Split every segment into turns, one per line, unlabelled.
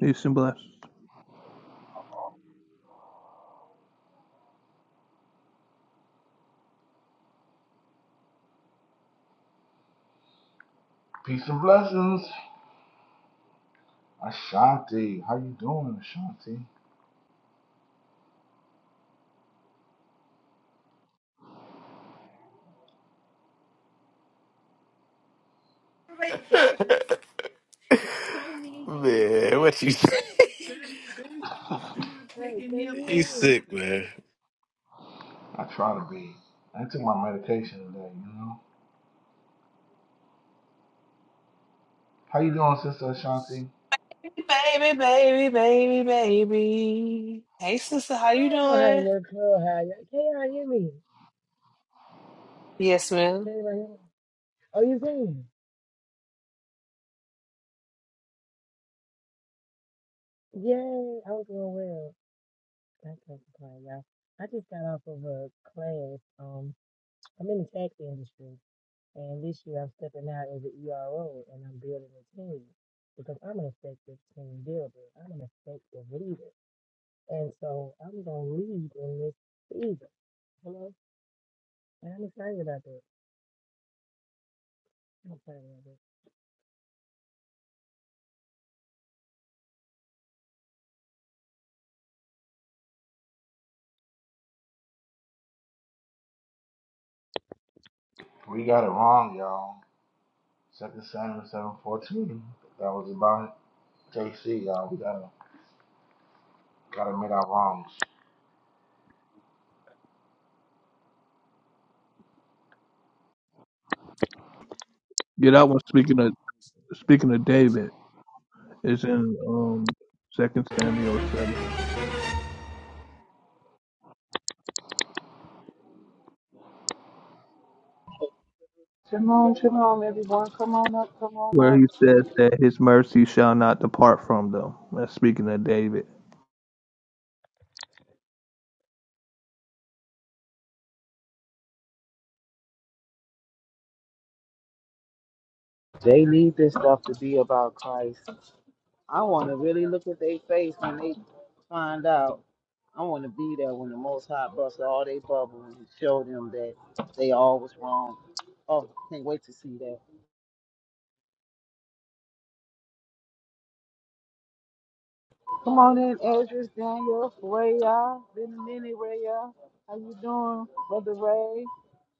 Peace and bless.
Peace and blessings. Ashanti. How you doing, Ashanti?
man, what you say?
Hey, can you hear
You
me?
sick, man.
I try to be. I took my medication today, you know. How you doing, Sister Ashanti?
Baby, baby, baby, baby. Hey, sister,
I
how you
don't know how to
doing?
work Clubhouse. Can y'all hear me?
Yes,
Can
ma'am.
anybody hear me? Oh, you can? Yay, I was doing well. That's so surprised, y'all. I just got off of a class. Um, I'm in the tax industry, and this year I'm stepping out as an ERO, and I'm building a team because I'm an effective team builder. I'm an effective leader, and so I'm gonna lead in this season. Hello, and I'm excited about that. I'm excited about that.
We got it wrong, y'all. Second Samuel seven fourteen. That was about it, JC, y'all. We gotta gotta admit our wrongs.
Yeah, that one. Speaking of speaking of David, is in um Second Samuel seven,
Come on, come on, everyone. Come on up, come on
where he
up.
says that his mercy shall not depart from them. That's speaking of David.
They need this stuff to be about Christ. I want to really look at their face when they find out. I want to be there when the Most High busts all they bubble and show them that they all was wrong. Oh, can't wait to see that. Come on in, Ezra, Daniel, Ray. y'all. Been a minute, Ray. y'all. How you doing, Brother Ray?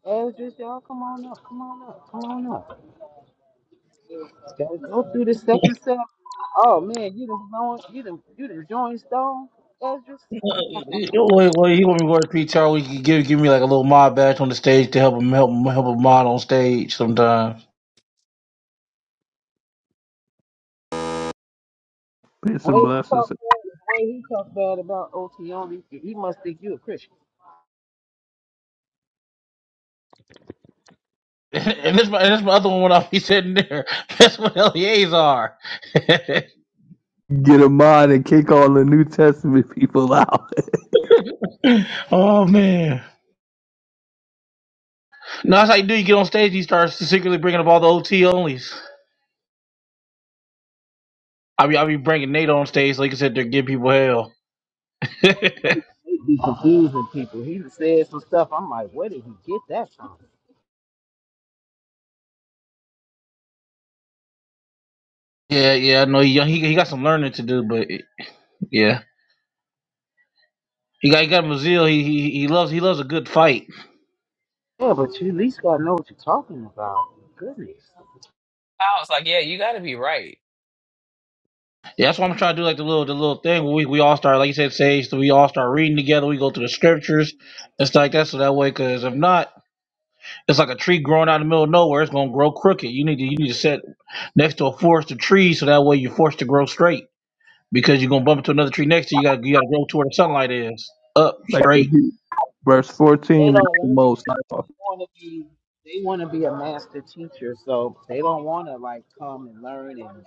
Ezra, y'all, come on up, come on up, come on up. Gotta go through the second step. Oh man, you done blown, you done, you done joined Stone Ezra.
Well, well, he want me to work PTR. We could give give me like a little mod badge on the stage to help him help him help a mod on stage sometimes.
Peace
The
and
way he
blessings.
talked bad, the way he talked bad about Otioni, he must think you a Christian.
And this my and this my other one when I be sitting there. That's what LEAs are.
Get a mind and kick all the New Testament people out.
oh man, no, that's how you do. You get on stage, you start secretly bringing up all the OT onlys. I be I be bringing Nate on stage, like I said, to give people hell. yeah,
They be confusing people. He done said some stuff. I'm like, where did he get that from?
yeah, I know he, he he got some learning to do, but yeah, he got he got Mazil. He he he loves he loves a good fight.
Yeah, but you at least gotta know what you're talking about. Goodness.
I was like, yeah, you got to be right.
Yeah, that's why I'm trying to do like the little the little thing where we, we all start like you said, Sage, so we all start reading together, we go through the scriptures and stuff like that, so that way cause if not, it's like a tree growing out in the middle of nowhere, it's gonna grow crooked. You need to you need to sit next to a forest of trees so that way you're forced to grow straight. Because you're gonna bump into another tree next to you, you gotta you gotta grow to where the sunlight is. Up
like if
straight.
you- verse fourteen
They
is
don't
the
want
most.
that.
I thought.
They want to be. They want to be a master teacher, so they don't want to like come and learn and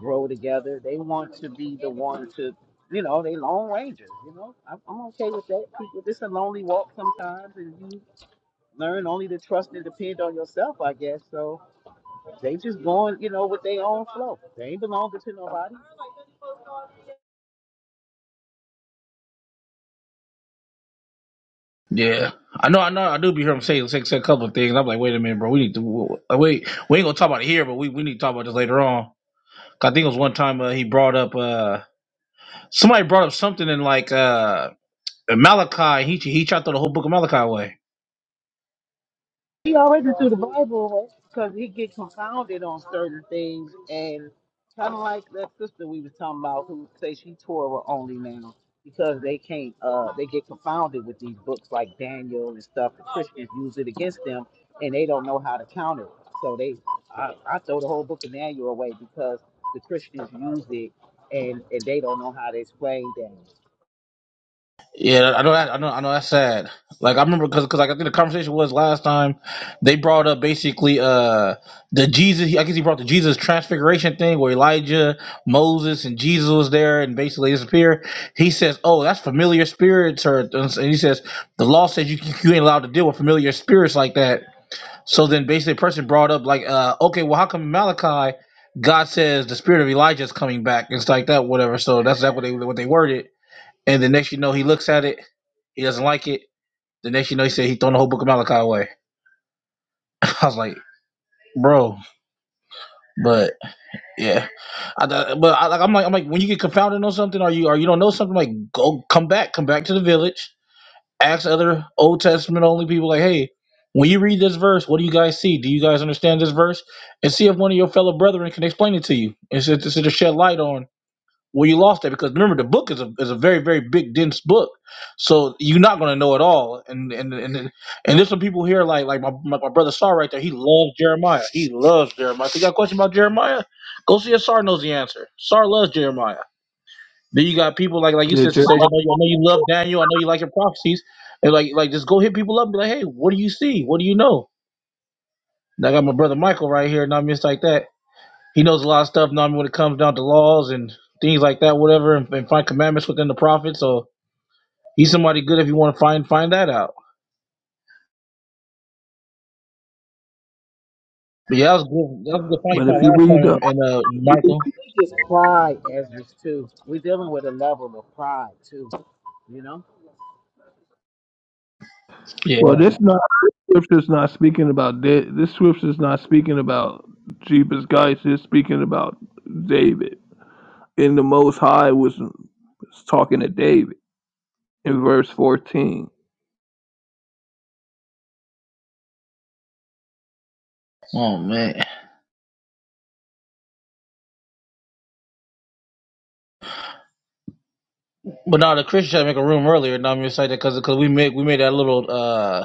grow together. They want to be the one to, you know, they lone rangers. You know, I'm, I'm okay with that. People, this a lonely walk sometimes, and you learn only to trust and depend on yourself, I guess. So they just going, you know, with their own flow. They ain't belonging to nobody.
Yeah. I know I know I do be hearing him say, say, say a couple of things. I'm like, wait a minute, bro, we need to like, wait we ain't gonna talk about it here, but we, we need to talk about this later on. 'Cause I think it was one time uh, he brought up uh Somebody brought up something in like uh Malachi. He he tried to throw the whole book of Malachi away.
He always into the Bible because he get confounded on certain things, and kind of like that sister we was talking about who say she Torah only now because they can't uh they get confounded with these books like Daniel and stuff. The Christians use it against them, and they don't know how to counter it. So they I, I throw the whole book of Daniel away because the Christians use it and and they don't know how to explain Daniel. I
Yeah, I know that. I know. I know that's sad. Like I remember because because like I think the conversation was last time they brought up basically uh the Jesus. I guess he brought the Jesus transfiguration thing where Elijah, Moses, and Jesus was there and basically disappeared. He says, "Oh, that's familiar spirits," or and he says the law says you you ain't allowed to deal with familiar spirits like that. So then basically the person brought up like, uh, okay, well how come Malachi God says the spirit of Elijah is coming back? and stuff like that, whatever. So that's that what they what they worded. And the next you know he looks at it, he doesn't like it. The next you know he said he thrown the whole book of Malachi away. I was like, bro, but yeah. I thought- but I, like I'm like I'm like when you get confounded on something or you or you don't know something, like go come back, come back to the village. ask other Old Testament only people, like, hey, when you read this verse, what do you guys see? Do you guys understand this verse? And see if one of your fellow brethren can explain it to you and so to, so to shed light on where you lost that. Because remember, the book is a is a very very big dense book, so you're not going to know it all. And and and and there's some people here like like my my, my brother Sar right there. He loves Jeremiah. He loves Jeremiah. So you got a question about Jeremiah? Go see if Sar knows the answer. Sar loves Jeremiah. Then you got people like like you said,
Did you?
Sage. I know you, I know you love Daniel. I know you like your prophecies, and like like just go hit people up and be like, hey, what do you see? What do you know? And I got my brother Michael right here, and I mean, it's like that. He knows a lot of stuff. Now I mean, when it comes down to laws and things like that, whatever, and, and find commandments within the prophets. So he's somebody good if you want to find find that out. But yeah, that was good. That was a good fight you
But if you read the
found last time, and uh, Michael.
think it's pride, Ezra, too. We're dealing with a level of pride too, you know.
well,
Yeah.
this not this scripture's not speaking about Da- this scripture's not speaking about Jesus Christ. It's speaking about David. And the Most High was, was talking to David in verse 14.
Oh man. But now the Christians had to make a room earlier. Now I'm excited because because we made we made that little uh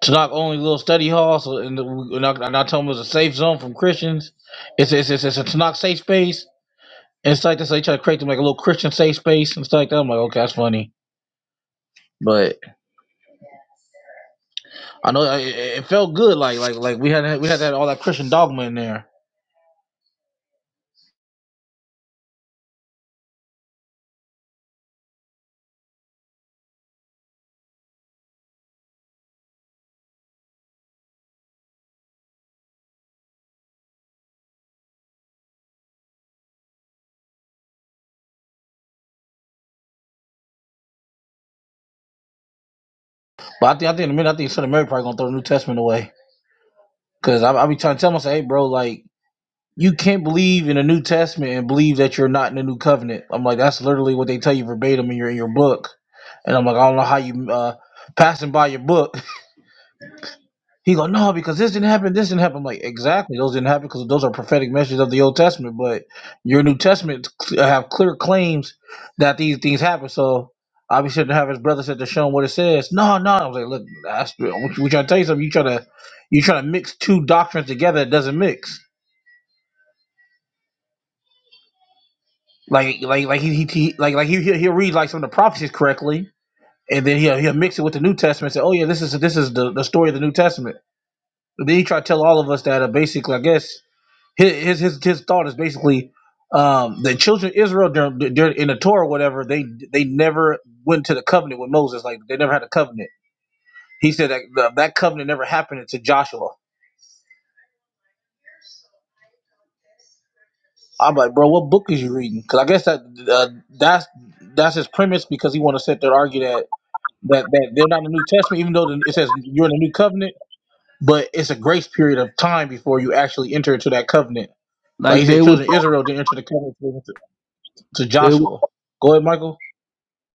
It's not only little study halls, so and, the, and, I, and I told them it was a safe zone from Christians. It's it's it's, it's a Tanakh safe space. And it's like this. They try to create them like a little Christian safe space and stuff like that. I'm like, okay, that's funny, but I know it, it it felt good. Like like like we had we had that all that Christian dogma in there. But I think I think in a minute I think Son of Mary probably gonna throw the New Testament away because I I be trying to tell myself, hey, bro, like you can't believe in the New Testament and believe that you're not in the New Covenant. I'm like, that's literally what they tell you verbatim in your in your book. And I'm like, I don't know how you uh, passing by your book He go, no, because this didn't happen, this didn't happen. I'm like, exactly, those didn't happen because those are prophetic messages of the Old Testament. But your New Testament cl- have clear claims that these things happen. So obviously, to have his brother said to show him what it says. No, no, I was like, look, that's, we trying to tell you something. You trying to you trying to mix two doctrines together that doesn't mix. Like like like he, he, he like like he he'll, he'll read like some of the prophecies correctly, and then he'll he'll mix it with the New Testament. and Say, oh yeah, this is this is the, the story of the New Testament. But then he tried to tell all of us that uh, basically, I guess his his his thought is basically um, the children of Israel during, during in the Torah or whatever they they never went to the covenant with Moses like they never had a covenant. He said that that that covenant never happened until Joshua. I'm like, bro, what book is you reading? Because I guess that uh, that's that's his premise because he want to sit there and argue that that that they're not in the New Testament even though the- it says you're in the New Covenant, but it's a grace period of time before you actually enter into that covenant. Like
Like
he said,
they would,
children of Israel didn't enter the covenant to, to
they would,
Joshua. Go ahead, Michael.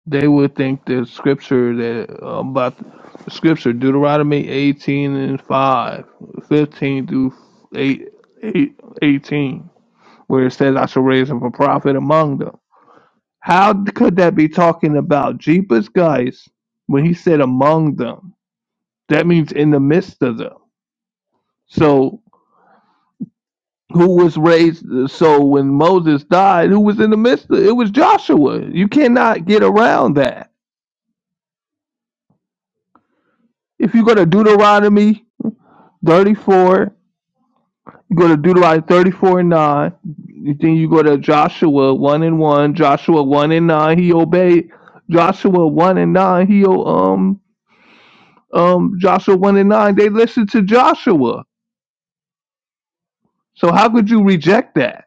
they would think the scripture that uh, about the scripture Deuteronomy 18 and 5, 15 through 8, 8, eighteen, where it says, "I shall raise up a prophet among them." How could that be talking about Jeepers guys when he said among them? That means in the midst of them. So who was raised so when Moses died, who was in the midst of it was Joshua. You cannot get around that. If you go to Deuteronomy 34, you go to Deuteronomy 34 and 9, you then you go to Joshua 1 and 1, Joshua 1 and 9, he obeyed Joshua 1 and 9, he o- um um Joshua 1 and 9, they listened to Joshua. So how could you reject that?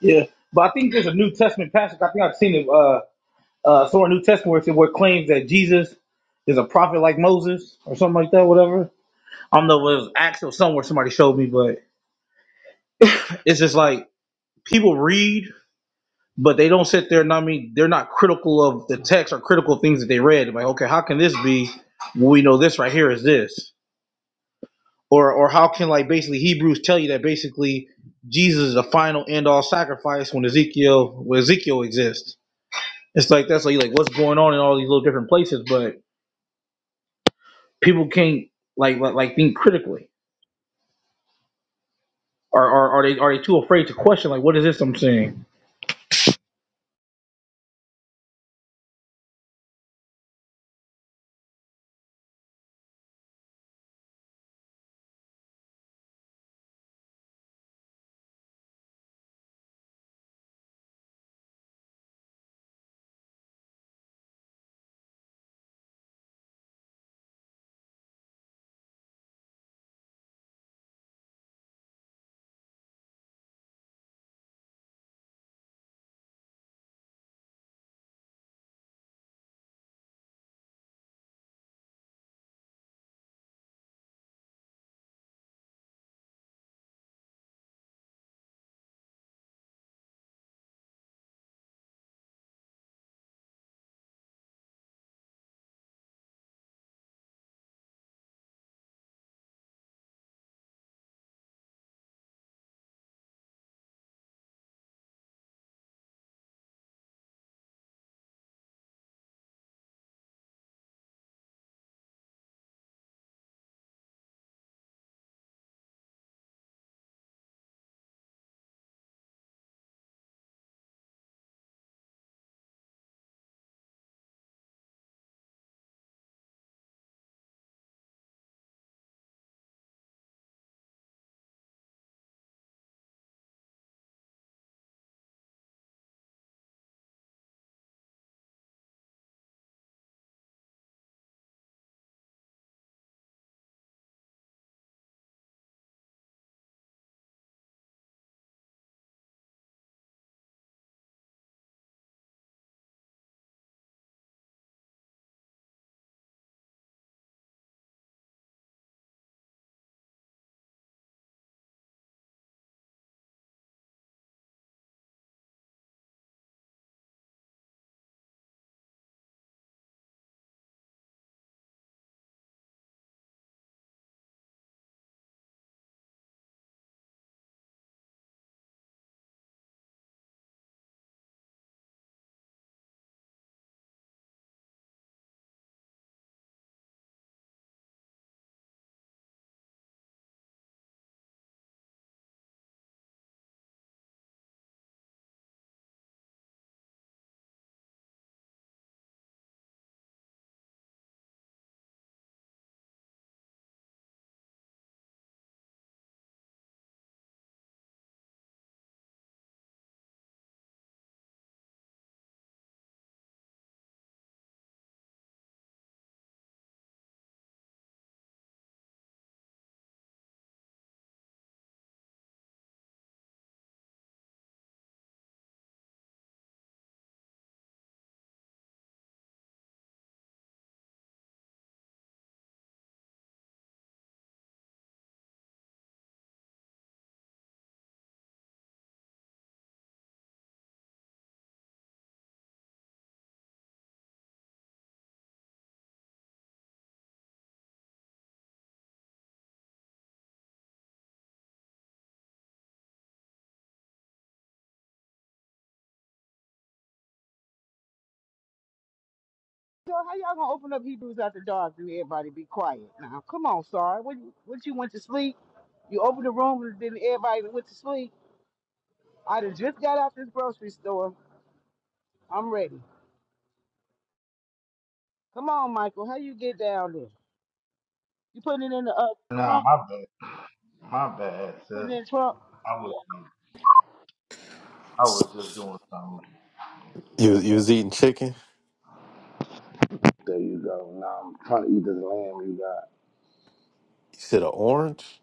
Yeah, but I think there's a New Testament passage. I think I've seen it uh, uh, somewhere in New Testament where it, said- where it claims that Jesus is a prophet like Moses or something like that. Whatever. I don't know. if It was Acts or somewhere somebody showed me, but it's just like people read, but they don't sit there. And I mean, they're not critical of the text or critical things that they read. Like, okay, how can this be? Well, we know this right here is this, or or how can like basically Hebrews tell you that basically Jesus is the final end all sacrifice when Ezekiel when Ezekiel exists It's like that's like like what's going on in all these little different places, but people can't like like, like think critically. Are, are are they are they too afraid to question like what is this I'm seeing?
So how y'all gonna open up Hebrews after dark and everybody be quiet now? Come on, sorry. What you what you went to sleep? You opened the room and then everybody went to sleep. I done just got out this grocery store. I'm ready. Come on, Michael. How you get down there? You putting it in the uh,
Nah,
trunk?
my bad. My bad,
Putting it
sis.
in the trunk?
I was I was just doing something. Yeah.
You you was eating chicken?
There you go. Now I'm trying to eat this lamb you got.
You said an orange?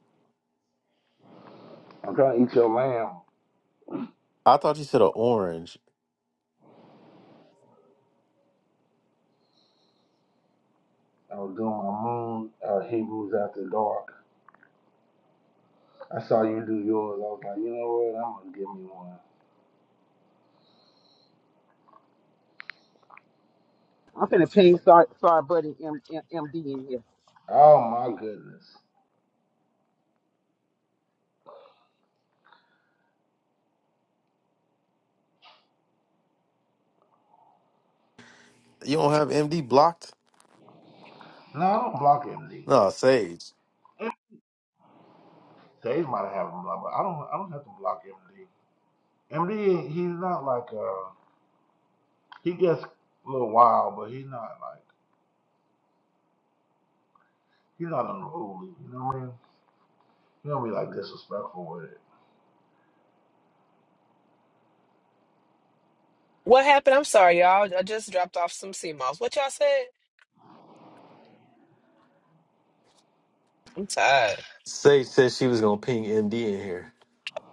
I'm trying to eat your lamb.
I thought you said an orange.
I was doing my moon uh, Hebrews after dark. I saw you do yours. I was like, you know what? I'm gonna give me one.
I'm finna ping sorry, sorry buddy M- M- MD in here.
Oh my goodness.
You don't have MD blocked?
No, I don't block MD.
No, Sage.
Sage might have him block, but I don't. I don't have to block MD. MD, he's not like uh, he gets a little wild, but he's not like he's not unruly. You know what I mean? He don't be like disrespectful with it.
What happened? I'm sorry, y'all. I just dropped off some sea moss. What y'all said? I'm tired.
Sage said she was gonna ping MD in here.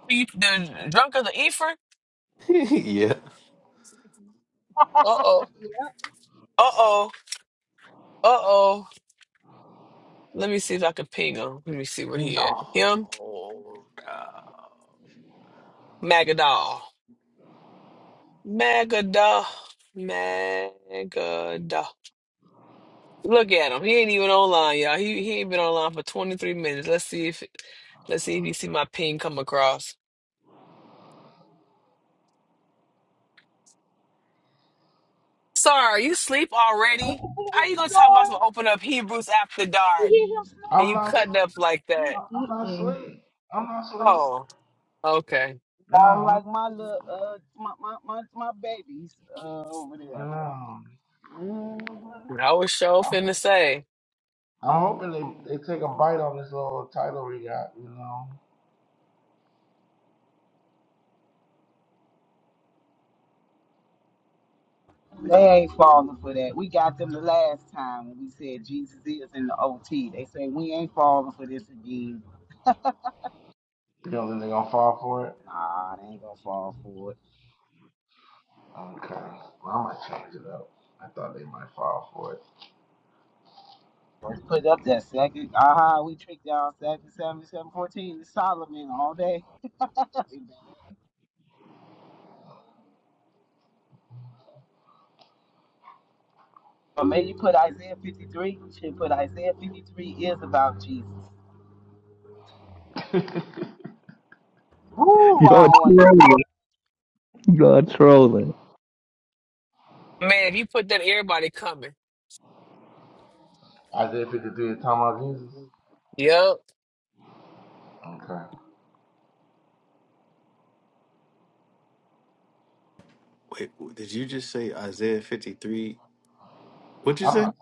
You- The drunk of the Ephraim?
yeah.
Uh oh.
Yeah.
Uh oh. Uh oh. Let me see if I can ping him. Let me see where
No.
he at.
nah.
Him? Magadol. Magadah, Magadah. Look at him. He ain't even online, y'all. He he ain't been online for 23 minutes. Let's see if let's see if you see my ping come across. Sir, are you sleep
Look at
already? How
him
you gonna talk about
snoring.
some open up Hebrews after
You
dark
hear him snoring?
and
I'm
you
not.
cutting
sl-
up like that?
I- I'm not
Mm-mm.
asleep. I'm not asleep.
Oh, okay.
No,
I
I'm,
like my little uh my my my, my babies uh over there.
no.
Mhm.
I was sure
I'm,
finna say.
I'm hoping they they take a bite on this little title we got. You know.
They ain't falling for that. We got them the last time when we said Jesus is in the OT. They say we ain't falling for this again.
You know, then they gonna fall for it.
Nah, they ain't gonna fall for it.
Okay. Well, i might change it up. I thought they might fall for it.
Let's put up that second. Aha, we tricked y'all. Second, seventy-seven, fourteen. It's Solomon all day. But maybe put Isaiah 53. You should put Isaiah 53 is about Jesus. Ooh, I
You're
don't want
trolling. You're trolling.
Man, if you put that everybody coming.
Isaiah 53 is talking about Jesus.
Yep.
Okay.
Wait, did you just say Isaiah fifty three? What'd you
I'm
say?
not.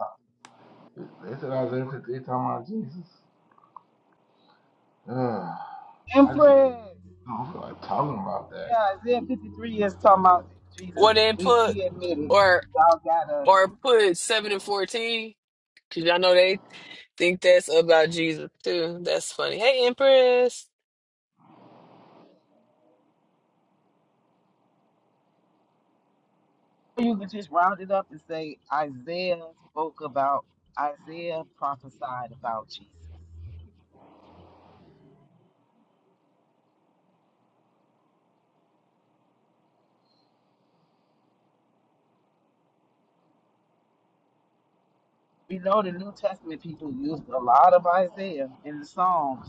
talking They said Isaiah 53 is talking about Jesus. Ugh. I just
Empress.
don't feel like talking about that.
Yeah, Isaiah 53 is talking about Jesus.
Or they
We
put
we admit it.
or
Y'all got us.
or put seven and fourteen because y'all know they think that's about Jesus too. That's funny. Hey, Empress.
you could just round it up and say Isaiah spoke about Isaiah prophesied about Jesus. We know the New Testament people used a lot of Isaiah in the Psalms.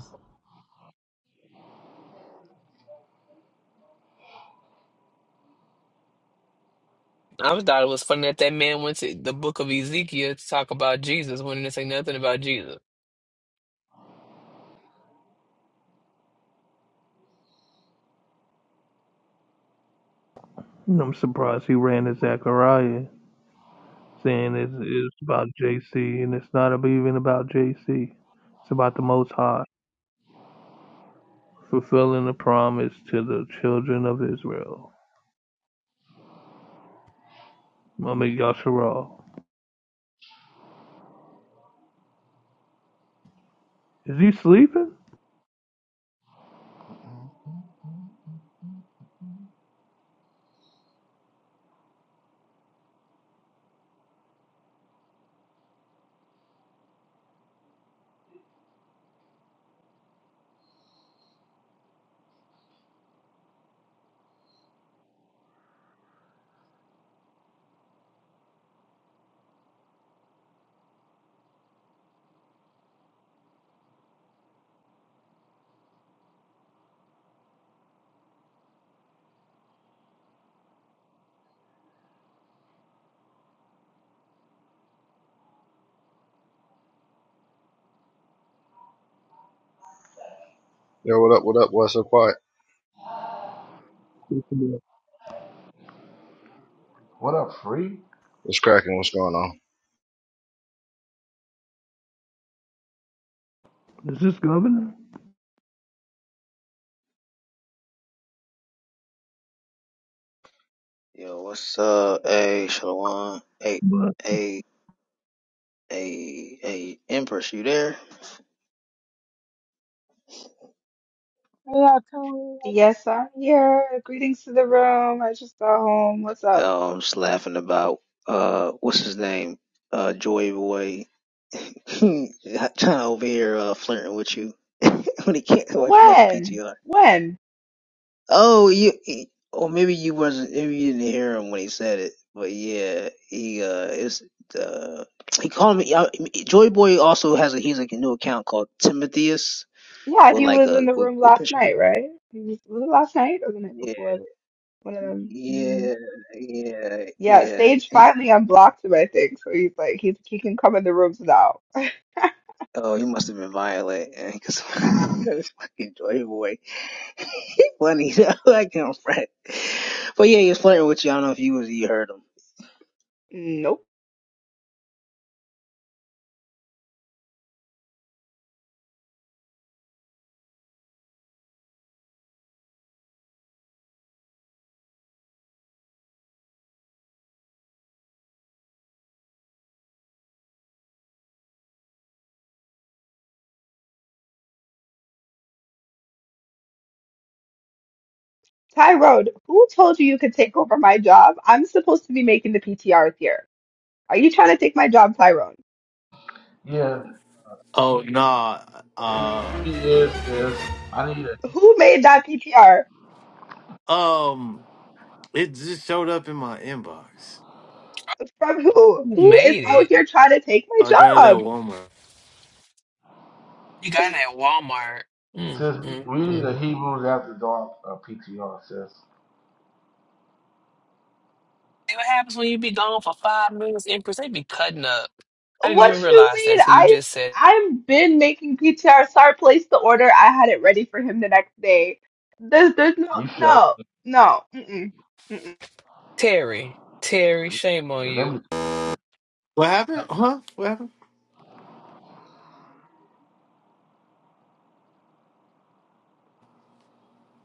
I was thought it was funny that that man went to the book of Ezekiel to talk about Jesus when he didn't say nothing about Jesus.
I'm surprised he ran to Zechariah. saying it's, it's about JC, and it's not even about JC. It's about the Most High fulfilling the promise to the children of Israel. I mean, Yasharal. Is he sleeping?
Yo, what up, what up? What's so quiet?
Is
What up, free?
What's cracking? What's going on?
this governor?
Yo, what's up? Hey, Shalwan. Hey,
But
hey, hey, hey, Empress, you there?
They are totally
Yes, I'm here. Greetings to the room. I just got home. What's up?
Oh, I'm just laughing about uh, what's his name? Uh, Joy Boy. trying over here uh, flirting with you when he can't about, about the
When?
PTR.
When?
Oh, you. he- Or maybe you wasn't. Maybe you didn't hear him when he said it. But yeah, he uh, is uh, he called me. I, Joy Boy also has a he's like a new account called Timotheus
Yeah,
with
he
like
was in
a
the
with,
room
with
last
picture.
night, right? He was, was it last night or the night
Yeah,
before? One of them. hmm
yeah, yeah,
Yeah,
yeah.
Sage finally unblocked him, I think. So he's like, he's, he can come in the rooms now.
Oh, you must have been violent, because fucking Joy Boy, funny though, like him, Fred. But yeah, he was flirting with you. I don't know if you was you heard him.
Nope. Tyrone, who told you you could take over my job? I'm supposed to be making the PTR here. Are you trying to take my job, Tyrone?
Yeah,
Oh nah. Uh
he is, sis. I need a
Who made that PTR?
um. It just showed up in my inbox.
From who?
Who
Who is
made
out
it?
here trying to take my
I got it at
job?
Walmart.
He got it at Walmart. Mm,
sis.
mm,
We need
mm.
a Hebrews after dark uh, PTR, sis.
See what happens when you be gone for five minutes, Empress? They be cutting up. I didn't even
What you
realize
mean?
that till you
I
just said,
I've been making PTR. Sar placed the order. I had it ready for him the next day. There's there's no
You show.
no no. Mm-mm, mm-mm.
Terry, Terry, shame on
Let
you.
me. I
What
no.
happened? Huh? What happened?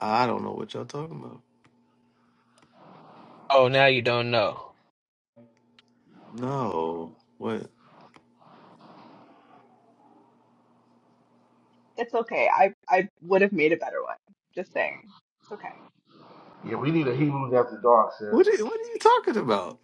I don't know what y'all talking about.
Oh, now you don't know.
No. What?
It's okay. I I would have made a better one. Just saying. It's okay.
Yeah, we need a Hebrews after dark,
What
sis.
are, what are you talking about?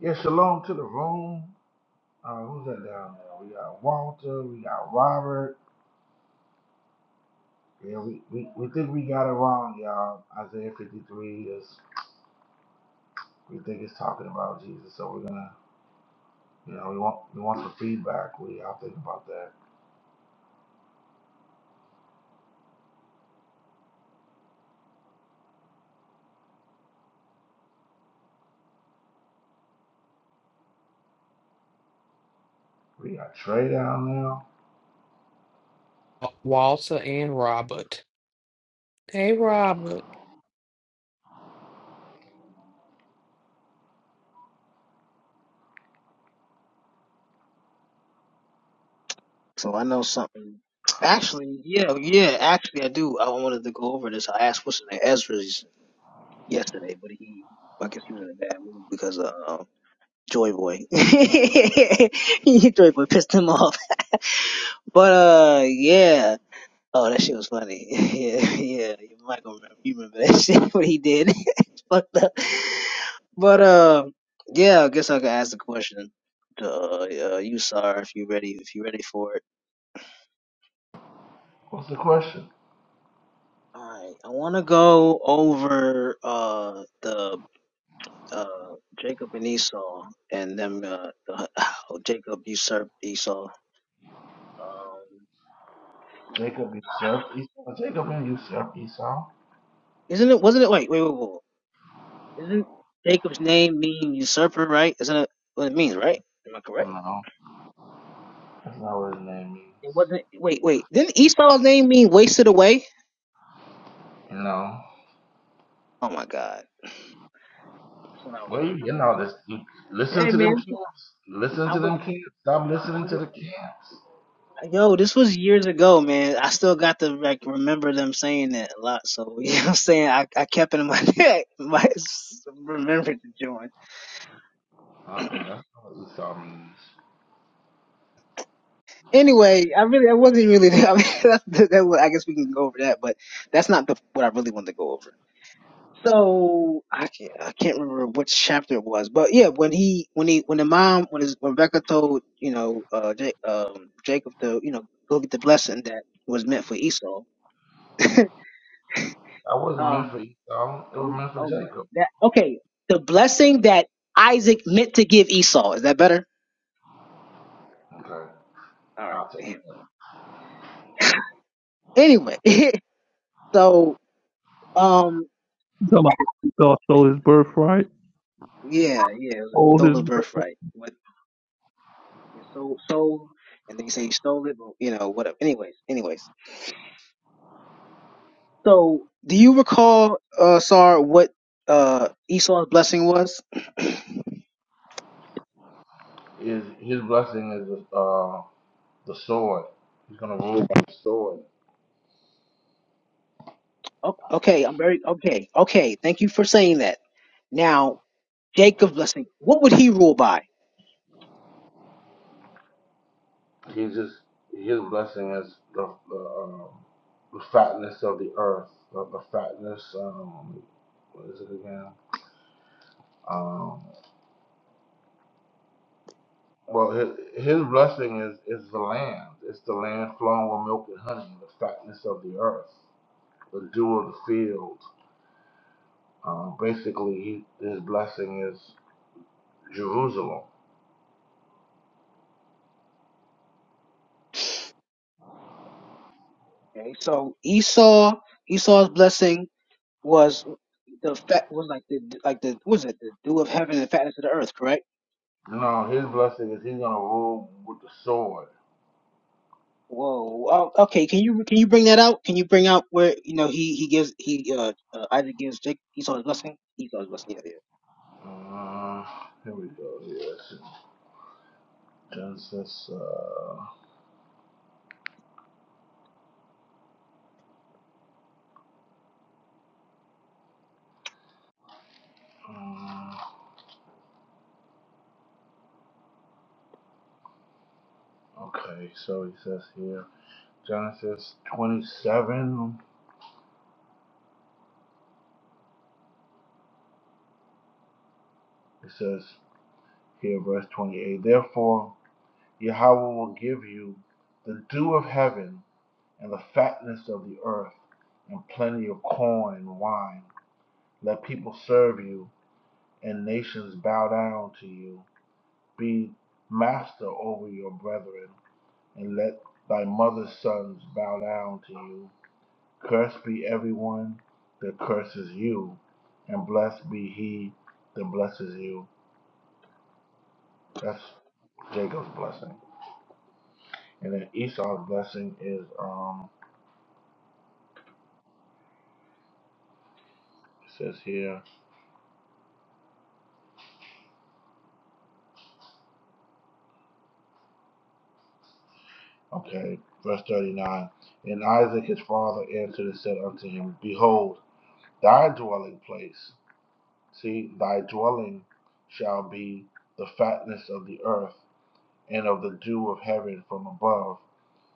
Yeah, shalom to the room. Uh, who's that down there? We got Walter, we got Robert. Yeah, we, we, we think we got it wrong, y'all. Isaiah 53 is we think it's talking about Jesus, so we're gonna you know we want we want some feedback. We y'all think about that. We got Trey down now.
Uh, Walter and Robert. Hey, Robert.
So I know something. Actually, yeah, yeah. Actually, I do. I wanted to go over this. I asked what's his name, Ezra's yesterday, but he, I guess he was in a bad mood because of uh, um, Joy Boy. Joy Boy pissed him off. But uh, yeah. Oh, that shit was funny. yeah, yeah. You might gonna remember, you remember that shit what he did. It's fucked up. But uh, yeah. I guess I could ask the question. to, Uh, uh, you sir, if you ready, if you ready for it.
What's the question?
All right. I want to go over uh the uh Jacob and Esau and them uh the, how Jacob usurped Esau. Um,
Jacob usurped Esau. Jacob and usurped Esau.
isn't it? Wasn't it? Wait, wait, wait, wait. Isn't Jacob's name mean usurper? Right? Isn't it what it means? Right? Am I correct?
No, that's not what his name means.
It wasn't. Wait, wait. Didn't Esau's name mean wasted away?
You know,
Oh my God. That's what I was.
well you,
I
getting
mean,
all this. You,
that's-
listen
hey
to them
man,
camps. Listen
I
to
was.
them camps. Stop listening to the
I'm,
camps.
yo, this was years ago, man. I still got to like remember them saying that a lot. So you know, what I'm saying I, I kept it in my neck. My remember to join.
Uh-uh, that's not what Esau means.
Anyway, I really I wasn't really. I mean, that, that, was- I guess we can go over that, but that's not the, what I really wanted to go over. So I can't I can't remember which chapter it was, but yeah, when he when he when the mom when his when Rebecca told you know uh Ja- um Jacob to you know go get the blessing that was meant for Esau.
That wasn't
Um
meant for Esau. It was
oh
meant for
oh my
Jacob.
that okay the blessing that Isaac meant to give Esau is that better?
Okay,
All right,
I'll take
damn.
that.
Anyway, so um
you talking about he also his birthright.
yeah yeah it was
Sold his.
stolen
birth-
birthright. What you sold sold and then you say you stole it, but you know whatever. Anyways anyways So, do you recall, uh, Sar, what uh, Esau's blessing was?
His, his blessing is uh, the sword. He's going to rule by the sword.
O- okay, I'm very okay. Okay, thank you for saying that. Now, Jacob's blessing. What would he rule by?
He's just, his blessing is the, the, um, the fatness of the earth. The, the fatness, um, what is it again? Um, well, his, his blessing is, is the land. It's the land flowing with milk and honey, the fatness of the earth, the dew of the field. Um, basically, he, his blessing is Jerusalem.
Okay, so Esau, Esau's blessing was the fat was like the like the what was it the dew of heaven and the fatness of the earth, correct?
No, his blessing is he's gonna rule with the sword.
Whoa. Oh, okay. Can you can you bring that out? Can you bring out where you know he he gives he uh, uh Isaac gives Jacob Esau's blessing? Esau's blessing. Yeah, yeah.
Uh, here we go. Yes, Genesis. Uh, um, okay, so he says here Genesis 27. It says here verse 28. Therefore, Yahweh will give you the dew of heaven and the fatness of the earth and plenty of corn and wine. Let people serve you and nations bow down to you. Be master over your brethren, and let thy mother's sons bow down to you. Cursed be everyone that curses you, and blessed be he that blesses you. That's Jacob's blessing. And then Esau's blessing is, um, it says here, okay, verse 39. And Isaac his father answered and said unto him, Behold, thy dwelling place See, thy dwelling shall be the fatness of the earth, and of the dew of heaven from above.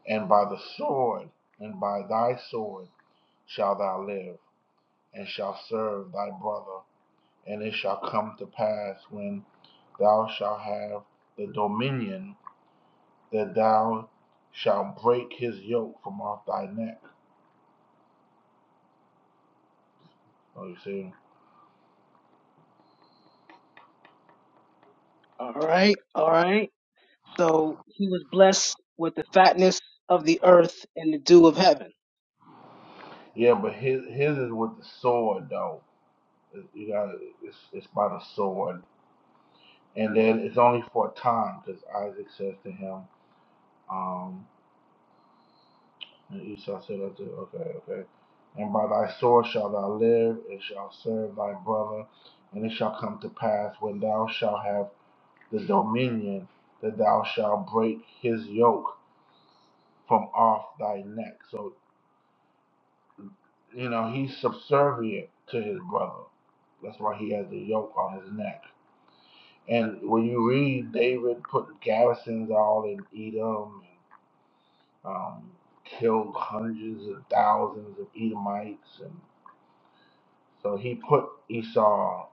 And by the sword, and by thy sword, shall thou live, and shall serve thy brother. And it shall come to pass when thou shalt have the dominion that thou shalt break his yoke from off thy neck. Oh, you see?
All right. All right. So he was blessed with the fatness of the earth and the dew of heaven.
Yeah, but his, his is with the sword, though. You got it's, it's by the sword. And then it's only for a time because Isaac says to him, um, and Esau said unto, okay, okay, and by thy sword shalt thou live, and shalt serve thy brother, and it shall come to pass when thou shalt have the dominion that thou shalt break his yoke from off thy neck. So, you know, he's subservient to his brother. That's why he has the yoke on his neck. And when you read David putting garrisons all in Edom um, killed hundreds of thousands of Edomites, and so he put Esau,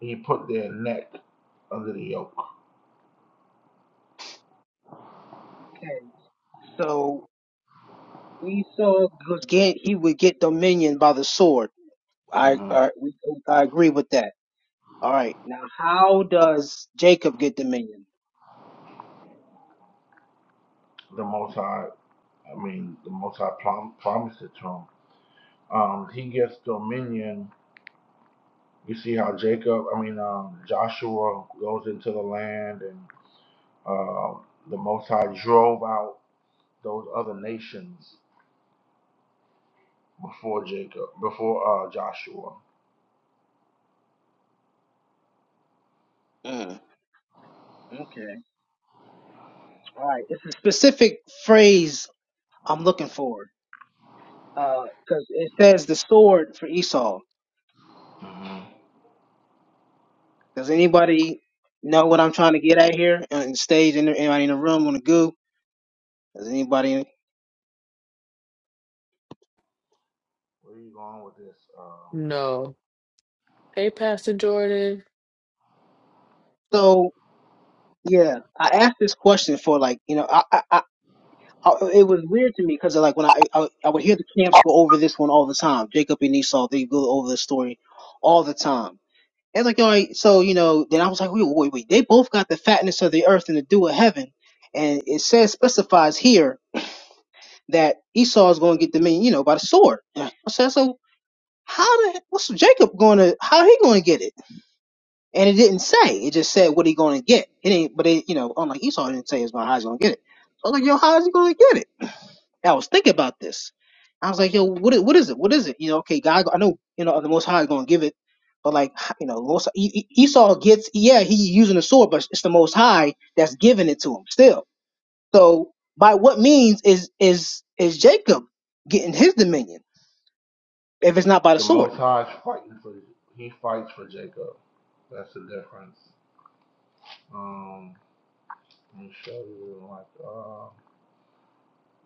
he put their neck under the yoke.
Okay. So Esau was get he would get dominion by the sword. I
hmm
I, we, I agree with that. All right. Now how does Jacob get dominion?
The Most High, I mean, the Most High prom- promised it to him. Um, he gets dominion. You see how Jacob, I mean, um, Joshua goes into the land, and uh, the Most High drove out those other nations before Jacob, before uh, Joshua.
Mm, okay. All right. It's a specific phrase I'm looking for. because it says the sword for Esau.
hmm
Does anybody know what I'm trying to get at here on the stage? Any- Anybody in the room on the goo? Does anybody?
Where are you going with this? Um,
No. Hey, Pastor Jordan.
so yeah, I asked this question for like you know I I. I I- it was weird to me because like when I, I I would hear the camps go over this one all the time, Jacob and Esau, they go over the story all the time. And like all right, so you know, then I was like, wait, wait, wait, they both got the fatness of the earth and the dew of heaven, and it says specifies here that Esau is going to get the mean, you know, by the sword. I said, so how the what's Jacob going to how he going to get it? And it didn't say. It just said what he going to get. It ain't, but it, you know, unlike Esau, it didn't say it's going how he's going to get it. So I was like, yo, how is he going to get it? And I was thinking about this. I was like, yo, what is, what is it? What is it? You know, okay, God, I know, you know, the Most High is going to give it, but like, you know, most, E- E- Esau gets, yeah, he using the sword, but it's the Most High that's giving it to him still. So by what means is is is Jacob getting his dominion if it's not by the
The
sword?
Most High is fighting for he fights for Jacob. That's the difference. Um, let me show you like uh,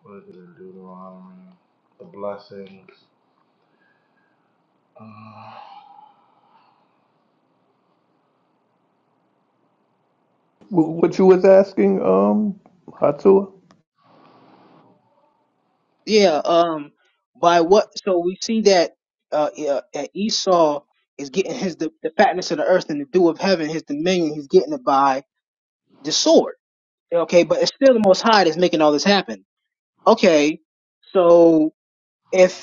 what is it in Deuteronomy? The blessings. Uh,
What you was asking, um, Hatua?
Yeah. Um. By what? So we see that uh, yeah, uh, Esau is getting his the, the fatness of the earth and the dew of heaven, his dominion. He's getting it by the sword. Okay, but it's still the Most High that's making all this happen. Okay, so. if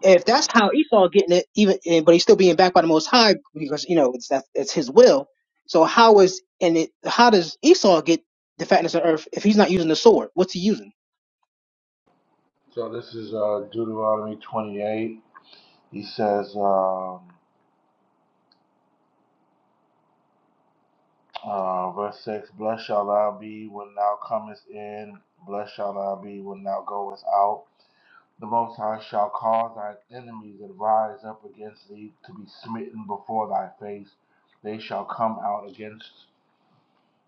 if that's how Esau getting it, even eh, but he's still being backed by the Most High because you know it's that it's his will. So how is and it how does Esau get the fatness of earth if he's not using the sword? What's he using?
so this is uh, Deuteronomy 28. He says, um, uh, verse 6, Blessed shall thou be when thou comest in, blessed shall thou be when thou goest out. The Most High shall cause thine enemies that rise up against thee to be smitten before thy face. They shall come out against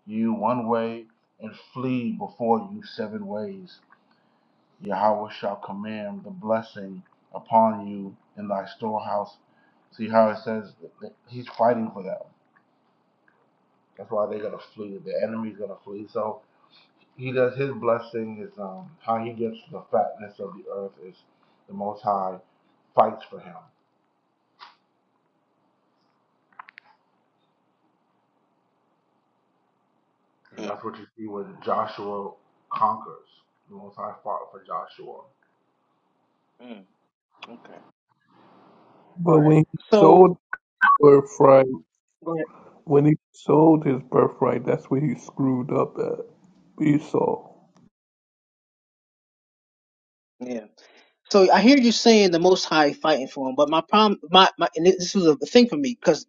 you one way and flee before you seven ways. Yahweh shall command the blessing upon you in thy storehouse. See how it says that he's fighting for them. That's why they're gonna flee. The enemy's gonna flee. So he does his blessing is um how he gets the fatness of the earth is the Most High fights for him. And
Mm,
that's what you see when Joshua conquers. The Most High fought for Joshua.
mm, okay. All
But
right.
when he sold
So
his birthright,
go ahead.
when he sold his birthright, that's where he screwed up at Esau.
Yeah. So I hear you saying the Most High fighting for him, but my problem, my, my and this was a thing for me 'cause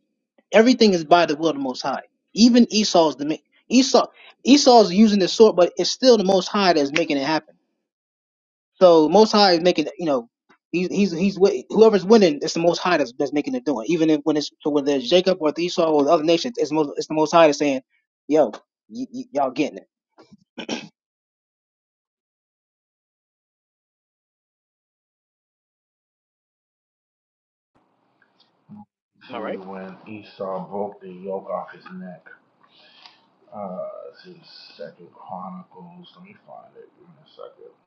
Everything is by the will of the Most High. Even Esau's the ma- Esau Esau's using the sword, but it's still the Most High that's making it happen. So Most High is making you know he's he's he's wi- whoever's winning, it's the Most High that's, that's making it doing. Even if, when it's so whether it's Jacob or it's Esau or the other nations, it's most it's the Most High that's saying, "Yo, y- y- y'all getting it."
You
Am I right?
see when Esau broke the yoke off his neck. Uh, this is Second Chronicles. Let me find it. in a second.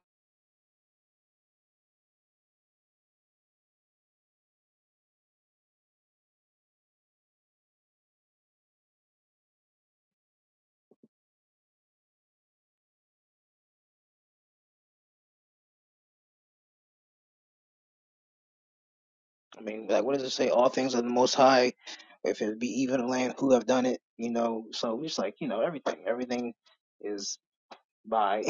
I mean, like what does it say? All things are the Most High. If it be even land, who have done it? You know, so it's like you know everything. Everything. is. by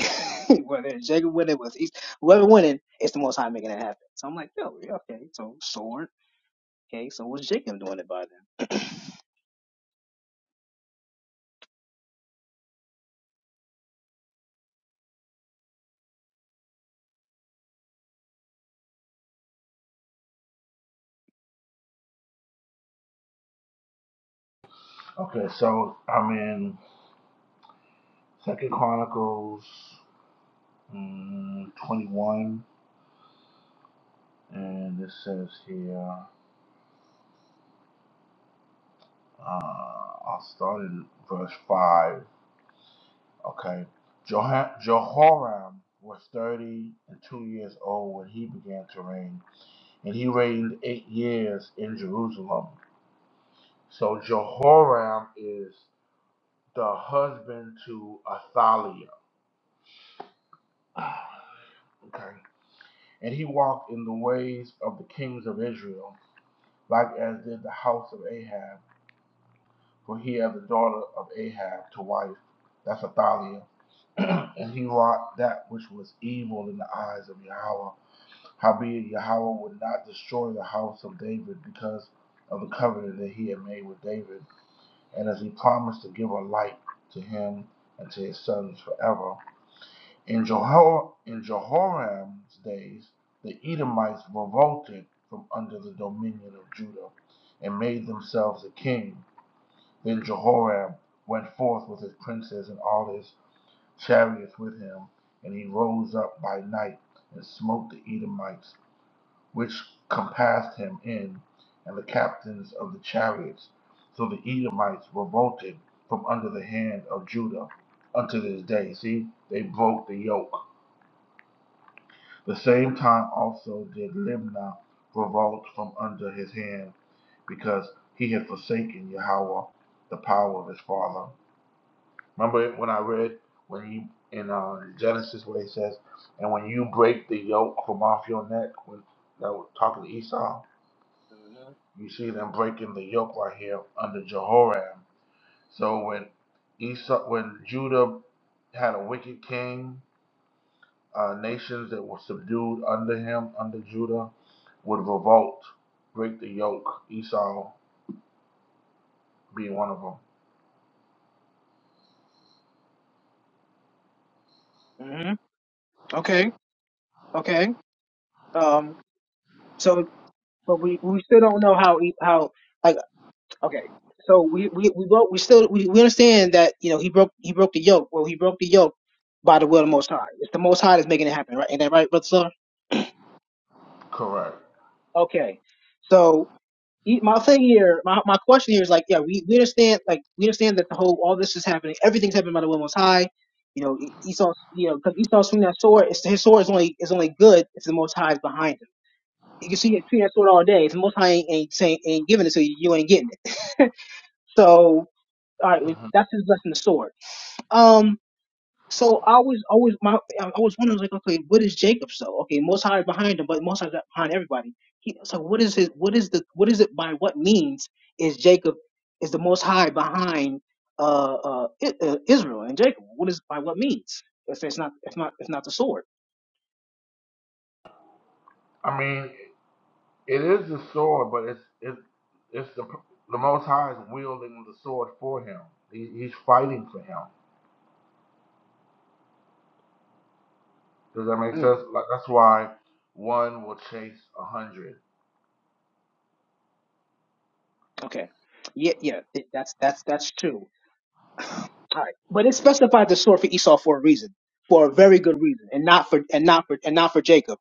whether it's Jacob winning, whether it's whoever winning, it's the Most High making that happen. So I'm like, yo, yeah, okay, so sword, okay, so was Jacob doing it by then? mm-hmm.
Okay, so I'm in Second Chronicles mm, 21, and it says here. Uh, I'll start in verse 5. Okay. Jehoram was 30 and 2 years old when he began to reign, and he reigned 8 years in Jerusalem. So Jehoram is the husband to Athaliah. Okay. And he walked in the ways of the kings of Israel, like as did the house of Ahab, for he had the daughter of Ahab to wife. That's Athaliah. and he wrought that which was evil in the eyes of Yahweh Howbeit Yahweh would not destroy the house of David because of the covenant that he had made with David, and as he promised to give a light to him and to his sons forever. In, Jehor- in Jehoram's days, the Edomites revolted from under the dominion of Judah and made themselves a king. Then Jehoram went forth with his princes and all his chariots with him, and he rose up by night and smote the Edomites which compassed him in, and the captains of the chariots. So the Edomites revolted from under the hand of Judah unto this day. See, they broke the yoke. The same time also did Limnah revolt from under his hand because he had forsaken Yahweh, the power of his father. Remember when I read when you in uh, Genesis where he says, and when you break the yoke from off your neck, when that was talking to Esau, You see them breaking the yoke right here under Jehoram. So when Esau, when Judah had a wicked king, uh, nations that were subdued under him, under Judah, would revolt, break the yoke. Esau being one of them.
hmm Okay, okay. Um, so but we we still don't know how he, how like okay. So we we we both we still we, we understand that you know he broke he broke the yoke. Well, he broke the yoke by the will of the Most High. It's the Most High that's making it happen, right? Ain't that right, brother? Sir?
Correct.
Okay. So, you- my thing here, my, my question here is like, yeah, we, we understand, like, we understand that the whole, all this is happening, everything's happening by the will most high. You know, E- Esau, you know, because Esau swinging that sword, it's, his sword is only is only good if the Most High is behind him. You can see him swinging that sword all day. If the Most High ain't ain't, saying, ain't giving it to you, you ain't getting it. So, all right,
hmm
that's his blessing, the sword. Um. So I was always my I I was wondering like okay what is Jacob's though okay Most High is behind him but Most High is not behind everybody he, so what is his what is the what is it by what means is Jacob is the Most High behind uh, uh, I, uh Israel and Jacob what is by what means if it's not if not if not the sword
I mean, it is the sword, but it's it's it's the the Most High is wielding the sword for him. He, he's fighting for him. Does that make
Mm,
sense? Like that's why one will chase a hundred.
okay. Yeah, yeah, th- that's that's that's true. All right, but it specified the sword for Esau for a reason, for a very good reason, and not for and not for and not for Jacob.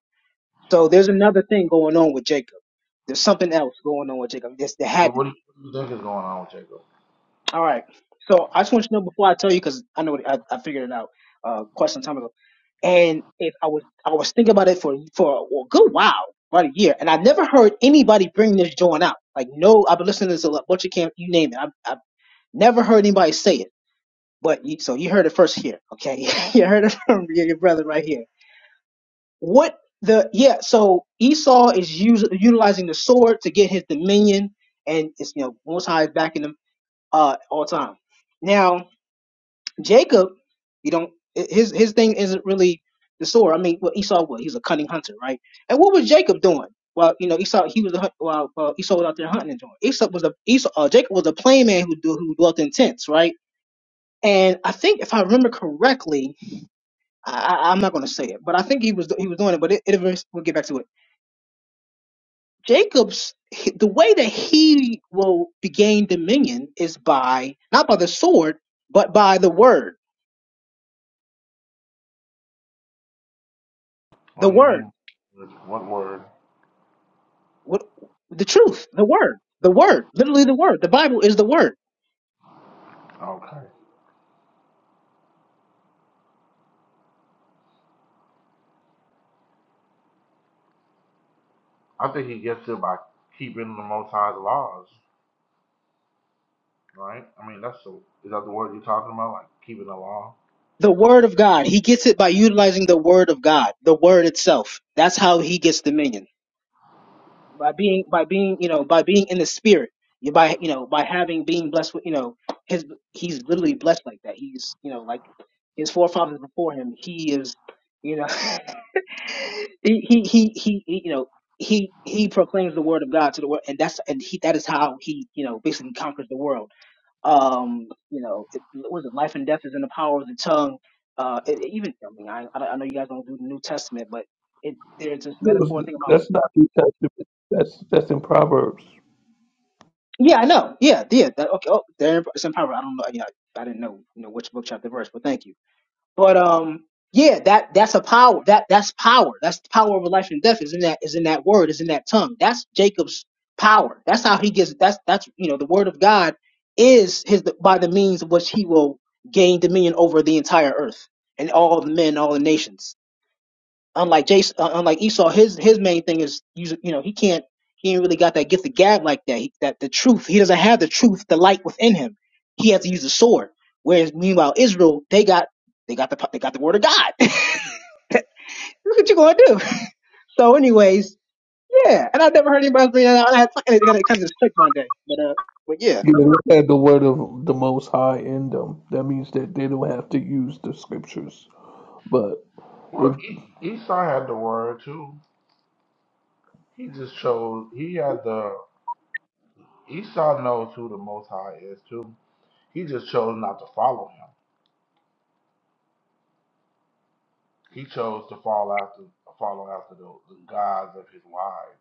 So there's another thing going on with Jacob. There's something else going on with Jacob. This there
Well,
had to
What do you,
be.
what do you think is going on with Jacob?
All right. So I just want you to know before I tell you, because I know it, I, I figured it out uh, quite some time ago. And if I was I was thinking about it for for a good while, about a year, and I never heard anybody bring this joint out. Like no, I've been listening to this a lot, bunch of camp, you name it. I've, I've never heard anybody say it. But you, so you heard it first here, okay? you heard it from your your brother right here. What the yeah? So Esau is us, utilizing the sword to get his dominion, and it's you know Most High is backing him uh all time. Now Jacob, you don't his his thing isn't really the sword. I mean, well, Esau was he's a cunning hunter, right? And what was Jacob doing? Well, you know, Esau he was a, hunt- well, uh, Esau was out there hunting and doing. Esau was a Esau uh, Jacob was a plain man who do- who dwelt in tents, right? And I think if I remember correctly, I, I, I'm not going to say it, but I think he was he was doing it. But it, it we'll get back to it. Jacob's he- the way that he will gain dominion is by not by the sword, but by the word.
What
The
do you
word.
mean? With What word?
What the truth, the word, the word, literally the word. The Bible is the word.
Okay. I think he gets it by keeping the Most High's laws, right? I mean, that's the, is that the word you're talking about? Like keeping the law?
The word of God. He gets it by utilizing the word of God, the word itself. That's how he gets dominion. By being by being, you know, by being in the spirit. You- By you know, by having being blessed with you know, his he's literally blessed like that. He's you know, like his forefathers before him, he is you know he, he he he he, you know he he proclaims the word of God to the world and that's and he that is how he you know basically conquers the world um, you know, it, was it life and death is in the power of the tongue. Uh, it, it even I mean, I, I I know you guys don't do the New Testament, but it there's this
Those-
metaphor thing about.
That's not New Testament. That's that's in Proverbs.
Yeah, I know. Yeah, yeah. That, okay. Oh, there it's in power. I don't know. Yeah, I didn't know you know which book chapter verse, but thank you But um, yeah, that that's a power. That that's power. That's the power of life and death. Is in that is in that word. Is in that tongue. That's Jacob's power. That's how he gets. That's that's you know the word of God is his by the means of which he will gain dominion over the entire earth and all the men, all the nations. Unlike Jason, uh, unlike Esau, his his main thing is you you know he can't he ain't really got that gift of gab like that. He, that the truth he doesn't have the truth, the light within him. He has to use the sword. Whereas meanwhile Israel, they got they got the they got the word of God. what you gonna do? So anyways, yeah. And I've never heard anybody say that. I had fucking got it kind of sick one day, but uh, but yeah,
You know, they had the word of the Most High in them. That means that they don't have to use the scriptures. But
Well,
if
e- Esau had the word too. He just chose. He had the Esau knows who the Most High is too. He just chose not to follow him. He chose to fall after follow after the, the gods of his wives.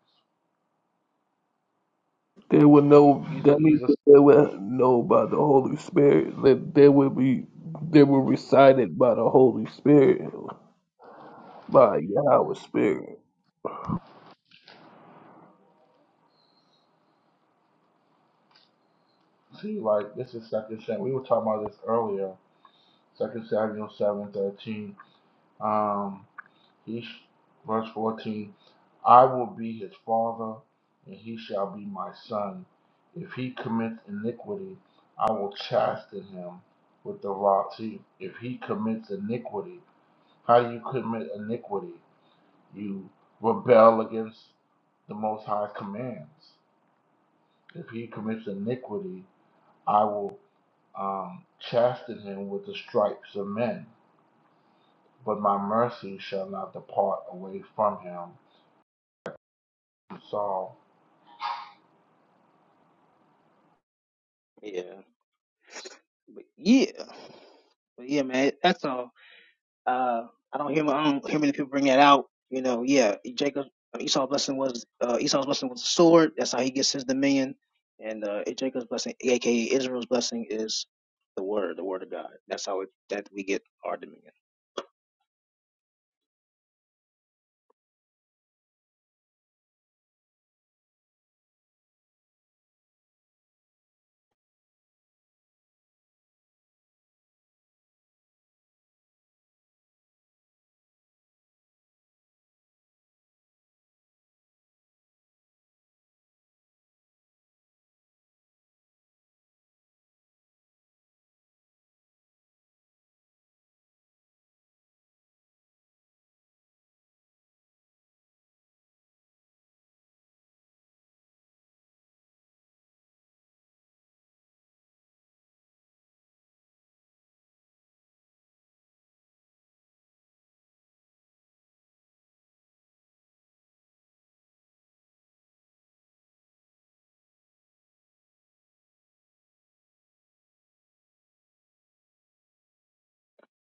they would know,
He's a,
that means
he's a
that they would know by the Holy Spirit. That they would be, they were recited by the Holy Spirit, by Yahweh's Spirit.
see like this is second sin. We were talking about this earlier Second Samuel seven thirteen. Um, he verse fourteen. I will be his father, and he shall be my son. If he commits iniquity, I will chasten him with the rod. See, if he commits iniquity, how do you commit iniquity? You rebel against the Most High commands. If he commits iniquity, I will um, chasten him with the stripes of men. but my mercy shall not depart away from him. So,
yeah, but yeah, but yeah, man. That's all. Uh, I don't hear, I don't hear many people bring that out. You know, yeah, Jacob Esau's blessing was uh, Esau's blessing was a sword. That's how he gets his dominion. And uh, Jacob's blessing, aka Israel's blessing, is the word, the word of God. That's how it, that we get our dominion.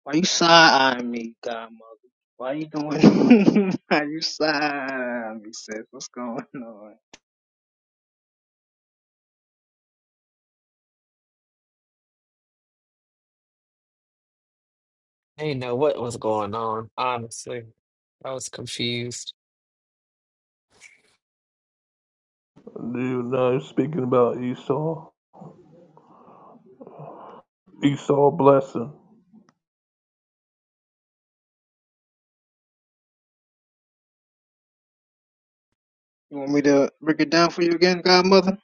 Why you side eyeing me, Godmother? Why you doing? Why you side eyeing me, sis? What's going on?
I didn't know what was going on, honestly. I was confused.
You know, speaking about Esau, Esau blessing.
You want me to break it down for you again, Godmother?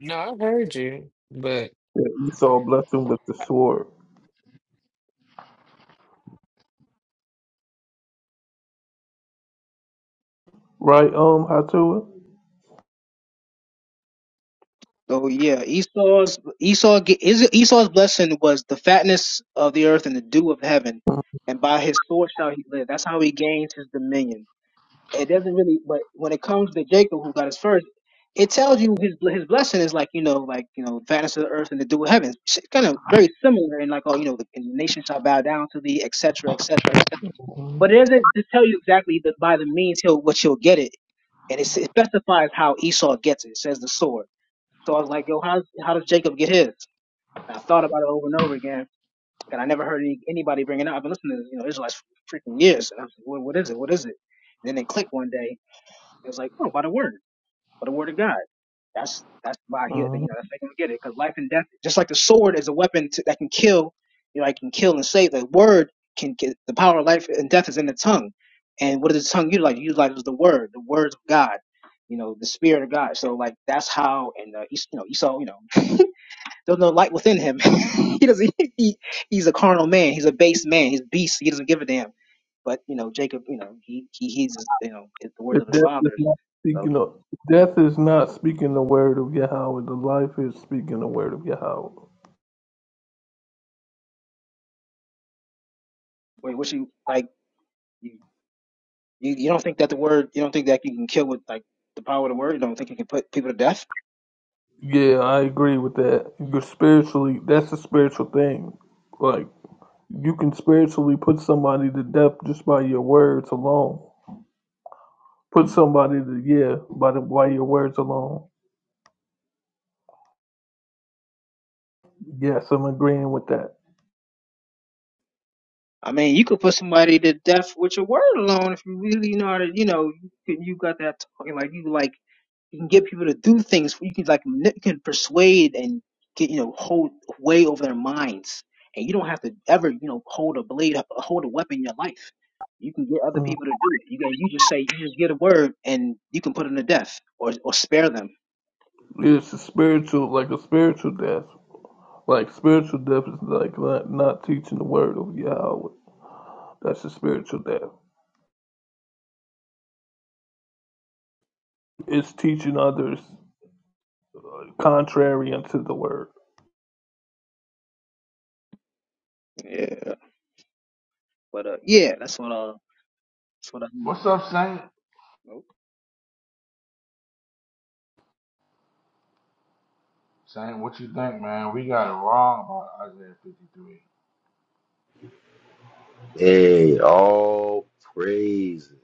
No, I heard you, but
Yeah, Esau blessing with the sword, right? Um, Hatua.
So yeah, Esau's Esau ge- is- Esau's blessing was the fatness of the earth and the dew of heaven, and by his sword shall he live. That's how he gains his dominion. It doesn't really, but when it comes to Jacob, who got his first, it tells you his his blessing is like you know, like you know, fatness of the earth and the dew of heaven. It's kind of very similar in like oh you know, the, and the nation shall bow down to thee, etc., etc.
Mm-hmm.
But it doesn't just tell you exactly that by the means he'll what you'll get it. and it, s- it specifies how Esau gets it. It says the sword. So I was like, yo, how how does Jacob get his? And I thought about it over and over again, and I never heard any, anybody bringing it up. I've been listening to you know Israelites for freaking years, and I was like, what, what is it? What is it? And then it clicked one day. It was like, oh, by the word or the word of God. That's that's why he, you
Mhm.
know, that's how they gonna get it. Because life and death, just like the sword is a weapon to, that can kill, you know, it can kill and save. The word can get the power of life and death is in the tongue. And what does the tongue utilize? It utilizes the word, the words of God, you know, the spirit of God. So like that's how and uh, Es- you know Esau, you know, there's no light within him. he doesn't. He, he's a carnal man. He's a base man. He's a beast. He doesn't give a damn but you know Jacob, you know he he he's you know the words
The
of his
death is
fathers.
not
So
speaking
he,
of death is not speaking the word of Yahweh. The life is speaking the word of Yahweh.
wait, what you like? You, you you don't think that the word you don't think that you can kill with like the power of the word? You don't think you can put people to death?
Yeah, I agree with that. You're spiritually that's a spiritual thing. Like you can spiritually put somebody to death just by your words alone. Put somebody to yeah by the by your words alone. Yes, I'm agreeing with that.
I mean, you could put somebody to death with your word alone if you really know how to. You know, you, can- you got that talking like you like you can get people to do things. You can like manip- you can persuade and get you know hold way over their minds, and you don't have to ever you know hold a blade, hold a weapon in your life. You can get other
Mm.
people to do it. You can, you just say you just get a word and you can put them to death or or spare them.
It's a spiritual like a spiritual death. Like spiritual death is like not, not teaching the word of Yahweh. That's a spiritual death. It's teaching others contrary unto the word.
Yeah. But uh, yeah, that's what. uh. That's what I mean.
what's up, Saint?
Nope.
Saint, what you think, man? We got it wrong about Isaiah 53.
Hey, all praises.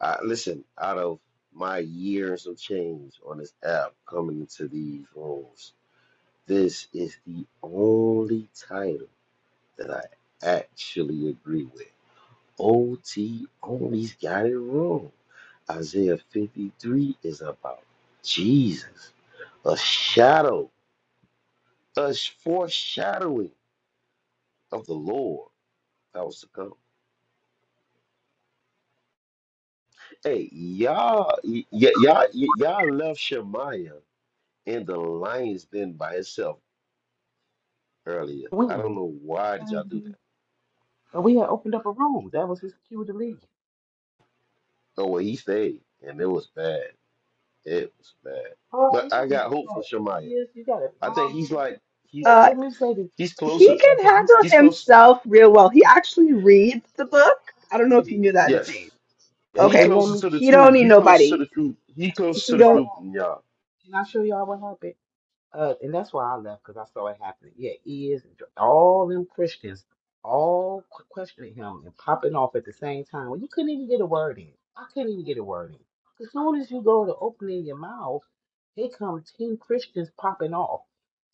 I, listen, out of my years of change on this app coming into these rooms, this is the only title that I actually agree with. OT only's got it wrong. Isaiah 53 is about Jesus, a shadow, a foreshadowing of the Lord that was to come. Hey, y'all, y- y- y'all, y- y'all left Shemaiah in the lion's den by itself earlier. I
we,
don't know why did y'all do that.
and we had opened up a room. That was his cue to leave.
Oh well, he stayed, and it was bad. It was bad.
Oh,
But I
you
got hope
got
for Shemaiah.
years, you got a
I think he's
problem.
like he
Look,
Uh,
Let me say this.
he's
Let me say this
he
closer.
right
can
quick.
handle
Let
He's closer.
himself real well. He actually reads the book. I don't know if
me
you knew
say
that,
this.
Yes,
Sage.
And
he
Okay.
and let
closer
me.
to the
He don't
truth.
need
He closer
nobody.
to the truth. He
This
closer
He
is
to the
what
don't.
truth
happened.
than y'all.
Can I show y'all what happened? Uh, and that's why I left because I saw it happening. Yeah, he is all them Christians all qu- questioning him and popping off at the same time. Well, you couldn't even get a word in. I couldn't even get a word in. As soon as you go to opening your mouth, here come ten Christians popping off.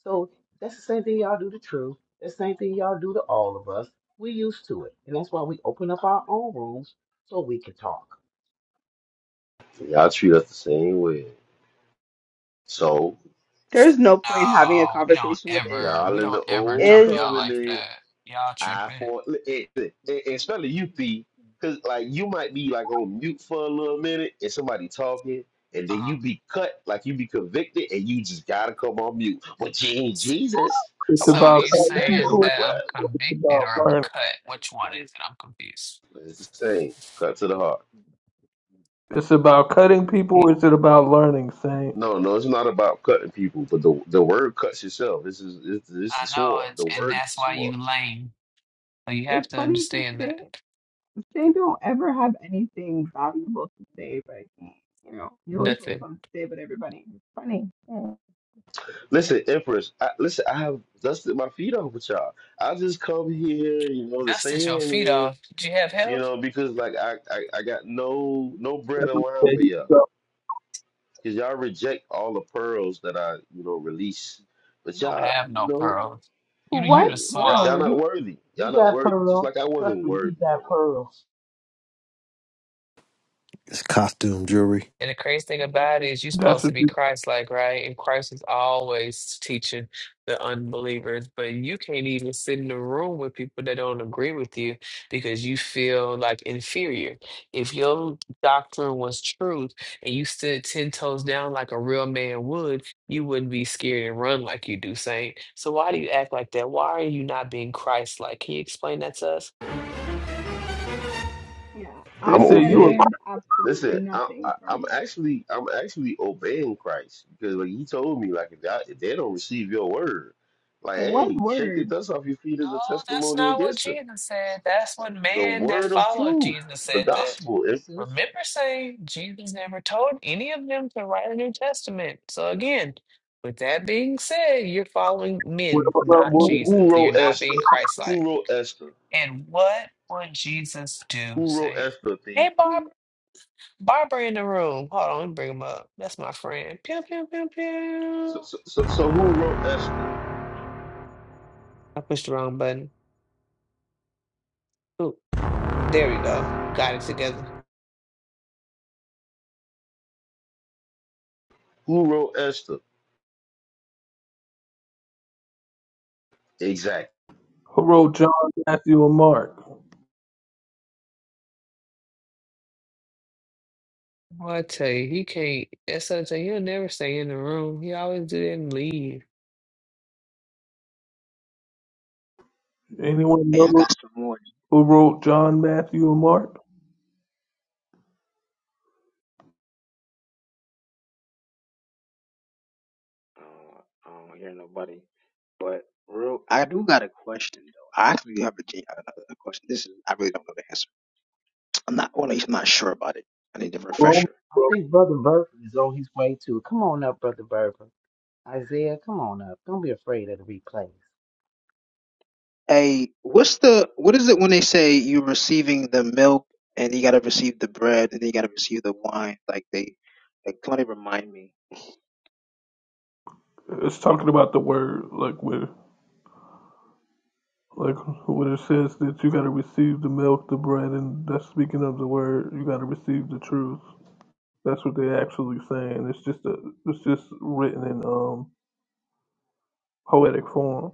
So that's the same thing y'all do to truth. That's the same thing y'all do to all of us. We used to it, and that's why we open up our own rooms so we can talk.
Y'all treat us the same way. So
There's no point having a
no, we don't
conversation with Iz.
ever,
y'all
we
in the
don't ever
old
jump
Is
y'all like
covenant.
that. Y'all
I
tripping.
for it, it, it- especially you, P, because like you might be like on mute for a little minute and somebody talking, and then
Uh,
you be cut like you be convicted, and you just gotta come on mute. But you ain't
s-
Jesus.
It's
I'm
so
like,
about
you
what's
cutting
damn?
saying
I'm
people.
like,
that
what?
I'm
or It's about
convicted or I'm a
learning.
cut? Which one is it? I'm confused.
It's the same. Cut to the heart.
It's about cutting people. Or is it about learning? Saying
No, no, it's not about cutting people, but the the word cuts yourself. This is it's, it's the
I know,
sword.
and,
The
and
word is
that's
the
why
sword.
you lame. So you
is
have to
funny to
understand that.
say. They don't ever have anything valuable to say, but he, you know, you always has
Nothing.
something to say about everybody. It's funny. Mm.
Listen, Empress. I, listen, I have dusted my feet off with y'all. I just come here, you know, to say
Dusted your feet
hey
off. Did you have
You
help?
know, because like I, I, I got no no bread and wine for y'all. Cause y'all reject all the pearls that I, you know, release.
You
But
don't
y'all,
have
you
no
know,
pearls. You the- you
yeah,
What
the
y'all, y'all
swan.
pearls?
not worthy. Y'all
He
not
got
worthy. Just
pearl.
like I
Trust
wasn't
me, he
worthy
got
at one point.
pearl.
It's costume jewelry.
And the crazy thing about it is you're
that's
supposed
what
to be
they
Christ-like, right? And Christ is always teaching the unbelievers, but you can't even sit in the room with people that don't agree with you because you feel like inferior. If your doctrine was truth and you stood 10 toes down like a real man would, you wouldn't be scared and run like you do, Saint. So why do you act like that? Why are you not being Christ-like? Can you explain that to us?
Yeah,
they
I'm
I,
say.
I
You
obeying.
a
learned absolutely
Listen, I,
nothing
I,
from
I'm
you.
actually I'm actually obeying Christ because like he told me like if, y'all, if they don't receive your word, like
What
hey, shake the
word?
dust off your feet
No,
as a
that's
testimony
not what
against them.
Jesus said. That's what
The
man that
word of
followed
truth,
Jesus
the
said that.
gospel, is this.
Remember saying Jesus never told any of them to write a New Testament. So again, with that being said, you're following men, not
Who,
Jesus.
who
So you're
wrote
not
Esther?
being Christ-like.
Who wrote Esther?
And what would Jesus do,
Who wrote
Saint?
Esther? The
Hey, Barb, Barbara in the room. Hold on, let me bring him up. That's my friend. Pew pew pew pew.
So, so, so, so who wrote Esther?
I pushed the wrong button. Ooh, there we go. Got it together.
Who wrote Esther? Exactly.
who wrote John, Matthew, and Mark?
Boy, I tell you, he can't. That's something he'll never stay in the room. He always do that and leave.
Anyone
Hey, I
know
got some more.
who wrote John, Matthew, and Mark?
I don't, I don't hear nobody. But real, I do got a question though. I actually do have a, gen- a a question. This is I really don't know the answer. I'm not, well, at least I'm not sure about it. I need a
Romans
refresher.
I think Brother Burford is on his way too. Come on up, Brother Burford. Isaiah, come on up. Don't be afraid of the replays.
Hey, what's the what is it when they say you're receiving the milk and you gotta receive the bread and then you gotta receive the wine? Like they, like somebody remind me.
It's talking about the word, like where, like when it says that you got to receive the milk, the bread, and that's speaking of the word. You got to receive the truth. That's what they're actually saying. It's just a, it's just written in um poetic form.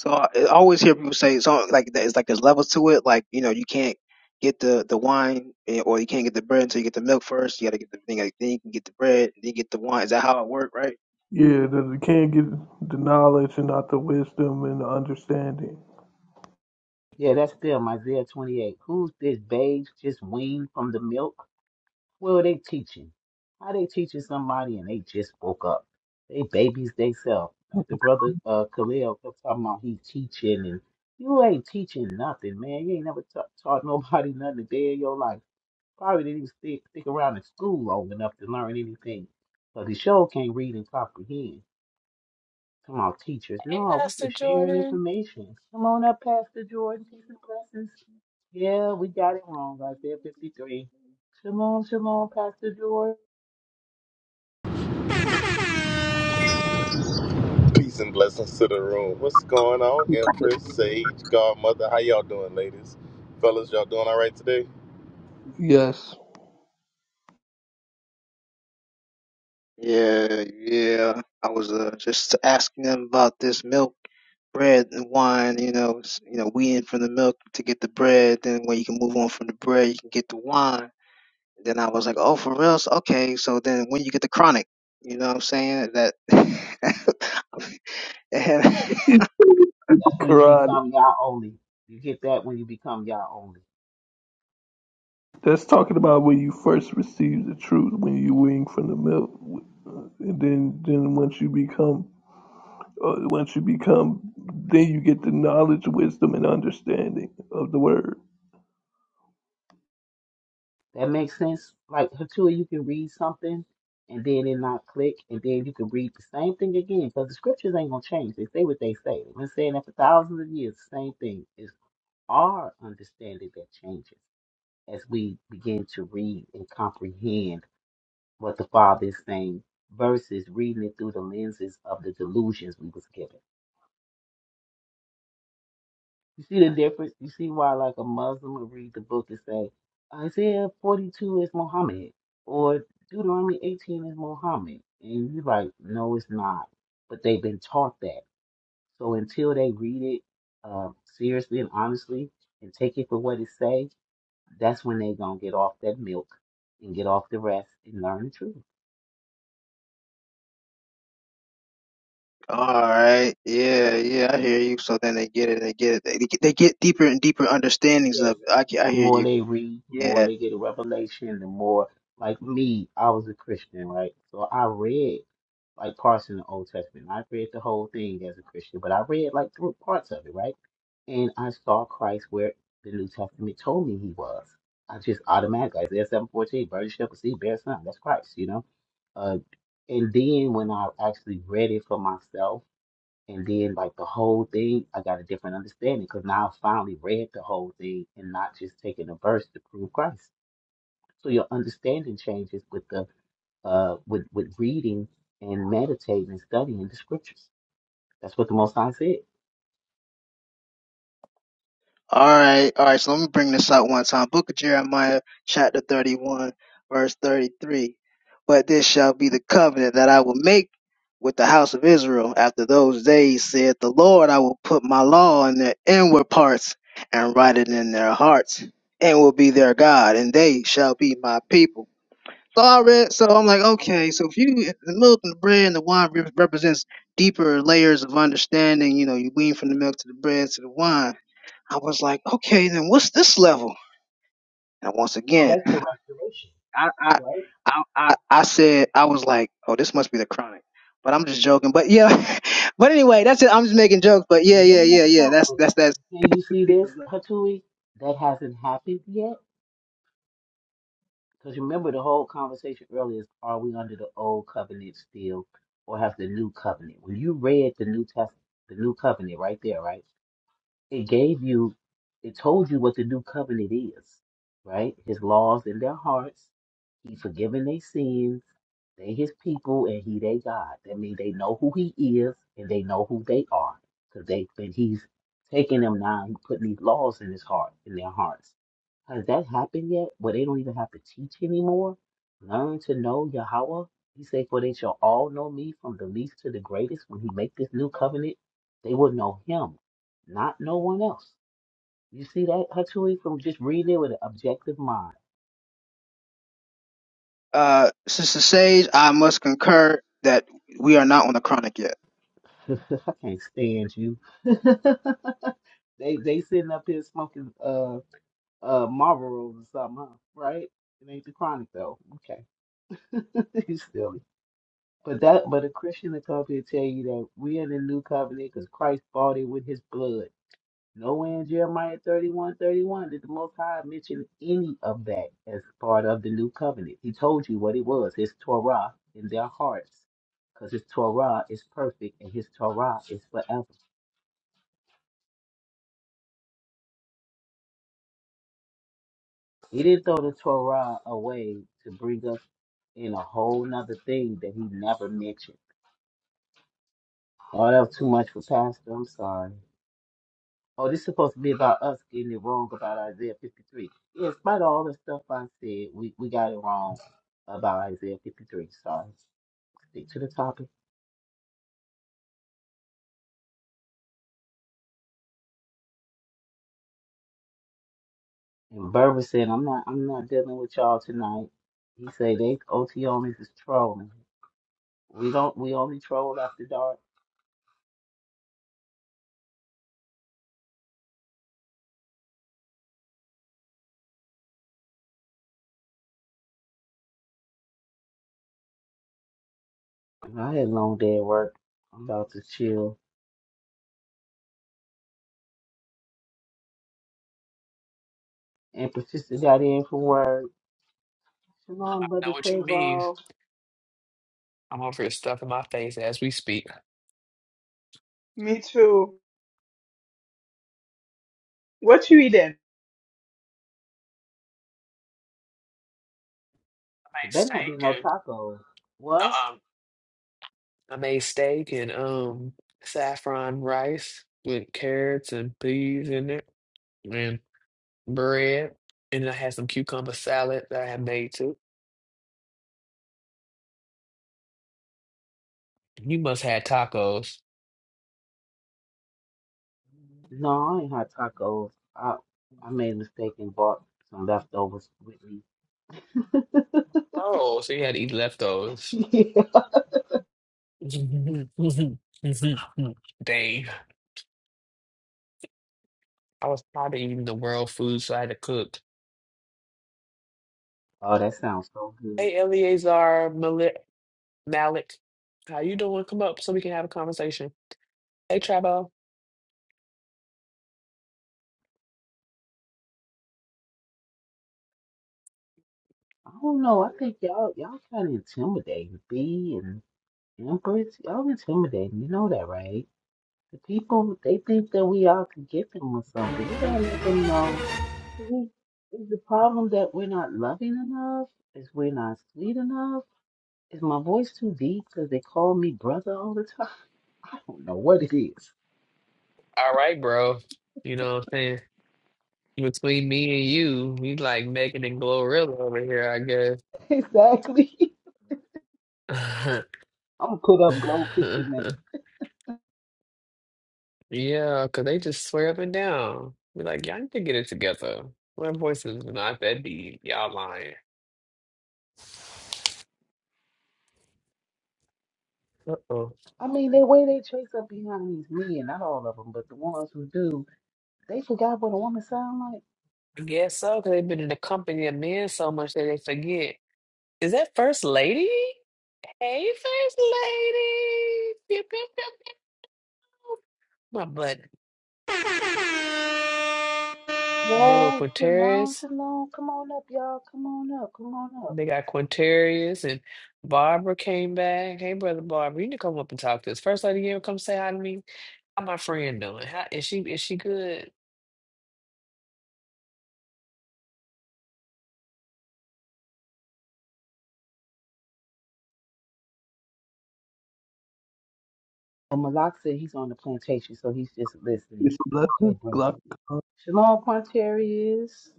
So I I always hear people say so like that. It's like there's levels to it. Like you know, you can't get the the wine eh, or you can't get the bread until you get the milk first. You gotta get the thing. Like, then you can get the bread. Then you get the wine. Is that how it worked? Right?
Yeah, that you can't get the knowledge and not the wisdom and the understanding.
Yeah, that's them, Isaiah 28. Who's this babe just weaned from the milk? What are they teaching? How they teaching somebody and they just woke up? They babies They theyself. Like the brother uh, Khalil kept talking about he teaching and you ain't teaching nothing, man. You ain't never ta- taught nobody nothing a day in your life. Probably didn't even stick, stick around in school long enough to learn anything. Because he sure can't read and comprehend. Come on, teachers.
Hey,
No, we're
Pastor
just sharing
Jordan.
information. Come on up, Pastor
I
Jordan. Teach some blessings. Yeah, we got it wrong, Isaiah 53. Come on, come on, Pastor Jordan.
Peace and blessings to the room. What's going on, Empress, Sage, Godmother? How y'all doing, ladies? Fellas, y'all doing all right today?
Yes.
Yeah, yeah. I was uh, just asking them about this milk, bread, and wine. You know, s- you know, weaning from the milk to get the bread. Then when you can move on from the bread, you can get the wine. Then I was like, oh, for real? So- Okay. So then when you get the chronic, you know what I'm saying? That. and
That's when you
Quran.
become y'all only. You get that when you become y'all only.
That's talking about when you first receive the truth, when you wing from the milk, uh, and then then once you become, uh, once you become, then you get the knowledge, wisdom, and understanding of the word.
That makes sense. Like Hatua, you can read something and then it not click, and then you can read the same thing again because the scriptures ain't gonna change. They say what they say. They've been saying that for thousands of years. The same thing. It's our understanding that changes as we begin to read and comprehend what the Father is saying versus reading it through the lenses of the delusions we was given. You see the difference? You see why, like, a Muslim would read the book and say, Isaiah 42 is Muhammad, or Deuteronomy 18 is Muhammad. And you're like, no, it's not. But they've been taught that. So until they read it uh, seriously and honestly and take it for what it says, that's when they going to get off that milk and get off the rest and learn the truth.
All right. Yeah, yeah, I hear you. So then they get it, they get it. They, get- they get deeper and deeper understandings of
Yes.
it. I, ca- I
The
hear
more
you.
they read, the more
Yeah.
they get a revelation, the more like me, I was a Christian, right? So I read like parts in the Old Testament. I read the whole thing as a Christian, but I read like through parts of it, right? And I saw Christ where the New Testament told me he was. I just automatically Isaiah seven fourteen, burden shall proceed, bear son. That's Christ, you know? Uh and then when I actually read it for myself and then like the whole thing, I got a different understanding because now I finally read the whole thing and not just taking a verse to prove Christ. So your understanding changes with the uh with with reading and meditating and studying the scriptures. That's what the Most High said.
All right. All right. So let me bring this out one time. Book of Jeremiah, chapter 31, verse 33. But this shall be the covenant that I will make with the house of Israel after those days, saith the Lord. I will put my law in their inward parts and write it in their hearts and will be their God, and they shall be my people. Sorry. So I'm like, okay, so if you if the milk and the bread and the wine re- represents deeper layers of understanding, you know, you wean from the milk to the bread to the wine. I was like, okay, then what's this level? And once
Oh,
again,
that's the restoration,
I I
right?
I, I, I said I was like, oh, this must be the chronic. But I'm just joking. But yeah, but anyway, that's it. I'm just making jokes. But yeah,
No,
yeah, yeah,
no,
yeah.
don't.
That's
But
that's that's.
can you
the
see this,
deepest level.
Hatui? That hasn't happened yet. Because remember the whole conversation earlier is are we under the old covenant still or have the new covenant? When you read the New Testament, the new covenant right there, right? It gave you, it told you what the new covenant is, right? His laws in their hearts. He forgiven their sins. They his people and he they God. That means they know who he is and they know who they are. Because they, and he's taking them now and putting these laws in his heart, in their hearts. Has that happened yet? Where they don't even have to teach anymore? Learn to know Yahweh? He said, For they shall all know me from the least to the greatest. When he make this new covenant, they will know him, not no one else. You see that, Hatui, from just reading it with an objective mind.
Uh, Sister Sage, I must concur that we are not on the chronic yet.
I can't stand you. they they sitting up here smoking uh uh Marlboros or something, huh? Right? It ain't the chronic though. Okay. you silly. But that, but a Christian will come here and tell you that we in the new covenant because Christ bought it with His blood. Nowhere in Jeremiah 31:31 did the Most High mention any of that as part of the new covenant. He told you what it was, His Torah in their hearts, because His Torah is perfect and His Torah is forever. He didn't throw the Torah away to bring us in a whole nother thing that He never mentioned. Oh, that was too much for Pastor. I'm sorry. Oh, this is supposed to be about us getting it wrong about Isaiah 53. Yeah, in spite of all the stuff I said, we, we got it wrong about Isaiah 53. Sorry. Stick to the topic. And Berber said, I'm not I'm not dealing with y'all tonight. He said they OT only is trolling. We don't we only troll after dark. And I had a long day at work. I'm about to chill. And Patricia got in from work. Come
know
brother
what you mean.
Trayvon.
I'm over here stuffing my face as we speak. I
Me too. What you eating?
There
made
better not be
steak
no
and
tacos. What?
um, I made steak and um saffron rice with carrots and peas in it, bread, and then I had some cucumber salad that I had made too. You must have had tacos.
No, I ain't had tacos. I I made a mistake and bought some leftovers with
Oh, so you had to eat leftovers.
me.
Dang. I was probably eating the world food, so I had to cook.
Oh, that sounds so good.
Hey, Eleazar Malik, Malik, how you doing? Come up so we can have a conversation. Hey, Trabo.
I don't know. I think y'all y'all kind of intimidating. B and Empress, y'all intimidating. You know that, right? The people they think that we all could get them or something. We gotta let them know. We, is the problem that we're not loving enough? Is we're not sweet enough? Is my voice too deep because they call me brother all the time? I don't know what it is.
All right, bro. You know what I'm saying? Between me and you, we like Megan and Glorilla over here,
Exactly.
I
I'm gonna put up Glow Picture
guess.
next.
Yeah, because they just swear up and down. Be like, y'all need to get it together. My voice is not that deep. Y'all lying. Uh-oh.
I mean, the way they chase up behind these men, not all of them, but the ones who do, they forgot what a woman sound like.
I guess so, because they've been in the company of men so much that they forget. Is that First Lady? Hey, First Lady. Pew, pew, pew, pew. My blood. They go
Yeah, shalom,
Quintarius.
shalom. Come on up, y'all. Come on up. Come on up.
They got Quintarius and Barbara came back. Hey, brother Barbara, you need to come up and talk to us. First Lady, you ever come say hi to me? How my friend doing? How is she? Is she good?
And Malak said he's on the plantation, so he's just listening.
It's a
Okay,
blessing.
bro.
Glock.
Shalom, Quanteri is.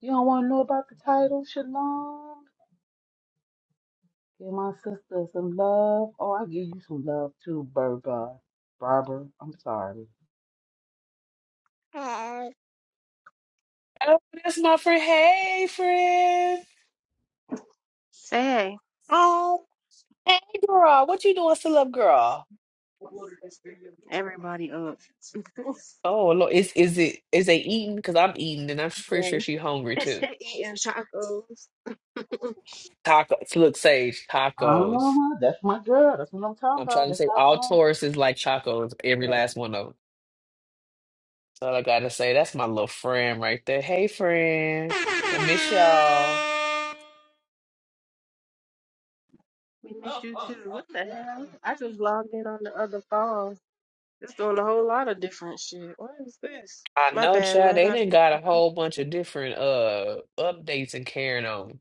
You don't want to know about the title, Shalom? Give my sister some love. Oh, I give you some love too, Berba. Barber, I'm sorry.
Say
Oh, that's my friend. Hey, friend.
hey.
Hey, girl. What you doing, still up, girl?
Everybody up.
Oh, Lord. Is is it is they eating? Because I'm eating, and I'm pretty
Yay.
sure she hungry too.
Eating tacos.
Tacos. Look, Sage, tacos.
Uh-huh. That's my girl. That's what I'm talking
I'm trying
about.
to
That's
say
our
all
thing.
Taurus is like chacos, every
Yes.
last one of them. That's all I gotta say. That's my little friend right there. Hey, friend. I miss y'all.
We missed you too. What the hell? I just logged in on the other phone. It's doing a whole lot of different shit. What is this?
I
My
know,
bad.
Chad.
Mine
They
not.
didn't got a whole bunch of different uh updates and carrying on.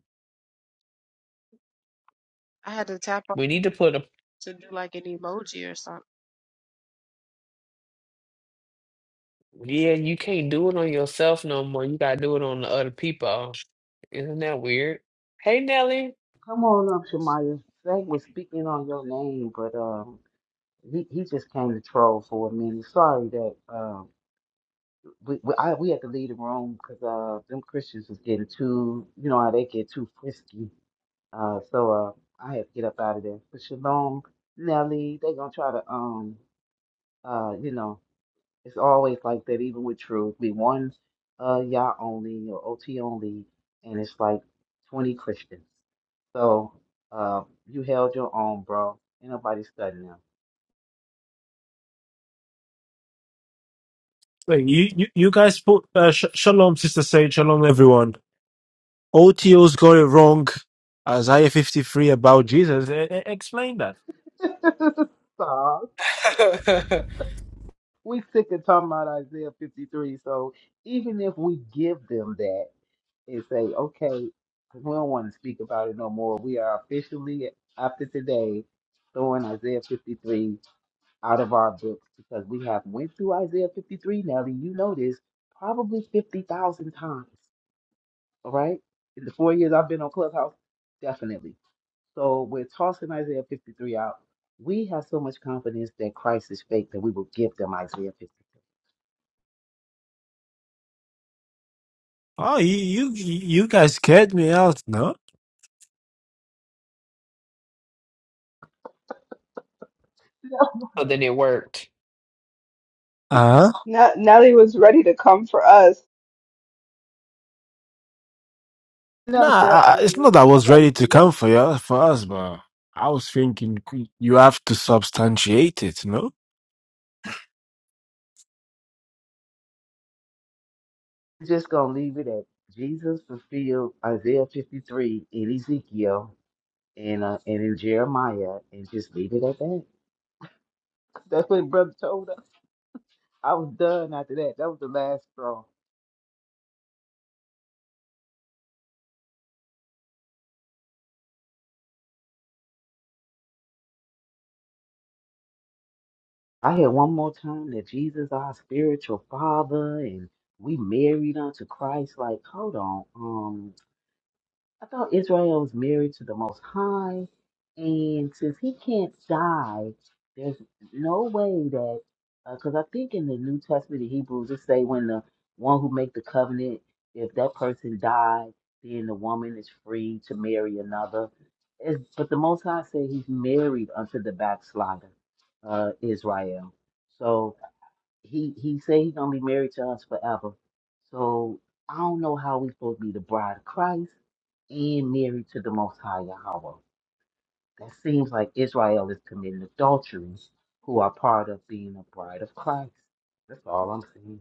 I had to tap on
We need to put
it to do like an emoji or something.
Yeah, you can't do it on yourself no more. You gotta do it on the other people. Isn't that weird? Hey, Nelly.
Come on up, Shamaya. Zach was speaking on your name, but um, he, he just came to troll for a minute. Sorry that um, we we, I, we had to leave the room because uh, them Christians was getting too, you know how they get too frisky. Uh, so uh, I had to get up out of there. But Shalom, Nelly, they gonna try to um, uh, you know. It's always like that, even with truth. We one uh Yah only or OT only, and it's like 20 Christians. So uh, you held your own, bro. Ain't nobody studying
Wait, you, you, you guys put uh, sh- shalom, sister Sage, shalom, everyone. OTO's got it wrong. Isaiah 53 about Jesus. E- e- explain that.
now. Stop. We sick of talking about Isaiah 53. So even if we give them that and say, okay, 'cause we don't want to speak about it no more, we are officially after today throwing Isaiah 53. out of our books because we have went through Isaiah 53, Nelly, you know this, probably 50,000 times, all right? In the four years I've been on Clubhouse, definitely. So we're tossing Isaiah 53 out. We have so much confidence that Christ is fake that we will give them Isaiah 53.
Oh, you, you you guys scared me out, no?
No,
So then it worked.
Uh huh.
N- Nelly was ready to come for us.
Nah,
no,
I,
sir, uh,
I- it's not
no,
that I
I
was
got to
ready to
get
come
it.
for you, for us, but I was thinking you have to substantiate it, no?
Just going to leave it at Jesus fulfilled Isaiah 53 in Ezekiel and, uh, and in Jeremiah and just leave it at that. That's what brother told us. I was done after that. That was the last straw. I had one more time that Jesus our spiritual father and we married unto Christ. Like, hold on. um. I thought Israel was married to the Most High, and since he can't die, there's no way that because I think in the New Testament in Hebrews it say when the one who make the covenant, if that person died, then the woman is free to marry another. It's, but the Most High said he's married unto the backslider, uh, Israel. So he he say he gonna be married to us forever. So I don't know how we supposed to be the bride of Christ and married to the Most High Yahweh. That seems like Israel is committing adulteries who are part of being a bride of Christ. That's all I'm saying.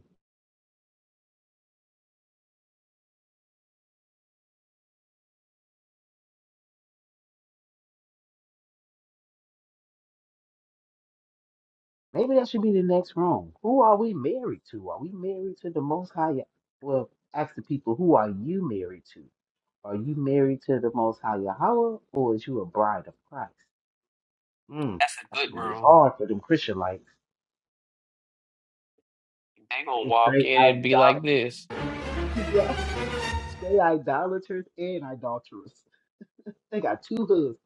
Maybe that should be the next room. Who are we married to? Are we married to the Most High? Yah- Well, ask the people, who are you married to? Are you married to the Most High Yahweh or is you a bride of Christ? Mm,
That's a
that's
good
gonna be
room.
hard for them Christian like
They gonna
they
walk
straight
in and
idol
be like this.
yeah, they idolaters and idolatrous. They got two hoods.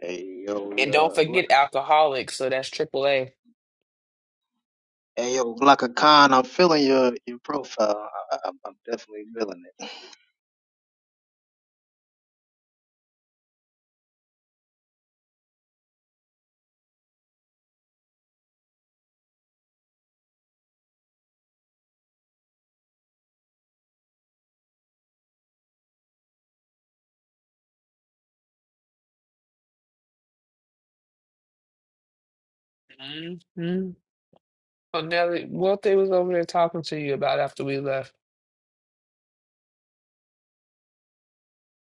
Hey
And don't
yo, yeah.
forget alcoholics, so that's triple A.
Hey yo, Glocka Khan, I'm feeling your your profile. I, I- I'm, I'm definitely feeling it.
Mm-hmm. So Nelly, what they was over there talking to you about after we left?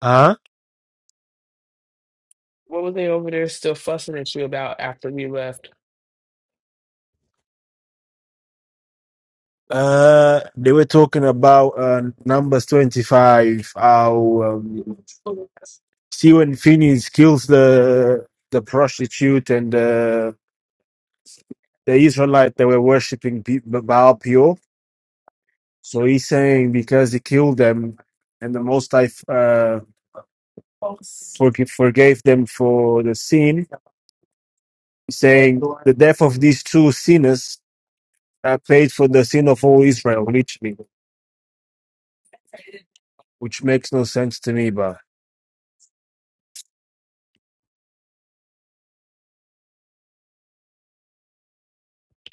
Uh huh.
What were they over there still fussing at you about after we left?
Uh, they were talking about uh, Numbers 25, how um, See when Phineas kills the the prostitute and the the Israelite that were worshiping P- Baal Peor. So he's saying because he killed them, and the Most High uh, forgive, forgave them for the sin, saying the death of these two sinners uh, paid for the sin of all Israel, literally, which makes no sense to me.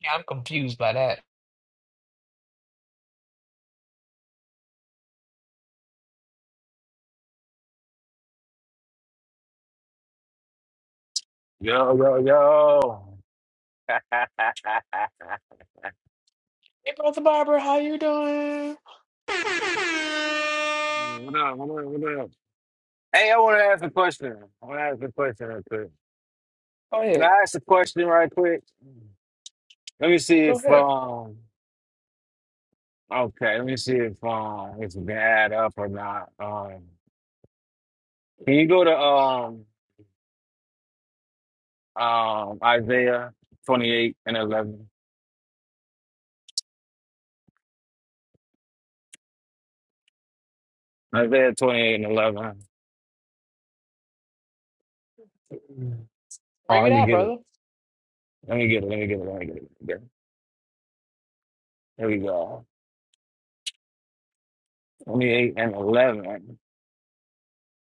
Yeah, I'm confused by that.
Yo, yo, yo.
Hey, Brother Barbara, how you doing?
what up, what up, what up? Hey, I want to ask a question. I want to ask a question real quick.
Go
Can I
ahead.
ask a question right quick? Let me see
Go
if,
ahead.
um, okay, let me see if, um, it's been add up or not. Um, can you go to, um, um, Isaiah 28 and 11? Isaiah 28 and 11. Oh,
Bring it
let me
out,
get it.
brother.
Let me get it. Let me get it. Let me get it. There there we go. 28 and 11.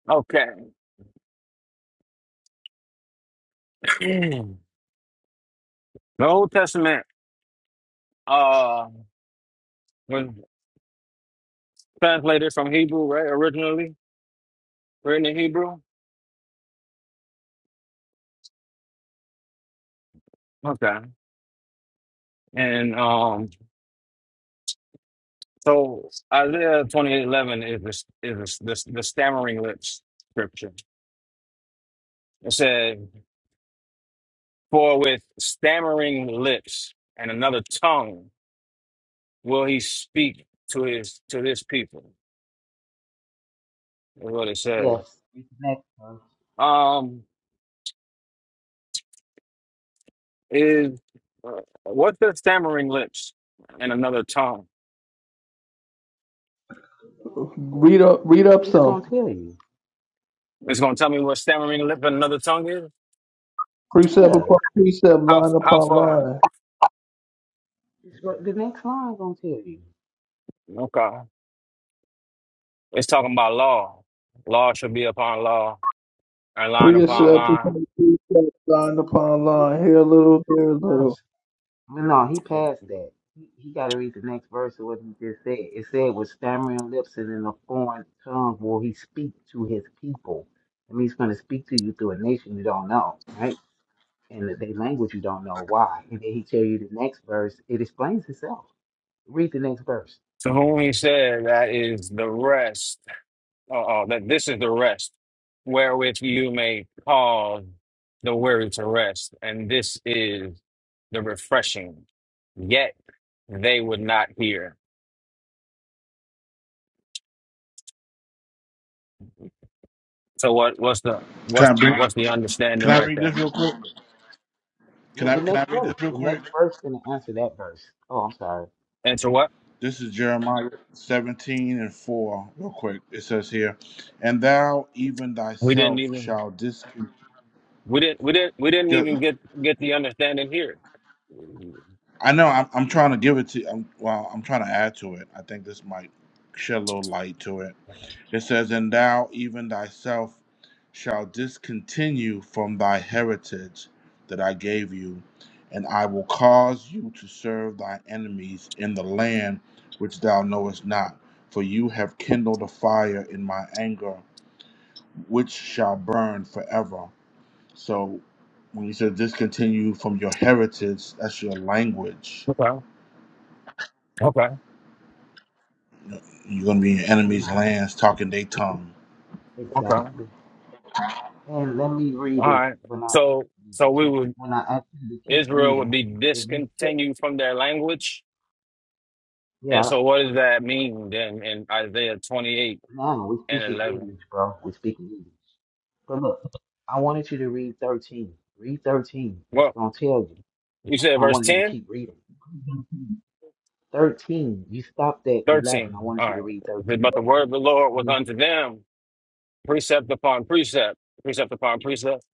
Okay. the Old Testament uh was translated from Hebrew, right? Originally written in Hebrew. Okay. And um so Isaiah twenty eight eleven is this is this, this the stammering lips scripture. It said, For with stammering lips and another tongue will he speak to his to his people, is what it says.
Yes, it's next one.
Um is uh, what's the stammering lips and another tongue?
Read up, read up
Yeah, it's
some.
gonna tell you.
It's gonna tell me what stammering lip and another tongue is.
Precept
Yeah,
upon precept,
How
line
how
upon
far?
line.
it's go- the next line gonna tell you.
Okay, it's talking about law. Law shall be upon law, and line
No,
upon
Precept upon
line.
precept, line upon
read,
line. Here a
read
little, there a
the
little.
verse. I no, he passed that. He, he got to read the next verse of what he just said. It said, with stammering lips and in a foreign tongue will he speak to his people. That means he's going to speak to you through a nation you don't know, right? in their language you don't know why. And then he tell you the next verse, it explains itself. Read the next verse.
To whom he said, that is the rest. Uh, uh, that this is the rest, wherewith you may cause the weary to rest, and this is the refreshing. Yet they would not hear. So what? What's the
Can
what's
I bring?
what's the
Can
understanding
I
right
read this
there?
real quick? Can
The,
I?
the
Can
next
I read this
verse.
real
The
quick?
next verse gonna answer that verse. Oh, I'm sorry.
And to what?
This is Jeremiah seventeen and four, real quick. It says here, "And thou even
We didn't
thyself
even
shall discon."
we didn't we didn't we didn't even get get the understanding here.
I know. I'm, I'm trying to give it to. I'm, well, I'm trying to add to it. I think this might shed a little light to it. It says, And thou even thyself shall discontinue from thy heritage that I gave you, and I will cause you to serve thy enemies in the land which thou knowest not. For you have kindled a fire in my anger, which shall burn forever. So when you said discontinue from your heritage, that's your language.
Okay. Okay.
You're going to be in your
Yeah,
enemy's lands talking their tongue.
Okay. All
exactly. And let me read it
right.
when I
So
ask you
so
to
we
keep
would
when I ask you to keep
Israel
reading.
would be
If you keep
discontinued from their language. And
yeah,
so what does that mean then in Isaiah 28
now we speak
and
in
11?
English, bro. We speak in English. But look, I wanted you to read 13. Read 13. It's
Well,
gonna tell you.
you
That's
said
why I
verse
wanted you to
ten,
keep reading. 13. You stopped at 11. I
thirteen.
wanted
All
you to read 13.
right. But the word of the Lord was
hmm
unto them precept upon precept, precept upon precept,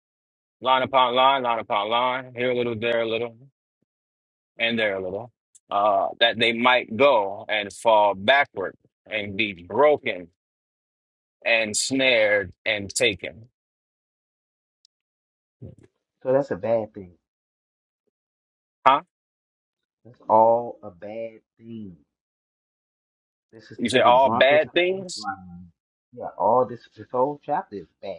line upon line, line upon line, here a little, there a little. and there a little, uh, that they might go and fall backward and be broken and snared and taken.
So that's a bad thing.
Huh?
That's all a bad thing. This is
You say
to the
all
drunkards
bad
of
things?
Israel. Yeah, all this, this whole chapter is bad.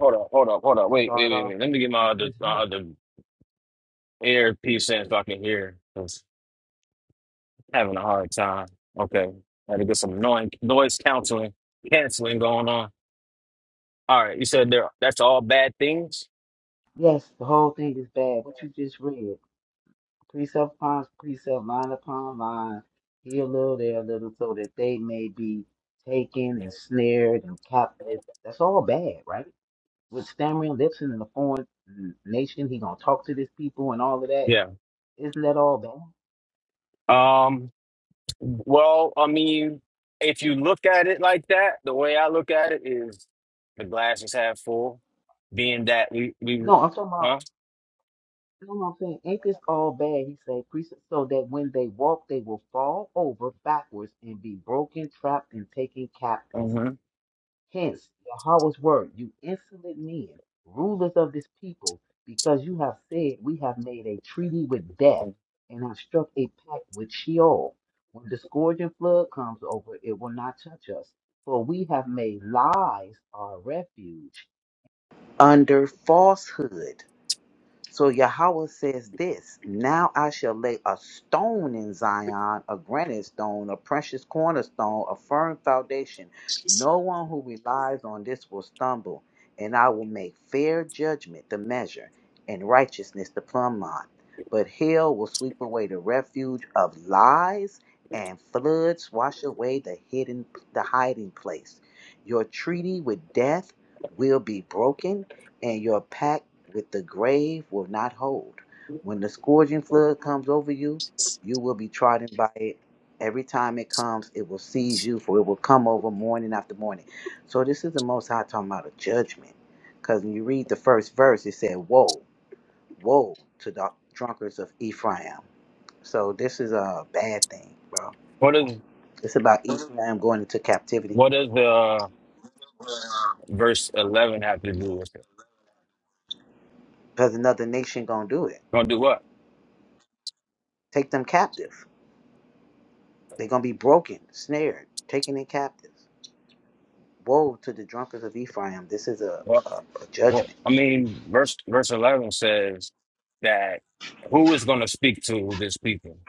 Hold up, hold up, hold up.
It
Wait, wait,
started
wait,
off
wait. Let me get
in the
my other,
first
my
verse.
other earpiece in so I can hear. 'cause I'm having a hard time. Okay. Had to get some noise, noise counseling, canceling going on. All right. You said there, that's all bad things?
Yes, the whole thing is bad. What you just read, precept upon precept, line upon line, here a little, there a little, so that they may be taken and snared and captive. That's all bad, right? with stammering lips and in a foreign nation. He gonna talk to these people and all of that.
Yeah.
Isn't that all bad?
Um. Well, I mean, if you look at it like that, the way I look at it is the glass is half full, being that we we
No, I'm talking about.
huh?
You know what I'm saying? Ain't this all bad? He said, "Priest, so that when they walk, they will fall over backwards and be broken, trapped, and taken captive.
hmm
Hence, Yahweh's word, you insolent men, rulers of this people, because you have said, We have made a treaty with death and have struck a pact with Sheol. When the scourging flood comes over, it will not touch us, for we have made lies our refuge under falsehood. So Yahweh says this Now I shall lay a stone in Zion, a granite stone, a precious cornerstone, a firm foundation. No one who relies on this will stumble, and I will make fair judgment the measure, and righteousness the plumb line. But hell will sweep away the refuge of lies, and floods wash away the hidden the hiding place. Your treaty with death will be broken, and your pact with the grave will not hold. When the scourging flood comes over you, you will be trodden by it. Every time it comes, it will seize you, for it will come over morning after morning. So this is the Most High talking about a judgment, because when you read the first verse, it said, "Woe, woe to the drunkards of Ephraim." So this is a bad thing, bro.
What does
It's about Ephraim going into captivity,
what does the uh, verse eleven have to do with it?
because another nation gonna do it,
Gonna do what?
take them captive. They're gonna be broken, snared, taken in captives. Woe to the drunkards of Ephraim. This is a,
Well,
a, a
well,
judgment.
I mean, verse verse eleven says that who is gonna speak to this people?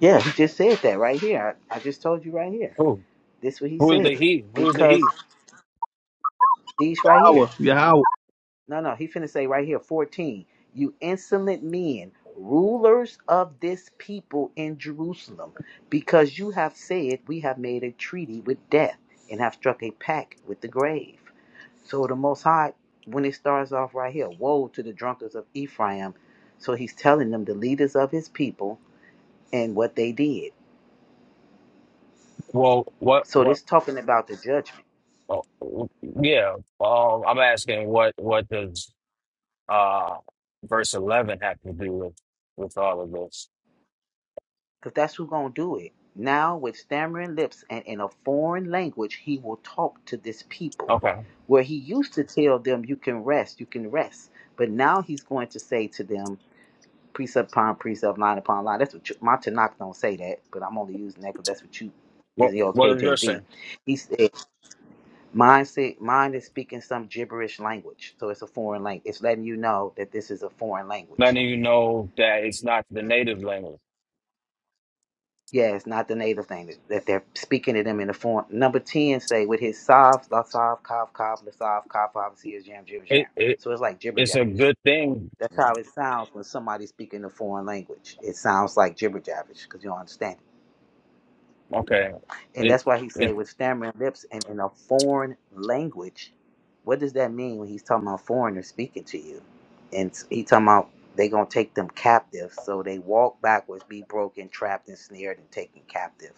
Yeah, he just said that right here. I, I just told you right here.
Who?
This what he
Who is
said.
the he? Who is the
Because
he?
these right here.
Power, your hour.
No, no, he finna say right here, 14. You insolent men, rulers of this people in Jerusalem, because you have said we have made a treaty with death and have struck a pact with the grave. So the Most High, when it starts off right here, woe to the drunkards of Ephraim. So he's telling them the leaders of his people and what they did.
Well, what
So
what?
this talking about the judgment,
Oh, yeah, um, I'm asking what what does Uh, verse 11 had to do with, with all of this.
because that's who gonna do it. Now with stammering lips and in a foreign language, he will talk to this people,
Okay.
where he used to tell them, "You can rest, you can rest," but now he's going to say to them, precept upon precept, line upon line. That's what you, my Tanakh don't say that, but I'm only using that because that's what you is
What
your
What is your
KJV.
saying?
He said, "Mine said mine is speaking some gibberish language, so it's a foreign language. It's letting you know that this is a foreign language."
Letting you know that it's not the native language.
Yeah, it's not the native thing that, that they're speaking to them in the form. Number 10 say, with his soft, la soft cough, cough, la soft cough. obviously is jam, jibber,
It,
jam.
it
So it's like jibber
It's a
jabbish.
good thing.
That's how it sounds when somebody's speaking a foreign language. It sounds like jibber jabbish because you don't understand it.
Okay.
And
It,
that's why he say
it,
with stammering lips and in a foreign language. What does that mean when he's talking about foreigners speaking to you? And he talking about they going to take them captive. So they walk backwards, be broken, trapped, and snared, and taken captive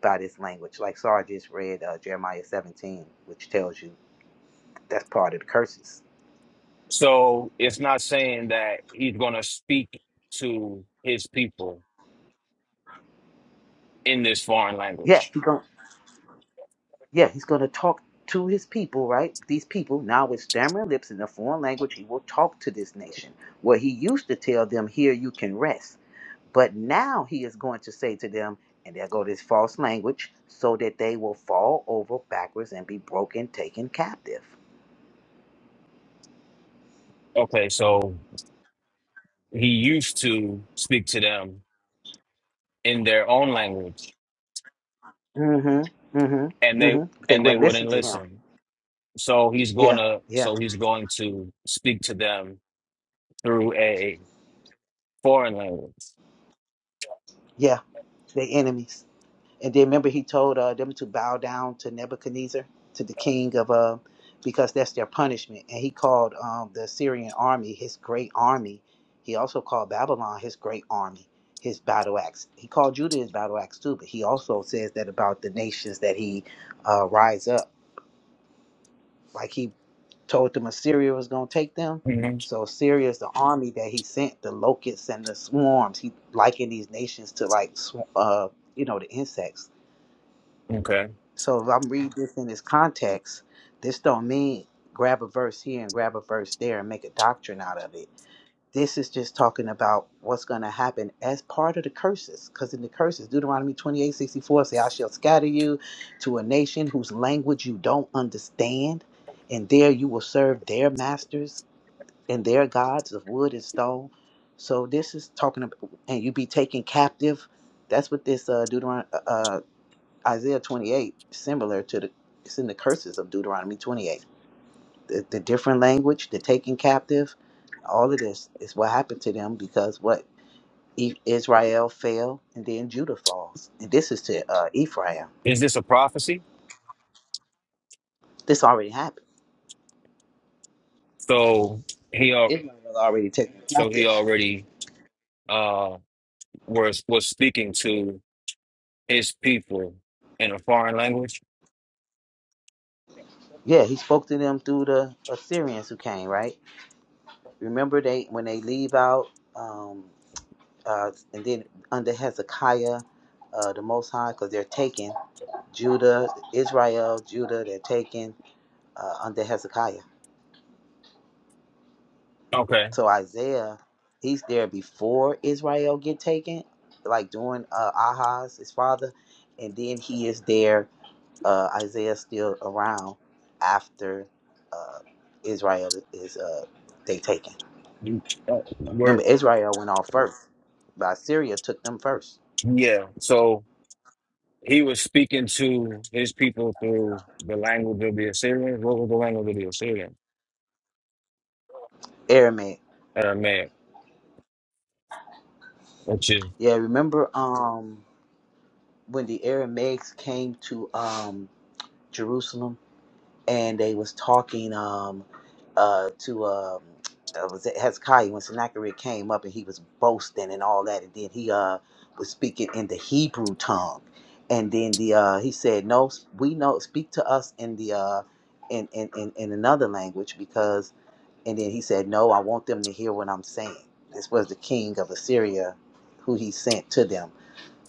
by this language. Like Sarah just read uh, Jeremiah 17, which tells you that's part of the curses.
so it's not saying that he's going to speak to his people in this foreign
Yeah,
language.
he going yeah, he's gonna talk to his people, right? These people now with stammering lips in a foreign language, he will talk to this nation. Where he used to tell them, "Here you can rest," but now he is going to say to them, and there go this false language, so that they will fall over backwards and be broken, taken captive.
Okay. So he used to speak to them in their own language
Mm-hmm.
and
Mm-hmm.
they,
Mm-hmm. They
and they
wouldn't listen
wouldn't
to him.
listen. So he's going
Yeah.
to
Yeah.
so he's going to speak to them through a foreign language.
Yeah. They enemies. And then remember, he told uh, them to bow down to Nebuchadnezzar, to the king of, uh, because that's their punishment. And he called um, the Syrian army his great army. He also called Babylon his great army, his battle axe. He called Judah his battle axe too, but he also says that about the nations that he uh, rise up. Like he told them Assyria was going to take them.
Mhm.
So Syria is the army that he sent, the locusts and the swarms. He likened these nations to like, sw- uh, you know, the insects
Okay.
so if I'm reading this in its context, this don't mean grab a verse here and grab a verse there and make a doctrine out of it. This is just talking about what's going to happen as part of the curses. Because in the curses, Deuteronomy 28 64 say, I shall scatter you to a nation whose language you don't understand, and there you will serve their masters and their gods of wood and stone. So this is talking about, and you be taken captive. That's what this uh, Deuteronomy Isaiah 28, similar to the, it's in the curses of Deuteronomy 28. The, the different language, the taking captive, all of this is what happened to them because what E- Israel fell and then Judah falls. And this is to uh, Ephraim.
Is this a prophecy?
This already happened.
So he al-
Israel was already taken
so he
captive.
already uh was was speaking to his people in a foreign language.
Yeah, he spoke to them through the Assyrians who came, right? Remember they when they leave out, um, uh, and then under Hezekiah, uh, the Most High, because they're taken. Judah, Israel, Judah, they're taken uh, under Hezekiah.
Okay.
So Isaiah, he's there before Israel get taken, like during uh, Ahaz, his father, and then he is there. Uh, Isaiah still around after uh, Israel is uh, they taken.
Uh,
Remember,
Word.
Israel went off first, but Assyria took them first.
Yeah. So he was speaking to his people through the language of the Assyrians. What was the language of the Assyrians?
Aramaic,
Aramaic, which is
yeah. Remember um, when the Aramaics came to um, Jerusalem and they was talking um uh to um uh, was it Hezekiah when Sennacherib came up and he was boasting and all that and then he uh was speaking in the Hebrew tongue and then the uh he said no we know speak to us in the uh in in in, in another language because and then he said no I want them to hear what I'm saying this was the king of Assyria who he sent to them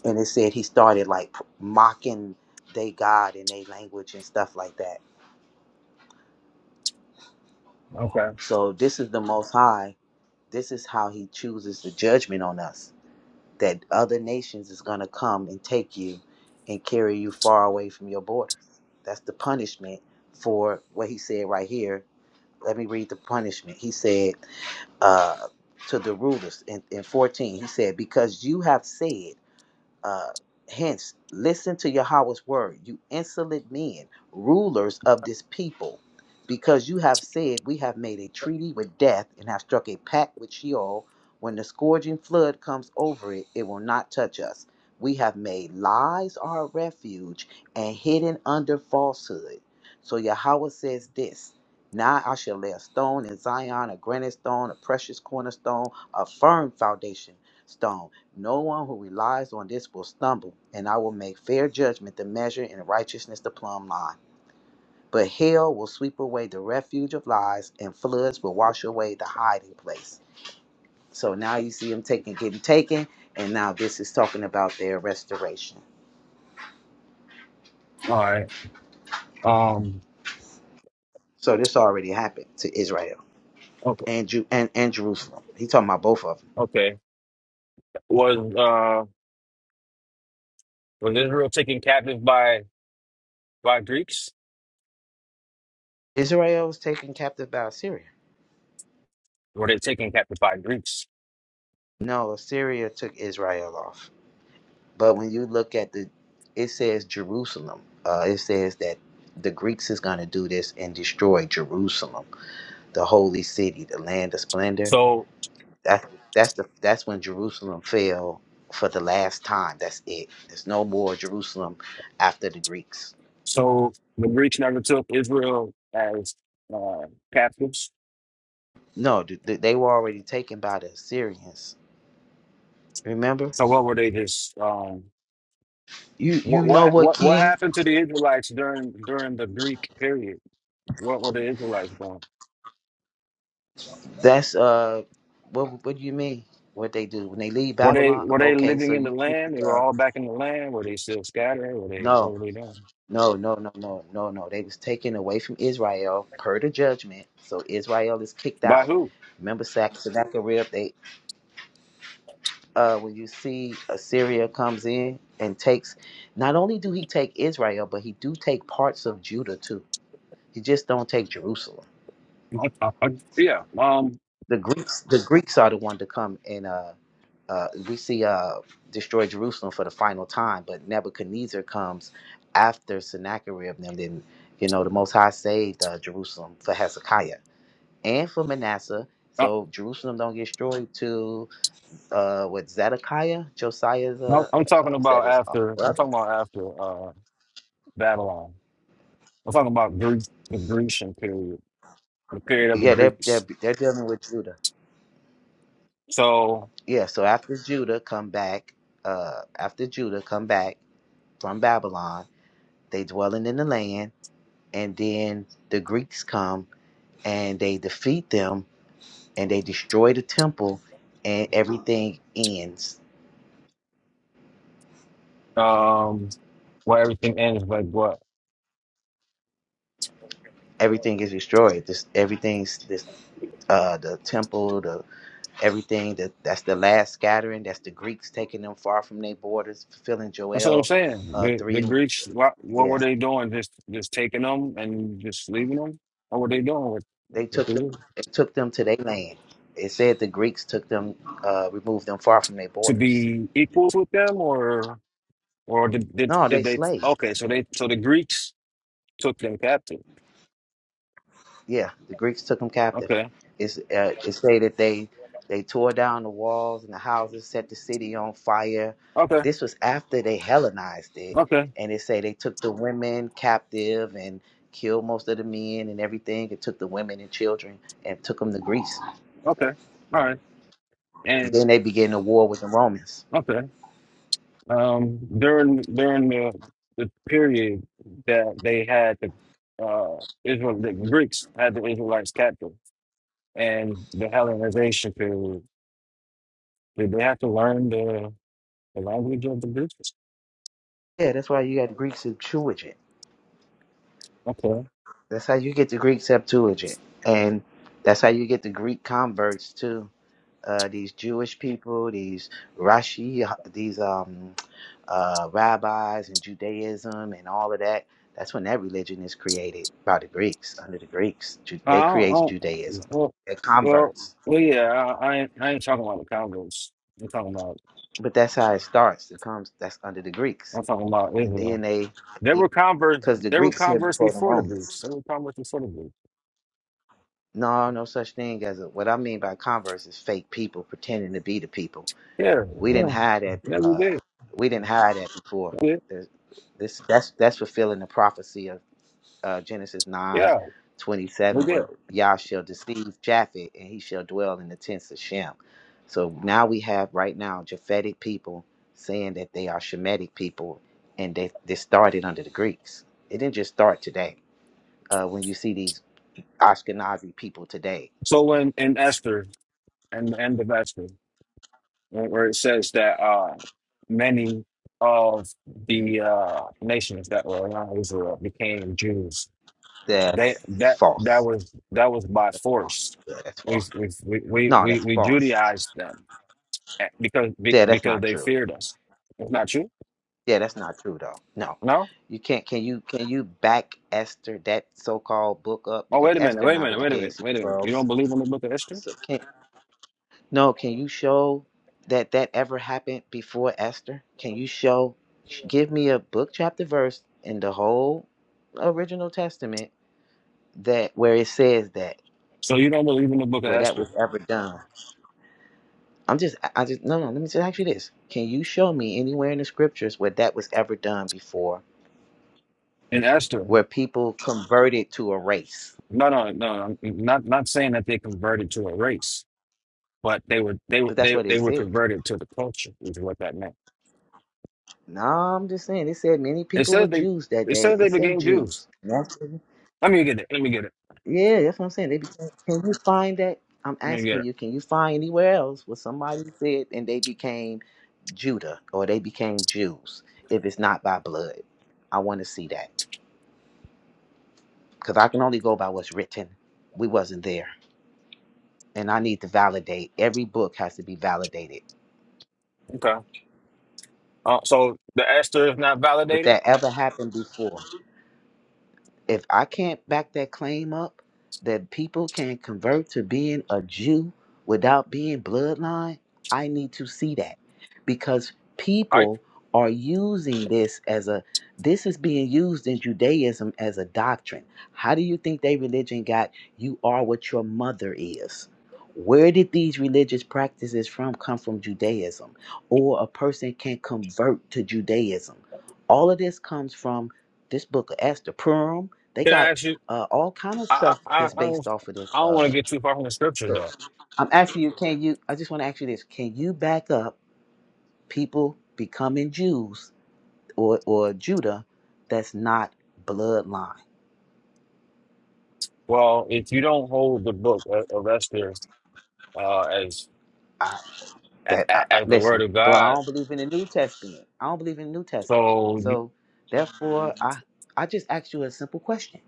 and it said he started like mocking they God in their language and stuff like that
okay.
So this is the Most High. This is how He chooses the judgment on us. That other nations is going to come and take you and carry you far away from your borders. That's the punishment for what He said right here. Let me read the punishment. He said uh, to the rulers in, in 14, He said, Because you have said, uh, hence, listen to Yahweh's word, you insolent men, rulers of this people, because you have said, We have made a treaty with death and have struck a pact with Sheol. When the scourging flood comes over it, it will not touch us. We have made lies our refuge and hidden under falsehood. So Yahweh says this Now I shall lay a stone in Zion, a granite stone, a precious cornerstone, a firm foundation stone no one who relies on this will stumble, and I will make fair judgment the measure and righteousness the plumb line. But hell will sweep away the refuge of lies, and floods will wash away the hiding place. So now you see them taking, getting taken, and now this is talking about their restoration.
All right. Um.
So this already happened to Israel and Ju- and, and Jerusalem. He talking about both of them.
Okay. Was uh was Israel taken captive by by Greeks?
Israel was taken captive by Assyria.
Were they taken captive by Greeks?
No, Assyria took Israel off. But when you look at the, it says Jerusalem. Uh, it says that the Greeks is going to do this and destroy Jerusalem, the holy city, the land of splendor.
So
That that's the that's when Jerusalem fell for the last time. That's it. There's no more Jerusalem after the Greeks.
so the Greeks never took Israel as uh, captives.
No, th- th- they were already taken by the Assyrians. Remember,
So what were they just um
you
what
you know
what
what
what what
king?
happened to the Israelites during during the Greek period? What were the Israelites doing?
That's uh, what what do you mean? What they do when they leave
Were they
Babylon?
were they
Okay, so
living in
you
the
see,
land? They were
uh,
all back in the land. Were they still scattered? Were they
no.
what were they doing?
No, no, no, no, no, no. They was taken away from Israel per the judgment. So Israel is kicked
By
out.
who?
Remember Sac- Sennacherib, they uh when you see Assyria comes in and takes not only do he take Israel, but he do take parts of Judah too. He just don't take Jerusalem.
yeah. Um.
the Greeks the Greeks are the one to come and uh, uh, we see uh, destroy Jerusalem for the final time, but Nebuchadnezzar comes after Sennacherib and them. Then you know the Most High saved uh, Jerusalem for Hezekiah and for Manasseh.
uh,
So Jerusalem don't get destroyed to uh, what Zedekiah, Josiah's
No,
uh,
I'm
uh,
talking
what's that
about
his uh,
after. I'm
brother?
talking about after uh, Babylon. I'm talking about Greek, the Grecian period, the period of the
Yeah, they're, they're
Greeks.
they're dealing with Judah.
So,
Yeah, so after Judah come back, uh, after Judah come back from Babylon, they dwelling in the land and then the Greeks come and they defeat them and they destroy the temple and everything ends.
um, where everything ends, like what?
Everything is destroyed. This everything's this uh the temple, the everything that that's the last scattering, that's the Greeks taking them far from their borders, fulfilling
That's what I'm
Joel
saying.
uh
The the
three
Greeks, what, what
yeah.
were they doing? Just just taking them and just leaving them? What were they doing with,
They
with
took them
the,
they took them to their land. It said the Greeks took them uh removed them far from their
to
borders.
be equals with them, or or did, did
No, they
did they?
slaves.
Okay, so they so the Greeks took them captive.
yeah, the Greeks took them captive.
Okay,
It's, uh, it say that they they tore down the walls and the houses, set the city on fire.
okay,
This was after they Hellenized it,
okay.
and it say they took the women captive and killed most of the men and everything, and took the women and children and took them to Greece.
Okay. All right. And
Then they began the war with the Romans.
okay. Um, during during the the period that they had the uh Israel the Greeks had the Israelites captive and the Hellenization period, did they have to learn the the language of the Greeks?
Yeah, that's why you got the Greeks who chewed it.
Okay.
That's how you get the Greek Septuagint, and that's how you get the Greek converts too. Uh, these Jewish people, these Rashi, these um, uh, rabbis and Judaism and all of that. That's when that religion is created by the Greeks, under the Greeks. Ju-
I
They create
don't, I don't,
Judaism.
well,
They're
well,
converts.
well, yeah. I, I ain't I ain't talking about the Converse. I'm talking about
But that's how it starts. It comes, that's under the Greeks.
I'm talking about
And
Israel.
then they,
There were converts.
because the
There were
Greeks here
converts
before the
before the
Romans.
Greeks. There were converts before the Greeks.
No, no such thing as a, what I mean by converse is fake people pretending to be the people.
Yeah,
We didn't
yeah,
hide that.
yeah, we
Uh,
did.
we didn't hide that before.
We did.
There's, this that's that's fulfilling the prophecy of uh, Genesis nine
Yeah,
twenty
we
seven,
did.
where Yah shall deceive Japhet, and he shall dwell in the tents of Shem. So now we have right now Japhetic people saying that they are Shemitic people, and they they started under the Greeks. It didn't just start today. Uh, when you see these Ashkenazi people today
So when in Esther and the end of Esther, where where it says that uh, many of the uh, nations that were around Israel became Jews, they
That's
that that
false.
was that was by
False.
force.
Yeah, that's
We
false.
we we we
No,
we,
that's
we
false.
Judaized them eh, because be-
Yeah, that's
because
not
they
true.
feared us. It's not you,
Yeah, that's not true though. No.
no.
You can't can you can you back Esther that so called book up?
Oh
Because
wait a minute,
Esther
wait a
not with
minute,
the
wait a
Dead
minute,
Sea
wait a minute. You
Scrolls.
don't believe in the Book of Esther,
So can no, can you show that that ever happened before Esther? Can you show sh- give me a book chapter verse in the whole original testament that where it says that
so you don't believe in the Book of
where that
Esther
was ever done I'm just, I I just, no, no, let me just ask you this. Can you show me anywhere in the scriptures where that was ever done before,
in Esther.
where people converted to a race?
No, no, no. I'm not not saying that they converted to a race, but they were they were-
But that's
they
what it
they were
said.
converted to the culture, is what that meant.
No, I'm just saying, it said many
It
people were
says they
Jews that
it
day.
says they
It say
became Jews.
Jews. That's-
Let me get it. Let me get it.
yeah, that's what I'm saying. They became, can you find that? I'm
Let me get
asking
it.
you, can you find anywhere else where somebody said and they became Judah or they became Jews if it's not by blood? I want to see that because I can only go by what's written. We wasn't there. and I need to validate. Every book has to be validated.
Okay. Uh, so the Esther is not
If
validated.
that ever happened before, if I can't back that claim up that people can convert to being a Jew without being bloodline, I need to see that because
All right.
people are using this as a this is being used in Judaism as a doctrine. How do you think their religion got you are what your mother is? Where did these religious practices from come from Judaism? Or a person can convert to Judaism. All of this comes from this book of Esther Purim they
Can I
got
ask you?
uh, all kind of
I
stuff
I I
that's
I
based
don't,
off of
I
this.
don't want
Uh,
to get too far from the scripture
so
though.
I'm asking you, can you? I just want to ask you this: Can you back up people becoming Jews or or Judah that's not bloodline?
Well, if you don't hold the book of of Esther uh, as
I,
a-
that
a-
I, I-
as the word
listen,
of
bro. I
God,
don't believe in the New Testament. I don't believe in the New Testament.
so you,
So therefore, I I just asked you a simple question: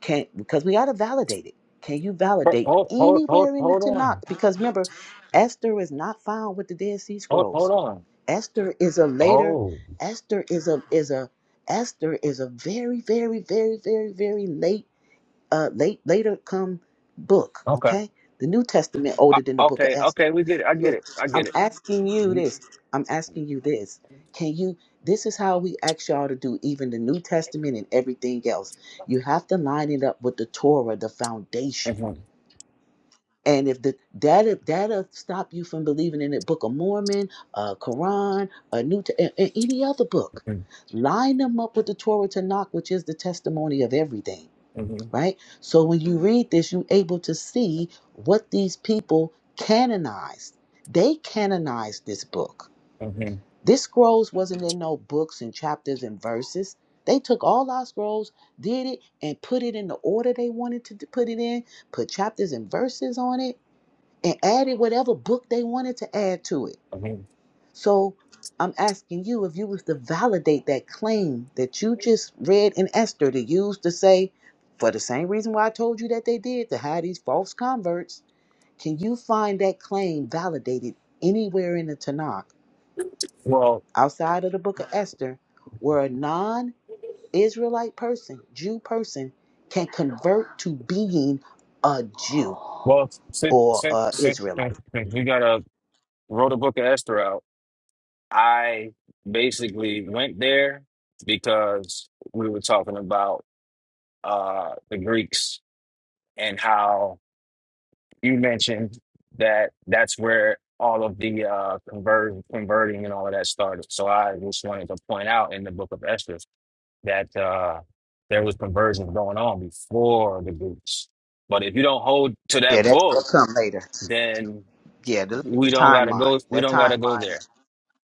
Can because we got to validate it. Can you validate
hold hold hold
anywhere in the
hold
Tanakh?
on.
Because remember, Esther is not found with the Dead Sea
Hold
Scrolls.
hold on.
Esther is a later.
Oh.
Esther is a is a Esther is a very very very very very late uh late later come book.
Okay.
Okay, the New Testament
Uh,
older than the Book of
okay.
Esther.
Okay. We get it. I get
So
it. I
I'm
get it.
asking you
You,
this. I'm asking you this. Can you? This is how we ask y'all to do even the New Testament and everything else. You have to line it up with the Torah, the foundation
mhm,
and if the that'll that'll stop you from believing in the Book of Mormon, uh, Quran, a New T- a- a- any other book,
mhm,
line them up with the Torah Tanakh, which is the testimony of everything,
mhm,
right? So when you read this, you're able to see what these people canonized. They canonized this book.
mhm,
This scrolls wasn't in no books and chapters and verses. They took all our scrolls, did it, and put it in the order they wanted to d- put it in, put chapters and verses on it and added whatever book they wanted to add to it.
mhm.
So I'm asking you if you was to validate that claim that you just read in Esther to use to say, for the same reason why I told you that they did to hide these false converts, can you find that claim validated anywhere in the Tanakh
Well,
outside of the book of Esther where a non Israelite person, Jew person, can convert to being a Jew
well, since,
or
since,
a
since,
Israelite?
since since we got a wrote a book of Esther out, I basically went there because we were talking about uh the Greeks and how you mentioned that that's where all of the uh conversion converting and all of that started. So I just wanted to point out in the book of Esther that uh, there was conversions going on before the groups. But if you don't hold to
Yeah,
that
that, that'll
book,
come later.
then
Yeah, to look at the
we don't gotta
timeline.
go. We
That
don't gotta go there.
timeline,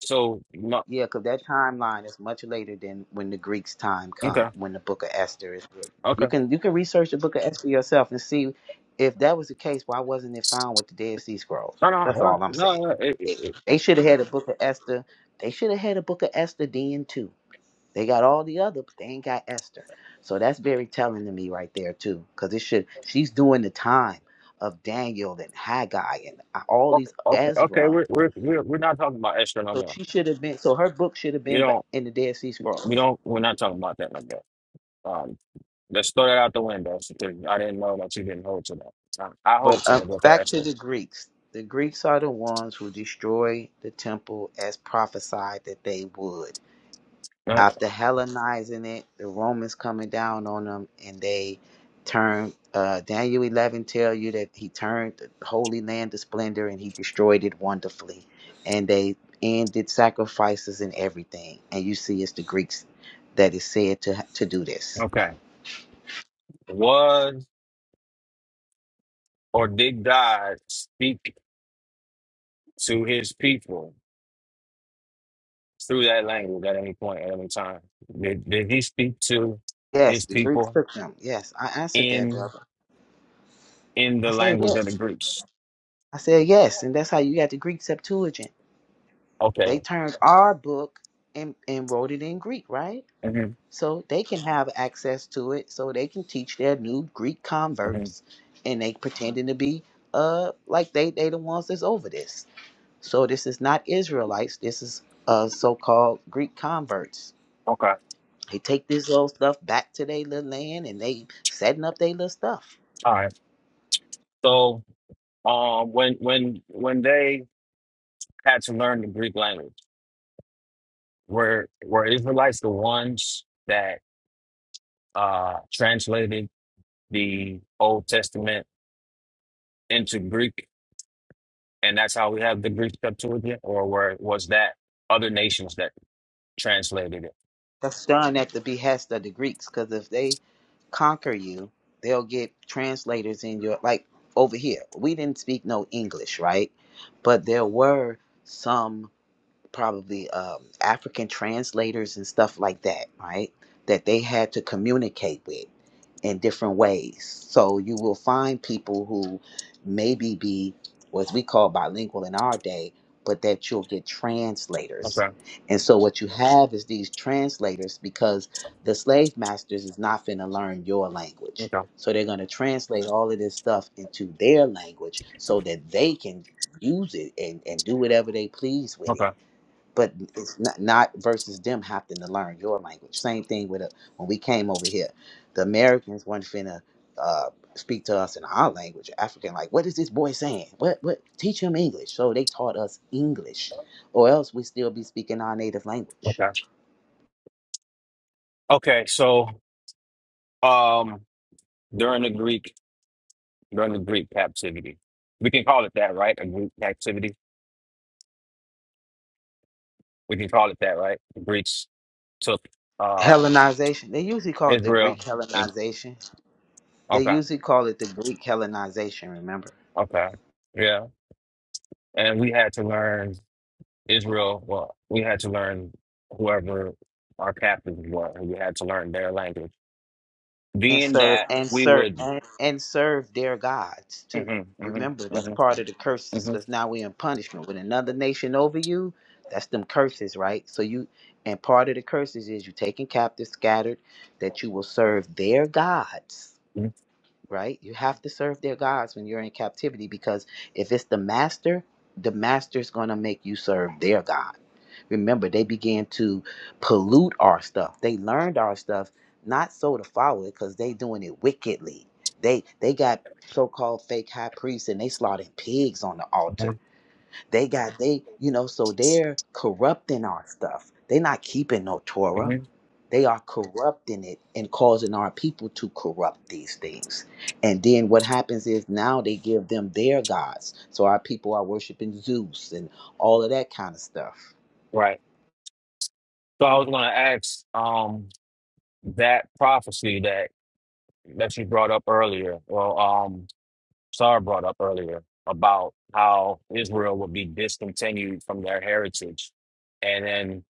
So no,
yeah, because that timeline is much later than when the Greeks' time come,
okay,
when the Book of Esther is written. You
okay,
can you can research the Book of Esther yourself and see if that was the case. Why wasn't it found with the Dead Sea Scrolls?
no, no,
That's
no,
all I'm
no.
saying.
no, It, it,
They
it,
they should have had a Book of Esther. They should have had a Book of Esther then too. They got all the other, but they ain't got Esther. So that's very telling to me right there too, because it should. She's doing the time of Daniel and Haggai and uh, all
okay,
these
okay, okay.
Ezra
We're we're we're we're not talking about Esther no
So
more.
she should have been. So her book should have
You
been ba-
don't.
in the Dead Sea
We
Scrolls.
don't. We're not talking about that no more. Um, let's throw that out the window. I didn't know that you didn't hold to that. I, I hold
But
to
um,
that book
back to
Esther.
the Greeks. The Greeks are the ones who destroy the temple as prophesied that they would.
No,
After Hellenizing it, the Romans coming down on them, and they turned. Uh, Daniel eleven tell you that he turned the holy land to splendor, and he destroyed it wonderfully. And they ended sacrifices and everything. And you see, it's the Greeks that is said to to do this.
okay. Was or did God speak to his people through that language at any point, at any time? Did, did he speak to
Yes,
his
the Greeks
people
took them. Yes, I answered that,
in
brother.
in
I
the
said
language of the
yes.
Greeks?
I said yes, and that's how you got the Greek Septuagint.
Okay.
They turned our book and, and wrote it in Greek, right?
hmm
So they can have access to it, so they can teach their new Greek
hmm
converts, and they pretending to be uh like they they the ones that's over this. So this is not Israelites. This is uh so-called Greek converts.
Okay.
They take this little stuff back to their little land, and they setting up their little stuff.
All right. So, um, when when when they had to learn the Greek language, were were Israelites the ones that uh translated the Old Testament into Greek, and that's how we have the Greek Septuagint, or were was that other nations that translated it?
That's done at the behest of the Greeks, because if they conquer you, they'll get translators in your like over here. We didn't speak no English, right? But there were some probably um, African translators and stuff like that, right? That they had to communicate with in different ways. So you will find people who maybe be what we call bilingual in our day, but that you'll get translators.
Okay.
And so what you have is these translators because the slave masters is not finna learn your language.
Okay.
So they're gonna translate all of this stuff into their language so that they can use it and, and do whatever they please with it
Okay.
but it's not, not versus them having to learn your language. Same thing with a, when we came over here, the Americans weren't finna uh, speak to us in our language, African. Like, what is this boy saying? What what? Teach him English. So they taught us English, or else we still be speaking our native language.
Okay. Okay. So, um, during the Greek, during the Greek captivity, we can call it that, right? A Greek captivity. We can call it that, right? The Greeks took uh
Hellenization. They usually call it the
Israel
Greek
and
Hellenization. They
okay,
usually call it the Greek Hellenization. Remember.
okay, yeah, and we had to learn Israel. Well, we had to learn whoever our captives were. and We had to learn their language,
and
being
serve
that
and
we
serve
would.
and, and serve their gods too.
hmm hmm
Remember, that's
hmm
part of the curses
hmm
because now we're in punishment with another nation over you. That's them curses, right? So you and part of the curses is you taken captive, scattered, that you will serve their gods right? You have to serve their gods when you're in captivity because if it's the master, the master's going to make you serve their God. Remember, they began to pollute our stuff. They learned our stuff not so to follow it because they doing it wickedly. They they got so-called fake high priests and they slaughtering pigs on the
hmm
altar. They got they you know so they're corrupting our stuff. They're not keeping no Torah they are corrupting it and causing our people to corrupt these things. And then what happens is now they give them their gods. So our people are worshiping Zeus and all of that kind of stuff.
hmm So I was going to ask um that prophecy that that you brought up earlier. Well, um, Sarah brought up earlier about how Israel would be discontinued from their heritage, and then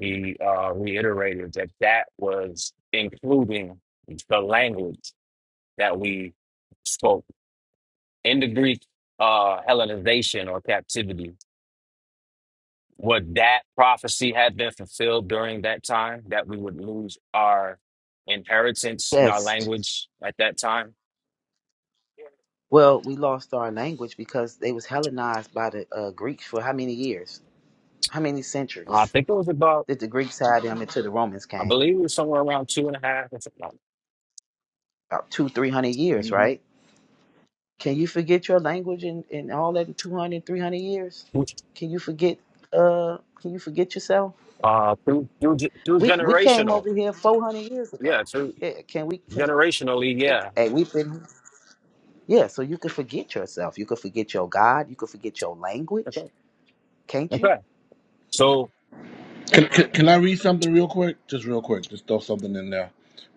he uh, reiterated that that was including the language that we spoke in the Greek uh, Hellenization or captivity. Would that prophecy have been fulfilled during that time that we would lose our inheritance and our
Yes.
language at that time?
Well, we lost our language because they was Hellenized by the uh, Greeks for how many years? How many
And I
centuries
think it was about,
did the Greeks have them until the Romans
I
came?
believe it was somewhere around two and a half or
About two, three hundred years,
something.
right? Can you forget your language and, and all that in 200, years?
Mm-hmm.
Can you forget? Uh, can you forget yourself?
Uh, through, through, ge- through
We we came
generational.
over here 400 years
Yeah,
ago.
through
Yeah, can we? Can,
generationally. Yeah.
hey, we've been. Yeah, so you can forget yourself. You can forget your God. You can forget your language,
Okay.
can't you?
Okay. So,
Can, can, can I read something real quick? Just real quick. Just throw something in there.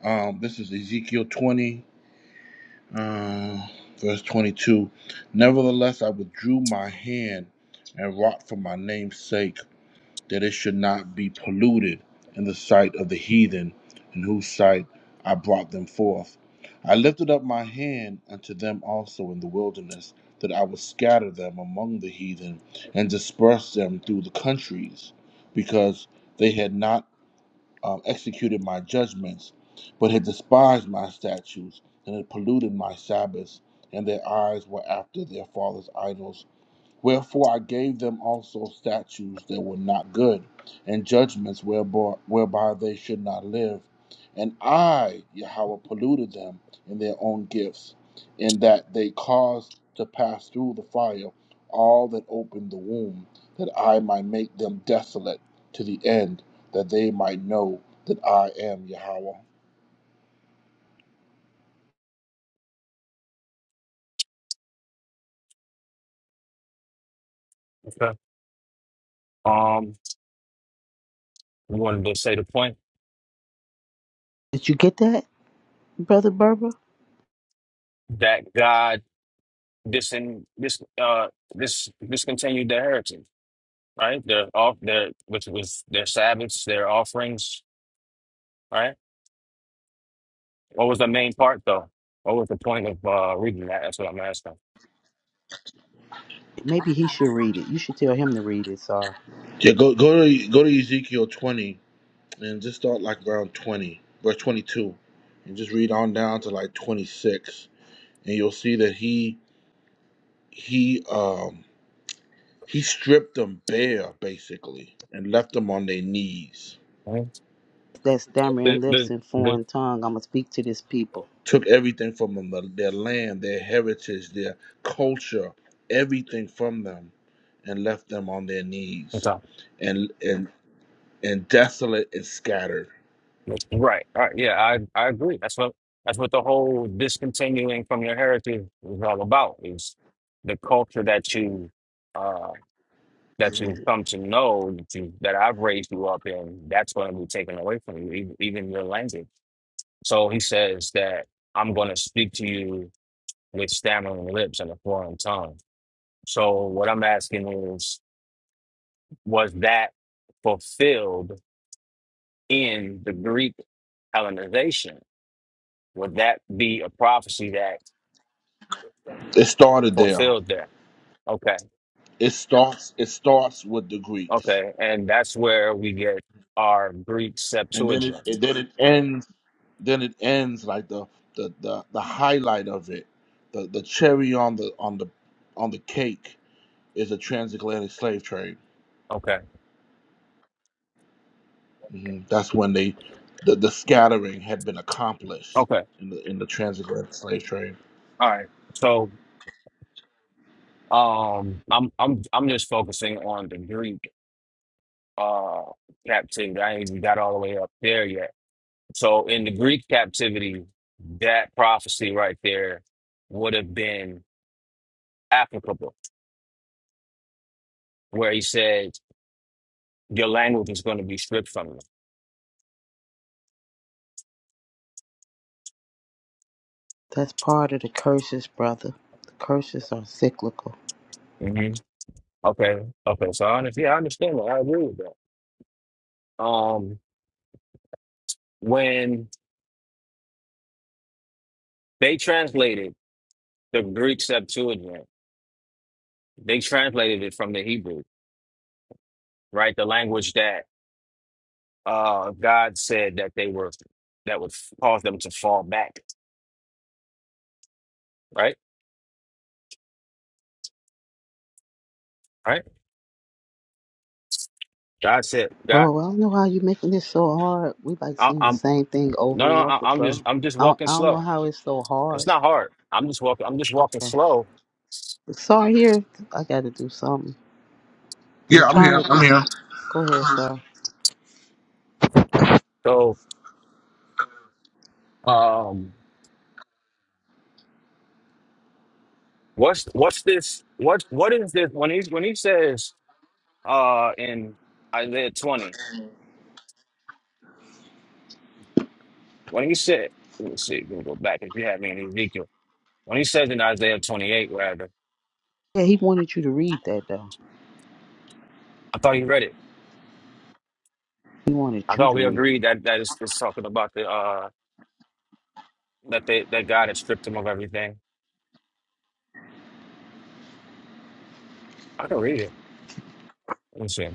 Um, this is Ezekiel 20, uh, verse 22. Nevertheless, I withdrew my hand and wrought for my name's sake that it should not be polluted in the sight of the heathen, in whose sight I brought them forth. I lifted up my hand unto them also in the wilderness, that I would scatter them among the heathen and disperse them through the countries, because they had not um, executed my judgments, but had despised my statutes and had polluted my Sabbaths, and their eyes were after their father's idols Wherefore I gave them also statutes that were not good, and judgments whereby, whereby they should not live. And I, Yahweh, polluted them in their own gifts, in that they caused to pass through the fire all that opened the womb, that I might make them desolate to the end, that they might know that I am Yahweh.
okay. um, we wanted to say the point
Did you get that, brother Berber?
that God disin, dis, uh, this discontinued the inheritance. right? Their off their which was their Sabbaths, their offerings, right? What was the main part though? What was the point of uh reading that? That's what I'm asking.
Maybe he should read it. You should tell him to read it, sir.
Yeah, go go to go to Ezekiel twenty and just start like around 20, verse 22, and just read on down to like 26, and you'll see that he he um he stripped them bare basically and left them on their knees.
Right?
That
The,
stammering
the,
lips and
the,
foreign tongue. I'ma speak to this people.
Took everything from them, their land, their heritage, their culture, everything from them, and left them on their
it's
knees,
all-
and and and desolate and scattered.
right. All right. Yeah, I I agree. That's what that's what the whole discontinuing from your heritage is all about is the culture that you uh that
Mhm.
you come to know that you that I've raised you up in, that's going to be taken away from you, even, even your language. So he says that I'm going to speak to you with stammering lips and a foreign tongue. So what I'm asking is, was that fulfilled in the Greek Hellenization? Would that be a prophecy that
It started there.
fulfilled there? Okay,
It starts. It starts with the Greeks
okay, and that's where we get our Greek
and then it
Septuagint.
and then it ends then it ends like the the the, the highlight of it the the cherry on the on the on the cake is the transatlantic slave trade
Okay,
hmm that's when they the, the scattering had been accomplished
okay,
in the in the transatlantic slave trade
all right. So um, I'm I'm I'm just focusing on the Greek uh captivity. I ain't even got all the way up there yet So in the Greek captivity, that prophecy right there would have been applicable, where he said, Your language is going to be stripped from
That's part of the curses, brother. The curses are cyclical.
you. hmm Okay. Okay. So I understand. Yeah, I understand that. I agree with that. Um, when they translated the Greek Septuagint, they translated it from the Hebrew, right? The language that uh, God said that they were, that would cause them to fall back, right? Right? God said, God,
Bro, I don't know how you making this so hard. We like
I,
seeing the
I'm."
same thing
No,
over
no,
and over,
I, I'm
bro.
just I'm just
I don't,
walking
I don't know
slow.
how it's so hard.
It's not hard. I'm just walking. I'm just walking
Okay.
slow.
sorry. here, I got to do something. I'm
yeah i'm
trying
here i'm
to
here
go ahead, sir.
So, um, what's what's this? What what is this? When he when he says, uh, in Isaiah 20, when he said, let's see, we go back if you have me in Ezekiel. When he says in Isaiah 28, rather,
Yeah, he wanted you to read that though.
I thought he read it.
He wanted
I
you
thought
to
we
read it.
agreed that that is it's talking about the uh that they that God had stripped him of everything. I can read it. Let me see,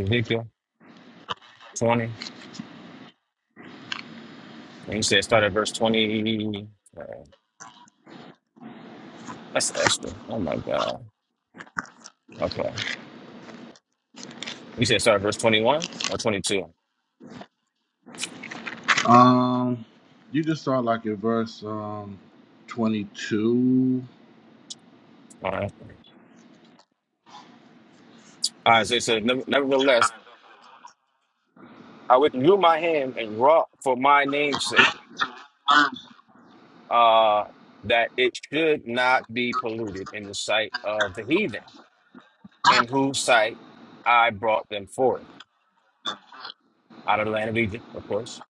Ezekiel 20. When he said, start at verse 20. That's Esther. Oh my God. Okay. You said start at verse 21 or 22? All
um you just start like in verse um 22
right. All right. So it said, "Never- Nevertheless, I withdrew my hand and wrought for my name's sake, uh, that it should not be polluted in the sight of the heathen, in whose sight I brought them forth out of the land of Egypt, of course.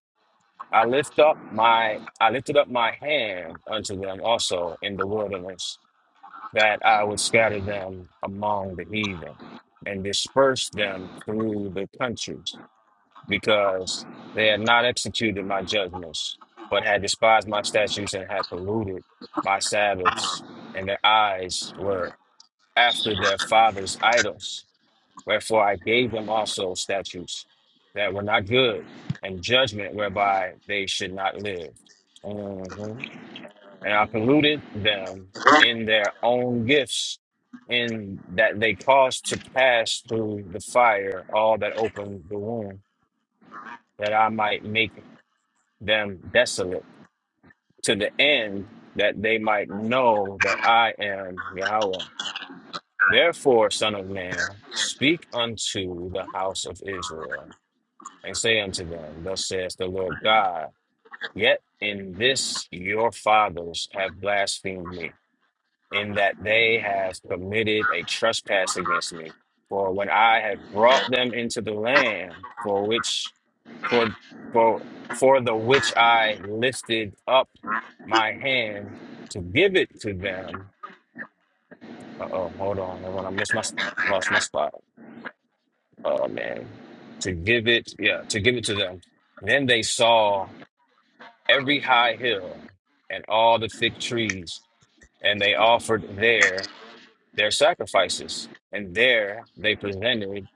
I lift up my I lifted up my hand unto them also in the wilderness that I would scatter them among the heathen and disperse them through the countries, because they had not executed my judgments, but had despised my statutes and had polluted my Sabbaths, and their eyes were after their fathers' idols. Wherefore I gave them also statutes that were not good, and judgment whereby they should not live. Mm-hmm and I polluted them in their own gifts, in that they caused to pass through the fire all that opened the womb, that I might make them desolate, to the end that they might know that I am Yahweh. Therefore, Son of Man, speak unto the house of Israel, and say unto them, Thus saith the Lord God, Yet in this your fathers have blasphemed me in that they have committed a trespass against me. For when I had brought them into the land for which for for for the which I lifted up my hand to give it to them. Uh oh, hold on, hold on, I missed my s- lost my spot. Oh man, to give it, yeah, to give it to them. Then they saw every high hill and all the thick trees, and they offered there. their sacrifices. And there they presented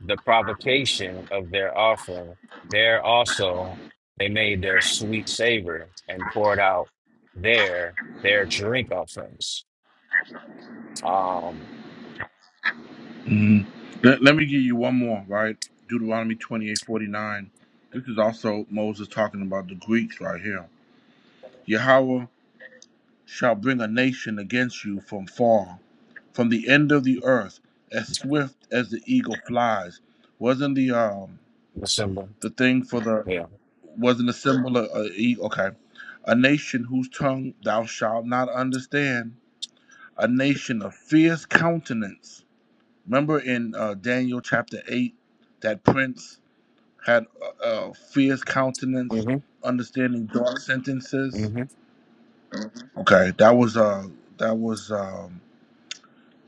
the provocation of their offering. There also they made their sweet savor and poured out their their drink offerings. Um,
Mhm. Let, let me give you one more, right? Deuteronomy twenty-eight forty-nine. This is also Moses talking about the Greeks right here. Yahweh shall bring a nation against you from far, from the end of the earth, as swift as the eagle flies. Wasn't the um
the symbol,
the thing for the
yeah.
wasn't the symbol of uh, e- okay, a nation whose tongue thou shalt not understand, a nation of fierce countenance Remember in uh, Daniel chapter 8 that prince had a, a fierce countenance,
hmm
understanding dark sentences?
hmm
Okay, that was uh that was um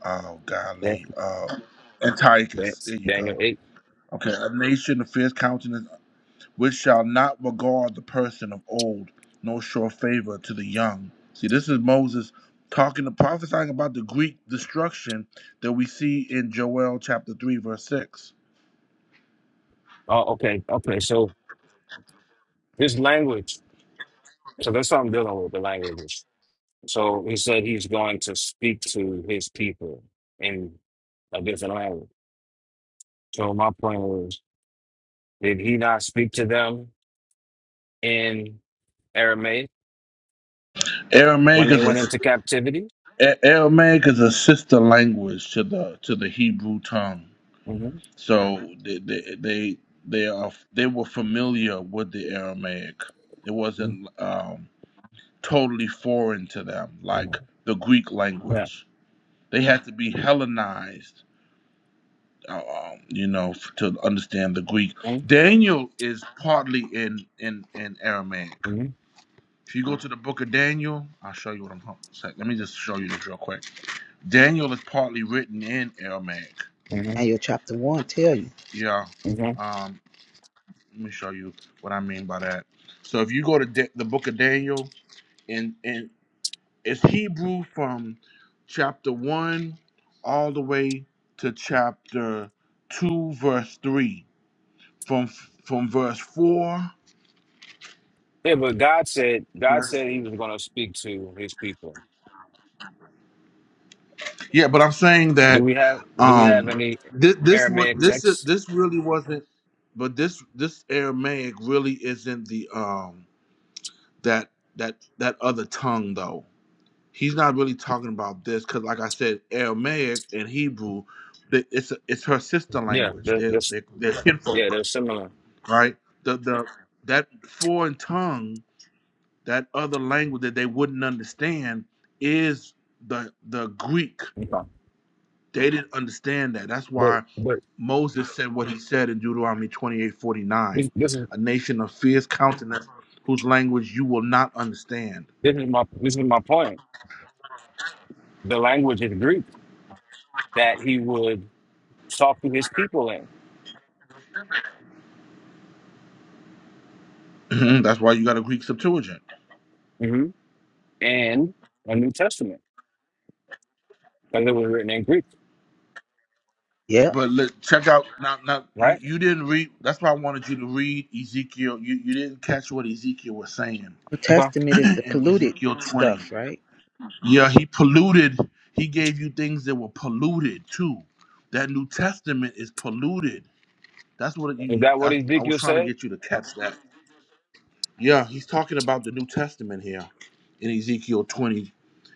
oh
Yeah,
golly uh Antiochus.
that's
There you
Daniel
go.
eight.
Okay, a nation of fierce countenance which shall not regard the person of old, nor show favor to the young. See, this is Moses talking to prophesying about the Greek destruction that we see in Joel chapter three verse six.
Oh, okay, okay. So this language. So that's what I'm dealing with the language. So he said he's going to speak to his people in a different language. So my point was Did he not speak to them in Aramaic when
Aramaic
they
is
went
a
into captivity?
Aramaic is a sister language to the to the Hebrew tongue,
Mm-hmm.
so they they they, they are they were familiar with the Aramaic. It wasn't um, totally foreign to them, like the Greek
Yeah.
language. They had to be Hellenized, uh, um, you know, f- to understand the Greek. Daniel is partly in in in Aramaic.
Mm-hmm.
If you go to the book of Daniel, I'll show you what I'm talking. about. Let me just show you this real quick. Daniel is partly written in Aramaic.
hmm
Now your chapter one tell you.
Yeah.
hmm
Um, let me show you what I mean by that. So if you go to da- the book of Daniel, and and it's Hebrew from chapter one all the way to chapter two, verse three. From from verse four.
Yeah, but God said God
Verse,
said He was going to speak to His people.
yeah, but I'm saying
Do
that
we have Do we have
um
any
this this what
Aramaic
this
texts?
this really wasn't, but this this Aramaic really isn't the um. that that that other tongue though. He's not really talking about this because, like I said, Aramaic and Hebrew, th- it's it's her sister
Yeah,
language.
they're,
They're
they're, s-
they're, they're
yeah,
kinfolk,
they're similar.
right? The the that foreign tongue, that other language that they wouldn't understand, is the the Greek.
Okay.
They didn't understand that. That's
But
why
but
Moses said what he said in Deuteronomy twenty eight forty
this,
nine,
this is
a nation of fierce countenance whose language you will not understand
this is my this is my point. The language is Greek that He would talk to His people in,
Mhm, That's why you got a Greek Septuagint.
hmm and a New Testament. because it was written in Greek,
Yep.
But let, check out now. Now you,
right?
you didn't read. That's why I wanted you to read Ezekiel. You you didn't catch what Ezekiel was saying
New
Okay.
Testament is the
in
polluted
Ezekiel twenty.
stuff, right?
Yeah, he polluted. He gave you things that were polluted too. That New Testament is polluted. That's what
Is
you.
that what
I, I was
Ezekiel
trying to
said?
get you to catch that. Yeah, he's talking about the New Testament here in Ezekiel twenty.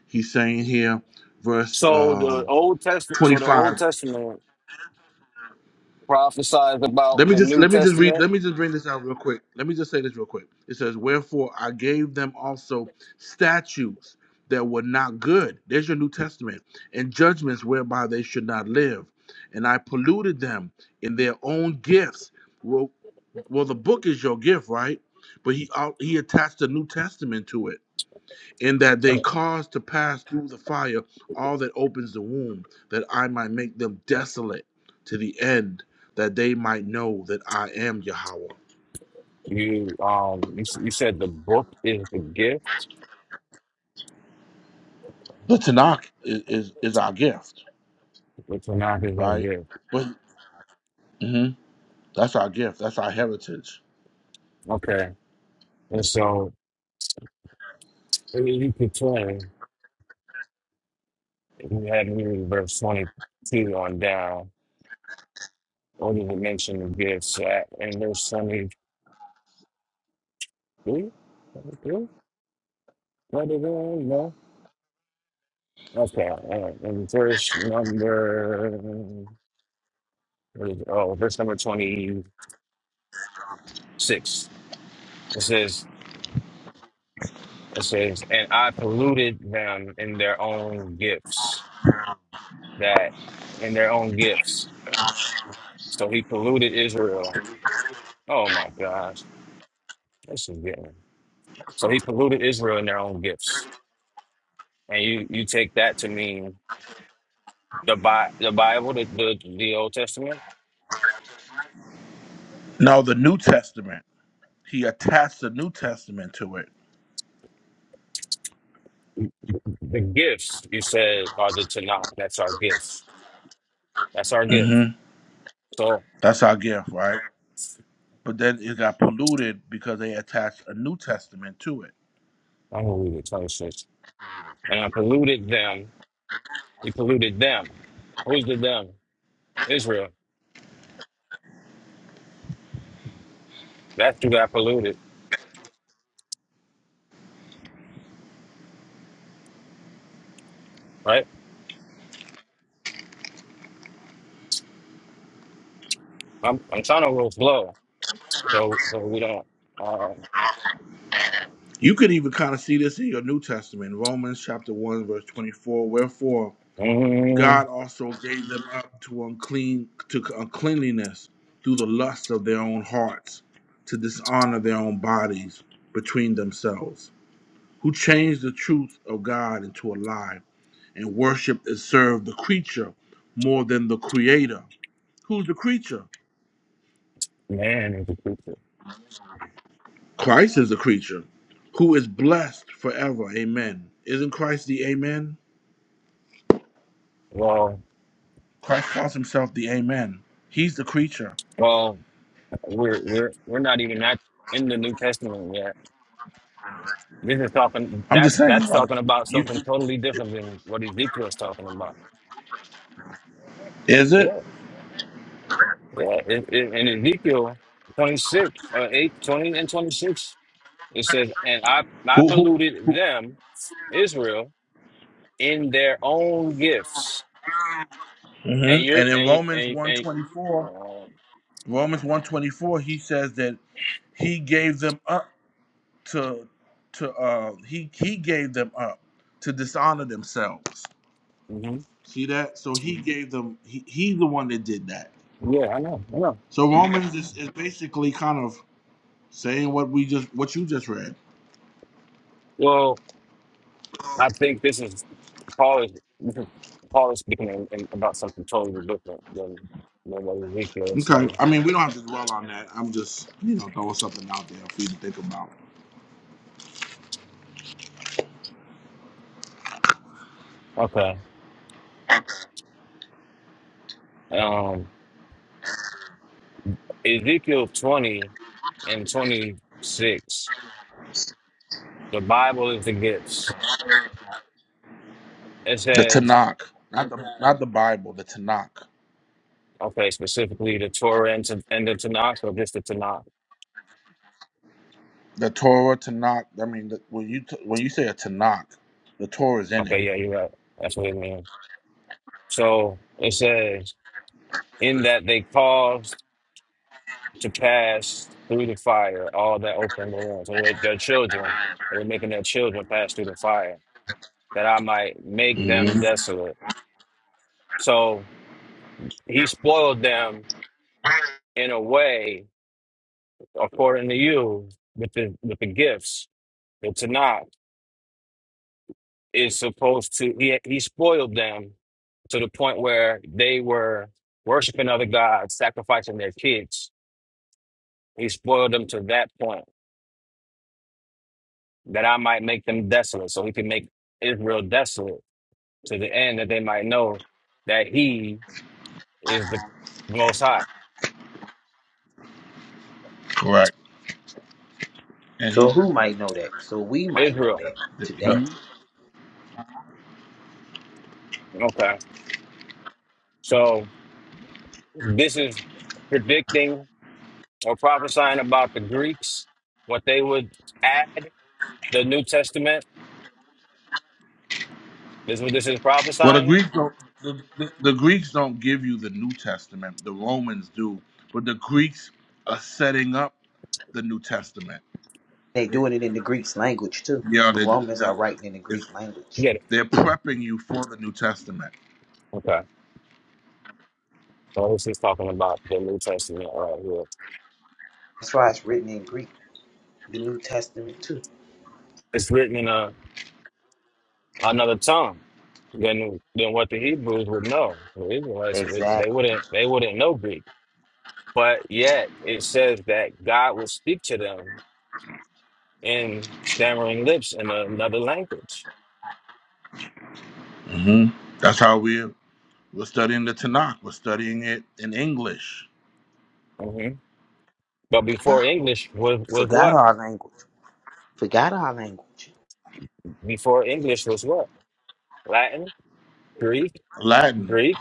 He's saying here, verse
So the
um,
Old Testament, so the
twenty-five.
Old Testament prophesies
Let
about
me
the
just
New
let me just read
Testament.
let me just bring this out real quick. Let me just say this real quick. It says, Wherefore I gave them also statutes that were not good. There's your New Testament, and judgments whereby they should not live. And I polluted them in their own gifts. Well well, the book is your gift, right? But he out- he attached the New Testament to it in that they cause to pass through the fire all that opens the womb, that I might make them desolate to the end, that they might know that I am Yahweh.
You um, you, s- you said the book is the gift,
The Tanakh is, is, is our gift,
which the not is a
right?
gift.
But, mhm, that's our gift, that's our heritage.
Okay, and so in Ezekiel twenty, you had me verse twenty two on down, only would mention the gifts at in verse twenty three. No, okay, all right. and verse number. oh, verse number 26. It says, it says, and I polluted them in their own gifts, that in their own gifts. So he polluted Israel. Oh my gosh, this is getting. So he polluted Israel in their own gifts. And you, you take that to mean the Bi- the Bible, the, the, the Old Testament,
Now, the New Testament, he attached the New Testament to it.
the gifts you said are the Tanakh. That's our gifts. That's our gift.
hmm
So
That's our gift, right? But then it got polluted because they attached a New Testament to it
I'm going to read it 26. And I polluted them We polluted them. Who's the them? Israel. That's who got polluted, right? I'm I'm trying to roll slow, so so we don't. Um,
You could even kind of see this in your New Testament, Romans chapter one, verse twenty-four. Wherefore
mm,
God also gave them up to unclean to uncleanliness through the lust of their own hearts, to dishonor their own bodies between themselves, who changed the truth of God into a lie, and worshiped and served the creature more than the creator. Who's the creature?
man, is a creature.
Christ is the creature, who is blessed forever. Amen. Isn't Christ the Amen?
Well,
Christ calls himself the Amen. He's the creature.
well, we're we're we're not even that in the New Testament yet. This is talking.
I'm just
That's
saying.
that's
Like,
talking about
you
something totally different than what Ezekiel is talking about.
is it
Yeah, yeah. In, in in Ezekiel 26, uh, 8, twenty, and 26. It says, and I, I
who? who,
polluted
who?
them, Israel, in their own gifts. And
hmm
you're,
And in
and,
Romans
and,
one
and,
twenty four,
um,
Romans one twenty four, he says that he gave them up to to uh he he gave them up to dishonor themselves.
mhm.
See that? So he gave them. He, he's the one that did that.
yeah, I know, I know.
So Romans is, is basically kind of saying what we just what you just read.
Well, I think this is, Paul is, Paul is speaking in, in, about something totally different than, than what Ezekiel is
Okay.
saying.
I mean, we don't have to dwell on that. I'm just, you know, throwing something out there for you to think about.
Okay. Um, Ezekiel 20 and 26, the Bible is the gifts. It
The
says,
Tanakh, not the not the Bible, the Tanakh,
Okay, specifically the Torah and, Tan- and the Tanakh, or just the Tanakh?
the Torah Tanakh. I mean, the, when you t- when you say a Tanakh, the Torah is in it.
Okay, yeah, you're right. That's what it means. So it says, in that they caused to pass through the fire all that opened the womb. So like their children, they were making their children pass through the fire, that I might make
hmm
them desolate. So he spoiled them in a way, according to you, with the with the gifts, the Tanakh. is supposed to he he spoiled them to the point where they were worshiping other gods, sacrificing their kids. He spoiled them to that point that I might make them desolate, so he can make Israel desolate to the end that they might know that he is the most high.
Correct. And
So
he,
who might know that? So we might know
Israel.
that
yeah.
today.
Mhm. Okay. So this is predicting or prophesying about the Greeks, what they would add the New Testament. This is what this is
well, the
prophesying
Greeks don't. The, the Greeks don't give you the New Testament. The Romans do, but the Greeks are setting up the New Testament.
They doing it in the Greek language too.
Yeah,
The
they. do
Romans are
that.
writing in the Greek language.
Get it.
They're prepping you for the New Testament.
Okay. So this is talking about the New Testament right here.
That's why it's written in Greek. The New Testament too.
It's written in a, another tongue than than what the Hebrews would know. The Israelites they
Exactly.
wouldn't they wouldn't know Greek. But yet it says that God will speak to them in stammering lips in another language.
hmm That's how we're we're studying the Tanakh. We're studying it in English,
hmm But
Yeah.
before English was was
Forgot
what?
our language. Forgot our language.
Before English was what? Latin, Greek,
Latin.
Greek.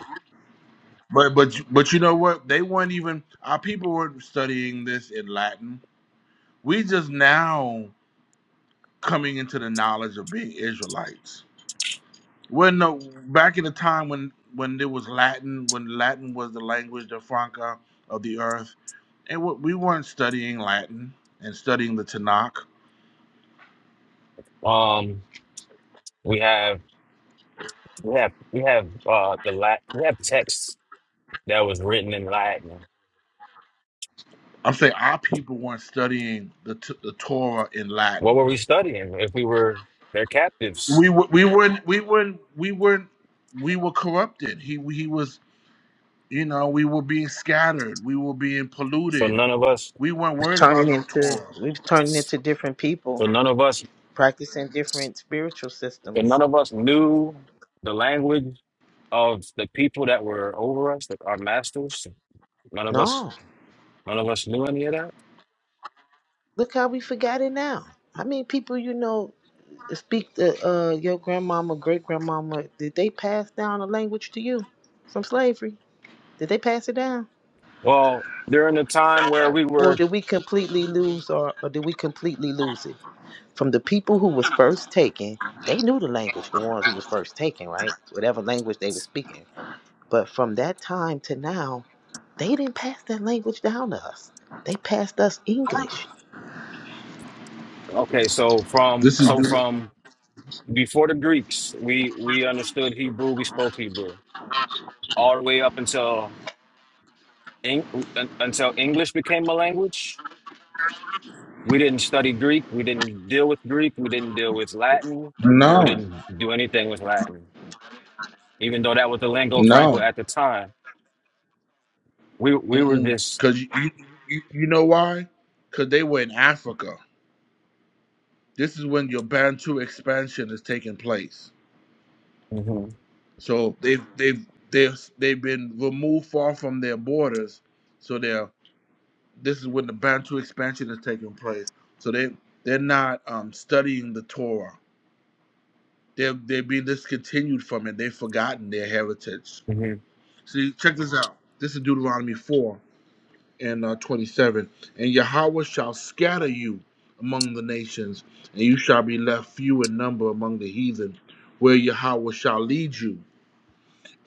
But but but you know what? They weren't even our people were studying this in Latin. We just now coming into the knowledge of being Israelites. When no back in the time when when there was Latin, when Latin was the language the franca of the earth, and we we weren't studying Latin and studying the Tanakh.
Um, we have we have we have uh the lat we have texts that was written in Latin.
I'm saying our people weren't studying the t- the Torah in Latin.
What were we studying if we were their captives?
We were, we weren't we weren't we weren't we were corrupted. He he was you know we were being scattered. We were being
So
polluted.
none of us,
We weren't worried
turning
about no
into
Torah.
we've turned into different people
so none of us,
practicing different spiritual
and
systems
none of us knew the language of the people that were over us, that our masters. None of us,
no
none of us knew any of that.
look how we forgot it now how many people you know speak the uh your grandmama great grandmama did they pass down a language to you from slavery did they pass it down
Well, during the time where we
or
were
did we completely lose or, or did we completely lose it from the people who was first taken they knew the language the ones who was first taken right whatever language they was speaking but from that time to now They didn't pass that language down to us. They passed us English.
okay, so from
This is
so
this,
from before the Greeks, we we understood Hebrew, we spoke Hebrew all the way up until Eng, un- until English became a language We didn't study Greek. We didn't deal with Greek. We didn't deal with Latin. We
no
didn't do anything with Latin, even though that was the lingua franca
no
at the time. We we were just
because you, you you you know why? Because they were in Africa. This is when your Bantu expansion is taking place.
Mhm,
So they've they've they've they've been removed far from their borders. So they're this is when the Bantu expansion is taking place. So they they're not um, studying the Torah. They're they're being discontinued from it. They've forgotten their heritage.
mhm.
See, check this out. This is Deuteronomy four and uh, twenty seven. And Yahweh shall scatter you among the nations, and you shall be left few in number among the heathen, where Yahweh shall lead you.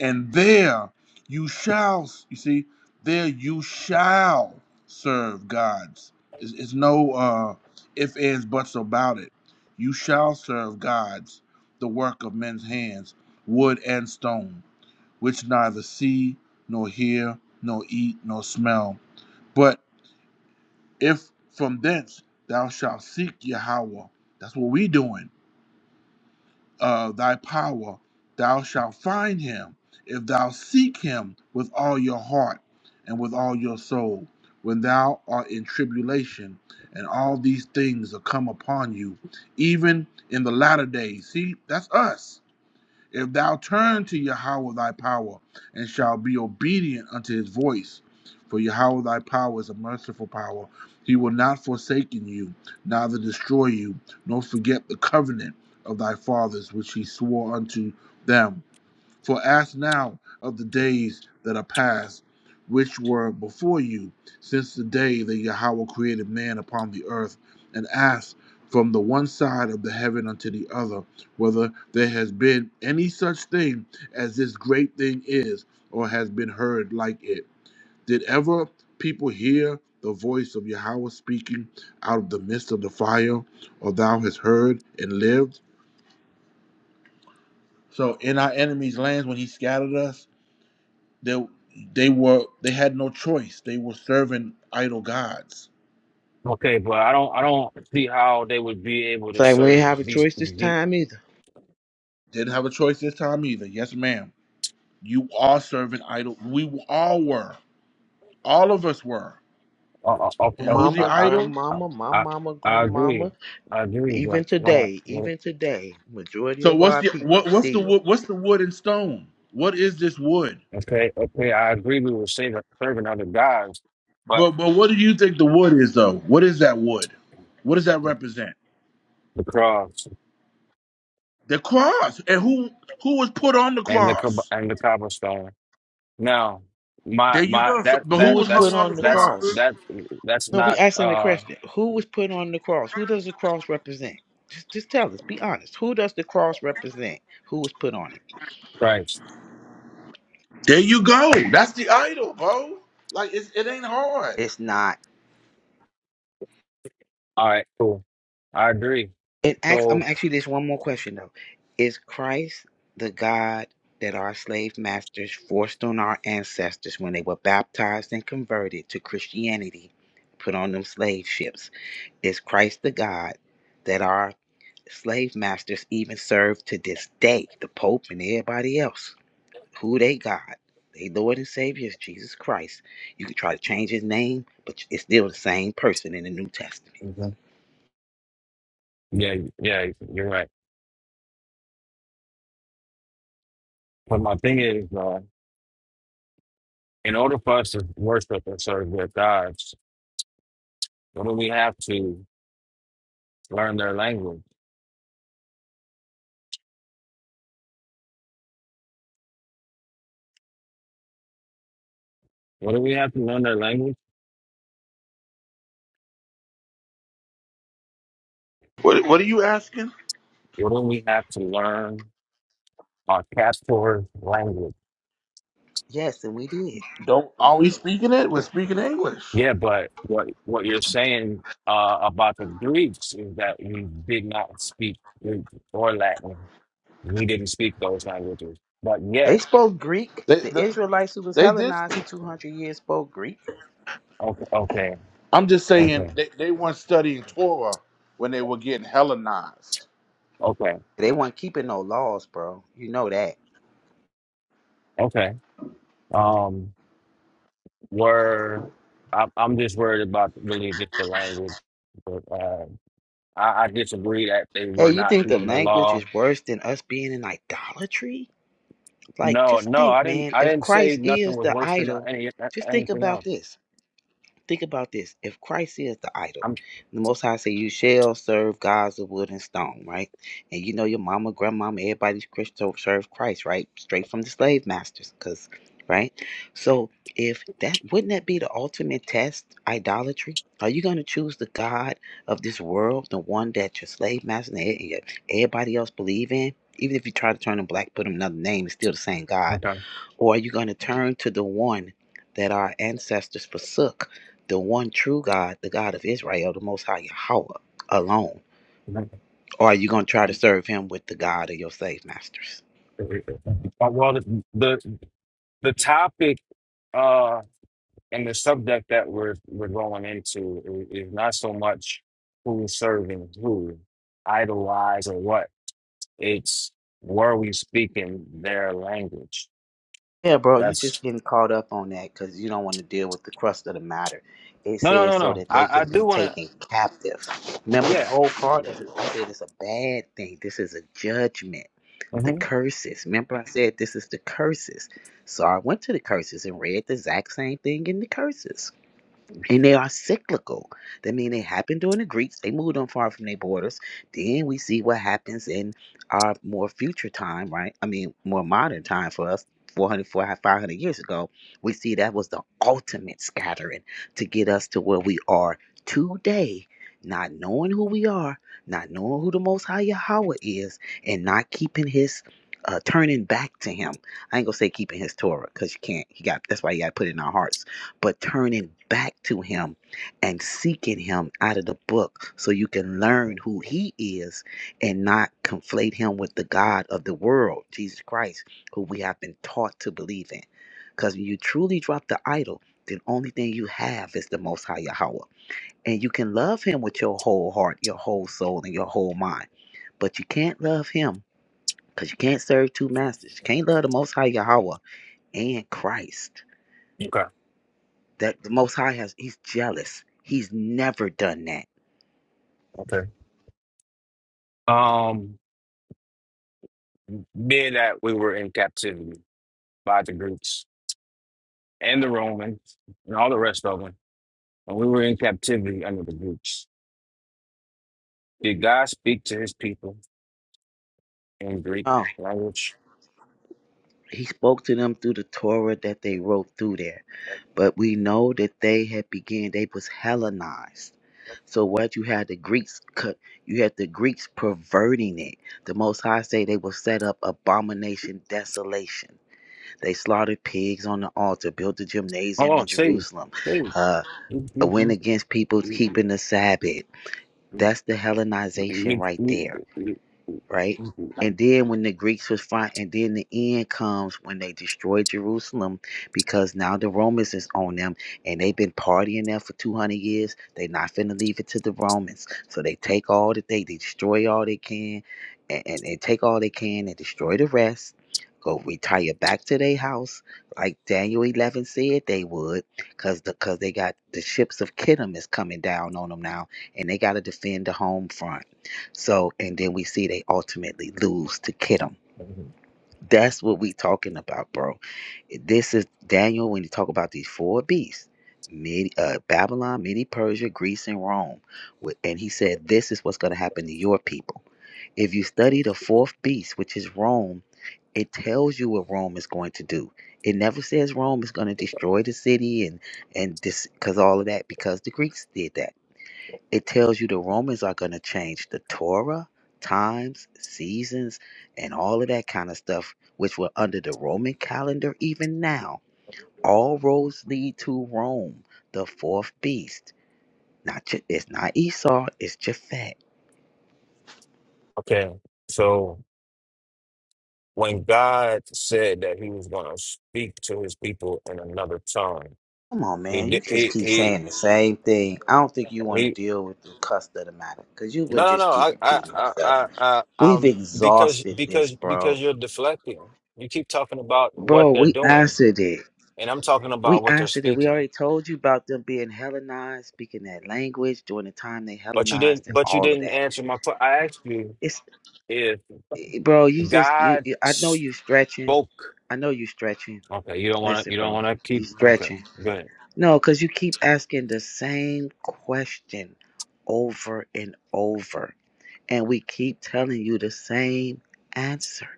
and there you shall you see there you shall serve gods it's, it's no uh if ands buts about it you shall serve gods the work of men's hands wood and stone which neither see nor hear nor eat nor smell but if from thence thou shalt seek yahweh that's what we doing of thy power, thou shalt find him if thou seek him with all your heart and with all your soul. When thou art in tribulation, and all these things are come upon you, even in the latter days. See, that's us. If thou turn to Yahweh thy power, and shalt be obedient unto his voice, for Yahweh thy power is a merciful power. He will not forsake you, neither destroy you, nor forget the covenant of thy fathers which he swore unto them for ask now of the days that are past, which were before you, since the day that Yahweh created man upon the earth, and ask from the one side of the heaven unto the other, whether there has been any such thing as this great thing is, or has been heard like it. Did ever people hear the voice of Yahweh speaking out of the midst of the fire, or thou hast heard and lived? So in our enemies' lands, when he scattered us, they they were they had no choice. They were serving idol gods.
okay, but I don't I don't see how they would be able
It's
to
like we didn't
serve
have a
these.
choice this
The,
time either.
Didn't have a choice this time either. Yes, ma'am. You are serving idol. We all were. All of us were.
uh, uh,
And
uh,
who's the
uh,
Mama,
I,
idol?
I,
grandmama, my
I
mama,
I agree,
grandmama,
I agree,
even
but when I
today,
when,
even today, majority
So
of
what's
our
the
people
what what's the
still.
wood what's the wood and stone? What is this wood?
okay okay I agree we were saving, serving other gods, but
But but what do you think the wood is though? What is that wood? What does that represent?
the cross
The cross. And who who was put on the
and the Kab-
cross?
and the cobblestone. No, my
There you
my
go. So,
that
but
Who
who
that
was
was
put
hung
that's
on the
on the
that's
cross?
cross?
that's that's
No, we
not
asking the
uh
question. Who was put on the cross? Who does the cross represent? Just, just tell us. Be honest. Who does the cross represent? Who was put on it?
Christ.
There you go. That's the idol, bro. Like it's, it ain't hard.
It's not.
All right, cool. I agree.
And ask, I'm
So
gonna ask you this one more question though: Is Christ the God that our slave masters forced on our ancestors when they were baptized and converted to Christianity, put on them slave ships? Is Christ the God that our slave masters even serve to this day? The Pope and everybody else, who they God? They Lord and Savior is Jesus Christ. You can try to change his name, but it's still the same person in the New Testament.
Mhm. yeah, yeah, you're right. But my thing is, uh, in order for us to worship and serve their gods, what do we have to learn their language? What do we have to learn their language?
What What are you asking?
What do we have to learn our castor language?
Yes, and we did.
Don't are we speaking it? We're speaking English.
Yeah, but what what you're saying uh, about the Greeks is that we did not speak Greek or Latin. We didn't speak those languages. But
They
yet,
spoke Greek.
They
The
the,
Israelites who was
they did.
Hellenized for
Speak.
200 years spoke Greek.
okay, okay,
I'm just
okay,
saying they, they weren't studying Torah when they were getting Hellenized.
okay,
They weren't keeping no laws, bro. You know that.
okay. Um, were I, I'm just worried about really just the language. But uh, I, I disagree that they
Hey,
were
you
not
think the
keeping the
language
law.
is worse than us being in idolatry? Like,
No,
just
no,
think,
I didn't.
man.
I
If
didn't say
Christ
nothing
is
was
the
worse than
idol,
any
just think
anything
about
else.
this. Think about this. If Christ is the idol,
I'm
the Most High say, You shall serve gods of wood and stone, right? And you know, your mama, grandmama, everybody's Christian serve Christ, right? Straight from the slave masters, because, right? So, if that wouldn't that be the ultimate test, idolatry? Are you going to choose the God of this world, the one that your slave master and e- e- everybody else believe in? Even if you try to turn him black, put him another name, it's still the same God
okay.
or are you going to turn to the one that our ancestors forsook, the one true God, the God of Israel, the Most High Yahweh alone? Or are you going to try to serve him with the God of your slave masters?
Uh, Well, the, the topic uh and the subject that we're we're going into is, is not so much who's serving who idolize or what it's were we speaking their language
Yeah, bro, you just
that's
getting caught up on that because you don't want to deal with the crust of the matter. It
no no
says
no
so
no
that they
i i
can be
do want to
taken captive. Remember, the
yeah
whole part of it, I said it's a bad thing. This is a judgment. The
hmm
curses. Remember, I said this is the curses. So I went to the curses and read the exact same thing in the curses and they are cyclical. That means they happened during the Greeks. They moved on far from their borders. Then we see what happens in our more future time, right? I mean, more modern time for us, 400, years ago. We see that was the ultimate scattering to get us to where we are today. Not knowing who we are, not knowing who the Most High Yahweh is, and not keeping His, uh, turning back to Him. I ain't gonna say keeping His Torah because you can't. He got that's why you got to put it in our hearts but turning back to Him and seeking Him out of the book so you can learn who He is and not conflate Him with the God of the world, Jesus Christ, who we have been taught to believe in. Because when you truly drop the idol, the only thing you have is the Most High Yahweh. And you can love Him with your whole heart, your whole soul, and your whole mind. But you can't love Him because you can't serve two masters. You can't love the Most High Yahweh and Christ
okay
that the Most High has, he's jealous. He's never done that.
okay um being that we were in captivity by the greeks and the romans and all the rest of them and we were in captivity under the greeks did god speak to his people in Greek
Oh,
language.
he spoke to them through the Torah that they wrote through there. But we know that they had began, they was Hellenized. So what you had the Greeks, co- you had the Greeks perverting it. The Most High say they will set up abomination, desolation. They slaughtered pigs on the altar, built a gymnasium
Hold on,
in
Steve.
Jerusalem,
Steve.
uh, went against people keeping the Sabbath. That's the Hellenization right there right? And then when the Greeks was fine, and then the end comes when they destroyed Jerusalem because now the Romans is on them and they've been partying there for 200 years. They not finna leave it to the Romans. So they take all that they, they destroy all they can and, and, and take all they can and destroy the rest. Go retire back to their house like Daniel 11 said they would because the, cause they got the ships of Kittim is coming down on them now and they got to defend the home front so, and then we see they ultimately lose to Kittim. That's what we talking about, bro. This is Daniel when you talk about these four beasts, Mid, uh, Babylon, Midi Persia, Greece, and Rome. With- And he said, this is what's going to happen to your people. If you study the fourth beast, which is Rome, it tells you what Rome is going to do. It never says Rome is going to destroy the city and and this because all of that because the Greeks did that it tells you the Romans are going to change the Torah, times, seasons, and all of that kind of stuff, which were under the Roman calendar even now. All roads lead to Rome, the fourth beast. Not J- it's not Esau, it's Japhet.
Okay, so when God said that He was going to speak to His people in another tongue,
Come on,
He
man. You
did.
just
He
keep
he
saying the same thing. I don't think you want to
he.
deal with the cusp of the matter because you would
No, no, no.
just keep
I, I,
repeating
I,
yourself.
I, I,
We've
um, because,
exhausted this,
because,
bro.
because you're deflecting. You keep talking about what
Bro,
they're
we
doing,
answered it.
and I'm talking
We
about what they're
answered it. We
speaking.
already told you about them being Hellenized, speaking that language during the time they
But you didn't.
Hellenized and
But you
all of
didn't
that.
answer my. que- I asked you.
It's
if.
eh, bro, you just you.
God
you- I know you stretching.
spoke.
I know you stretching.
Okay, you don't want to.
Listen,
You don't
bro,
want to
you
keep. Okay,
stretching.
good.
No, because you keep asking the same question over and over, and we keep telling you the same answer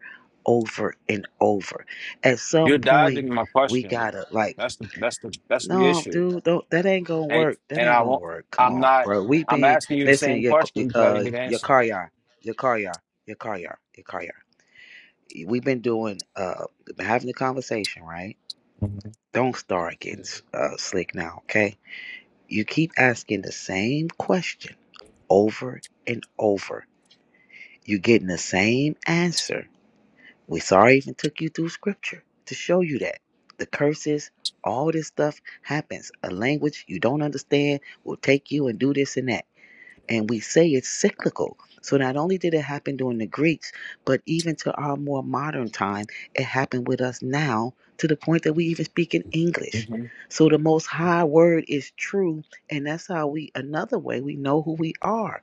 over and over. At some
You're
point,
dodging my
we
question.
gotta like.
That's the. That's the. That's the
No,
issue.
dude, don't, that ain't gonna
And
work. That
and
ain't
I
gonna
won't.
work. Come
I'm
on,
not.
bro. We
I'm
been
asking you the
listen,
same
your
question because I
uh
didn't get an
your
answer.
car yard, your car yard, your car yard, your car yard. We've been doing uh been having a conversation, right?
Mhm,
Don't start getting uh slick now, okay? You keep asking the same question over and over. You're getting the same answer. We sorry even took you through scripture to show you that. The curses, all this stuff happens. A language you don't understand will take you and do this and that. And we say it's cyclical. So not only did it happen during the Greeks, but even to our more modern time, it happened with us now to the point that we even speak in English.
mhm.
So the most high word is true, and that's how we another way we know who we are.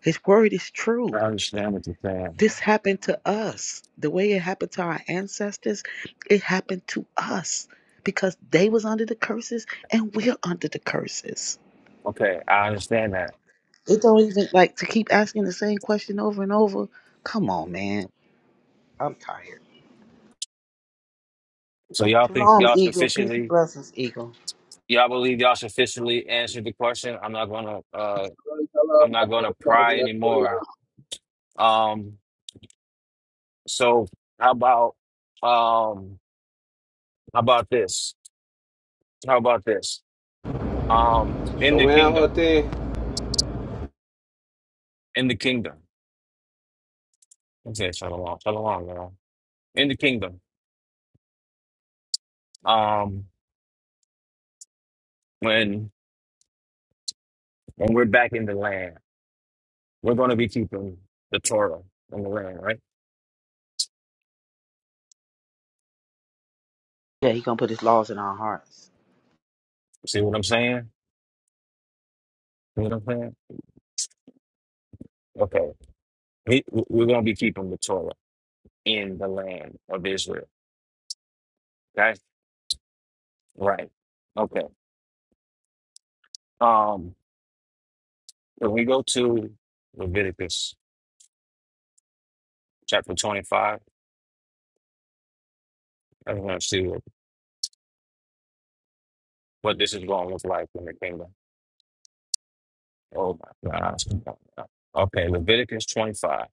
His word is true.
I understand what you're saying.
This happened to us. The way it happened to our ancestors, it happened to us because they was under the curses and we're under the curses.
Okay, I understand that.
It don't even like to keep asking the same question over and over. Come on, man. I'm tired.
So y'all think
Shalom,
y'all
Eagle. Peace and
sufficiently.
blessings, Eagle.
Y'all believe y'all sufficiently answered the question. I'm not gonna. Uh, I'm not gonna pry anymore. Um. So how about um? How about this? How about this? Um, in
Show
the
me how
kingdom,
to.
in the kingdom. Okay, shalom, shalom, y'all. In the kingdom. Um, when when we're back in the land, we're gonna be keeping the Torah in the land, right?
Yeah, he gonna put his laws in our hearts.
See what I'm saying? See what I'm saying? Okay, we, we're gonna be keeping the Torah in the land of Israel. Okay, right? Okay. Um, when we go to Leviticus chapter 25, I'm gonna see what, what this is gonna look like in the kingdom. Oh my gosh. Okay, Leviticus 25.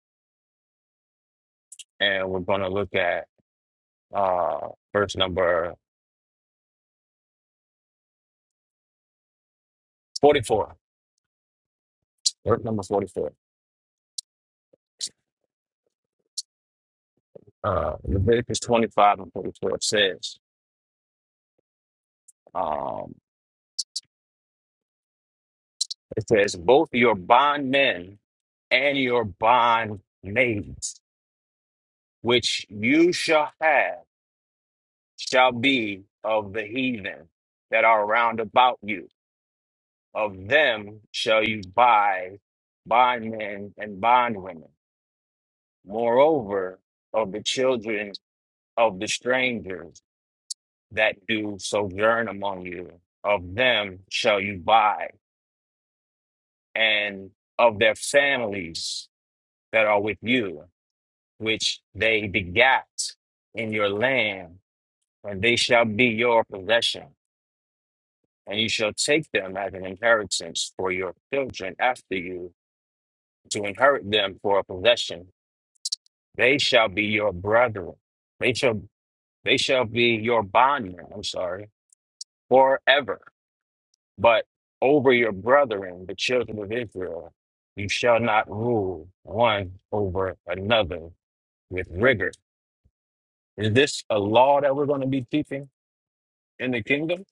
And we're going to look at uh, verse number 44. Verse number 44. Uh, Leviticus 25 and 44 says, um, it says, both your bondmen and your bondmaidens, which you shall have, shall be of the heathen that are round about you. Of them shall you buy bondmen and bondwomen Moreover, of the children of the strangers that do sojourn among you, of them shall you buy, and of their families that are with you, which they begat in your land, and they shall be your possession. And you shall take them as an inheritance for your children after you, to inherit them for a possession. They shall be your brethren. They shall they shall be your bondmen. I'm sorry forever. But over your brethren, the children of Israel, you shall not rule one over another with rigor. Is this a law that we're going to be keeping in the kingdom?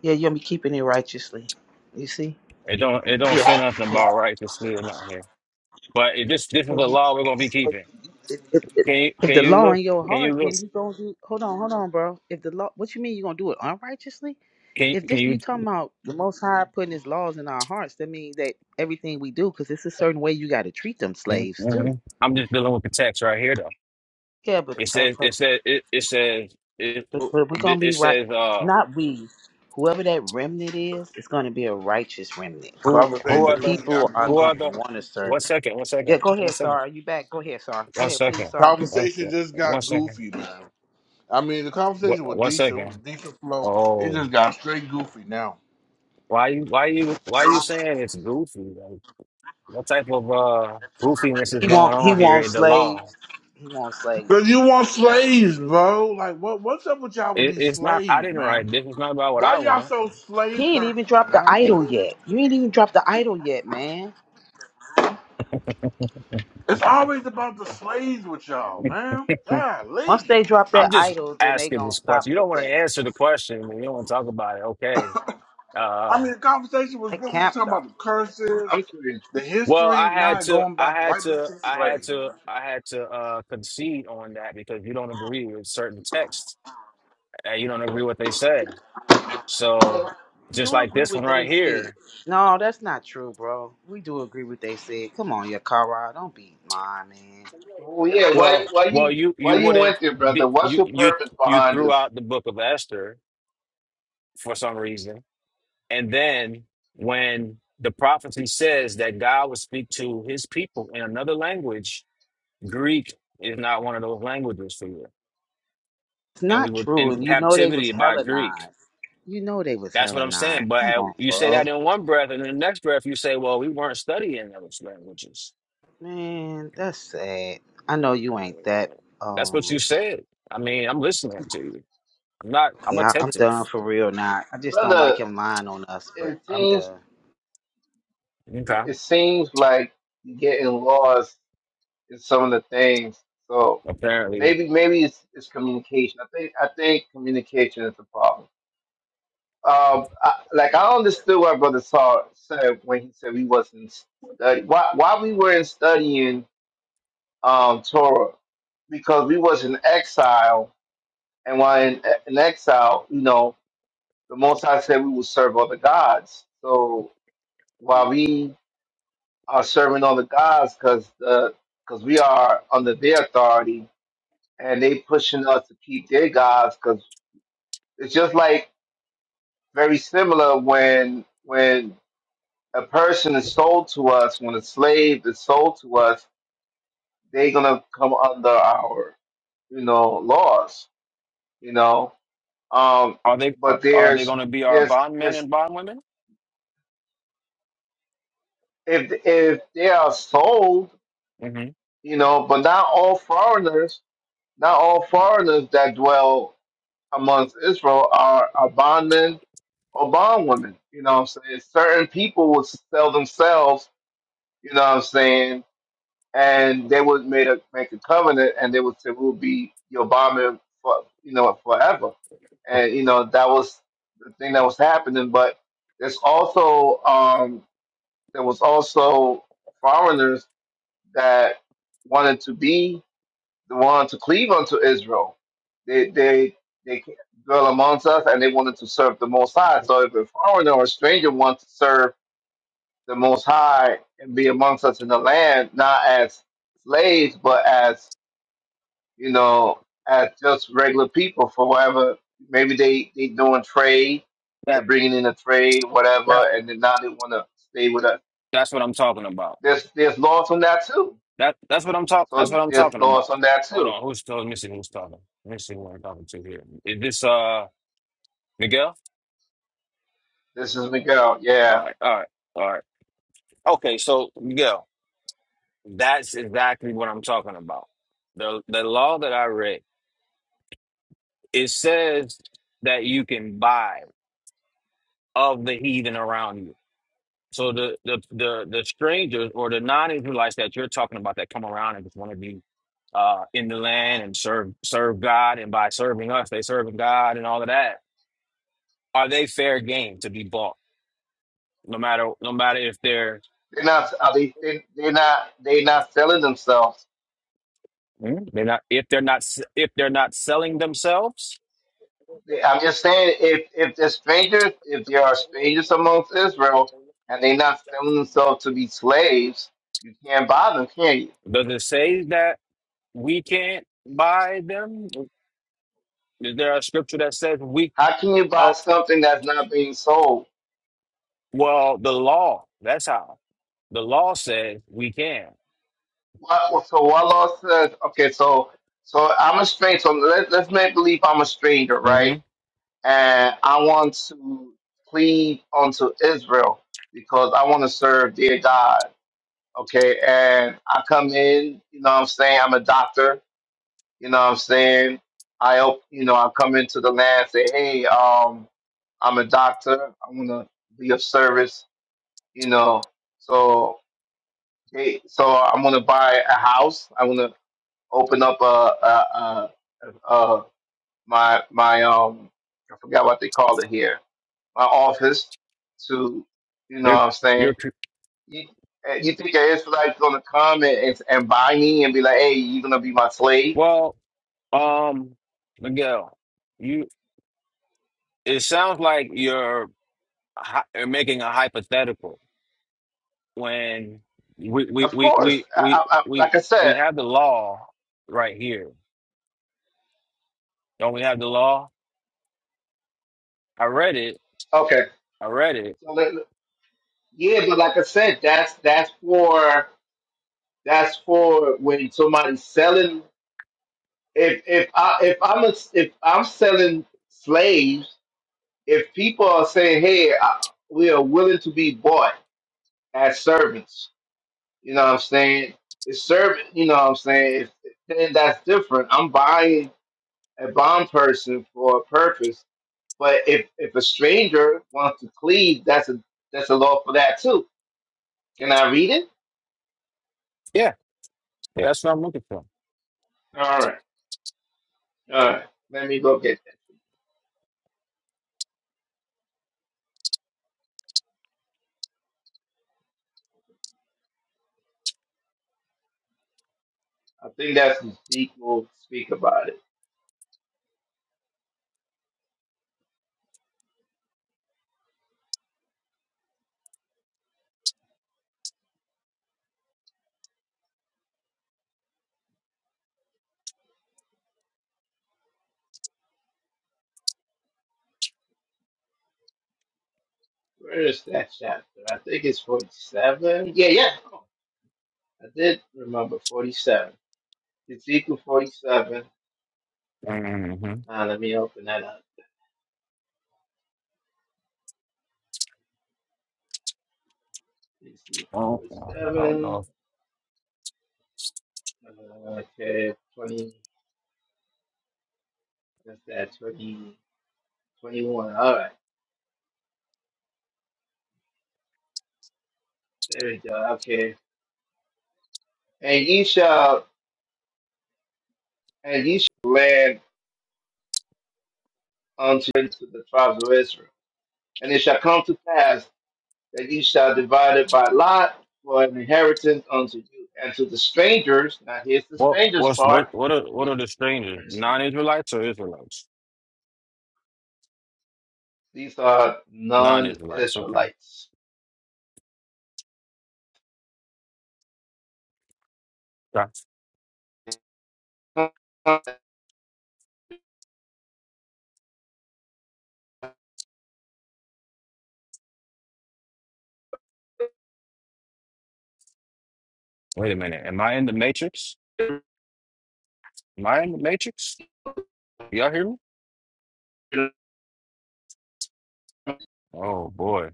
Yeah, you will be keeping it righteously. You see?
It don't it don't say
Yeah.
nothing
yeah.
about righteousness or not here. But it
Cause,
just this is a
cause you,
law we're going to be
cause
keeping.
you- if, if, if
Can you
if
can
the
you
law in
look?
your
Can you
heart,
look?
then you gonna do. Hold on, hold on, bro. If the law, what you mean you gonna do it unrighteously?
Can
If
can
this you
you?
talking about the Most High putting His laws in our hearts, that means that everything we do, cause it's a certain way you got to treat them slaves too.
mhm. I'm just dealing with the text right here though.
Yeah, but
It
uh,
says
but
it says it, it says it,
but, but we're gonna be
it
right.
says uh.
Not we. Whoever that remnant is, it's gonna be a righteous remnant,
Who
and
who
the
are
Conversation
the
just
people
got
are
who
gonna
are
goofy.
the
want to serve.
one second, one
Yeah,
second,
go ahead,
one second,
Sar. You back? Go ahead, Sar. Go
one
ahead, please,
second,
Sar.
one,
Conversation just
one
got
second,
goofy, man. I mean, the
one,
conversation was
one
decent. It was a
second.
decent flow. It
Oh,
just got straight goofy now.
why you why you why you saying it's goofy? Like, what type of uh goofiness is
He
going
won't. He
on here
won't
in the law?
slaves. He won't slaves.
Cause you want slaves, bro. Like what? What's up with y'all with
It,
these
it's not. I
slaves,
didn't
man?
write this. It's not about what
Why
I
y'all
want.
so slave
He ain't even
thirsty,
dropped the
man?
idol yet. You ain't even dropped the idol yet, man.
It's always about the slaves with y'all, man. God,
Once
leave.
they drop
I'm
that
just
idol, then they
asking
gonna
this question.
stop
You don't
with
want to
that
answer the question. and You don't want to talk about it. Okay. Uh,
I mean, the conversation was
that
good. We were
camp
talking about the
doctrine.
curses,
I'm curious.
the
Well,
history.
I
Now
had
it
to,
going
I
back
had
right back
to,
to the
I had
slaves.
to, I had to uh, concede on that because you don't agree with certain texts and you don't agree what they said. So,
No,
We
just
do
like
agree
this one
with they
right
said.
here,
No, that's not true, bro. We do agree with they said. Come on, Yakara, don't be mine, man.
well, yeah. Why,
well,
why
well,
you,
you
why
you
you
wouldn't
went there, brother?
be,
What's
you
your
you
purpose
you
behind
threw
this,
out the book of Esther for some reason, and then when the prophecy says that God will speak to His people in another language, Greek is not one of those languages for you,
It's
and we
not
were
true,
in
and you know they was
captivity by Greek.
Hellenized. You know they was
That's what I'm
Hellenized.
saying. But
Come
at,
on,
you say
bro.
that in one breath, and in the next breath, you say, well, we weren't studying those languages.
Man, that's sad. I know you ain't that.
That's
um.
what you said. I mean, I'm listening to you. I'm not, I'm
Yeah, I- I'm
attentive.
done for real now. I just don't like
brother?
him lying on us, but
It
I'm
seems,
done.
it
Okay.
seems like you're getting lost in some of the things. So
Apparently.
maybe, maybe it's, it's communication. I think, I think communication is the problem. Um, I, like I understood what brother saw said when he said we wasn't study. Why, why we weren't studying um Torah because we was in exile And while in, in exile, you know, the Most High said we will serve other gods. So while we are serving other gods, because because we are under their authority, and they pushing us to keep their gods, because it's just like very similar when when a person is sold to us, when a slave is sold to us, they're gonna come under our you know laws, you know. Um,
Are they are
but
are they
there's
going to be our
there's
bondmen
there's
and bondwomen?
if if they are sold,
hmm
you know, but not all foreigners, not all foreigners that dwell amongst Israel are, are bondmen or bondwomen. You know what I'm saying? Certain people would sell themselves, you know what I'm saying, and they would make a make a covenant and they would say we'll be your bondman for you know forever. And you know, that was the thing that was happening. But there's also um there was also foreigners that wanted to be the one to cleave unto Israel. They they they dwell amongst us, and they wanted to serve the Most High. So if a foreigner or stranger wants to serve the Most High and be amongst us in the land, not as slaves, but as you know, as just regular people for whatever. Maybe they they doing trade, they're
That,
bringing in a trade,
that
whatever, and then now they want to stay with us.
that's what I'm talking about.
There's there's laws on that too.
That that's what I'm talk that's
So
what I'm
there's
talking
laws
about.
on that
Hold
too
on, who's talking? Let me see who's talking. Let me see who I'm talking to here. Is this uh Miguel?
This is Miguel.
All
Yeah,
right, all right, all right. Okay, so Miguel. That's exactly what I'm talking about. The the law that I read, it says that you can buy of the heathen around you. So the the the, the strangers or the non-Israelites that you're talking about that come around and just want to be uh in the land and serve serve God and by serving us, they serving God and all of that. Are they fair game to be bought? No matter no matter if they're
they're not. Are they, they they're not. They're not selling themselves.
Hmm? they're not if they're not s- if they're not selling themselves.
They, I'm just saying, if if there's strangers, if there are strangers amongst Israel, and they're not selling themselves to be slaves, you can't buy them, can you?
Does it say that we can't buy them? Is there a scripture that says we?
How can you buy
Oh,
something that's not being sold?
well, the law. That's how the law says we can.
What, well, so what law says? Okay, so so I'm a stranger. So let, let's make believe I'm a stranger,
hmm
right? And I want to cleave unto Israel because I want to serve their God okay, and I come in, you know what I'm saying, I'm a doctor, you know what I'm saying? I help, you know, I come into the land say, hey, um, I'm a doctor, I am going to be of service, you know. So hey, so I'm gonna buy a house, I am going to open up a a, a, a my my um I forgot what they call it here, my office to you know what
You're,
I'm saying
you're. cr-
You, uh, you think an Israelite's going to come and, and, and buy me and be like, hey, you're going to be my slave?
Well, um, Miguel, you. It sounds like you're, hy- you're making a hypothetical when we we
Of
we we
course. I,
we
I, I,
we
like I
we
said,
have the law right here. Don't we have the law? I read it.
okay.
I read it.
So let, yeah, but like I said, that's that's for that's for when somebody's selling. If if I if I'm a, if I'm selling slaves, if people are saying, hey, I, we are willing to be bought as servants, you know what I'm saying? It's servant, you know what I'm saying? If, then that's different. I'm buying a bomb person for a purpose. But if, if a stranger wants to plead, that's a that's a law for that too. Can I read it?
Yeah, yeah, that's what I'm looking for.
All right. All right. Let me go get that. I think that's Zeke will speak about it. Where is that chapter? I think it's forty seven. Yeah, yeah. I did remember forty seven. Ezekiel forty seven.
Mm-hmm.
Now let me open that up. Ezekiel
Oh,
forty
I don't
seven.
know.
Uh, okay, twenty that's that 20 21. All right. There we go. Okay. And ye shall and ye shall land unto the tribes of Israel. And it shall come to pass that ye shall divide it by lot for an inheritance unto you and to the strangers. Now here's the
What
strangers
what's what
part.
what are
Let
what
me
are the strangers?
turn this thing.
Non-Israelites or Israelites?
These are
Non-Israelites. Okay.
non-Israelites.
Got- Wait a minute. Am I in the Matrix? Am I in the Matrix? Y'all hear me?
Matrix?
Oh boy.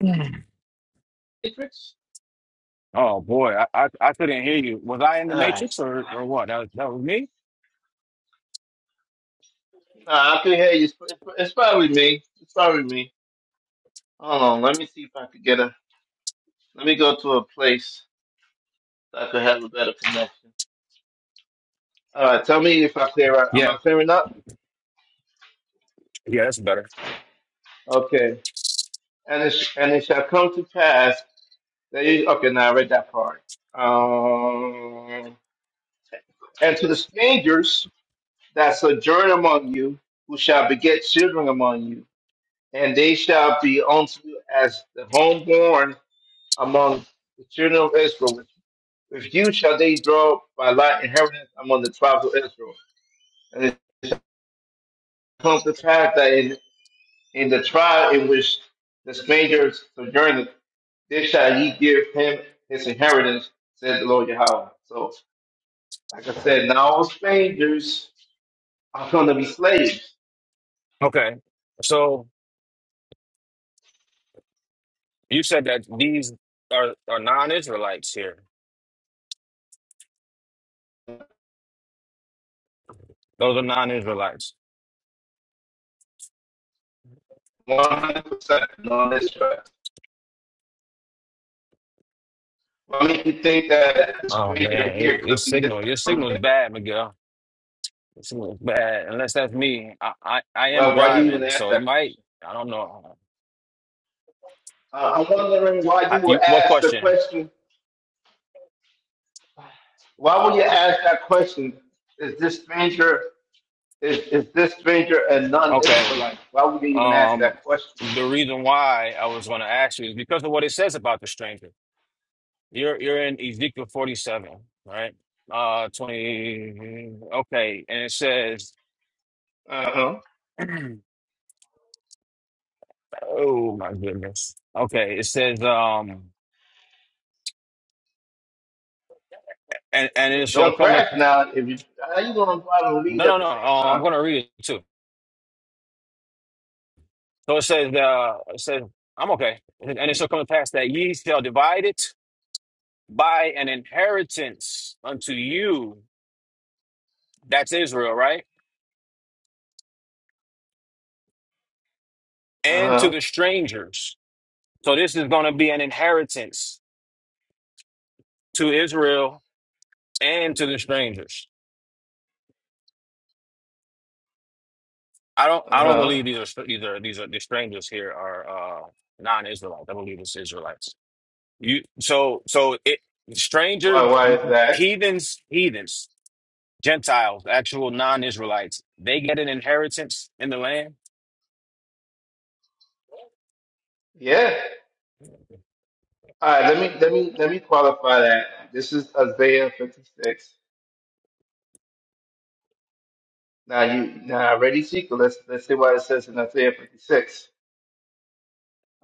Mm. Oh boy. I, I I couldn't hear you. Was I in the
All right.
Matrix or or what? That, was, that was me.
Nah, I can hear you. It's, it's it's probably me. It's probably me. Hold on. Let me see if I could get a. Let me go to a place that I could have a better connection. Uh, tell me if I clear up. Am
Yeah.
I clearing up?
Yeah. That's better.
Okay. And it, sh- and it shall come to pass that you, okay, now I read that part. Um, and to the strangers that sojourn among you, who shall beget children among you, and they shall be unto you as the homeborn among the children of Israel. With with you shall they draw by lot inheritance among the tribes of Israel. And it shall come to pass that in, in the tribe in which the strangers sojourn This shall ye give him his inheritance, said the Lord Yahweh. So, like I said, now all strangers are going to be slaves.
Okay. So you said that these are are non-Israelites here. Those are non-Israelites.
100% on this track. What make you think that the
Oh
stranger
man, it,
here
it's
could be
signal. Your
Israel?
signal's bad, Miguel. Your signal's bad. Unless that's me. I, I I am
Well, why do you even
driving,
ask
so it
that
might.
question?
I don't know.
Uh, I'm wondering why you
I, you,
would
what
ask the
question?
question. Why would you ask that question? Is this stranger is, is this stranger a
Okay.
non-Israelite? Why would you even ask
Um,
that question?
the reason why I was going to ask you is because of what it says about the stranger. You're you're in Ezekiel 47, right? Uh, 20. Okay, and it says,
Uh-huh.
oh my goodness. Okay, it says, um, and and
D-
it shall
don't
come to.
crash now. If you how you gonna go out and lead
No,
at
no,
the
no.
same
Oh, I'm
time?
going to read it too. So it says, uh, it says, I'm okay. And it shall come to pass that ye shall divide it by an inheritance unto you. That's Israel, right?
Uh
And to
huh.
the strangers. So this is going to be an inheritance to Israel and to the strangers. I don't,
Uh
I don't
huh.
believe these are str- these are these are the strangers here are uh, non-Israelites. I believe it's Israelites. You so so it
Why?
strangers,
Why is that?
heathens, heathens. Gentiles, actual non-Israelites, they get an inheritance in the land.
Yeah. All right. Let me let me let me qualify that. This is Isaiah 56. Now you now I already see. Let's let's see what it says in Isaiah 56.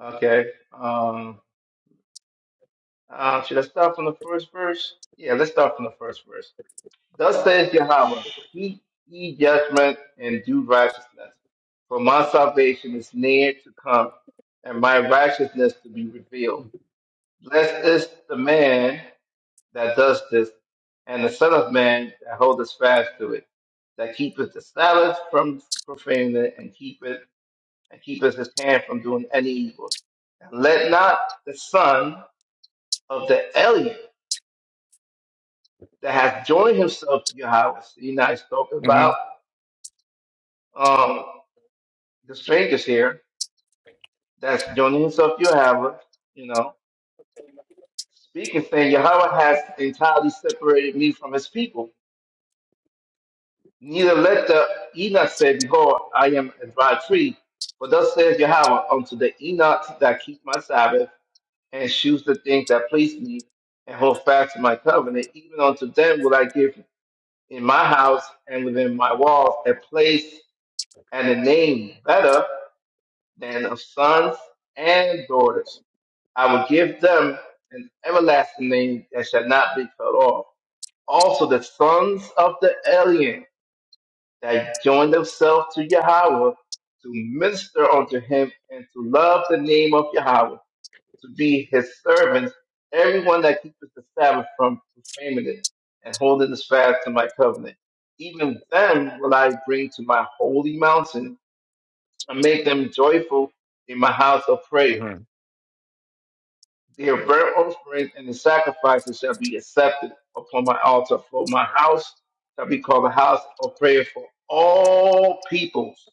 Okay. Um. Uh, should I start from the first verse? Yeah. Let's start from the first verse. Thus says Yahweh, Seek ye judgment and do righteousness, for my salvation is near to come, and my righteousness to be revealed. Blessed is the man that does this, and the Son of Man that holdeth fast to it, that keepeth the Sabbath from profaning it, and keepeth and keepeth his hand from doing any evil. And let not the son of the alien that hath joined himself to Yahweh, see now he's talking
hmm
about. um, the strangers here. That's Jonin Yahweh, you know, speaking, saying Yahweh has entirely separated me from his people. Neither let the Enoch say, Behold, I am a dry tree. For thus says Yahweh unto the Enoch that keep my Sabbath and choose the things that please me and hold fast to my covenant, even unto them will I give in my house and within my walls a place and a name better than of sons and daughters I will give them an everlasting name that shall not be cut off. Also, the sons of the alien that join themselves to Yahweh to minister unto him and to love the name of Yahweh, to be his servants, everyone that keepeth the Sabbath from profaning it and holding the fast to my covenant. Even them will I bring to my holy mountain and make them joyful in my house of prayer
hmm
Their burnt offerings and the sacrifices shall be accepted upon my altar, for my house shall be called a house of prayer for all peoples.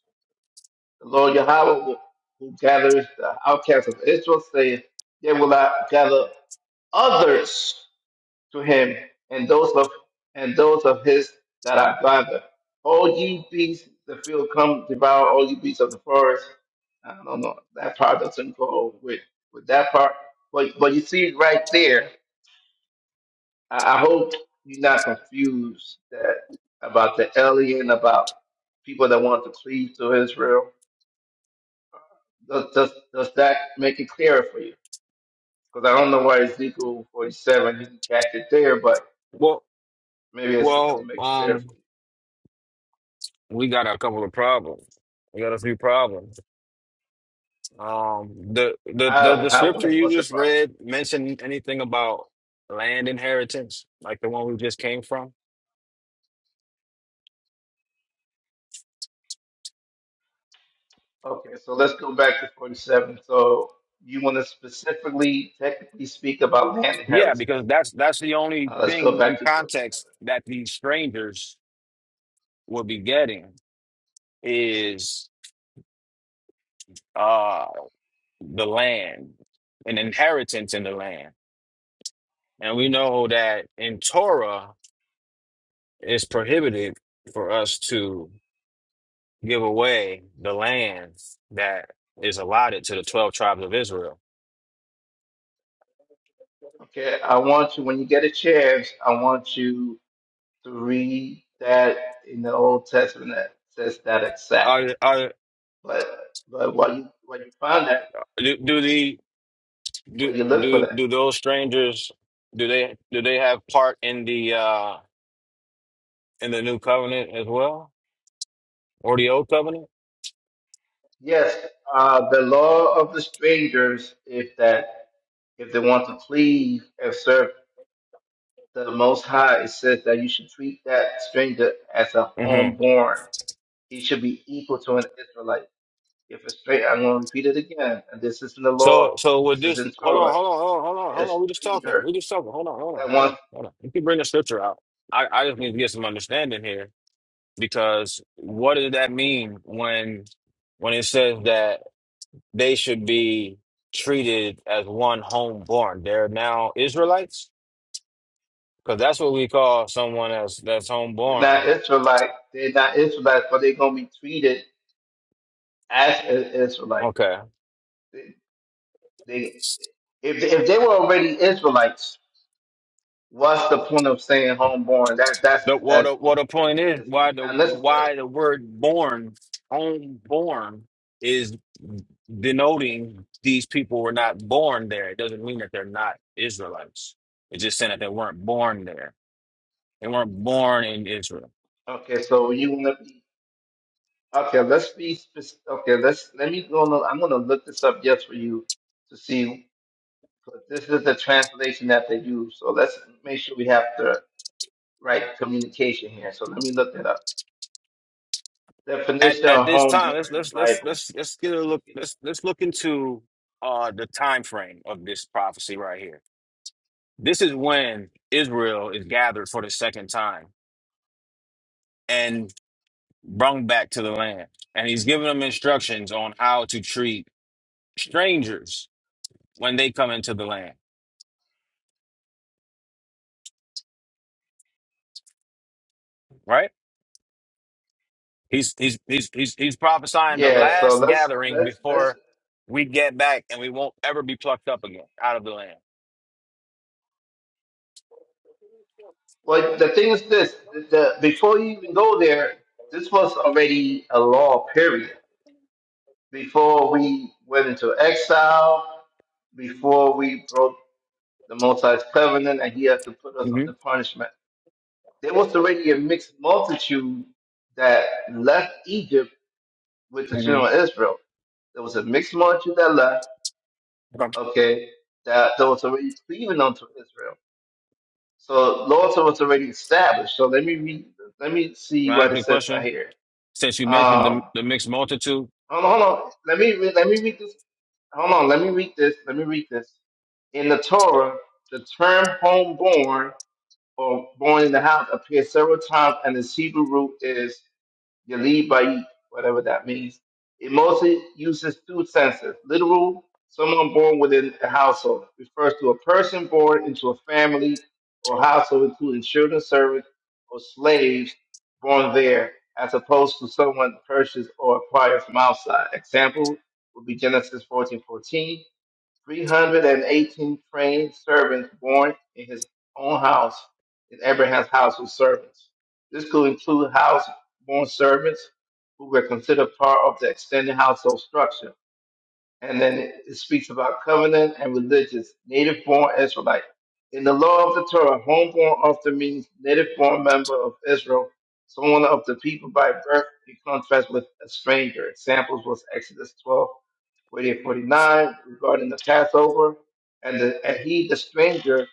The Lord Yahweh, will- who gathers the outcasts of Israel, saith, Yet will I gather others to him, and those of and those of his that I gather. All ye beasts of the field, come devour all ye beasts of the forest. I don't know. That part doesn't go with with that part. But but you see right there. I, I hope you're not confused that about the alien, about people that want to cleave to Israel. Does, does, does that make it clearer for you? Because I don't know why Ezekiel 47, you can catch it there, but
Well,
maybe it's will
well,
make it clearer
um,
for you.
we got a couple of problems. We got a few problems. Um, the the the,
How,
the
how,
scripture
what,
you
what's the
just
problem?
read mention anything about land inheritance, like the one we just came from?
Okay, so let's go back to 47. So you want to specifically, technically speak about land
Yeah,
inheritance.
because that's that's the only
Uh, let's go
thing in
back to 47.
context that these strangers will be getting is the land, an inheritance in the land. And we know that in Torah, it's prohibited for us to give away the land that is allotted to the 12 tribes of Israel.
Okay, I want you, when you get a chance, I want you to read that in the Old Testament that says that exact.
Are, are,
But but when you what you find that
do, do the
when
do,
you look for
do
that,
do those strangers do they do they have part in the uh in the new covenant as well or the old covenant?
yes, uh, the law of the strangers, if that if they want to cleave and serve the Most High, it says that you should treat that stranger as a
Mm-hmm.
homeborn. He should be equal to an Israelite. If a stranger, I'm going to repeat it again, and this is in the law.
So so with
This is
this,
in
hold
Torah.
on, hold on, hold on, hold on,
A
hold on. We just talking.
stranger
We just talking. Hold on, hold on,
that
hold
wants
on, hold on. You can bring the scripture out. I, I just need to get some understanding here because what does that mean when when it says that they should be treated as one homeborn? They're now Israelites? Because that's what we call someone else that's
They're
homeborn.
not Israelite. They're not Israelites, but they're gonna be treated as an Israelite.
Okay.
They, they- if if they were already Israelites, what's the point of saying homeborn? That that's
The what
that
the,
it's,
what the
it's,
point is
it's
why
it's
the
not necessary.
why the word born homeborn is denoting these people were not born there. It doesn't mean that they're not Israelites. It's just saying that they weren't born there. They weren't born in Israel
Okay, so you wanna be okay? Let's be specific. Okay, let's let me go. on- I'm gonna look this up just for you to see. But this is the translation that they use, so let's make sure we have the right communication here. So let me look that up.
at
Definition
at
of
this time. Let's
homeborn in the
let's let's
Bible.
let's let's get
Let's
a
look
look.
it up.
Let's let's look into uh the time frame of this prophecy right here. This is when Israel is gathered for the second time. and Brung back to the land. And he's giving them instructions on how to treat strangers when they come into the land, right? He's he's he's he's he's prophesying the
Yeah, so
last
let's
gathering
let's let's.
before we get back and we won't ever be plucked up again out of the land.
Well, the thing is this: the, the, before you even go there, this was already a law. Period. Before we went into exile, before we broke the Most High's covenant, and He had to put us
hmm
under punishment, there was already a mixed multitude that left Egypt with the
hmm
children of Israel. There was a mixed multitude that left
Okay.
okay, that that was already cleaving unto Israel. So laws was already established. So let me read, let me
Can
see
I
what
ask you
it
a
says right
question?
here.
Since you mentioned the,
Um,
the mixed multitude,
hold on, hold on. Let me read, let me read this. Hold on, let me read this. Let me read this. In the Torah, the term homeborn or born in the house appears several times, and its Hebrew root is You lead by eat, whatever that means. It mostly uses two senses. Literal, someone born within a household, refers to a person born into a family or household, including children, servants, or slaves born there, as opposed to someone purchased or acquired from outside. Example would be Genesis fourteen fourteen. 318 trained servants born in his own house, in Abraham's household servants. This could include house born servants who were considered part of the extended household structure. And then it speaks about covenant and religious, native born Israelite. In the law of the Torah, homeborn often means native born member of Israel, someone of the people by birth in contrast with a stranger. Examples was Exodus twelve. 48, forty-nine, regarding the Passover, and, the, and he, the stranger,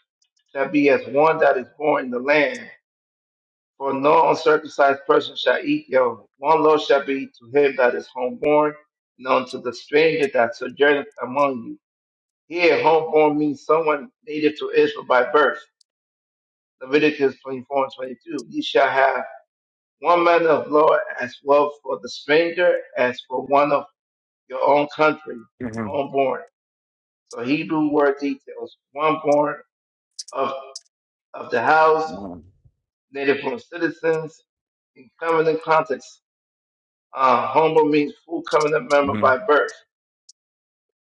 shall be as one that is born in the land. For no uncircumcised person shall eat thereof. One loaf shall be to him that is homeborn, and unto the stranger that sojourneth among you. Here, homeborn means someone native to Israel by birth. Leviticus 24 and 22. Ye shall have one manner of law as well for the stranger as for one of your own country,
hmm
homeborn. So Hebrew word details one born of, of the house, native born citizens, in covenant context, uh, homo means full covenant member
hmm
by birth.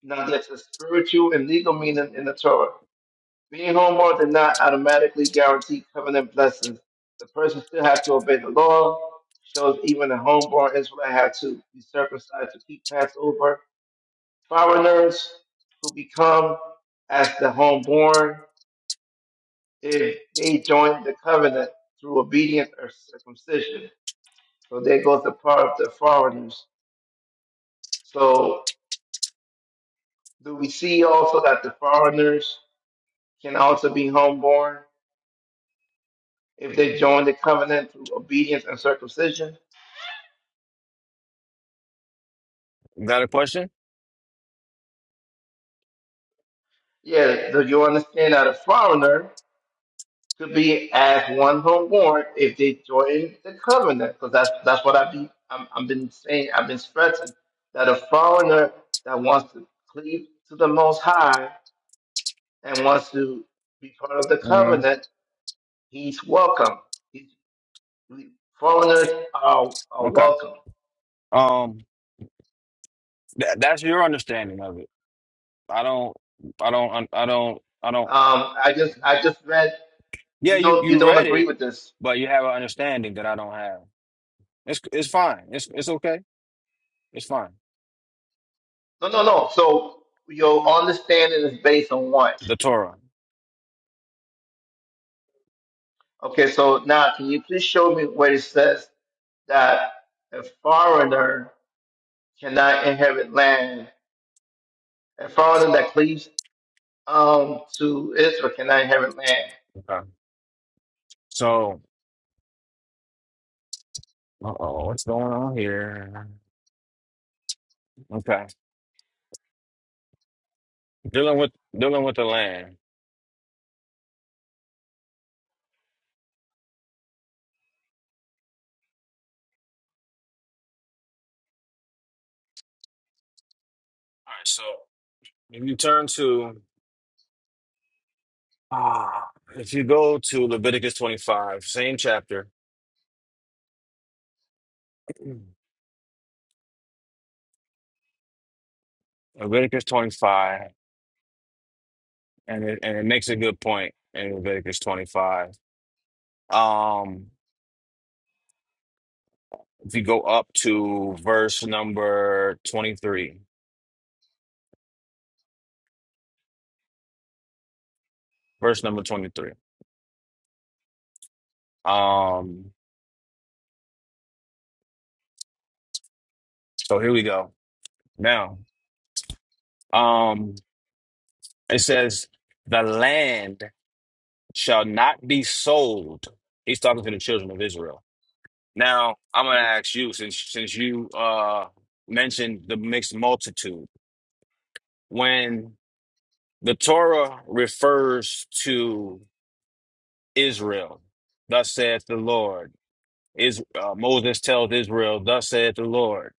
Now, there's a spiritual and legal meaning in the Torah. Being homo did not automatically guarantee covenant blessings. The person still has to obey the law. Shows even a homeborn Israelite had to be circumcised to keep Passover. Foreigners who become as the homeborn if they join the covenant through obedience or circumcision. So there goes the part of the foreigners. So do we see also that the foreigners can also be homeborn if they join the covenant through obedience and circumcision?
got a question?
Yeah, do you understand that a foreigner could be as one homeborn if they join the covenant? Because that's that's what I've been I'm, I've been saying I've been stressing that a foreigner that wants to cleave to the Most High and wants to be part of the
hmm
covenant, he's welcome. He, we- foreigners are, are
Okay.
welcome.
Um, tha- that's your understanding of it. I don't, I don't, I don't, I don't.
Um, I just I just read
Yeah,
you
you
don't you
you
don't
read
agree
it,
with this.
but you have an understanding that I don't have. It's it's fine. It's it's okay. It's fine.
No no no. So your understanding is based on what?
The Torah.
Okay, so now can you please show me where it says that a foreigner cannot inherit land? A foreigner that cleaves um, to Israel cannot inherit land.
Okay. So, uh-oh, what's going on here? Okay. Dealing with dealing with the land. All right. So if you turn to ah, if you go to Leviticus twenty five, same chapter, Leviticus twenty five, and it and it makes a good point in Leviticus twenty five. Um. If you go up to verse number 23, verse number 23. Um, so here we go. Now, um, it says, the land shall not be sold. He's talking to the children of Israel. Now, I'm gonna ask you, since since you uh mentioned the mixed multitude, when the Torah refers to Israel, thus saith the Lord. Is uh, Moses tells Israel, "Thus saith the Lord."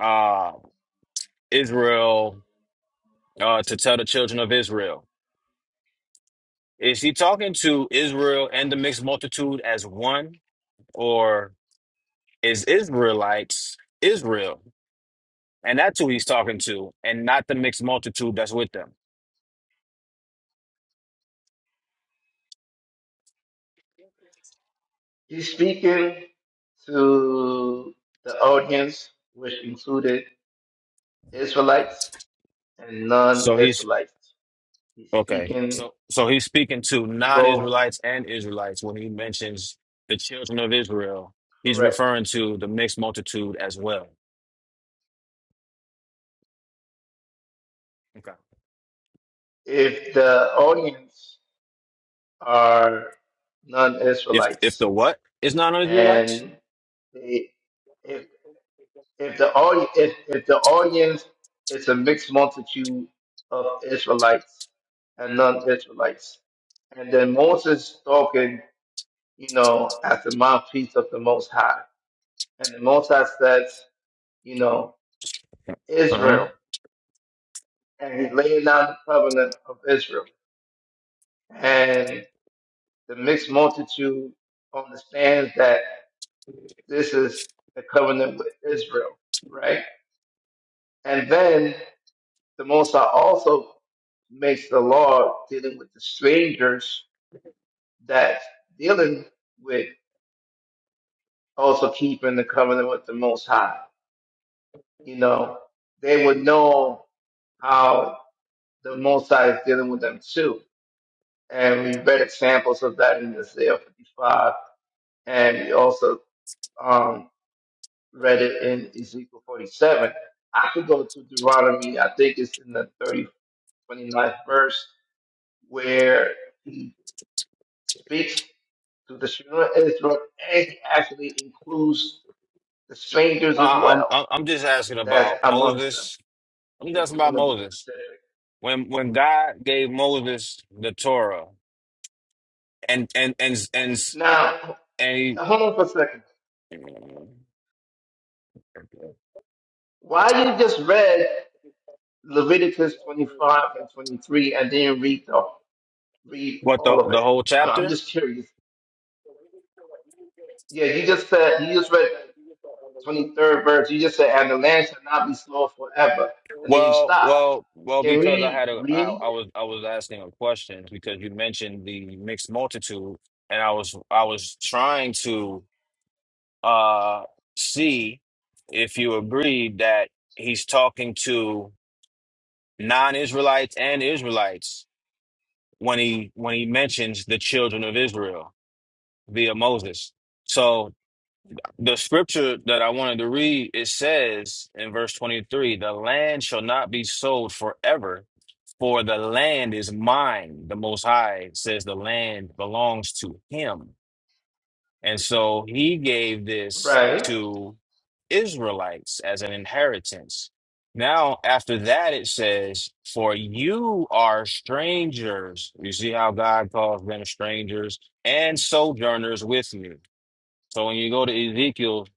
uh, Israel uh, to tell the children of Israel. Is he talking to Israel and the mixed multitude as one, or is Israelites Israel? And that's who he's talking to, and not the mixed multitude that's with them.
He's speaking to the audience, which included Israelites and non
So he's
Israelites. He's
okay.
speaking
So so he's speaking to
to both,
non-Israelites and Israelites when he mentions the children of Israel. He's
correct.
referring to the mixed multitude as well. Okay.
If the audience are non
If if the
Israelites
what is non-Israelites?
and they, if, if, the audi- if, if the audience is a mixed multitude of Israelites and non Israelites, and then Moses talking you know, at the mouthpiece of the Most High. And the Most High says, you know,
Uh-huh.
Israel, and He's laying down the covenant of Israel. And the mixed multitude understands that this is the covenant with Israel, right? And then the Most High also makes the law dealing with the strangers that dealing with also keeping the covenant with the Most High. You know, they would know how the Most High is dealing with them too. And we read examples of that in Isaiah 55, and we also um, read it in Ezekiel 47. I could go to Deuteronomy, I think it's in the thirty twenty ninth verse, where he speaks to the children of Israel, and he actually includes the strangers
No,
as
I- I'm
well
I'm I'm just asking
that's
about
amongst them,
Moses. I'm just
if
asking
you want
about
to be
Moses.
specific.
When when God gave Moses the Torah and and and and
Now,
and
hold on for a second.
he,
Why you just read? Leviticus 25 and 23 and then read the, read
what
all
the
of
the
it.
whole
I, I'm
chapter?
just curious. Yeah, you just said, you just read 23rd verse. You just said, and the land shall not be sold forever. And then you
Well,
stop.
well, well,
Can
because I
we
had a I,
read?
I was I was asking a question because you mentioned the mixed multitude, and I was I was trying to uh see if you agreed that he's talking to. non-Israelites and Israelites when he when he mentions the children of Israel via Moses. So the scripture that I wanted to read it says in verse 23, the land shall not be sold forever, for the land is mine. The most high says the land belongs to him. And so he gave this
Right.
to Israelites as an inheritance. Now, after that, it says, For you are strangers. You see how God calls them strangers and sojourners with me. So when you go to Ezekiel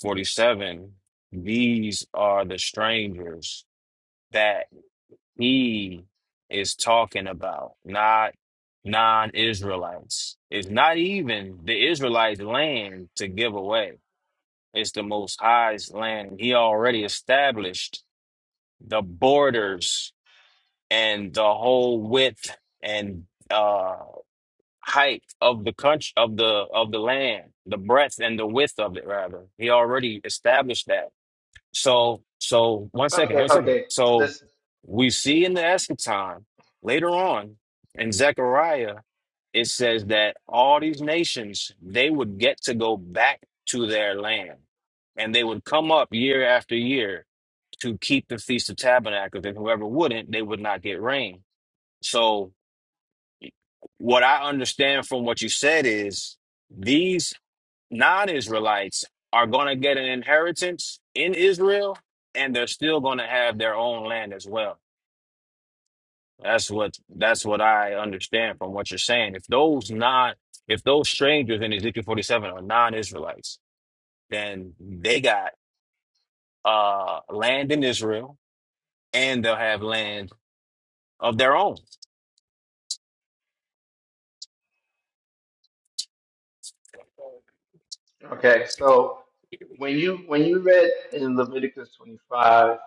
47, these are the strangers that he is talking about, not non-Israelites. It's not even the Israelites' land to give away. It's the Most High's land. He already established the borders and the whole width and uh height of the country of the of the land, the breadth and the width of it rather. He already established that. So, so one second,
Okay.
one second.
Okay.
So
Listen.
we see in the eschaton later on in Zechariah, it says that all these nations, they would get to go back to their land and they would come up year after year to keep the Feast of Tabernacles. And whoever wouldn't, they would not get rain. So what I understand from what you said is these non Israelites are going to get an inheritance in Israel and they're still going to have their own land as well. That's what that's what I understand from what you're saying. If those non if those strangers in Ezekiel 47 are non-Israelites, then they got uh land in Israel and they'll have land of their own.
Okay. So when you, when you read in Leviticus 25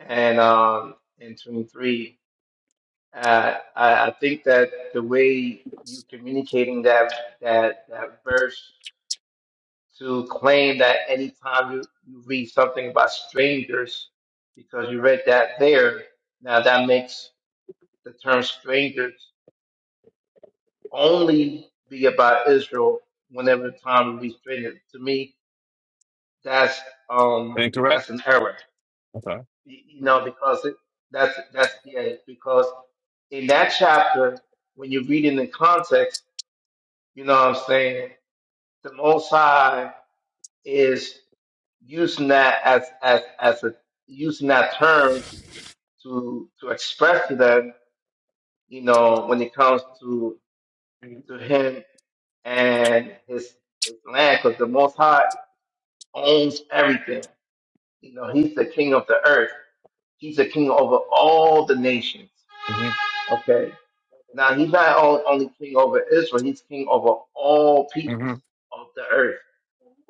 and, um, and 23, uh, I, I think that the way you communicating that, that, that verse to claim that anytime you, you read something about strangers, because you read that there, now that makes the term strangers only be about Israel whenever the time we read strangers. To me, that's um
Incorrect?
that's an error.
Okay.
You, you know, because it, that's that's yeah, because in that chapter, when you read it in context, you know what I'm saying, the most high is. using that as as as a using that term to to express to them, you know, when it comes to to him and his his land, because the Most High owns everything. You know, he's the king of the earth. He's the king over all the nations.
hmm
Okay. Now he's not on- only king over Israel. He's king over all
hmm
peoples of the earth.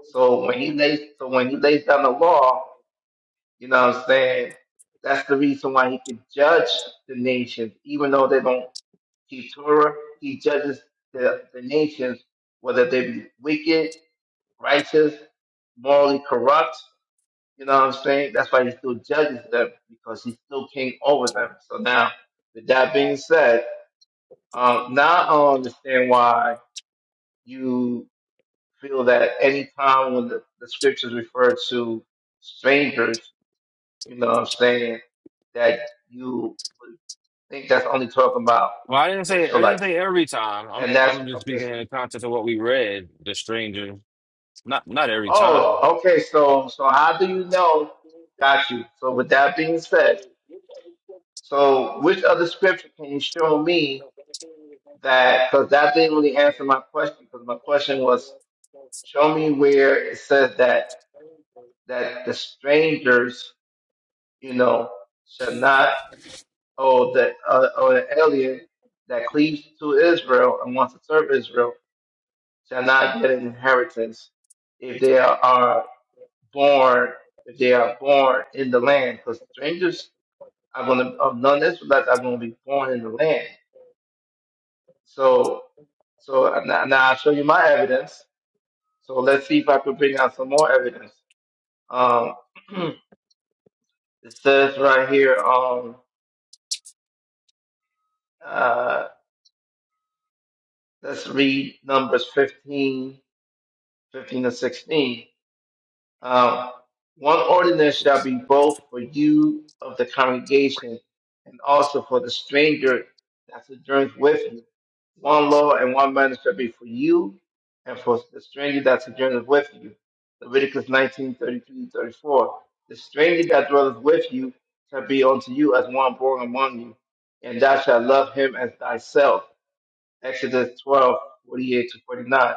So when he lays so when he lays down the law, You know what I'm saying? That's the reason why he could judge the nations, even though they don't keep Torah. He judges the, the nations, whether they be wicked, righteous, morally corrupt. You know what I'm saying? That's why he still judges them because he's still king over them. So now, with that being said, um, now I understand why you feel that any time when the, the scriptures refer to strangers You know what I'm saying? That you would think that's only talking about
Well, I didn't say I didn't
Israelites.
say every time. I'm
And that's
I'm just
okay,
speaking
so
in the context of what we read, the stranger. Not not every time.
oh, okay, so so how do you know? Got you. So with that being said, so which other scripture can you show me that because that didn't really answer my question, because my question was show me where it says that that the strangers, you know, shall not or that uh, or an alien that cleaves to Israel and wants to serve Israel shall not get an inheritance if they are born if they are born in the land because strangers are going to of non-Israelites are going to be born in the land. So so now, now I'll show you my evidence. So let's see if I could bring out some more evidence. Um, it says right here. Um, uh, let's read Numbers 15, 15 to 16 Uh, one ordinance shall be both for you of the congregation and also for the stranger that sojourns with you. One law and one manner shall be for you and for the stranger that sojourns with you. Leviticus 19, thirty-three 34. The stranger that dwelleth with you shall be unto you as one born among you, and thou shalt love him as thyself. Exodus 12 48 to 49.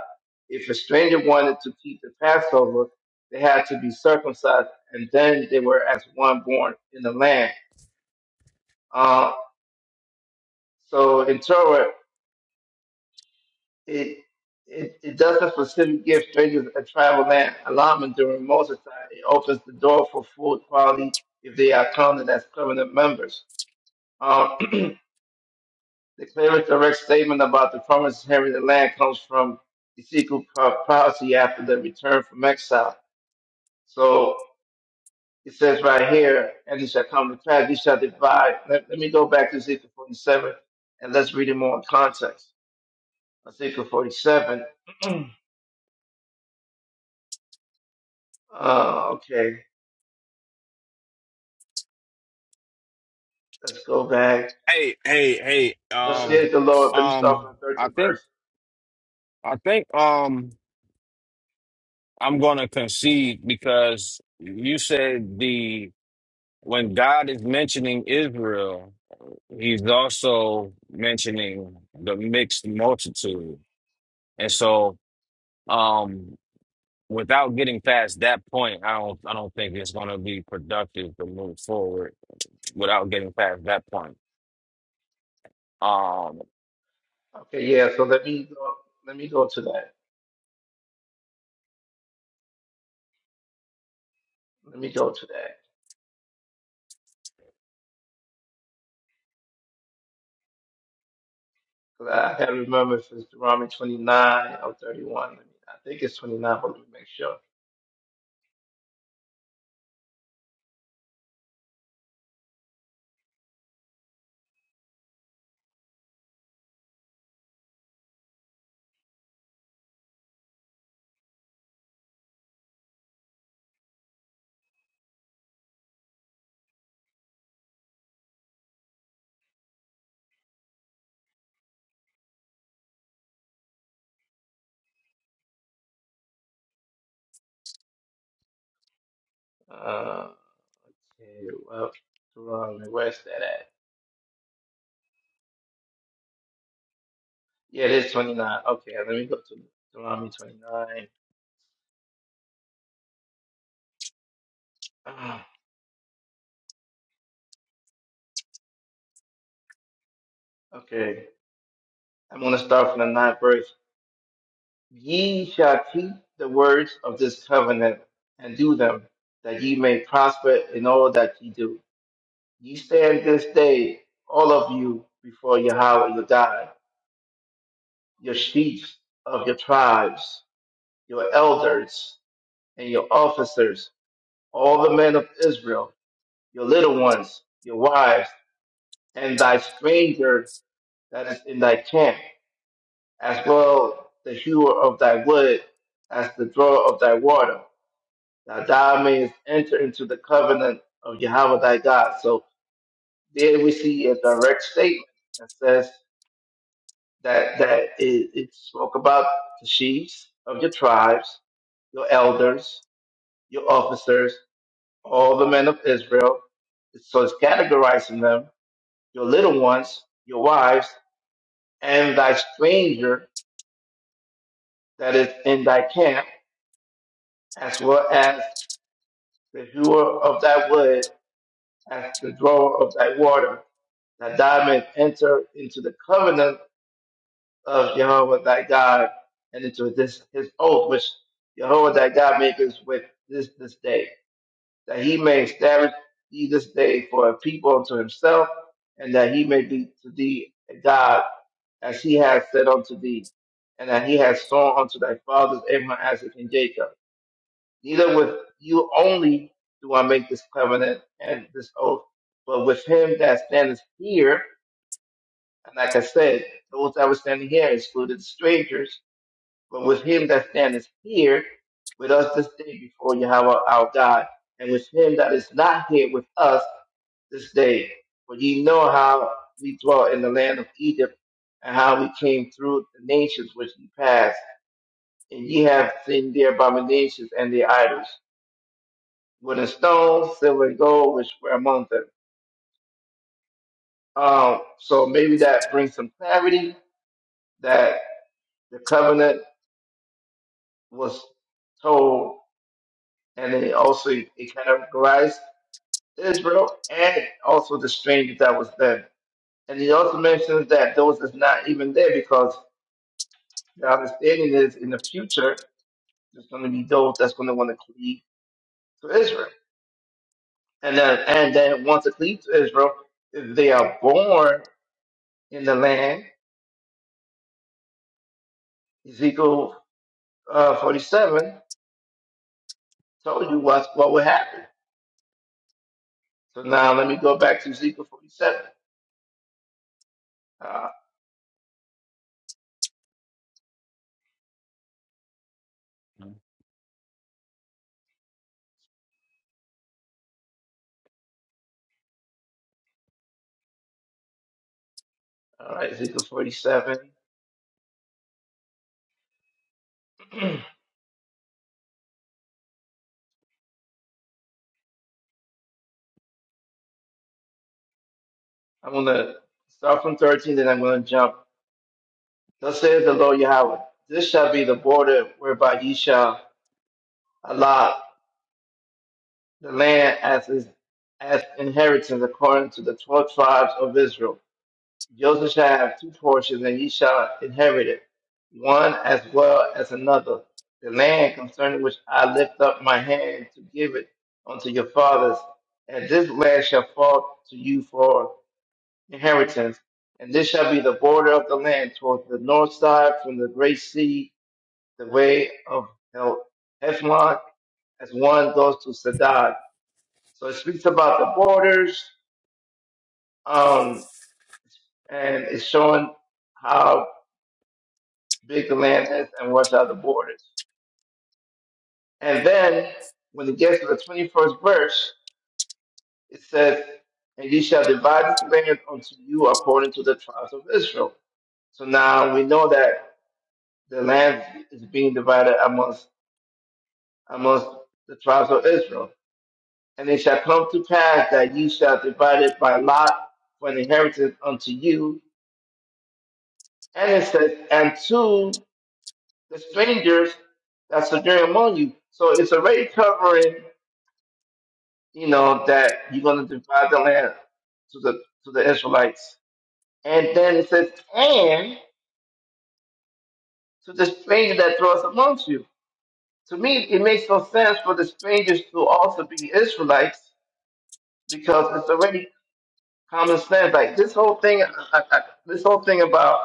If a stranger wanted to keep the Passover, they had to be circumcised, and then they were as one born in the land. Uh, so in Torah, it, it it doesn't specifically give strangers a tribal land allotment during Moses' time. It opens the door for full equality if they are counted as covenant members. Um, the clearest direct statement about the promise of having the land comes from Ezekiel prophecy after the return from exile So it says right here, and it shall come to pass, he shall divide. Let, let me go back to Ezekiel 47 and let's read it more in context. Ezekiel 47. uh, okay, let's go back.
Hey, hey, hey,
Thus
um
says the Lord. Let me start
um
from the
I
13th
think
verse.
I think um I'm gonna concede because you said the when God is mentioning Israel, he's also mentioning the mixed multitude. And so um without getting past that point, I don't I don't think it's gonna be productive to move forward without getting past that point. Um,
Okay, yeah, so let me go, let me go to that. Let me go to that. 'Cause I can't remember if it's Deuteronomy 29 or 31. Let me- I think it's 29, but let me make sure. Uh, okay, well, Deuteronomy, where's that at? Yeah, it is 29. Okay, let me go to Deuteronomy 29. Ah, Okay, I'm going to start from the ninth verse. Ye shall keep the words of this covenant and do them, that ye may prosper in all that ye do. Ye stand this day, all of you, before Yahweh your God, your chiefs of your tribes, your elders, and your officers, all the men of Israel, your little ones, your wives, and thy stranger that is in thy camp, as well the hewer of thy wood, as the drawer of thy water, that thou mayest enter into the covenant of Yahweh thy God. So there we see a direct statement that says that that it, it spoke about the chiefs of your tribes, your elders, your officers, all the men of Israel. So it's categorizing them, your little ones, your wives, and thy stranger that is in thy camp as well as the hewer of thy wood, as the drawer of thy water, that thou mayest enter into the covenant of Jehovah thy God, and into this his oath which Jehovah thy God maketh with this this day, that he may establish thee this day for a people unto himself, and that he may be to thee a God, as he has said unto thee, and that he has sworn unto thy fathers Abraham, Isaac, and Jacob neither with you only do I make this covenant and this oath, but with him that standeth here, and like I said, those that were standing here excluded strangers, but with him that standeth here, with us this day before Yahweh our God, and with him that is not here with us this day. For ye know how we dwelt in the land of Egypt, and how we came through the nations which ye passed, and ye have seen their abominations and their idols with a stone, silver and gold, which were among them. Um, so maybe that brings some clarity that the covenant was told, and then also it categorized Israel and also the stranger that was there. And he also mentions that those that's not even there because the understanding is in the future there's going to be those that's going to want to cleave to Israel, and then and then once they cleave to Israel, if they are born in the land. Ezekiel uh, 47 told you what, what would happen. So now let me go back to Ezekiel 47. Uh, all right, Ezekiel 47. I'm going to start from 13, then I'm going to jump. Thus says the Lord Yahweh, this shall be the border whereby ye shall allot the land as is, as inheritance according to the 12 tribes of Israel. Joseph shall have two portions, and ye shall inherit it, one as well as another. The land concerning which I lift up my hand to give it unto your fathers, and this land shall fall to you for inheritance. And this shall be the border of the land toward the north side from the great sea, the way of Hel- Hethlon, as one goes to Sadad. So it speaks about the borders, um, and it's showing how big the land is and watch out the borders. And then when it gets to the 21st verse, it says, And ye shall divide this land unto you according to the tribes of Israel. So now we know that the land is being divided amongst amongst the tribes of Israel. And it shall come to pass that ye shall divide it by lot for an inheritance unto you. And it says, and to the strangers that sojourn among you. So it's already covering you know, that you're going to divide the land to the to the Israelites. And then it says, and to the stranger that dwells amongst you. To me, it makes no sense for the strangers to also be Israelites because it's already common sense. Like this whole thing, I, I, this whole thing about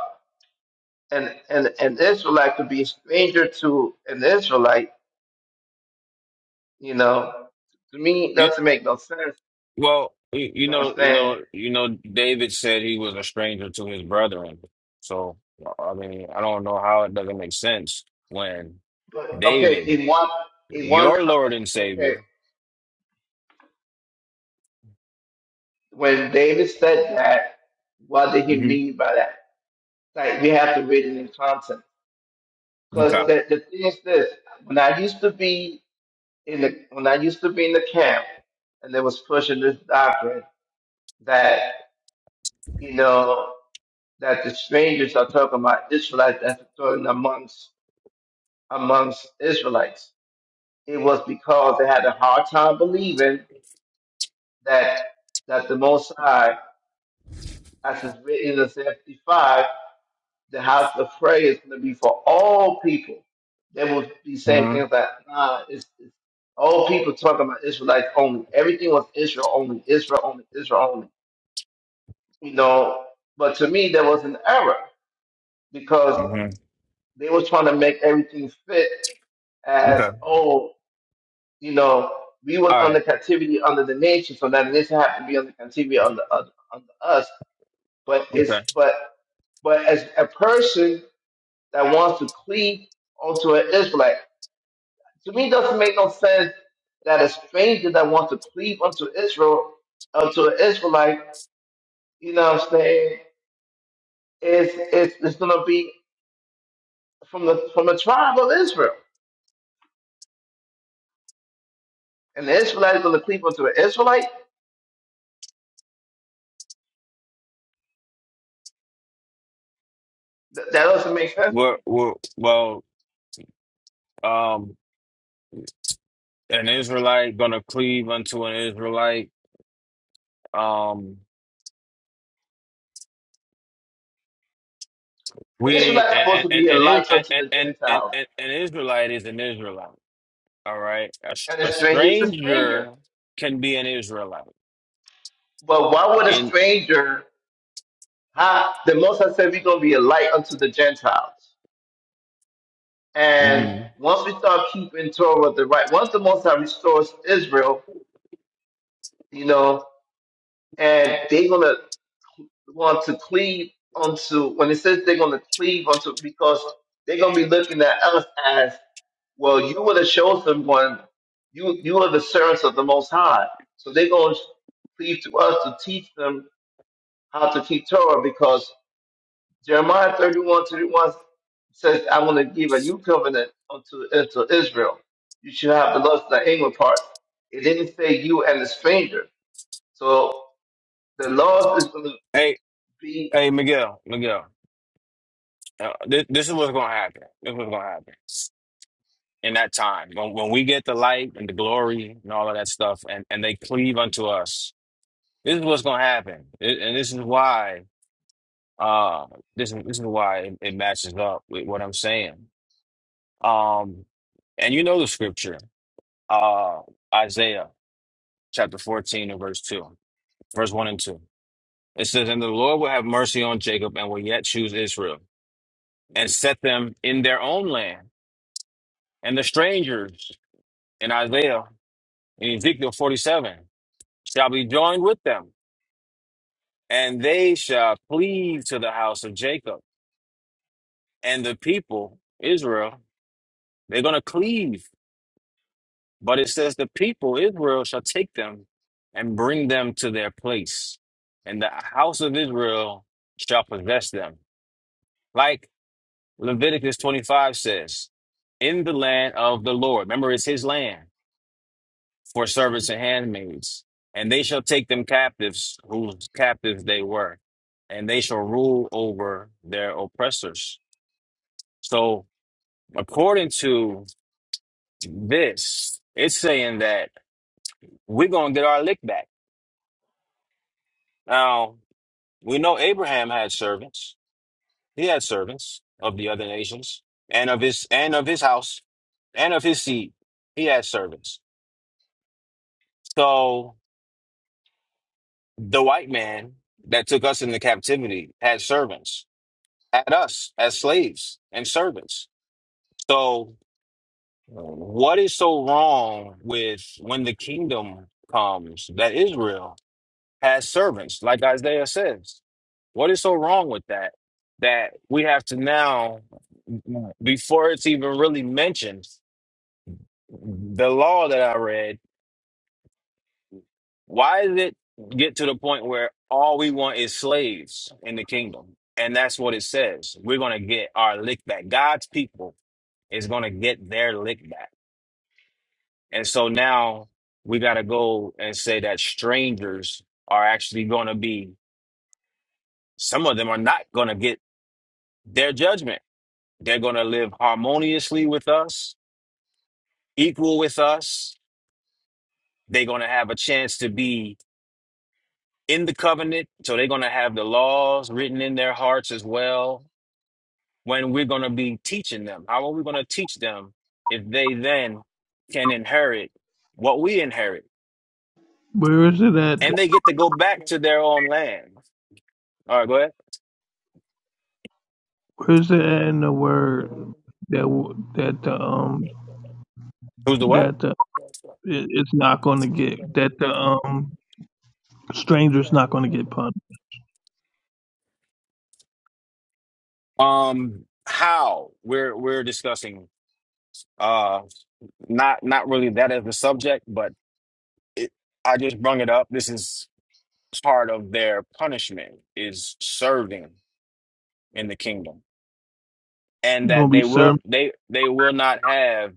an, an an Israelite to be a stranger to an Israelite, you know, to me
you,
doesn't make no sense.
well, you,
You
you
know what I'm
know, you
saying?
know, you know, David said he was a stranger to his brethren. So I mean, I don't know how it doesn't make sense when
But okay,
David,
in one in one
your
co-
Lord and
okay
Savior.
When David said that, what did he
hmm
mean by that? Like we have to read it in context. Because
Okay.
the, the thing is this: when I used to be in the when I used to be in the camp, and they was pushing this doctrine that you know that the strangers are talking about Israelites that's talking amongst amongst Israelites. It was because they had a hard time believing that that the Most High, as is written in the 55, the house of prayer is going to be for all people. They will be saying
hmm
things like, nah, it's, it's all people talking about Israelites only. Everything was Israel only, Israel only, Israel only. You know, but to me, there was an error because
hmm
they were trying to make everything fit as,
Okay.
oh, you know, we was
All
under
right.
captivity under the nation, so that the nation had to be under captivity under, under, under us. But it's,
Okay.
but, but as a person that wants to cleave onto an Israelite, To me, it doesn't make no sense that a stranger that wants to cleave unto Israel, unto an Israelite, you know what I'm saying, is is, is going to be from the from the tribe of Israel. And the Israelite is going to cleave unto an Israelite? Th- that doesn't make sense to
Well,
me.
well, well. Um. an Israelite gonna cleave unto an Israelite. Um,
The
we
Israelite is supposed
and
to
and
be a
and
light unto
and
the
and, and,
Gentiles,
and an Israelite is an Israelite. All right, a, s-
and a
a
stranger is a stranger.
stranger can be an Israelite.
But why would a
And
stranger, huh? The most High said, we're going to be a light unto the Gentiles. And
mhm.
once we start keeping Torah the right, once the Most High restores Israel, you know, and they're gonna want to cleave onto when it says they're gonna cleave onto because they're gonna be looking at us as well. You were the chosen one. You you are the servants of the Most High. So they're gonna cleave to us to teach them how to keep Torah because Jeremiah 31 31 says, I want to give a new covenant unto, unto Israel. You should have the laws of the inward parts. It didn't say you and the stranger. So the laws is going to
hey,
be
hey, Miguel, Miguel, uh, this, this is what's gonna happen. This is what's gonna happen in that time when when we get the light and the glory and all of that stuff, and and they cleave unto us. This is what's gonna happen, It- and this is why Uh, this is this is why it, it matches up with what I'm saying. Um, and you know the scripture, uh, Isaiah chapter 14 and verse 2, verse 1 and 2. It says, And the Lord will have mercy on Jacob and will yet choose Israel and set them in their own land. And the strangers in Isaiah, in Ezekiel 47, shall be joined with them, and they shall cleave to the house of Jacob and the people, Israel. They're going to cleave But it says, The people, Israel, shall take them and bring them to their place, and the house of Israel shall possess them. Like Leviticus 25 says, In the land of the Lord. Remember, it's his land for servants and handmaids. And they shall take them captives, whose captives they were, and they shall rule over their oppressors. So, according to this, it's saying that we're going to get our lick back. Now, We know Abraham had servants. He had servants of the other nations and of his and of his house and of his seed. He had servants. So the white man that took us into captivity had servants, had us as slaves and servants. So what is so wrong with when the kingdom comes that Israel? as servants, like Isaiah says. What is so wrong with that? That we have to now, before it's even really mentioned, the law that I read, why did it get to the point where all we want is slaves in the kingdom? And that's what it says. We're going to get our lick back. God's people is going to get their lick back. And so now we got to go and say that strangers are actually going to be, some of them are not going to get their judgment They're going to live harmoniously with us, equal with us. They're going to have a chance to be in the covenant. So they're going to have the laws written in their hearts as well. When we're going to be teaching them, how are we going to teach them if they then can inherit what we inherit?
Where is it at?
And they get to go back to their own land. All right, go ahead.
Where is it at in the word that w- that the um
Who's the what?
that the it, it's not going to get that the um stranger's not going to get punished.
Um, how we're we're discussing uh not not really that as the subject, but it, I just brung it up. This is part of their punishment is serving in the kingdom and
It's
that
going to be
they
served.
will they they will not have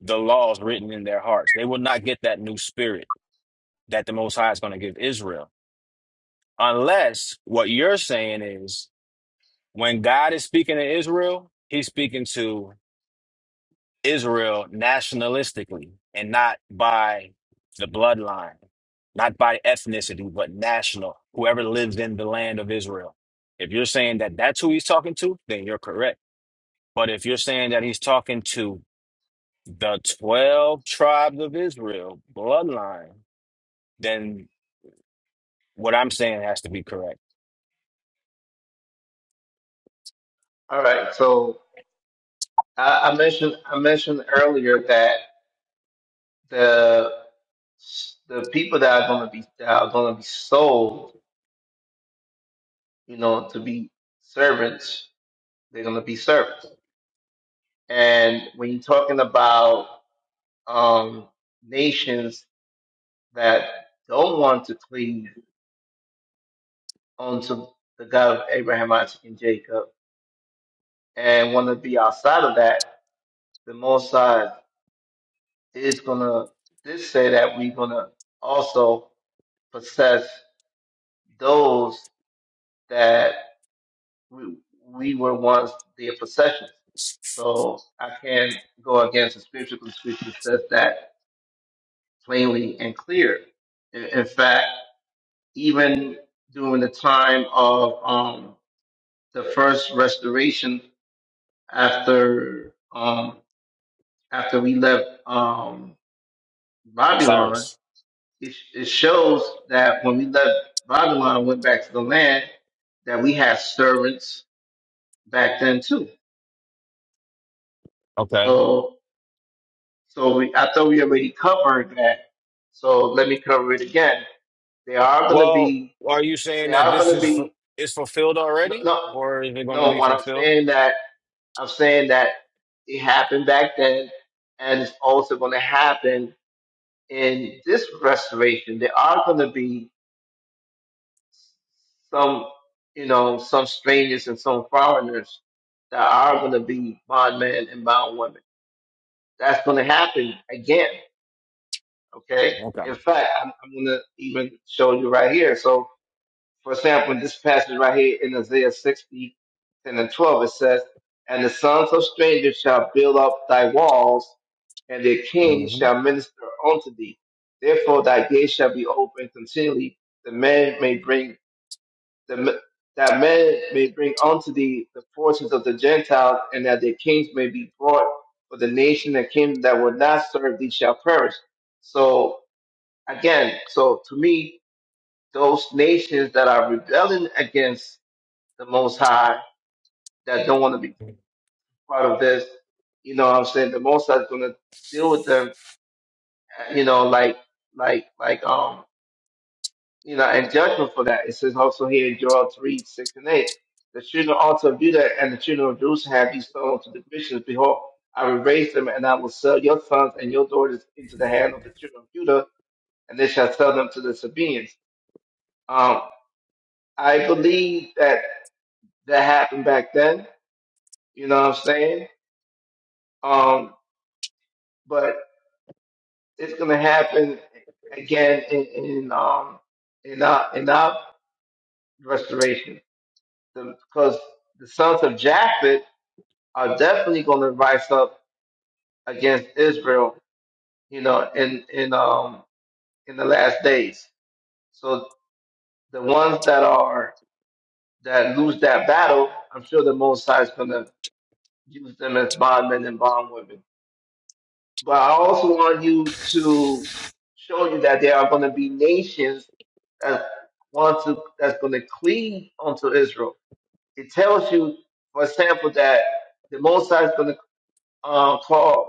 the laws written in their hearts they will not get that new spirit that the most high is going to give israel unless what you're saying is when god is speaking to israel he's speaking to Israel nationalistically and not by the bloodline, not by ethnicity, but national, whoever lives in the land of Israel. If you're saying that that's who he's talking to, then you're correct. But if you're saying that he's talking to the 12 tribes of Israel bloodline, then what I'm saying has to be correct.
all right. So I, I mentioned I mentioned earlier that the the people that are going to be that are going to be sold, you know, to be servants, they're going to be servants. And when you're talking about um, nations that don't want to cleave unto the God of Abraham, Isaac, and Jacob and want to be outside of that, the Most High is going to this say that we're going to also possess those that we, we were once their possessions. So I can't go against the scripture because scripture says that plainly and clear. In, in fact, even during the time of um, the first restoration after um after we left um Babylon,
Cyrus.
it, it shows that when we left Babylon and went back to the land, that we had servants back then too.
Okay.
So so we I thought we already covered that. So let me cover it again. They are gonna
Well,
be
are you saying
they
that
are
this
gonna
is fu-
be
is fulfilled
no
already
no
or is it going to
no
be
what I'm
fulfilled?
saying that I'm saying that it happened back then and it's also gonna happen in this restoration, there are going to be some, you know, some strangers and some foreigners that are going to be bondmen and bondwomen. That's going to happen again. Okay.
Okay.
In fact, I'm, I'm going to even show you right here. So, for example, in this passage right here in Isaiah 60, 10 and 12, it says, And the sons of strangers shall build up thy walls, and their king
hmm
shall minister unto thee. Therefore thy gate shall be open continually, the man may bring the that men may bring unto thee the forces of the Gentiles, and that their kings may be brought, for the nation and kingdom that will not serve thee shall perish. So again, so to me, those nations that are rebelling against the Most High, that don't want to be part of this, you know what I'm saying? The Most High is going to deal with them you know, like, like, like, um, you know, and judgment for that. It says also here in Joel 3, 6 and 8, the children also of Judah and the children of Jerusalem have these stones to the Christians. Behold, I will raise them and I will sell your sons and your daughters into the hand of the children of Judah and they shall sell them to the Sabaeans. Um, I believe that that happened back then. You know what I'm saying? Um, but it's going to happen again in, in, um, in our, in our restoration because the sons of Japheth are definitely going to rise up against Israel, you know, in in um in the last days. So the ones that are that lose that battle, I'm sure the Most High is going to use them as bondmen and bondwomen. But I also want you to show you that there are going to be nations that want to that's going to cleave unto Israel. It tells you, for example, that the Most High is going to uh, call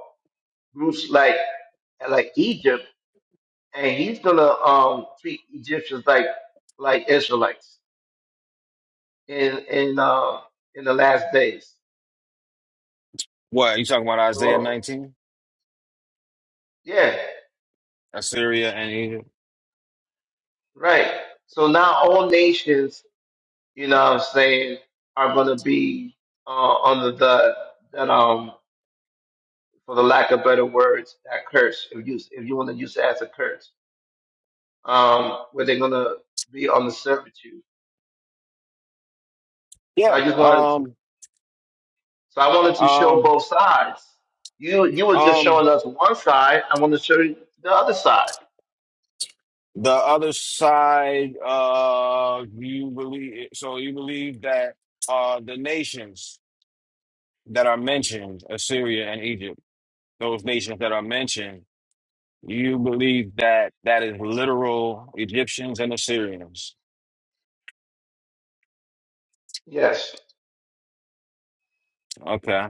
groups like like Egypt, and he's gonna um treat Egyptians like like Israelites in in uh, in the last days.
What you talking about Isaiah
So
19?
yeah,
Assyria and Egypt?
right. So now all nations, you know, what I'm saying, are gonna be uh, under the that um for the lack of better words that curse if you if you want to use it as a curse um where they're gonna be on the servitude. So
Yeah.
I just wanted
Um
So I wanted to show
um
both sides. You you were just
um
showing us one side. I want to show you the other side.
the other side uh you believe so you believe that uh the nations that are mentioned, Assyria and Egypt, those nations that are mentioned, you believe that that is literal Egyptians and Assyrians.
Yes.
Okay.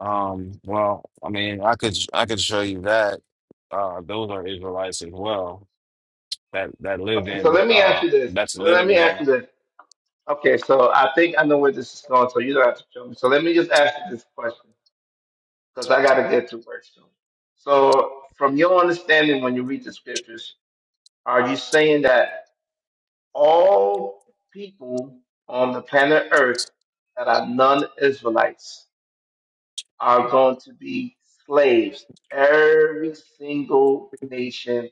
Um well, I mean, I could I could show you that uh those are Israelites as well. that that live
Okay. So
in
let me ask
uh
you this.
that's
Let
living
me ask
there.
you this. Okay. So I think I know where this is going. So you don't have to show me. So let me just ask you this question because I got to get to work soon. So from your understanding, when you read the scriptures, are you saying that all people on the planet Earth that are non-Israelites are going to be slaves. Every single nation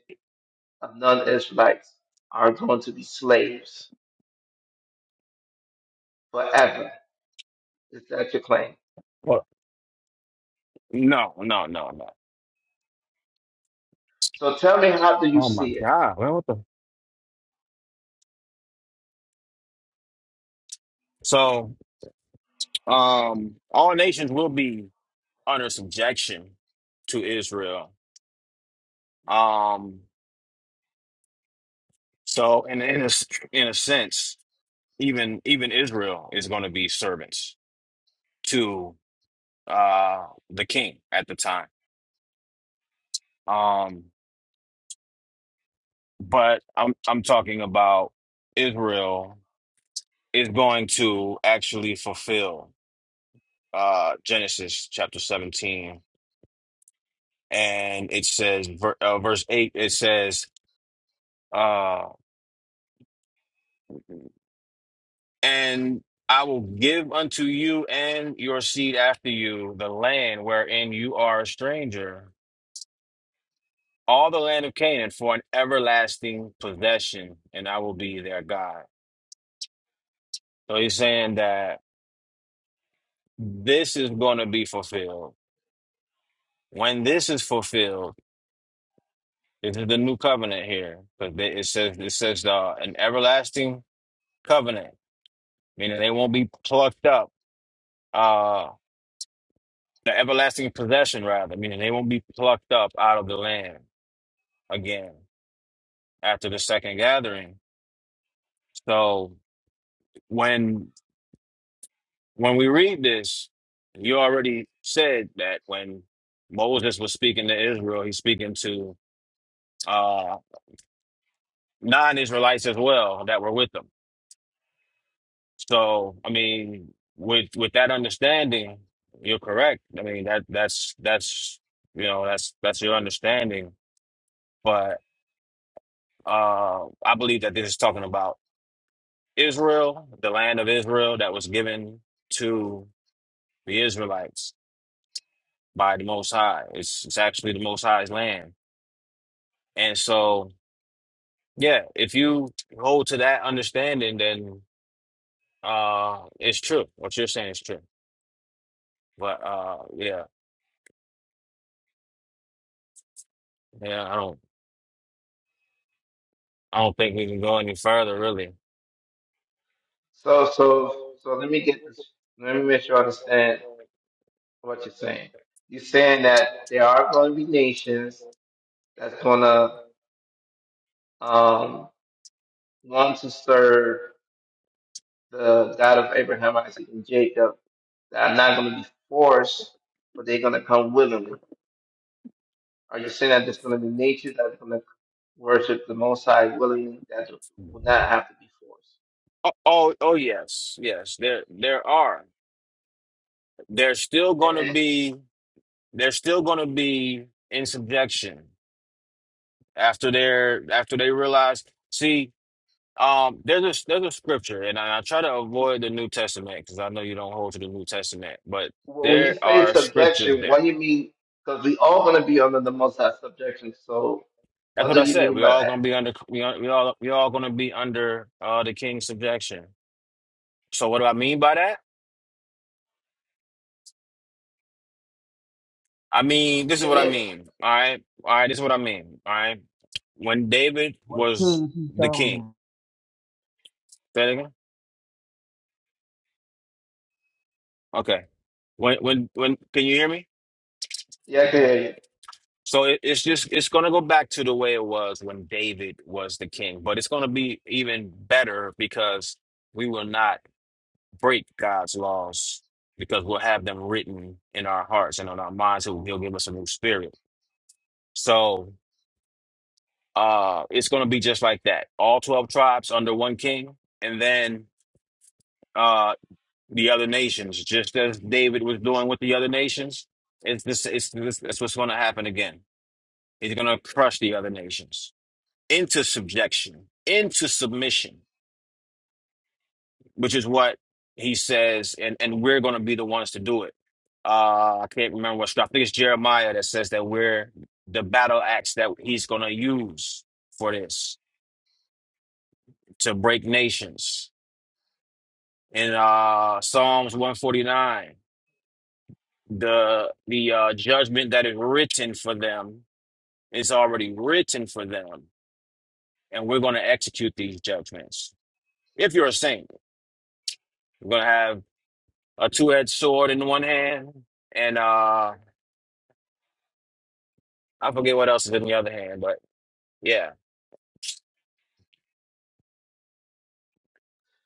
of non Israelites are going to be slaves forever. Is that your claim?
Well, no, no, no, no.
So tell me, how do you
Oh my
see it?
God, man, what the? So, um, all nations will be under subjection to Israel. Um, so in in a s- in a sense, even even Israel is going to be servants to uh the king at the time. Um, but I'm I'm talking about Israel is going to actually fulfill. uh, Genesis chapter 17, and it says, ver- uh, verse 8, it says, uh, And I will give unto you and your seed after you the land wherein you are a stranger, all the land of Canaan for an everlasting possession, and I will be their God. So he's saying that this is going to be fulfilled. When this is fulfilled, this is the new covenant here, because it says it says uh, an everlasting covenant meaning they won't be plucked up. Uh, the everlasting possession, rather, meaning they won't be plucked up out of the land again after the second gathering. So when when we read this, you already said that when Moses was speaking to Israel, he's speaking to uh, non-Israelites as well that were with them. So I mean, with with that understanding, you're correct. I mean that that's that's you know that's that's your understanding but uh, I believe that this is talking about Israel, the land of Israel that was given to the Israelites by the Most High. It's, it's actually the Most High's land. And so, yeah, if you hold to that understanding, then uh, it's true. What you're saying is true. But uh, yeah, yeah, I don't, I don't think we can go any further, really.
So, so, so let me get this. Let me make sure I understand what you're saying. You're saying that there are going to be nations that's going to um, want to serve the God of Abraham, Isaac, and Jacob that are not going to be forced, but they're going to come willingly. Are you saying that there's going to be nature that are going to worship the Most High willingly that will not have to be forced?
Oh, oh, oh yes, yes. There, there are. There's still going to
And
be. they're still going to be in subjection after they're after they realize see um there's a there's a scripture and I, I try to avoid the New Testament because I know you don't hold to the New Testament but
wh- when you
there
say
are scriptures
subjection, what
there
do you mean? Because we all going to be under the Most High subjection. So
that's
what
what
do
I
you
said
mean
we
by
all
that?
gonna be under we all we all, we all gonna be under uh the king's subjection so what do I mean by that I mean this is
Yeah,
what I
yeah,
mean all right all right this is what I mean all right when David
What
was
kids he
the
talking
king
about?
say that again okay when when when can you hear me
yeah. I can hear you.
So it, it's just it's going to go back to the way it was when David was the king, but it's going to be even better because we will not break God's laws because we'll have them written in our hearts and on our minds. He'll, he'll give us a new spirit. So uh, it's going to be just like that. All twelve tribes under one king, and then uh, the other nations, just as David was doing with the other nations. It's this. It's this. That's what's going to happen again. He's going to crush the other nations. into subjection, into submission, which is what he says, and, and we're going to be the ones to do it. Uh, I can't remember what I think it's Jeremiah that says that we're the battle axe that he's going to use for this to break nations. In uh, Psalms 149, the the uh, judgment that is written for them is already written for them, and we're going to execute these judgments. If you're a saint, we're going to have a two-edged sword in one hand, and uh, I forget what else is in the other hand, but yeah.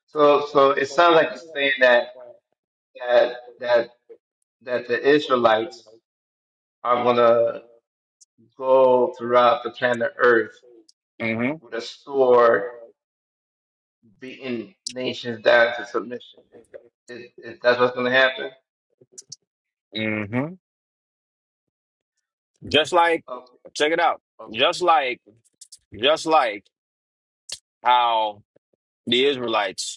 So, so it sounds like you're saying that that that that the Israelites are going to go throughout the planet Earth
Mm-hmm.
with a sword beating nations down to submission. Is, is, is that what's going to happen?
Mm-hmm. Just like,
Okay,
check it out.
okay.
Just like, just like how the Israelites.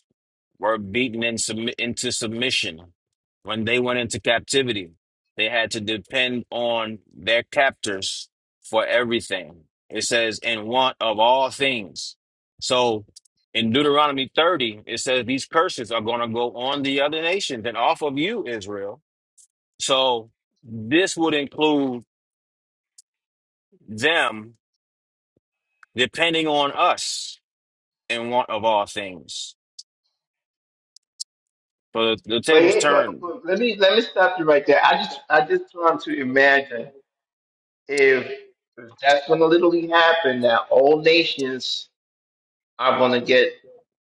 were beaten in submi- into submission. When they went into captivity, they had to depend on their captors for everything. It says, in want of all things. So in Deuteronomy 30, it says these curses are going to go on the other nations and off of you, Israel. So this would include them depending on us in want of all things. So the, the
But,
tables
yeah, but,
turned.
but let me let me stop you right there. I just I just want to imagine if, if that's going to literally happen, that all nations are going to get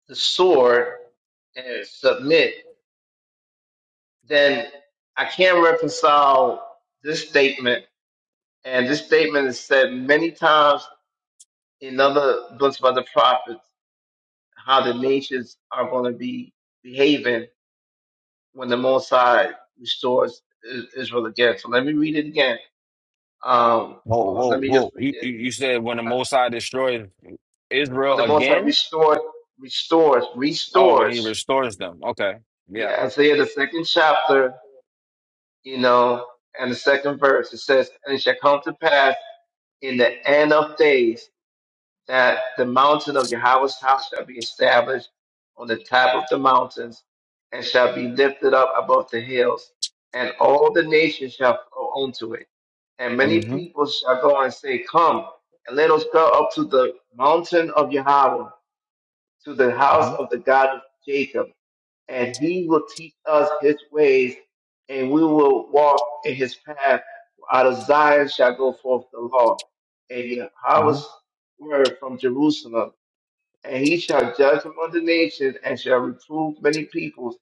the sword and submit. Then I can't reconcile this statement, and this statement is said many times in other books by the prophets how the nations are going to be behaving when the Most High restores I- Israel again. So let me read it again. Um,
Whoa,
well,
whoa,
let me just
whoa.
read
You, you
it.
you said when the
Uh,
Most High destroys
when
Israel
the Most High
again?
restored, restores,
Oh, when he
restores.
restores them. Okay. Yeah.
Yeah, Isaiah the second chapter, you know, and the second verse. It says, "And it shall come to pass in the end of days." that the mountain of Yahweh's house shall be established on the top of the mountains and shall be lifted up above the hills, and all the nations shall flow unto it. And many
Mm-hmm.
people shall go and say, Come, and let us go up to the mountain of Yahweh, to the house
Mm-hmm.
of the God of Jacob and he will teach us his ways, and we will walk in his path. Out of Zion shall go forth the law, and Yahweh's
Mm-hmm.
word from Jerusalem. And he shall judge among the nations, and shall reprove many peoples,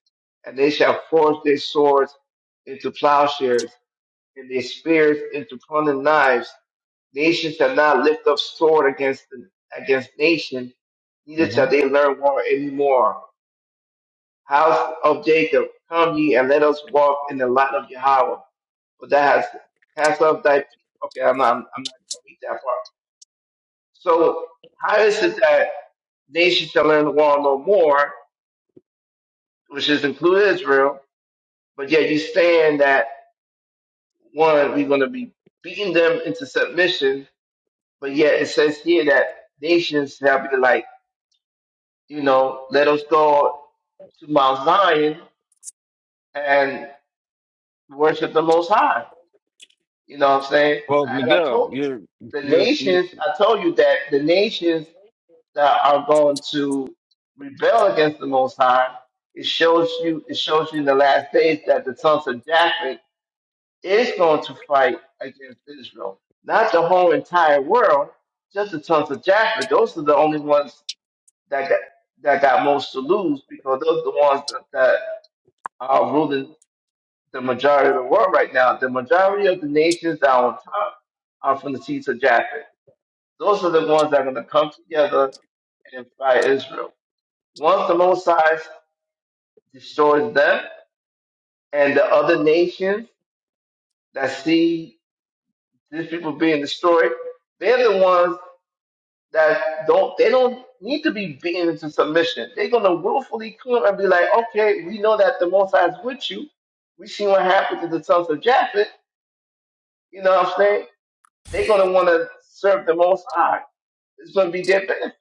and they shall forge their swords into plowshares, and their spears into pruning knives. Nation shall not lift up sword against against nation, neither shall
Mm-hmm.
they learn war anymore House of Jacob, come ye and let us walk in the light of Yahweh. For thou hast cast off thy. Okay, I'm not. I'm not going to read that part. So how is it that nation shall learn the war no more, which is included Israel, but yet you saying that one we're going to be beating them into submission, but yet it says here that nations shall be like, you know, let us go to Mount Zion and worship the Most High. You know what I'm saying?
Well,
And I
Miguel,
told you,
you're,
the
you're, you're,
nations, I told you that the nations that are going to rebel against the Most High, it shows you, it shows you in the last days that the sons of Japheth is going to fight against Israel. Not the whole entire world, just the sons of Japheth. Those are the only ones that got, that got most to lose because those are the ones that, that are ruling the majority of the world right now. The majority of the nations that are on top are from the seeds of Japheth. Those are the ones that are going to come together and fight Israel. Once the Mosai destroys them and the other nations that see these people being destroyed, they're the ones that don't, they don't need to be beaten into submission. They're going to willfully come and be like, okay, we know that the Mosai is with you. We seen what happened to the sons of Japheth. You know what I'm saying? they're going to want to serve the Most High. It's going to be their benefit.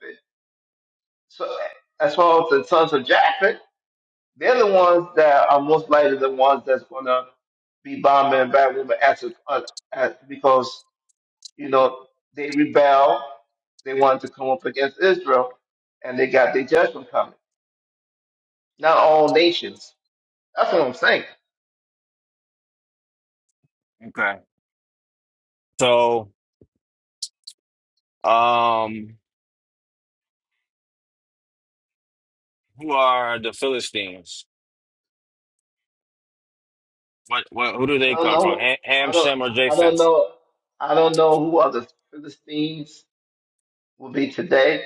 So as far as the sons of Japheth, they're the ones that are most likely the ones that's going to be bombing and bad women as, a, uh, as because you know they rebel. They wanted to come up against Israel, and they got their judgment coming. Not all nations. That's what I'm saying.
okay. So, um, who are the Philistines? What, what, who do
I
they
don't
come from?
know.
Ha- Ham,
I don't.
Shem, or
I don't
Japheth?
know. I don't know who are the Philistines will be today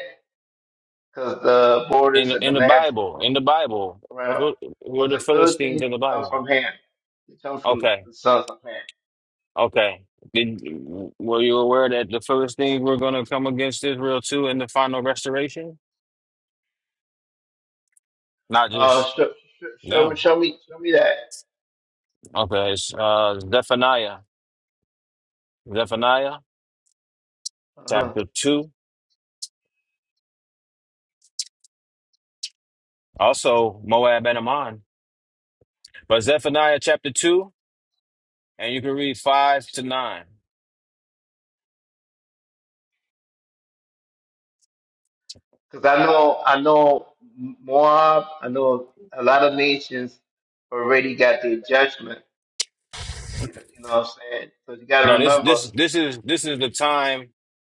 because the
In,
borders and the
in the
land has
Bible, in
been
the Bible,
around.
who, who are
But
the
the
Philistines
Philistines
in the
come
Bible?
from Ham. They come from
Okay.
the sons of Ham.
Okay. Did were you aware that the Philistines were going to come against Israel too in the final restoration? Not
Uh,
just
show, show me,
them.
show me, show me that.
Okay, it's uh, Zephaniah, Zephaniah chapter
Because
two. Also Moab and Ammon, but Zephaniah chapter two, and you can read five to nine.
I know, I know Moab. I know a lot of nations already got their judgment. You know, you know what I'm saying? So you got to
No, this
remember.
this this is this is the time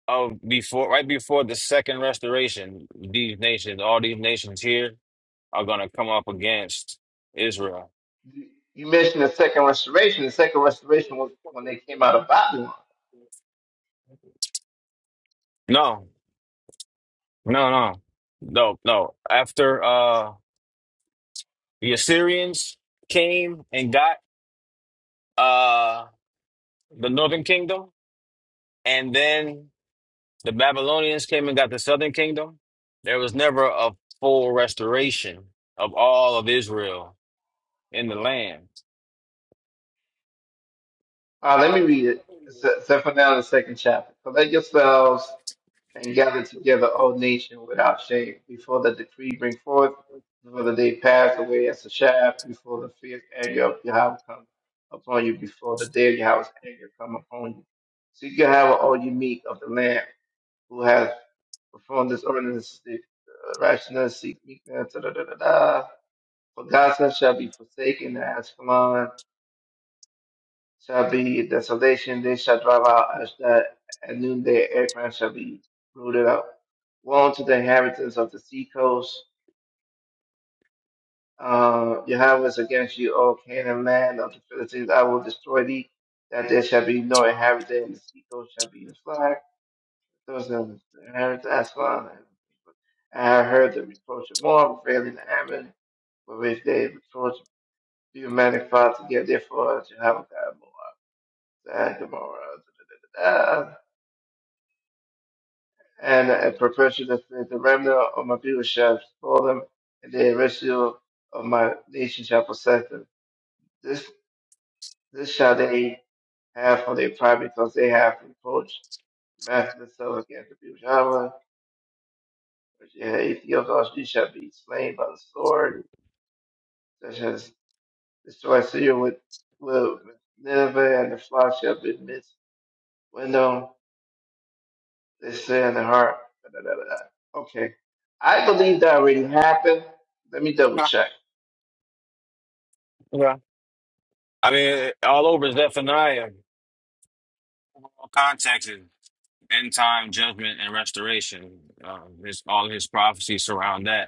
of before right before the second restoration. These nations, all these nations here, are going to come up against Israel.
You you mentioned the second restoration. The second restoration was when they came out of Babylon.
No. No, no, no, no. After uh the Assyrians came and got uh the northern kingdom, and then the Babylonians came and got the southern kingdom, there was never a full restoration of all of Israel in the land.
Uh, let me read it. It's, it's Zephaniah, the second chapter. Collect yourselves and gather together, O nation, without shame, before the decree bring forth, before they pass away as a shaft, before the fierce anger of Yahweh come upon you, before the day of Yahweh's anger come upon you. Seek Yahweh, all you meek of the land, who has performed this ordinance, the uh, righteousness, seek meekness, da da da da da. For Gaza shall be forsaken, and Ashkelon shall be desolation. They shall drive out Ashdod at noonday. Ekron shall be rooted out. Woe unto the inhabitants of the seacoast. Uh, Yahweh is against you, O Canaan land of the Philistines. I will destroy thee, that there shall be no inhabitant, and the seacoast shall be your flag. Those of the inhabitants, inherit Aslan. I have heard the reproach of Moab, failing the Ammon, for which they reproach the manifold together. Therefore, Jehovah God, Moab, Gomorrah, and a perpetual faith. The remnant of my people shall spoil them, and the residual of my nation shall possess them. This this shall they have for their pride, because they have reproached the master themselves against the people. of Java, which they have Ethiopia, also you shall be slain by the sword, such as destroy Syria with, with, with Nineveh, and the flock shall be missed. Window, they say in the heart. Da, da, da, da. da. Okay. I believe that already happened. Let me double check.
I mean, all over Zephaniah, all context is end time judgment and restoration. Um, his, all his prophecies surround that.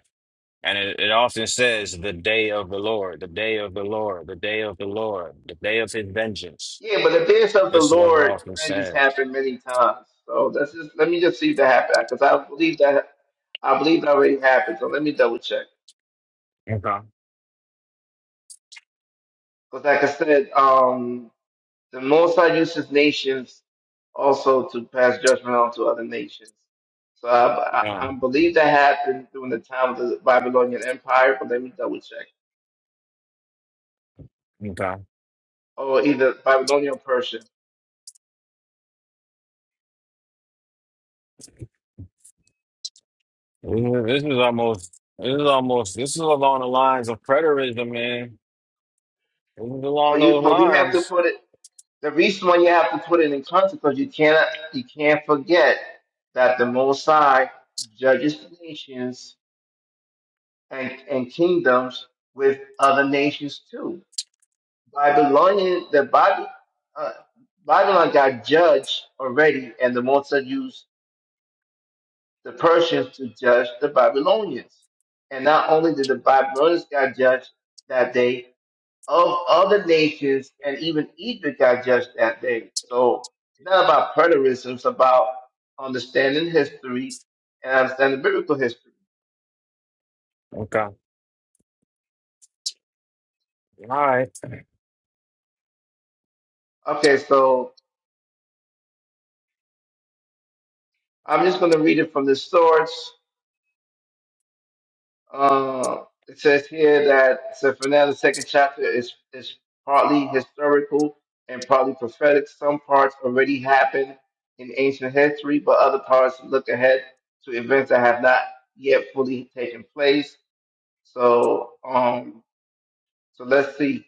And it, it often says, the day of the Lord, the day of the Lord, the day of the Lord, the day of his vengeance.
Yeah, but the dance of the
That's what it
Lord
often
has
says.
happened many times. So that's just let me just see if that happened because I believe that I believe that already happened. So let me double check
Okay.
because, like I said, um, the Most High uses nations also to pass judgment onto other nations. So I, I, I
Um,
believe that happened during the time of the Babylonian Empire, but let me double check,
okay.
or either Babylonian or Persian.
This is, this is almost, this is almost, this is along the lines of preterism, man. This is
But
along
you,
those
but we have to
lines.
put it. The reason why you have to put it in context because you cannot you can't forget that the Most High judges the nations and, and kingdoms with other nations too. Babylonian the Bible uh, Babylon got judged already, and the Most High used the Persians to judge the Babylonians. And not only did the Babylonians got judged that day, of other nations, and even Egypt got judged that day. So it's not about preterism, it's about understanding history and understanding biblical history.
Okay. All right.
Okay, so I'm just going to read it from the source. Uh, it says here that so for the second chapter is, is partly historical and partly prophetic. Some parts already happened in ancient history, but other parts look ahead to events that have not yet fully taken place So, um, so let's see.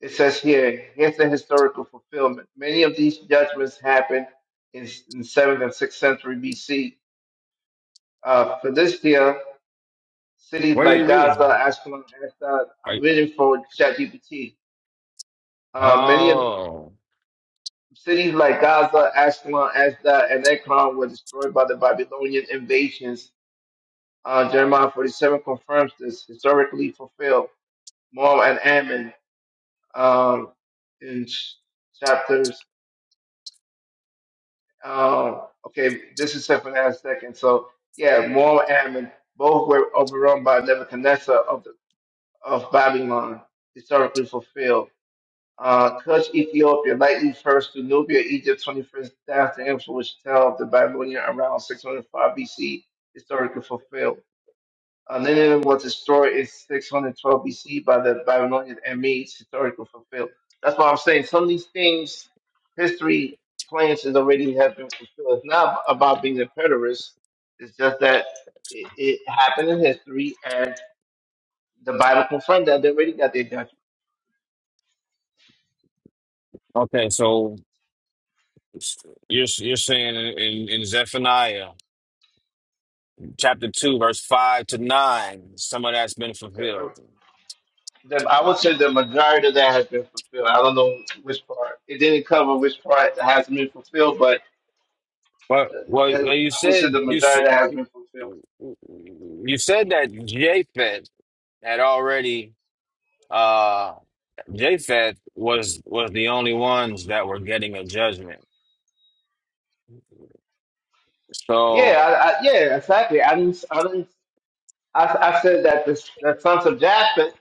It says here, here's the historical fulfillment. Many of these judgments happened in, in 7th and 6th century BC. Uh, Philistia, cities
What are you
like Gaza,
reading?
Ashkelon, Ashdod,
Are
I'm
you-
reading for ChatGPT. Uh, many of
oh,
cities like Gaza, Ashkelon, Ashdod, and Ekron were destroyed by the Babylonian invasions. Uh, Jeremiah 47 confirms this, historically fulfilled. Moab and Ammon, um, in ch- chapters. Um, okay, this is Zephaniah second. So yeah, Moab and Ammon both were overrun by Nebuchadnezzar of the, of Babylon, historically fulfilled. Uh, Cush, Ethiopia, likely first to Nubia, Egypt, 21st dynasty influence tell of the Babylonian around 605 BC, historically fulfilled. Uh, Nineveh was destroyed in 612 BC by the Babylonian and Medes historical fulfilled. That's why I'm saying some of these things, history plans is already have been fulfilled. It's not about being a preterist. It's just that it, it happened in history, and the Bible confirmed that they already got their judgment.
okay. So you're, you're saying in, in Zephaniah chapter 2, verse 5 to 9, some of that's been
So, uh,
fulfilled.
the, I would say the majority of that has been fulfilled. I don't know which part. It didn't cover which part hasn't been fulfilled, but
Well,
the,
well, well, you
I would say the
said you s-
majority of that has been fulfilled.
you said that Japheth had already uh Japheth was was the only ones that were getting a judgment.
Yeah,
So
I, I, yeah, exactly. I didn't, I didn't, I, I said that this, the sons of Japheth,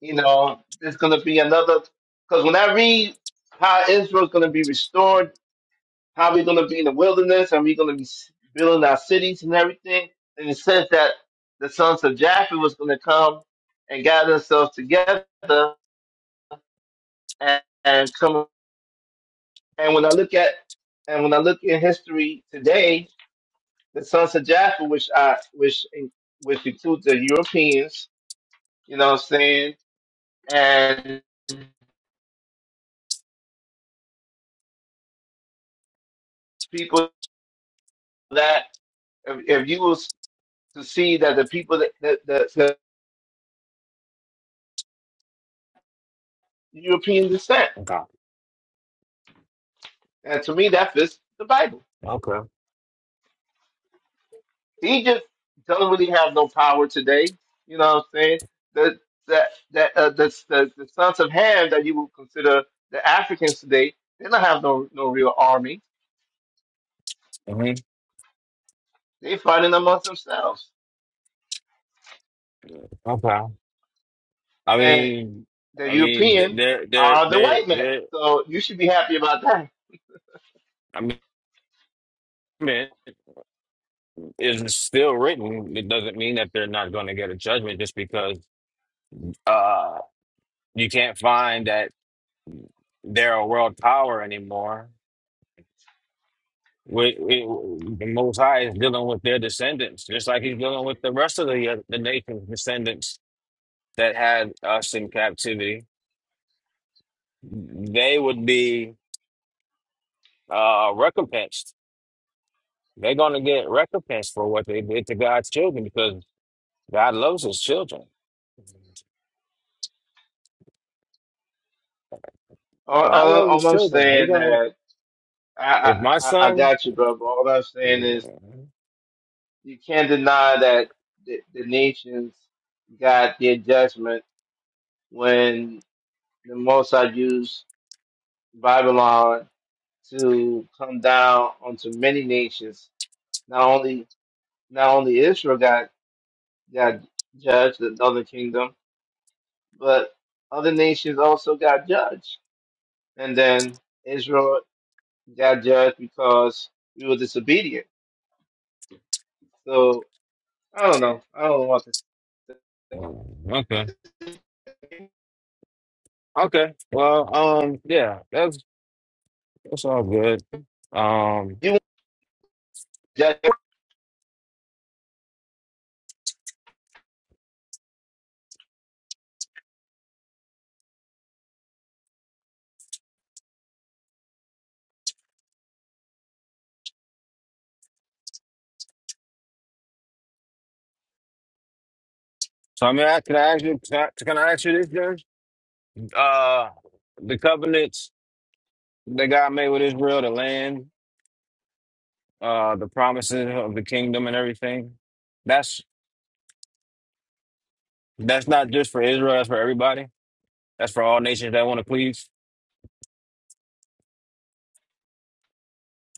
you know, is going to be another. Because when I read how Israel's going to be restored, how we're going to be in the wilderness, and we're going to be s- building our cities and everything, and it says that the sons of Japheth was going to come and gather themselves together and, and come. And when I look at, and when I look in history today, the sons of Jaffa, which I, which in- which includes the Europeans, you know what I'm saying, and people that if, if you was to see that the people that the, the, the European descent,
okay,
and to me that fits the Bible.
okay,
Egypt doesn't really have no power today, you know what I'm saying. The that that uh, the, the the sons of Ham that you would consider the Africans today, they don't have no no real army.
hmm
They fighting amongst themselves
okay. I mean,
the
I mean, th-
European
they're they're
are the
they're
white man.
they're.
So you should be happy about that.
I mean, judgment is still written. It doesn't mean that they're not going to get a judgment just because uh you can't find that they're a world power anymore We, we, the Most High is dealing with their descendants, just like He's dealing with the rest of the uh, the nation's descendants that had us in captivity. They would be uh, recompensed. They're going to get recompensed for what they did to God's children because God loves His children.
All,
God
all,
loves His
all I'm
children. He
saying
gonna
that I,
if
I
my
I I
son.
got you, bro. But all I'm
yeah,
saying is you can't deny that the, the nations got their judgment when the Most High used Babylon to come down onto many nations. Not only not only Israel got got judged, the other kingdom, but other nations also got judged. and then Israel got judged because we were disobedient. So I don't know. I don't want this.
Okay. Okay. Well, um, yeah, that's that's all good. Um,
You want to judge
so I mean, I, can I ask you? Can I, can I ask you this, Jerry? Uh, the covenants that God made with Israel, the land, uh, the promises of the kingdom and everything. That's that's not just for Israel. That's for everybody. That's for all nations that want to please.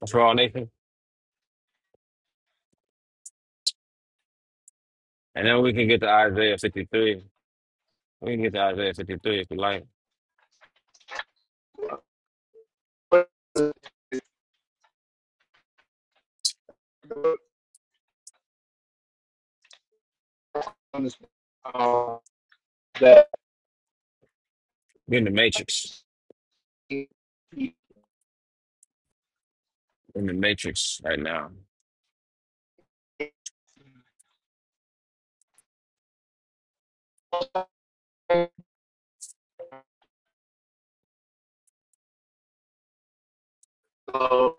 That's for all nations. And then we can get to Isaiah 53. We can get to Isaiah 53 if you like.
uh, that
You're in the matrix. You're In the matrix right now.
so,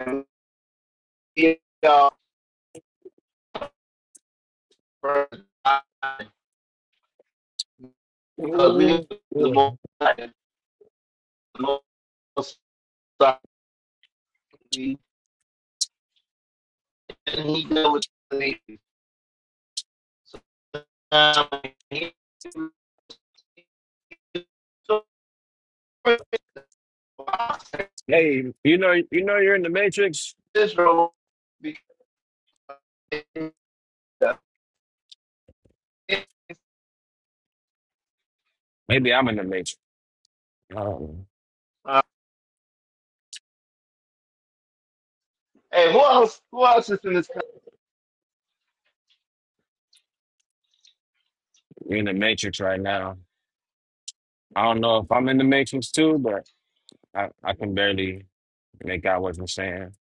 and we are first because we are the most the most and he dealt with the nation. So, um, he- so,
Hey, you know, you know, you're in the matrix.
Israel because
Maybe I'm in the matrix. Um,
uh, hey, who else? Who else is in this country?
you're in the matrix right now. I don't know if I'm in the matrix too, but I, I can barely and that guy wasn't saying.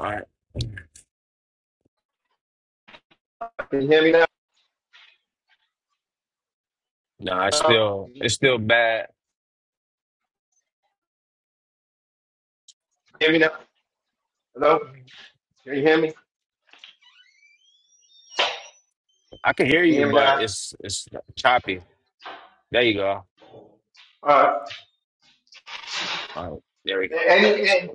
All right.
Can you hear me now?
No, it's
Hello?
still
Can
it's still
you
bad.
hear me now? Hello? Can you hear me?
I can hear
Can you
you,
hear me
but
now?
it's it's choppy. There you go.
Uh,
All right. There we go. Yeah,
any
that's cool.
and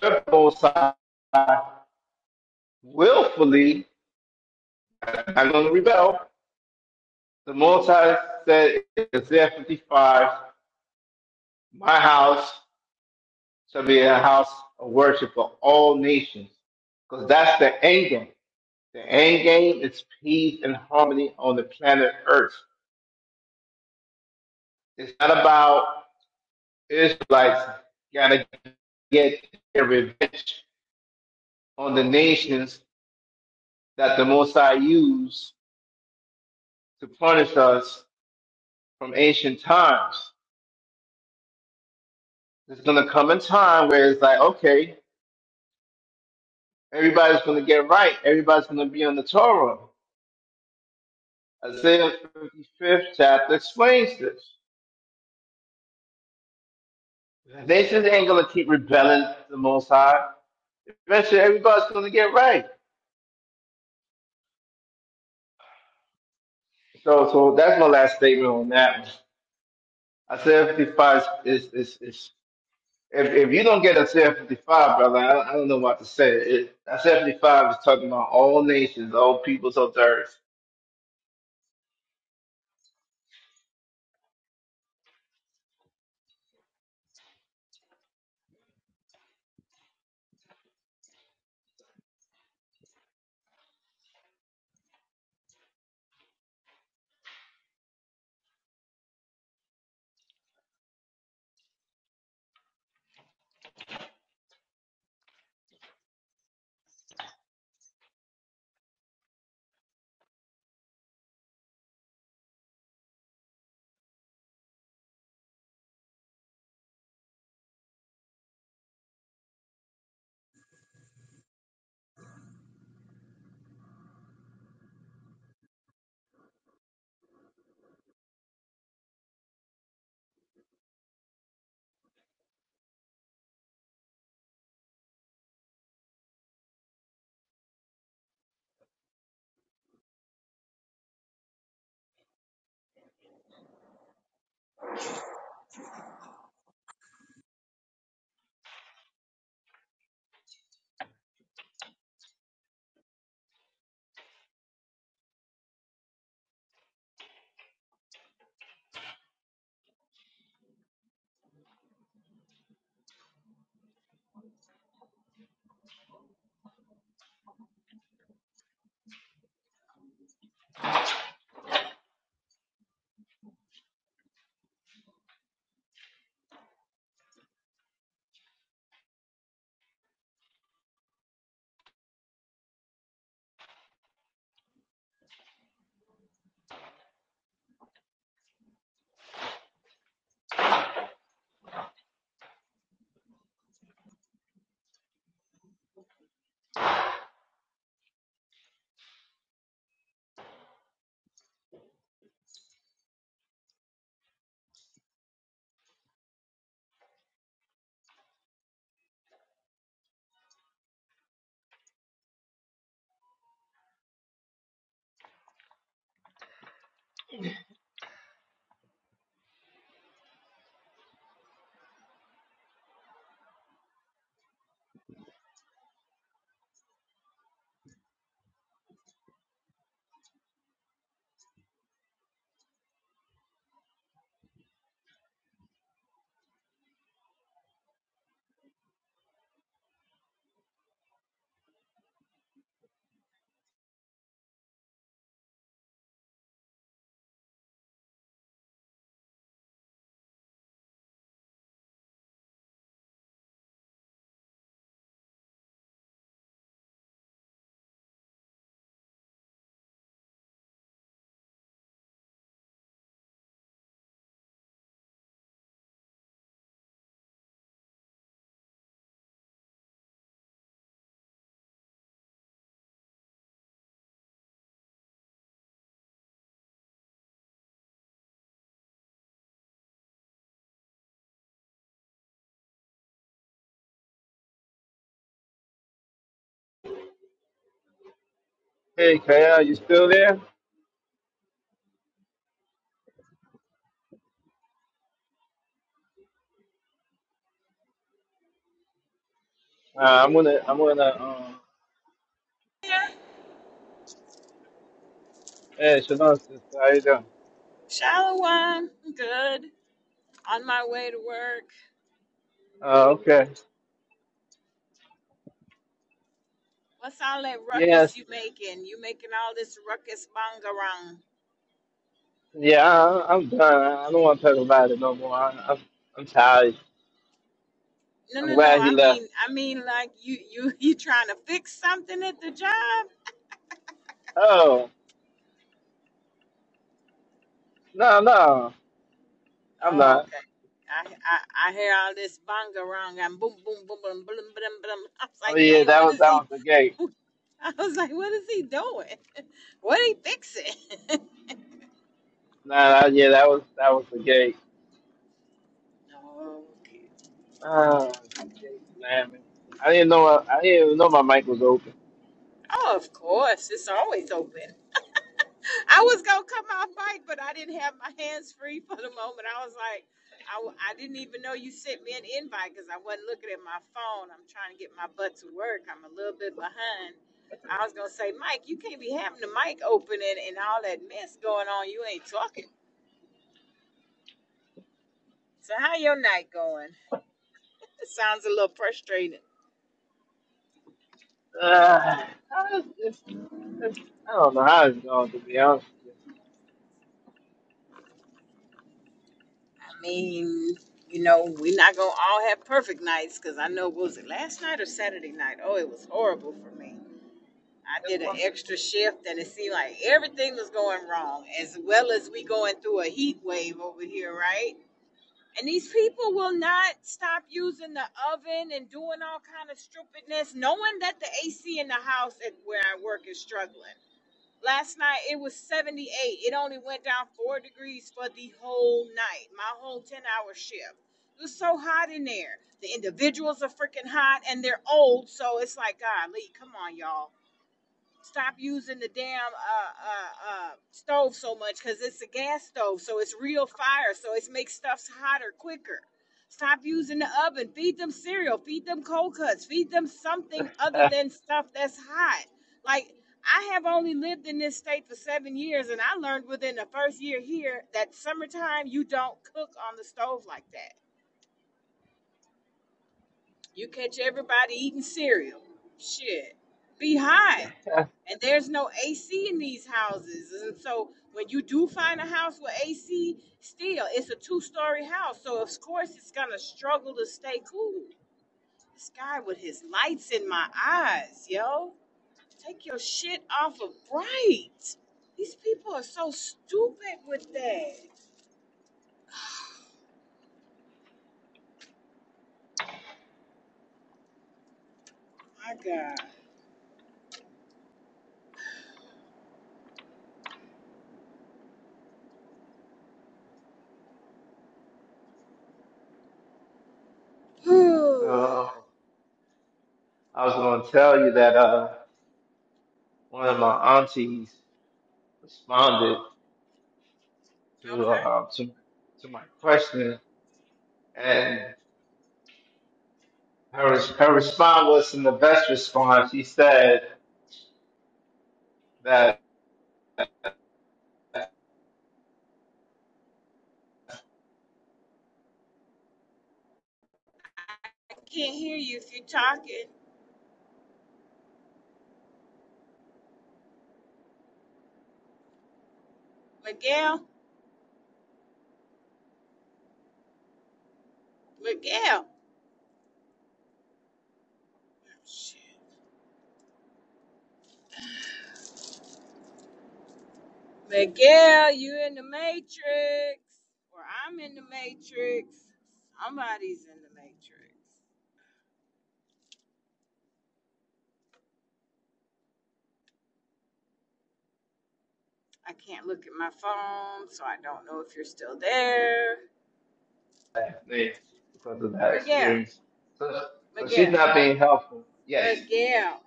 the Most High willfully, I'm going to rebel. The Most High said, in Isaiah 55, my house shall be a house of worship for all nations, because that's the end The end game is peace and harmony on the planet Earth. It's not about Israelites gotta get their revenge on the nations that the Mosai used to punish us from ancient times. There's gonna come a time where it's like, okay, everybody's gonna get right. Everybody's gonna be on the Torah. Isaiah 55th chapter explains this. The nations ain't gonna keep rebelling to the Most High. Eventually, everybody's gonna get right. So, so that's my last statement on that. one. I said 55 is, is, is if, if you don't get a CF 55, brother, I, I don't know what to say. It, I 55 is talking about all nations, all peoples all the earth. Hey, Kaya, you still there? Uh, I'm gonna, I'm gonna, um,
Yeah,
hey, Shalom, sister, how you doing?
Shalom. Good. On my way to work.
Uh, okay.
What's all that
Yes.
ruckus you making? You making all this ruckus bangarang.
Yeah, I, I'm done. I I don't want to talk about it no more. I, I'm, I'm tired.
No,
I'm
no, no.
glad he
I
left.
mean, I mean, like you, you, you trying to fix something at the job?
Oh, no, no, I'm
Oh,
not.
okay. I, I, I hear all this bangarang and boom, boom, boom, boom, boom, boom, boom. I was
Oh
like,
yeah,
dang,
that
what
was,
is
that
he?
was the gate.
I was like, what is he doing? What he fixing? okay.
Nah, yeah, that was that was the gate. Ah, gate slamming. I didn't know I, I didn't even know my mic was open.
Oh, of course. It's always open. I was gonna come off mic, but I didn't have my hands free for the moment. I was like, I, w- I didn't even know you sent me an invite because I wasn't looking at my phone. I'm trying to get my butt to work. I'm a little bit behind. I was gonna say, Mike, you can't be having the mic open and, and all that mess going on. You ain't talking. So how your night going? It sounds a little frustrating.
Ah, it's, it's, it's, I don't know how it's going to be honest. with
I mean, you know, we're not gonna all have perfect nights because I know what was it last night or Saturday night? Oh, it was horrible for me. I
you.
did an extra shift and it seemed like everything was going wrong, as well as we going through a heat wave over here, right? And these people will not stop using the oven and doing all kind of stupidness, knowing that the AC in the house at where I work is struggling. Last night it was 78. It only went down four degrees for the whole night, my whole 10 hour shift. It was so hot in there. The individuals are freaking hot and they're old, so it's like, golly, come on, y'all stop using the damn uh, uh, uh, stove so much because it's a gas stove, so it's real fire, so it makes stuff hotter quicker. Stop using the oven. Feed them cereal. Feed them cold cuts. Feed them something other than stuff that's hot. Like I have only lived in this state for seven years, and I learned within the first year here that summertime you don't cook on the stove like that you catch everybody eating cereal. Shit. Be hot. And there's no AC in these houses. And so when you do find a house with AC, still, it's a two story house. So of course it's gonna struggle to stay cool. This guy with his lights in my eyes, yo. Take your shit off of bright. These people are so stupid with that. My God. okay.
So I was going to tell you that uh, one of my aunties responded to uh, to to my question, and her res- her response was in the best response. She said that.
I can't hear you if you're talking. Miguel? Miguel. Shit. Miguel, you in the matrix. Or I'm in the matrix. Somebody's in the matrix. I can't look at my phone, so I don't know if you're still there.
me because of that
Miguel,
experience. So, so she's
Miguel,
not being helpful. Yes.
Miguel,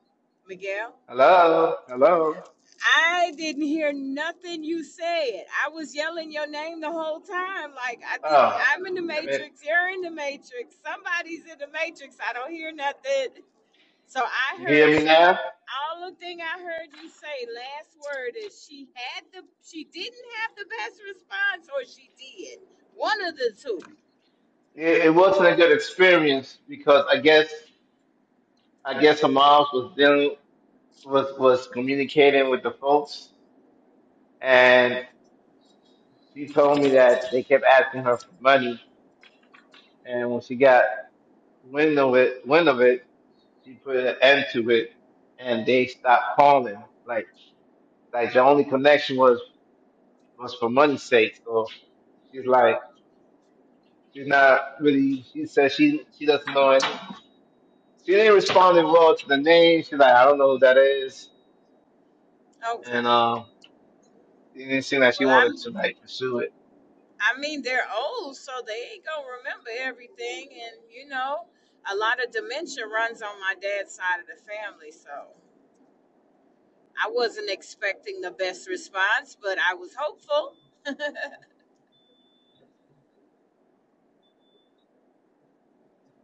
Miguel.
Hello. Hello.
I didn't hear nothing you said. I was yelling your name the whole time. Like, I think
Oh,
I'm in the
damn it.
matrix. You're in the matrix. Somebody's in the matrix. I don't hear nothing. So I
You
heard
hear me
she.
now?
All the thing I heard you say last word is she had the she didn't have the best response or she did one of the two.
It, it wasn't a good experience because I guess I guess her mom was dealing was was communicating with the folks, and she told me that they kept asking her for money, and when she got wind of it, wind of it, she put an end to it, and they stopped calling. Like like the only connection was was for money's sake. So she's like, she's not really. She says she she doesn't know it. She didn't respond well to the name. She's like, I don't know who that is, and
Okay.
um, it didn't seem like she
Well, I'm
wanted to like pursue it.
I mean they're old so they ain't gonna remember everything and you know a lot of dementia runs on my dad's side of the family so I wasn't expecting the best response but I was hopeful.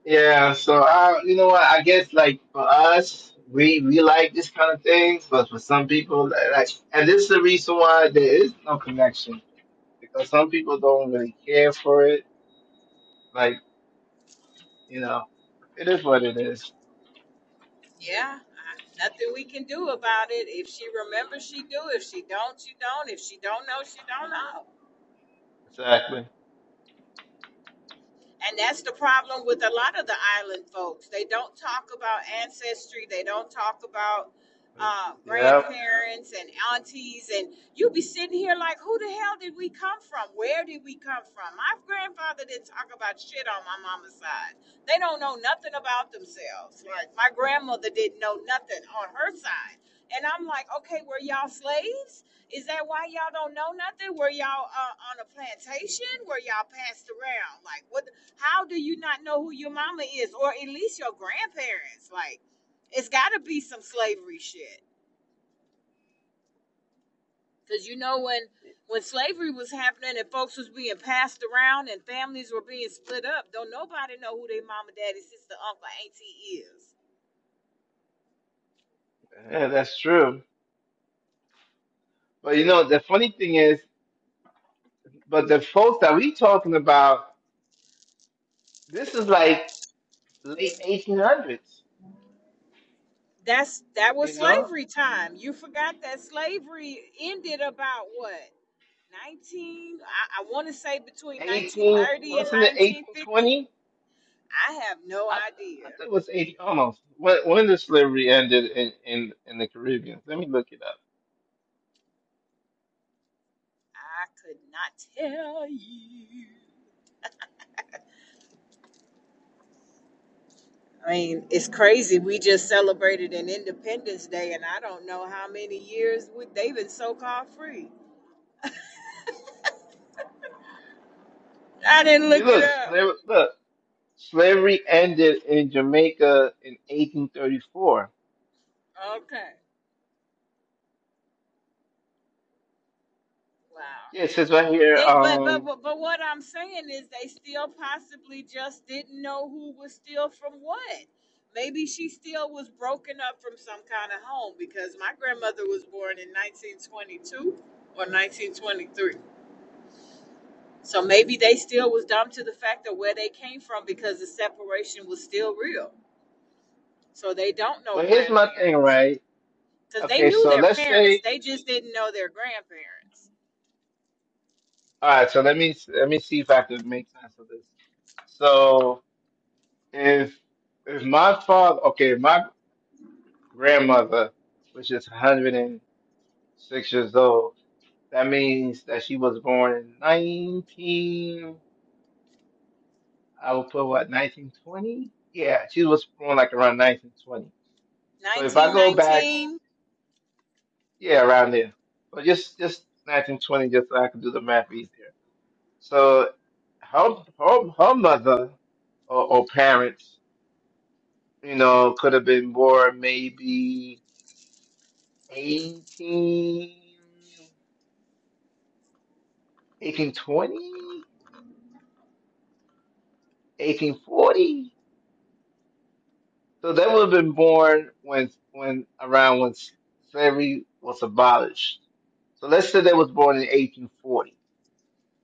Yeah, so I, you know what? I guess like for us, we we like this kind of things, but for some people, like, like, and this is the reason why there is no connection because some people don't really care for it. Like you know, it is what it is.
Yeah, I, nothing we can do about it. If she remembers, she do. If she don't, she don't. If she don't know, she don't know.
Exactly.
And that's the problem with a lot of the island folks. They don't talk about ancestry. They don't talk about uh,
Yeah.
grandparents and aunties. And you'll be sitting here like, who the hell did we come from? Where did we come from? My grandfather didn't talk about shit on my mama's side. They don't know nothing about themselves. Like, my grandmother didn't know nothing on her side. And I'm like, okay, were y'all slaves? Is that why y'all don't know nothing? Were y'all uh, on a plantation? Were y'all passed around? Like, what? How do you not know who your mama is, or at least your grandparents? Like, it's got to be some slavery shit. Cause you know when when slavery was happening and folks was being passed around and families were being split up, don't nobody know who their mama, daddy, sister, uncle, auntie is.
Yeah, that's true. But you know, the funny thing is, but the folks that we talking about, this is like late 1800s,
That's that
you
was
know,
slavery time. You forgot that slavery ended about what 19? I, I want to say between
18,
1930 and
what's in the
1950.
1820?
I have no
I,
idea.
I think it was 80, almost. When, when did slavery ended in, in, in the Caribbean? Let me look it up.
I could not tell you. I mean, it's crazy. We just celebrated an Independence Day, and I don't know how many years we, they've been so-called free. I didn't look
See,
it
look,
up.
slavery, look, slavery ended in Jamaica in 1834.
Okay. Wow.
Yeah, it says right here,
They, but, but,
um,
but, but what I'm saying is they still possibly just didn't know who was still from what. Maybe she still was broken up from some kind of home because my grandmother was born in 1922 or 1923. So maybe they still was dumb to the fact of where they came from because the separation was still real. So they don't know
but here's my thing,
grandparents.
right?
Because they
Okay,
knew
so
their
let's
parents,
say
they just didn't know their grandparents.
All right, so let me let me see if I can make sense of this. So if if my father, okay, my grandmother, which is 106 years old, that means that she was born in 19. I would put what 1920? Yeah, she was born like around 1920. So if I go back,
1919
yeah, around there. But just just 1920, just so I can do the math easier. So her her, her mother or, or parents. You know, could have been more maybe eighteen, eighteen, twenty, eighteen, forty. So they would have been born when, when around when slavery was abolished. So let's say they was born in 1840.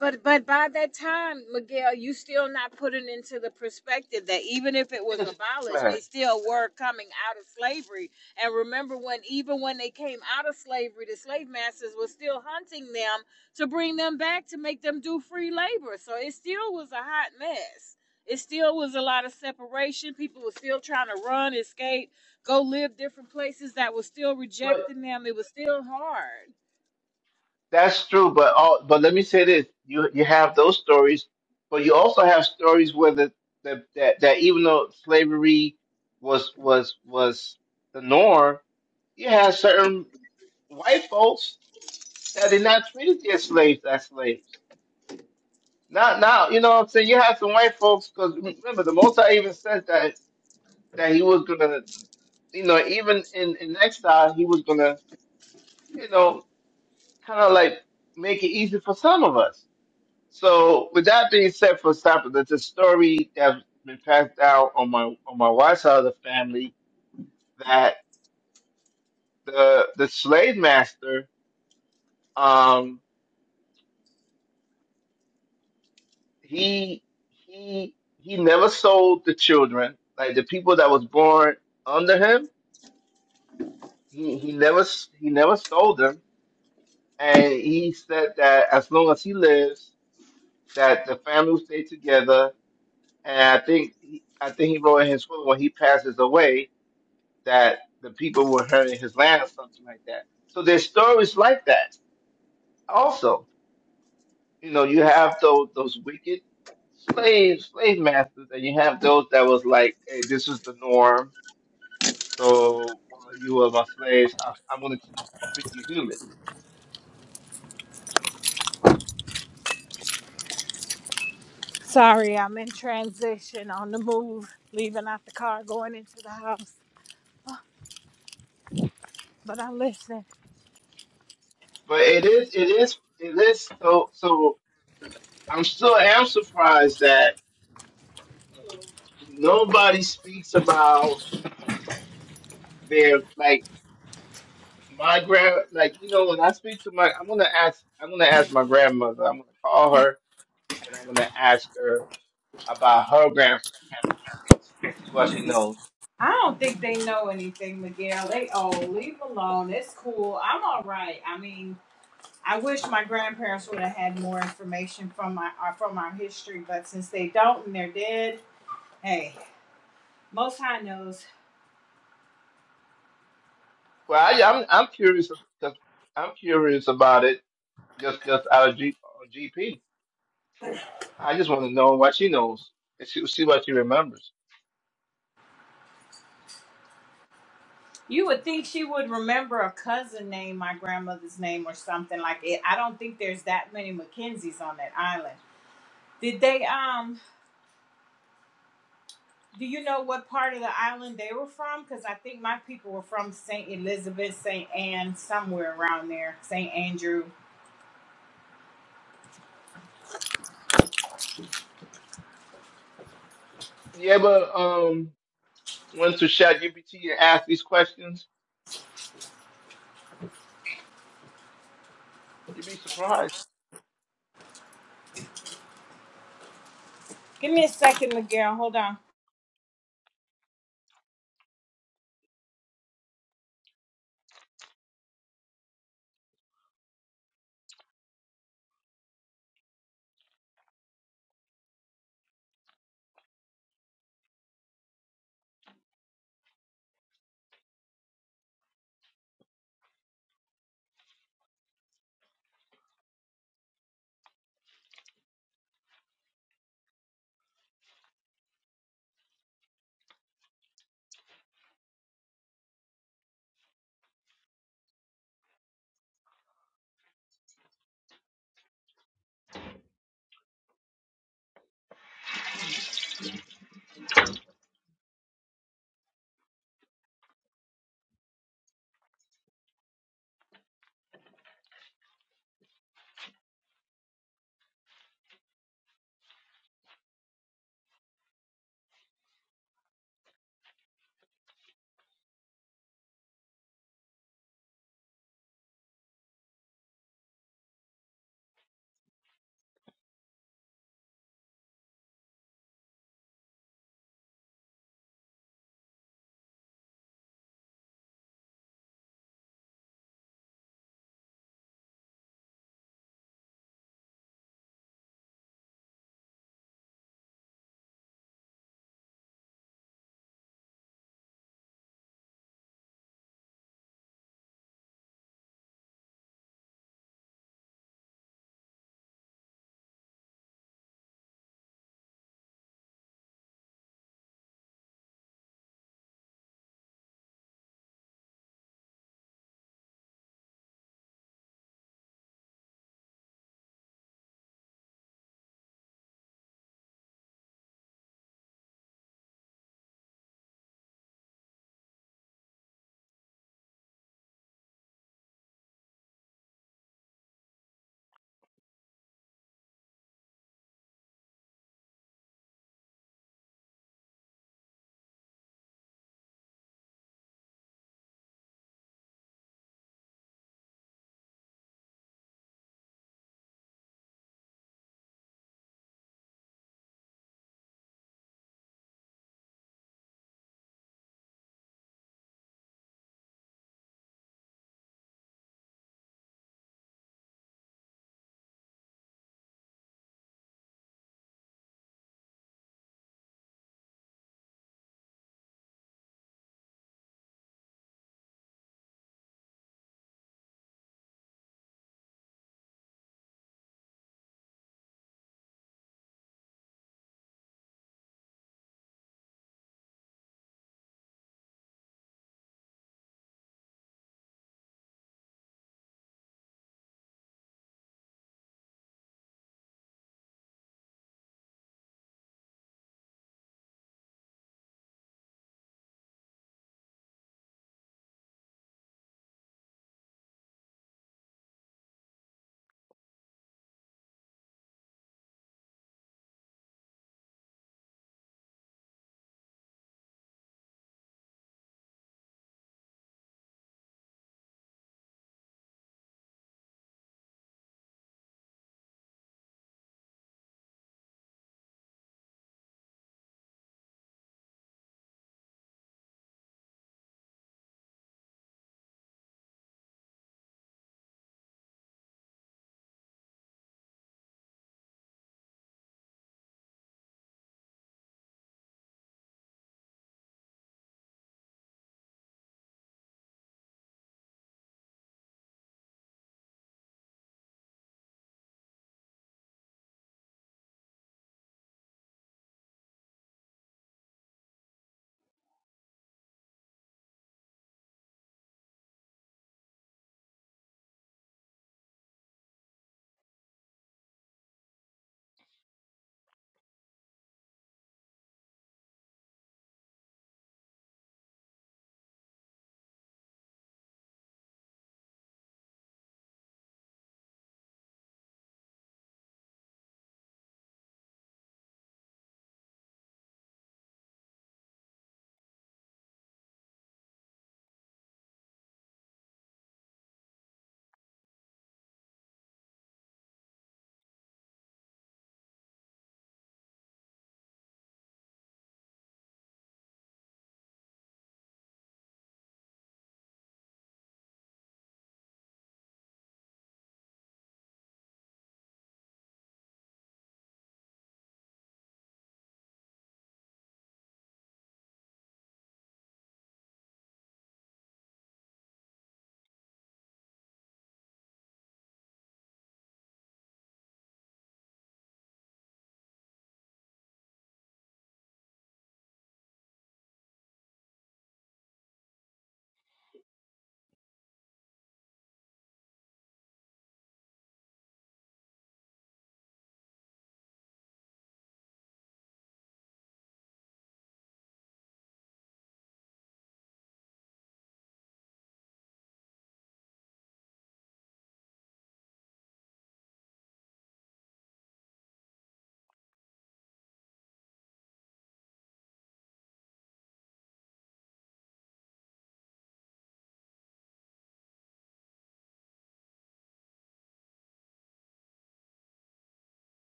But but by that time, Miguel, you still not putting into the perspective that even if it
Wait
was
a go
abolished, they still were coming out of slavery. And remember when even when they came out of slavery, the slave masters were still hunting them to bring them back to make them do free labor. So it still was a hot mess. It still was a lot of separation. People were still trying to run, escape, go live different places that were still
But
rejecting them. It was still hard.
that's true. But all, but let me say this: you you have those stories, but you also have stories where the, the that that even though slavery was was was the norm, you had certain white folks that did not treat their slaves as slaves. Not now, you know what I'm saying? You have some white folks, because remember, the Most High even said that that he was gonna, you know, even in, in exile, he was gonna, you know, kind of like make it easy for some of us. So, with that being said, for example, there's a story that's been passed down on my on my wife's side of the family that the the slave master, um, he he he never sold the children like the people that was born under him he he never s- he never sold them and he said that as long as he lives that the family will stay together and i think he- i think he wrote in his will when he passes away that the people will inherit his land or something like that so there's stories like that also you know you have those those wicked slave slave masters and you have those that was like hey this is the norm So while you are my slaves, I, I'm going to treat you human.
Sorry, I'm in transition on the move, leaving out the car, going into the house. But I'm listening.
But it is, it is, it is. So, so I'm still am surprised that nobody speaks about their like my grand. Like you know, when I speak to my, I'm going to ask, I'm going to ask my grandmother. I'm going to call her and I'm going to ask her about her grandparents and see what she knows.
I don't think they know anything, Miguel. They oh leave alone. It's cool. I'm all right. I mean, I wish my grandparents would have had more information from my uh, from our history, but since they don't and they're dead, hey, Most High knows.
Well, I, I'm I'm curious because I'm curious about it. Just just out of G, GP. I just want to know what she knows and see, see what she remembers.
You would think she would remember a cousin name, my grandmother's name, or something like it. I don't think there's that many Mackenzies on that island. Did they? Um, Do you know what part of the island they were from? Because I think my people were from St. Elizabeth, St. Anne, somewhere around there, St. Andrew.
You ever um went to ChatGPT and asked these questions? You'd be surprised.
Give me a second, Miguel. Hold on.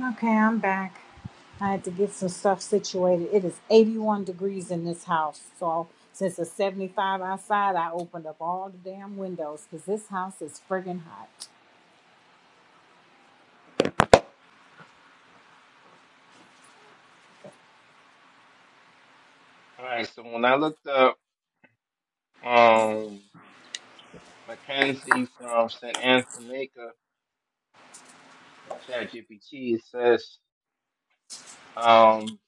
Okay, I'm back. I had to get some stuff situated. It is 81 degrees in this house. So since it's 75 outside, I opened up all the damn windows because this house is friggin' hot.
All right, so when I looked up um Mackenzie from St. Anne, Jamaica, on ChatGPT, it says um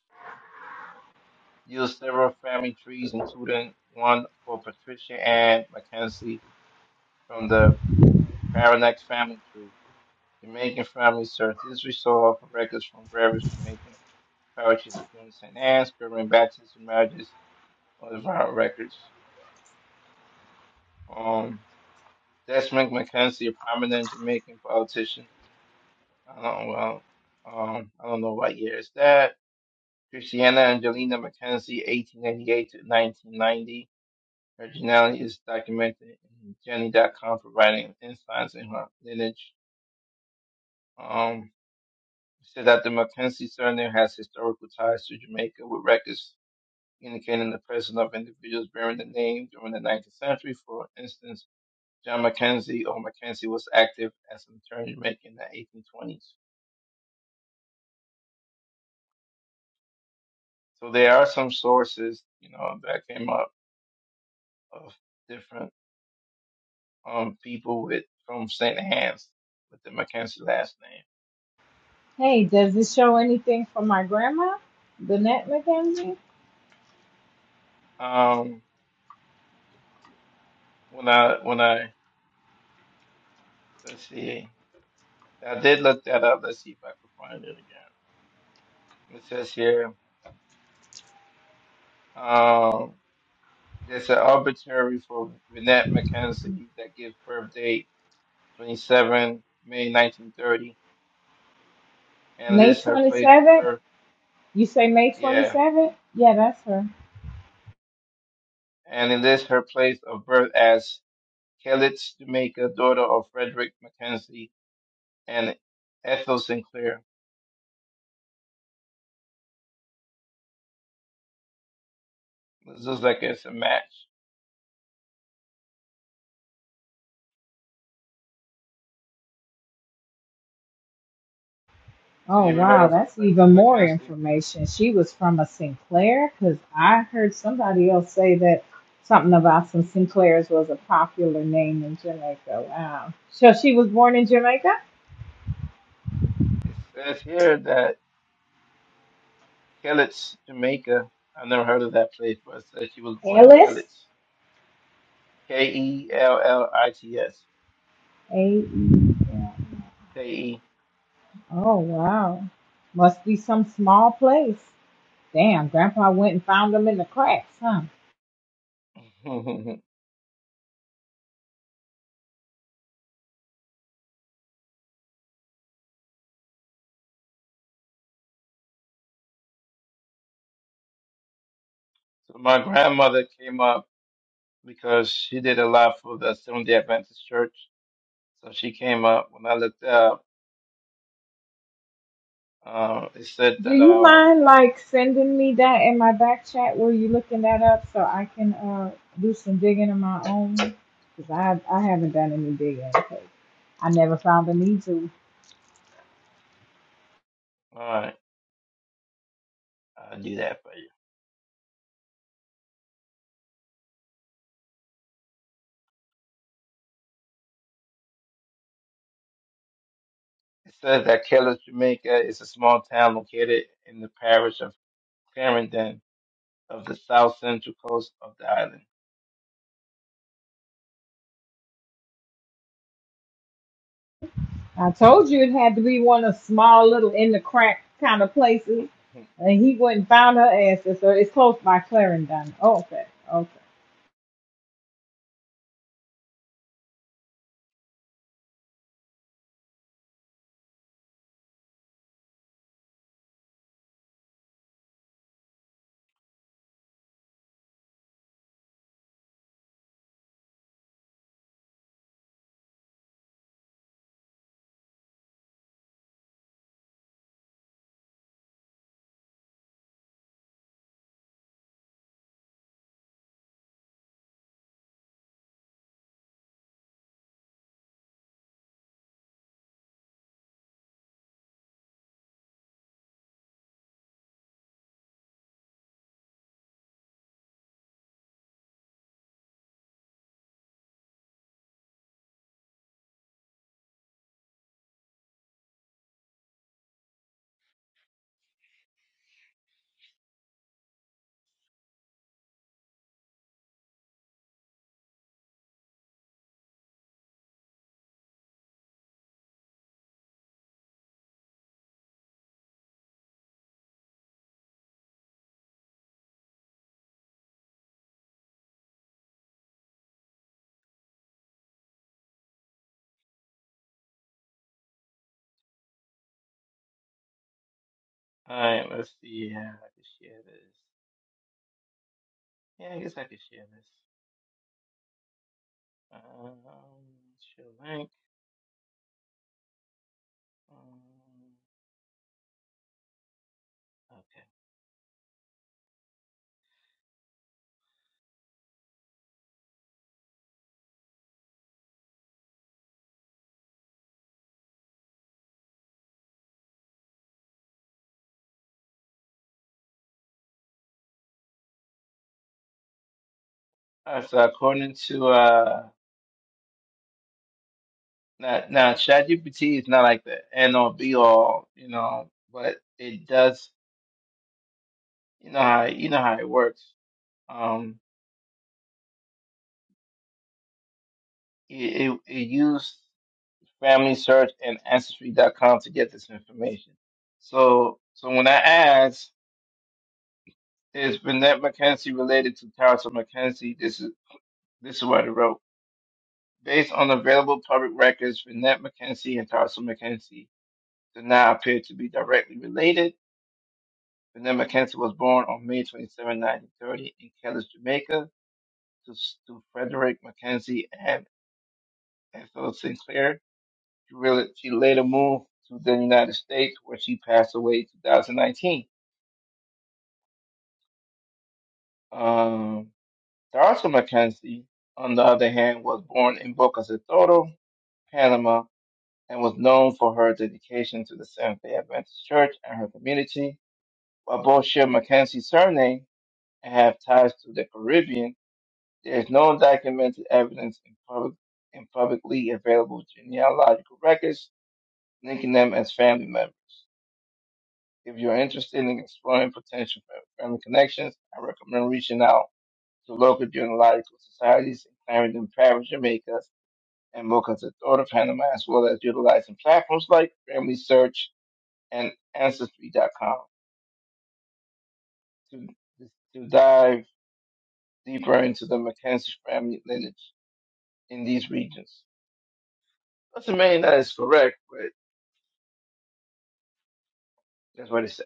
use several family trees, including one for Patricia and Mackenzie from the Paranax family tree. Jamaican family search. This resource for records from various Jamaican parishes, including St. Anne's, German Baptist marriages on the viral records. Um, Desmond McKenzie, a prominent Jamaican politician. I don't well, um, I don't know what year is that. Christiana Angelina McKenzie, 1898 to 1990. Her genealogy is documented in Jenny.com, providing insights in her lineage. Um, it said that the McKenzie surname has historical ties to Jamaica with records indicating the presence of individuals bearing the name during the 19th century. For instance, John Mackenzie or Mackenzie was active as an attorney in in the 1820s. So there are some sources, you know, that came up of different um, people with from St. Hans with the Mackenzie last name.
Hey, does this show anything from my grandma, Lynette McKenzie?
Um, when I when I let's see, I did look that up. Let's see if I can find it again. It says here. Um, There's an arbitrary for Vinette McKenzie that gives birth date 27 May 1930 and
May
lists
twenty-first,
her place of birth. Yeah, and it lists her place of birth as Kellett's Jamaica, daughter of Frederick McKenzie and Ethel Sinclair. This looks like it's a match. So
Oh,
you ever heard
wow.
of a
That's
Frederick
even more
McKenzie?
information. She was from a Sinclair because I heard somebody else say that something about some Sinclairs was a popular name in Jamaica. Wow. So she was born in Jamaica?
It says here that Kellett's Jamaica. I've never heard of that place, but it says she was born in
Ellis?
Kellett's. K E L L I T S.
A-E-L.
K E.
Oh, wow. Must be some small place. Damn, Grandpa went and found them in the cracks, huh?
so my grandmother came up because she did a lot for the Seventh Day Adventist Church. So she came up. When I looked up, uh, it said
Do
that uh,
you
all
mind like sending me that in my back chat? Were you looking that up so I can uh do some digging of my own? Cause I I haven't done any digging. 'cause I never found the need to.
right, I'll do that for you. It says that Keller, Jamaica, is a small town located in the parish of Clarendon of the south central coast of the island.
I told you it had to be one of small little in the crack kind of
All
places, and he went and found her asses. So it's close by Clarendon. Oh, okay, Okay.
right, let's see. Yeah, I can share this. Yeah, I guess I can share this. Um, share link. Um, okay. Uh, so according to uh now, now ChatGPT is not like the end all be all, you know, but it does you know how you know how it works. Um it it, it used Family Search and Ancestry.com to get this information. So so when I asked, is Vinette McKenzie related to Tarsa McKenzie? This is this is what it wrote. Based on available public records, Vinette McKenzie and Tarsa McKenzie do not appear to be directly related Renee McKenzie was born on May 27, 1930, in Kellis, Jamaica, to, to Frederick McKenzie and Ethel Sinclair. She, really, she later moved to the United States, where she passed away in 2019. Um, Darcy McKenzie, on the other hand, was born in Boca del Toro, Panama, and was known for her dedication to the Seventh day Adventist Church and her community. While both share McKenzie's surname and have ties to the Caribbean, There is no documented evidence in public in publicly available genealogical records linking them as family members. If you're interested in exploring potential fa- family connections, I recommend reaching out to local genealogical societies in Clarendon Parish, Jamaica, and Mocha's Authority of Panama, as well as utilizing platforms like Family Search and Ancestry.com to, to dive deeper into the Mackenzie family lineage in these regions. Doesn't mean that it's correct, but That's what it says.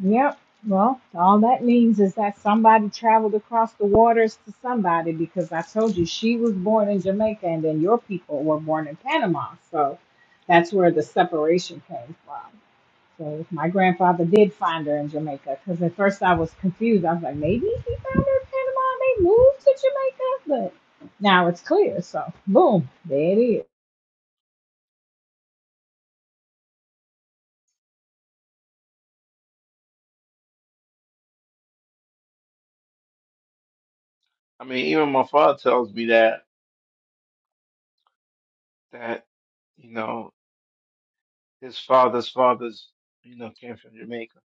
Yep. Well, all that means is that somebody traveled across the waters to somebody because I told you she was born in Jamaica and then your people were born in Panama. So that's where the separation came from. So my grandfather did find her in Jamaica because at first I was confused. I was like, maybe he found her in Panama and they moved to Jamaica. But now it's clear. So boom, there it is.
I mean, even my father tells me that that you know his father's fathers you know came from Jamaica.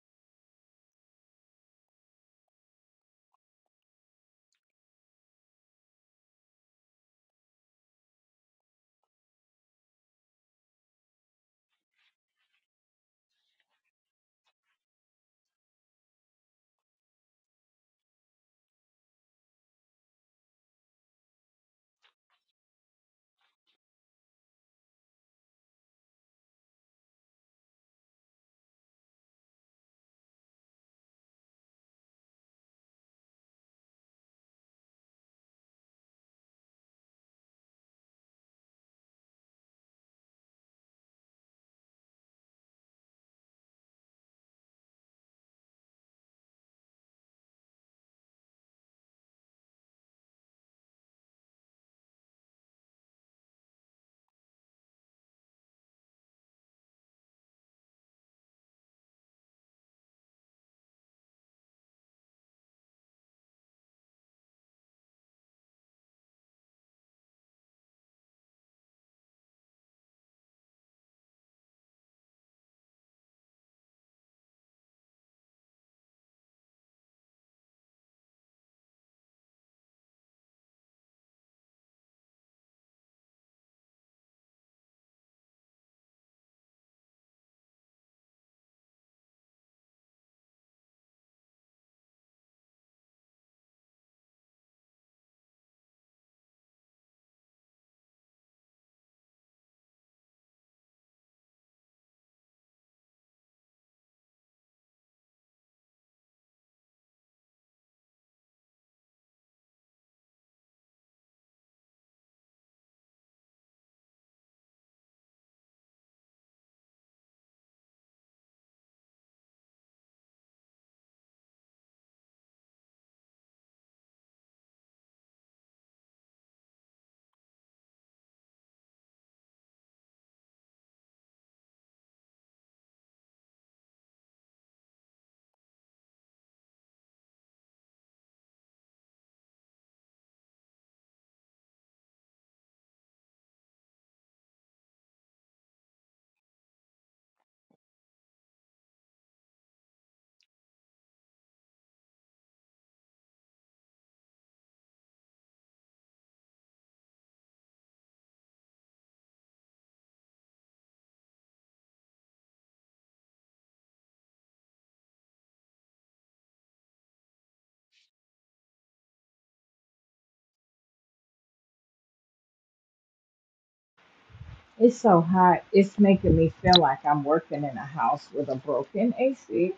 It's so hot. It's making me feel like I'm working in a house with a broken AC.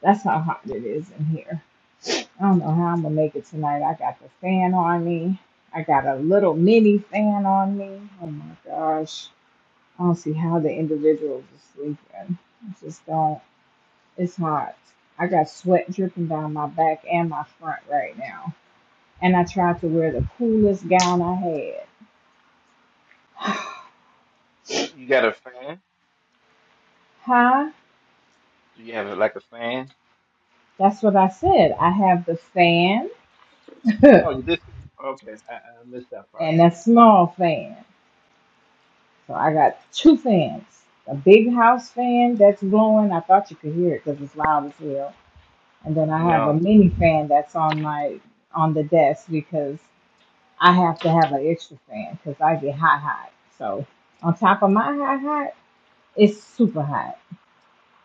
That's how hot it is in here. I don't know how I'm gonna make it tonight. I got the fan on me. I got a little mini fan on me. Oh my gosh. I don't see how the individuals are sleeping. I just don't. It's hot. I got sweat dripping down my back and my front right now. And I tried to wear the coolest gown I had.
You, you got a fan?
Huh?
Do you have like a fan?
That's what I said. I have the fan
Oh, you did. Okay, I, I missed that part.
and a small fan. So I got two fans. A big house fan that's blowing. I thought you could hear it because it's loud as hell. And then
Mhm,
I
No,
have a
I
mini fan that's on my on the desk because I have to have an extra fan because I get hot hot. So on top of my hot hot, it's super hot.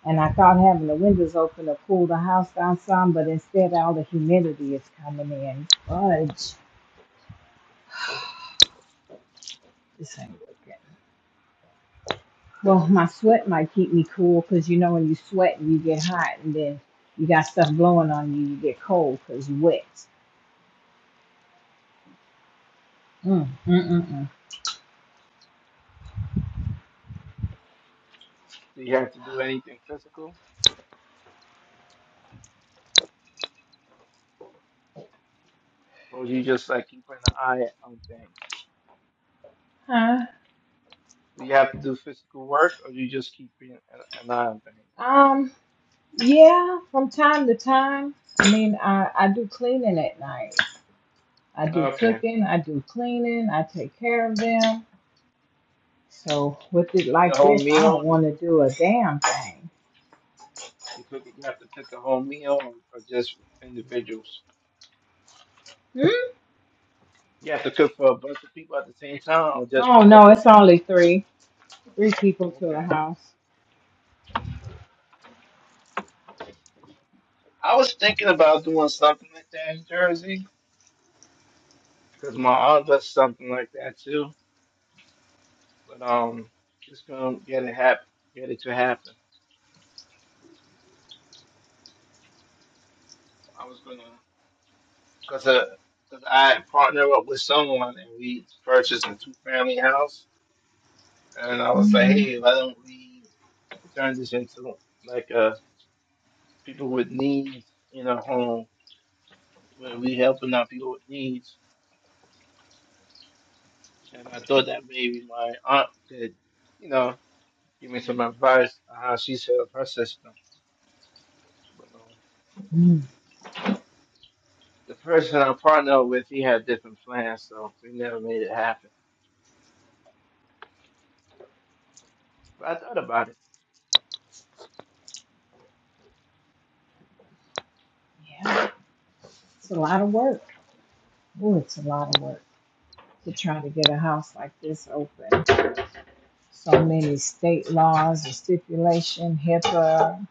And I thought having the windows open to cool the house down some, but instead all the humidity is coming in. Fudge. This ain't good. Well, my sweat might keep me cool because you know when you sweat and you get
can't. Mhm.
hot and then you got stuff blowing on you, you get cold because you wet. Mm, mm, mm, mm.
Do you have to do anything physical, or you just like keeping an eye on things? Do you have to do physical work, or you just keeping an, an eye on things?
Um, yeah, from time to time. I mean, I, I do cleaning at night. I do
Okay,
cooking. I do cleaning. I take care of them. So with
you
it
cook a
like
whole
this, I don't
meal. You,
want to do
you,
a damn thing.
you cook. You have to cook a whole meal, or, or just individuals.
Hmm?
You have to cook for a bunch of people at the same time or just for
Oh
a
no,
couple of
it's
people?
only three, three people to a
Okay.
house.
I was thinking about doing something like that in Jersey because my aunt does something like that too. But um, just gonna get it happen, get it to happen. I was gonna, cause uh, cause I partner up with someone and we purchased a two family house, and I was like,
hmm
hey, why don't we turn this into like a people with needs in a home where we helping out people with needs And I thought that maybe my aunt could, you know, give me some advice on how she set up her system. But um, the person I partnered with, he had different plans, so we never made it happen. But I thought about it.
Yeah, it's a lot of work. Oh, it's a lot of work. to try to get a house like this open. So many state laws and stipulation, HIPAA.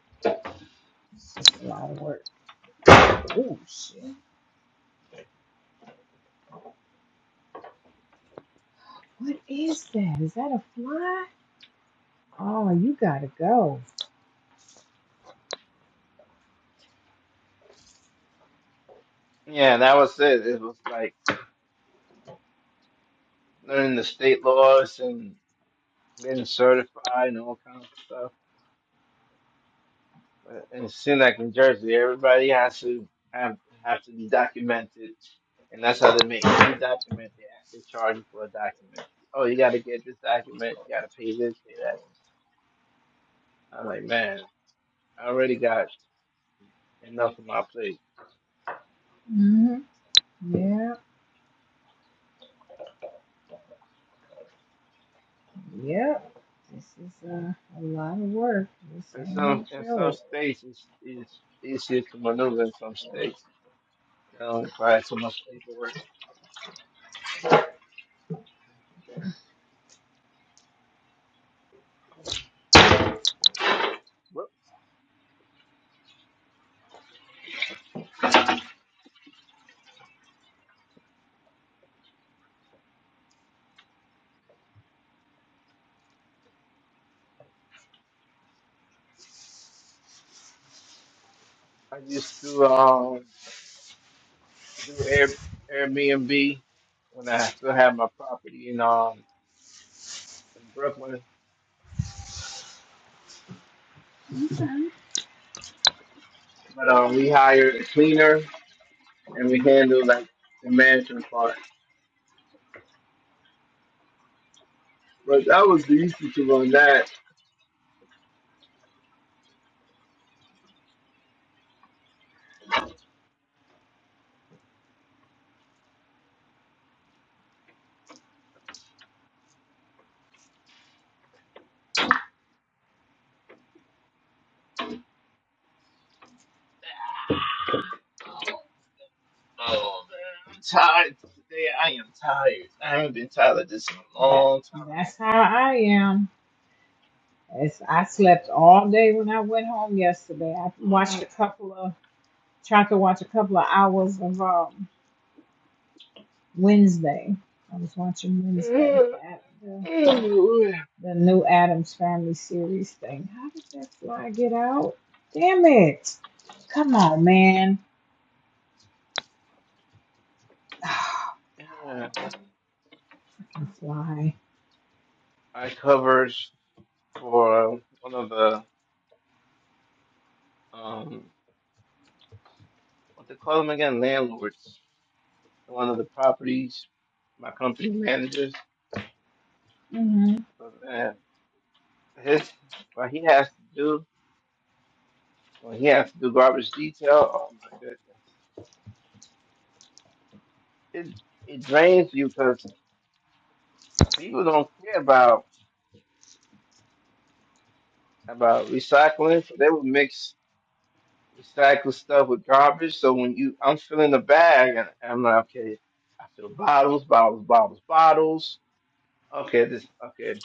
It's just a lot of work. Oh shit! What is that? Is that a fly? Oh, you gotta go.
Yeah, that was it. It was like learning the state laws and getting certified and all kinds of stuff. Uh, And it seems like in Jersey, everybody has to have have to be documented, and that's how they make every document they they charge you for a document. Oh, you got to get this document. You got to pay this, pay that. I'm like, man, I already got enough on my plate.
hmm Yep, yep. This is a, a lot of work. This
In
ain't
some
no
in some
joke.
states, it's, it's easier to maneuver. In some states, you know, if I had so much paperwork. Whoop. I used to um do Air Airbnb when I still had my property in um in Brooklyn But um, we hired a cleaner and we handled like the management part. But that was the institute on that. Oh man, I'm tired today. I am tired. I haven't been tired of this in a
That
long
that's how I am. It's, I slept all day when I went home yesterday. I watched
time.
a couple of tried to watch a couple of hours of um, Wednesday. I was watching Wednesday, the, the, the new Adams Family series thing. How did that fly get out? Damn it. Come on, man. Oh,
Yeah.
I can fly.
I covered for one of the um what they call them again, landlords. One of the properties, my company managers.
hmm
But man, his what he has to do when he has to do garbage detail, oh my goodness, it it drains you because people don't care about about recycling. So they will mix recycled stuff with garbage. So when you, I'm filling the bag, and I'm like, okay, I fill bottles, bottles, bottles, bottles. Okay, this, okay,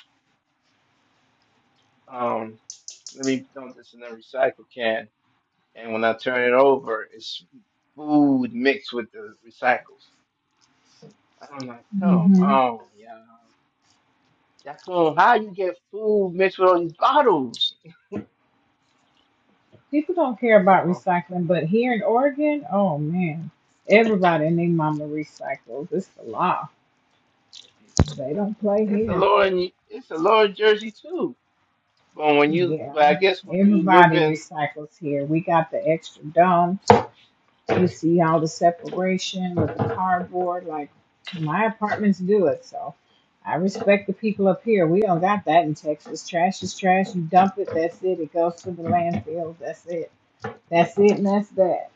um, let me dump this in a recycle can. And when I turn it over, it's food mixed with the recycles. I'm like, come
hmm
on, y'all. That's on how you get food mixed with all these bottles.
People don't care about
So
recycling, but here in Oregon, oh man, everybody and their mama recycles. It's the law. They don't play
it's a
here.
lower it's a lower Jersey too. But when you
Yeah.
but I guess when you live
Everybody
in
recycles here. We got the extra dome. You see all the separation with the cardboard. Like my apartments do it, so I respect the people up here. We don't got that in Texas. Trash is trash. You dump it. That's it. It goes to the landfill. That's it. That's it, and that's that.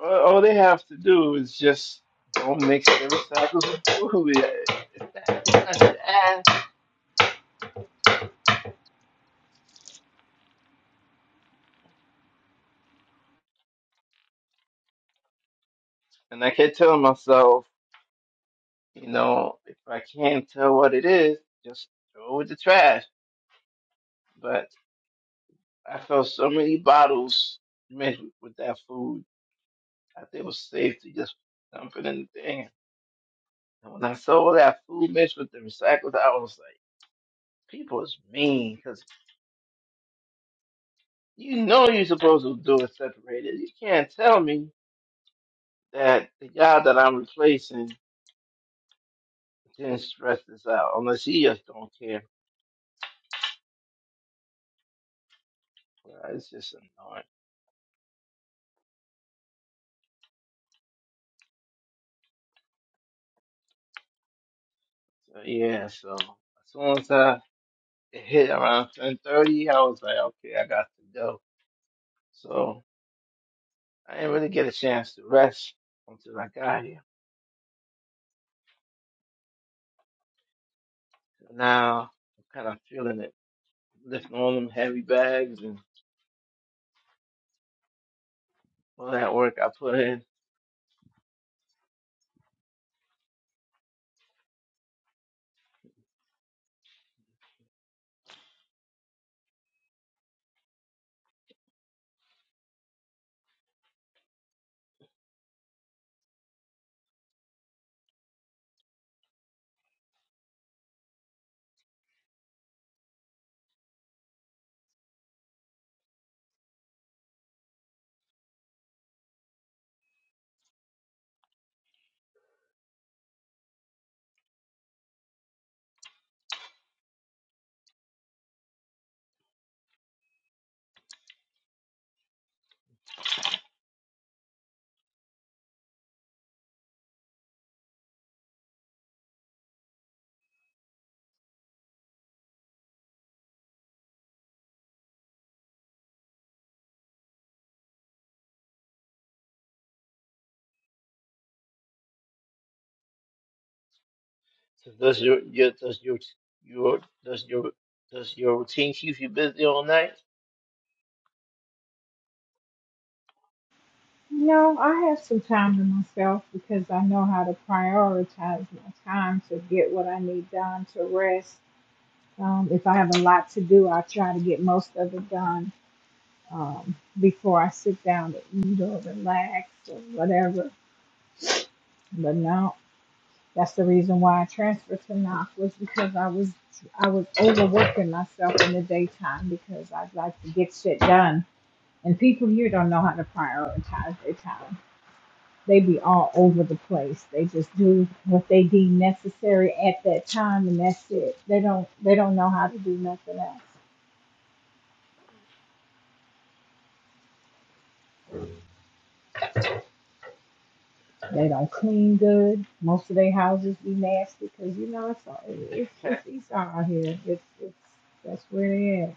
all all they have to do is just don't mix the recycles with food. It's not too much to ask. And I kept telling myself, you know, if I can't tell what it is, just throw it in the trash. But I felt so many bottles mixed with that food. I think it was safe to just dump it in the thing. And when I saw that food mixed with the recycled, I was like, people is mean because you know you're supposed to do it separated. You can't tell me that the guy that I'm replacing didn't stress this out unless he just don't care. Uh, It's just annoying. So yeah, so as soon as I it hit around 10:30, I was like, okay, I got to go. So I didn't really get a chance to rest until I got here. So now I'm kind of feeling it, lifting all them heavy bags and All that work I put in. So does your, your does your your does your does your routine keep you busy all night?
You know, I have some time to myself because I know how to prioritize my time to get what I need done to rest. Um, if I have a lot to do, I try to get most of it done um, before I sit down to eat or relax or whatever But now that's the reason why I transferred to NOC was because I was I was overworking myself in the daytime because i like to get shit done. And people here don't know how to prioritize their time. They be all over the place. They just do what they deem necessary at that time and that's it. They don't they don't know how to do nothing else. They don't clean good. Most of their houses be nasty because you know it's all, it's it's Esau out here. It's it's that's where they at.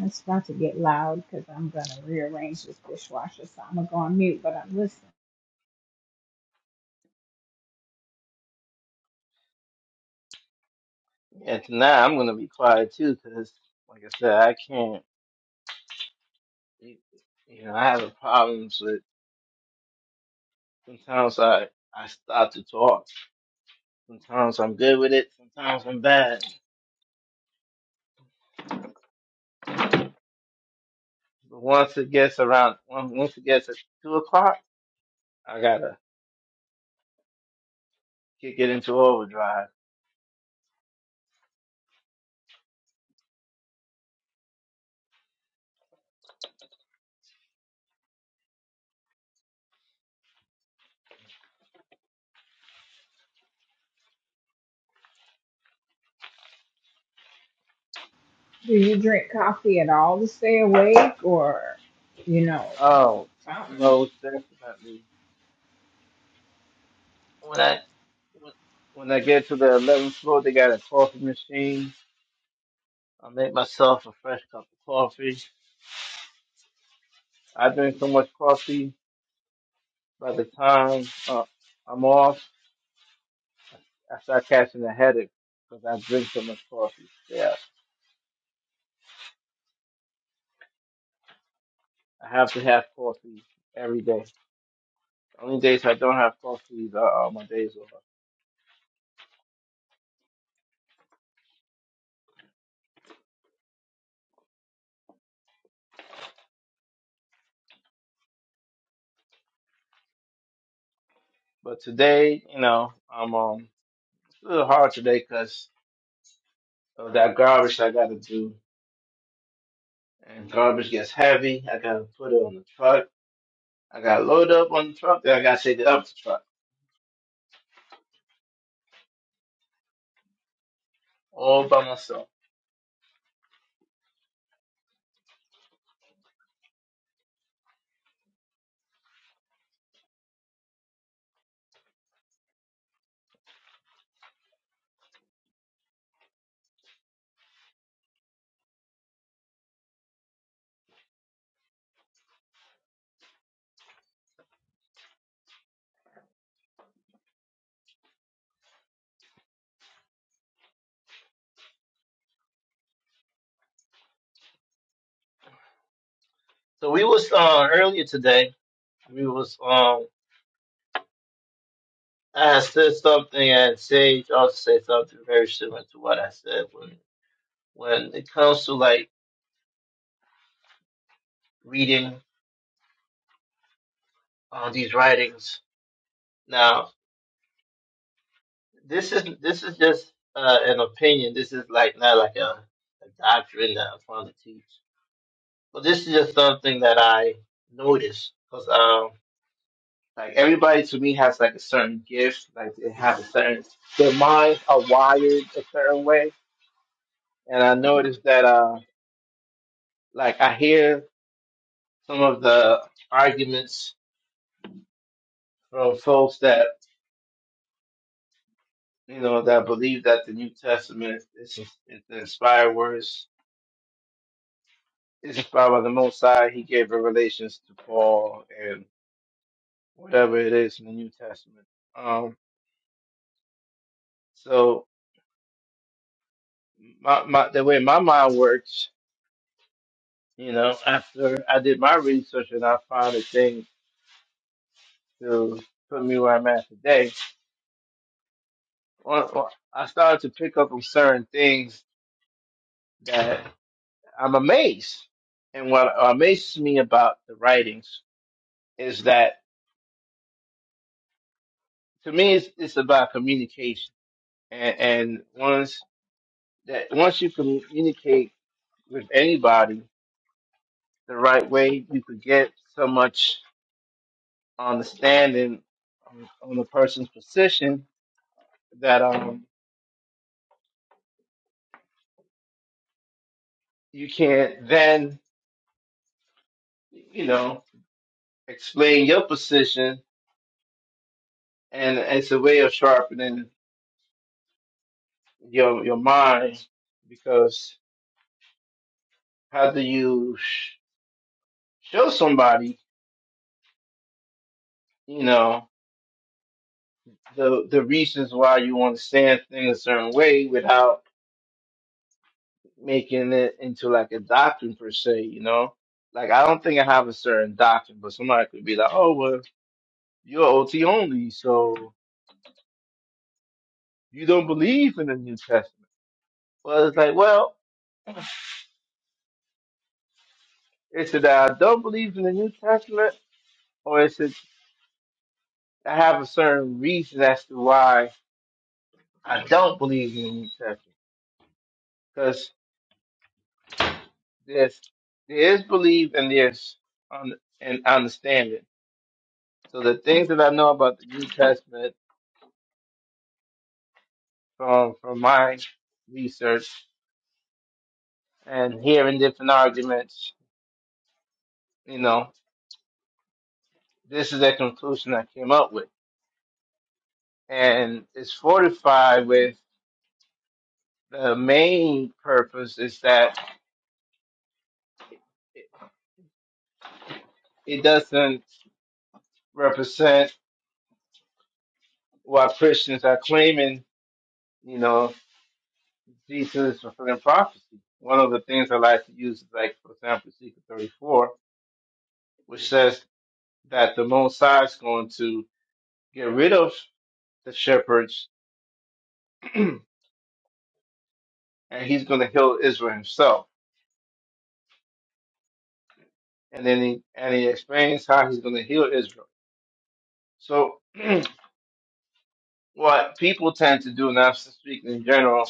It's about to get loud because I'm going to rearrange this dishwasher, so I'm going to go on mute, but I'm listening.
and tonight I'm gonna be quiet too, 'cause like I said, I can't. You you know, I have problems with. Sometimes I I stop to talk. Sometimes I'm good with it. Sometimes I'm bad. But once it gets around, once once it gets at two o'clock, I gotta kick it into overdrive.
Do you drink coffee at all to stay awake or, you know,
Oh,
something?
most definitely. when I when, when I get to the eleventh floor, they got a coffee machine. I make myself a fresh cup of coffee. I drink so much coffee by the time uh, I'm off, I start catching a headache because I drink so much coffee. Yeah, I have to have coffee every day. The only days I don't have coffee are uh, uh, my days off. But today, you know, I'm um it's a little hard today because of that garbage I got to do. And garbage gets heavy. I got to put it on the truck I got loaded up on the truck, then I got to take it up the truck all by myself. So we was uh, earlier today. We was um I had said something, and Sage also said something very similar to what I said when when it comes to like reading uh, these writings. Now this is this is just uh, an opinion. This is like not like a, a doctrine that I'm trying to teach, but this is just something that I noticed because. Like everybody to me has like a certain gift, like they have a certain their minds are wired a certain way. And I noticed that uh like I hear some of the arguments from folks that you know that believe that the New Testament is is the inspired words is inspired by the Most High. He gave revelations to Paul and whatever it is in the New Testament. Um so my, my the way my mind works You know, after I did my research and I found a thing to put me where I'm at today, well, well, I started to pick up on certain things that I'm amazed. And what amazes me about the writings is that to me, it's, it's about communication. And, and once that once you communicate with anybody the right way, you could get so much understanding on, on the person's position that um you can't then, you know, explain your position, and it's a way of sharpening your your mind because how do you sh- show somebody, you know, the the reasons why you want to stand things a certain way without making it into like a doctrine per se, you know? Like I don't think I have a certain doctrine, but somebody could be like, "Oh, well, you're OT only, so you don't believe in the New Testament." Well, it's like, well. Is it that I don't believe in the New Testament, or is it I have a certain reason as to why I don't believe in the New Testament? Because there's there is belief and there's un, and understanding. So the things that I know about the New Testament from from my research and hearing different arguments, you know, this is the conclusion I came up with, and it's fortified with the main purpose is that it doesn't. represent what Christians are claiming, you know, Jesus is fulfilling prophecy. One of the things I like to use is like, for example, Ezekiel 34, which says that the Messiah is going to get rid of the shepherds and he's going to heal Israel himself. And then he, and he explains how he's going to heal Israel. So what people tend to do, and I'm speaking in general,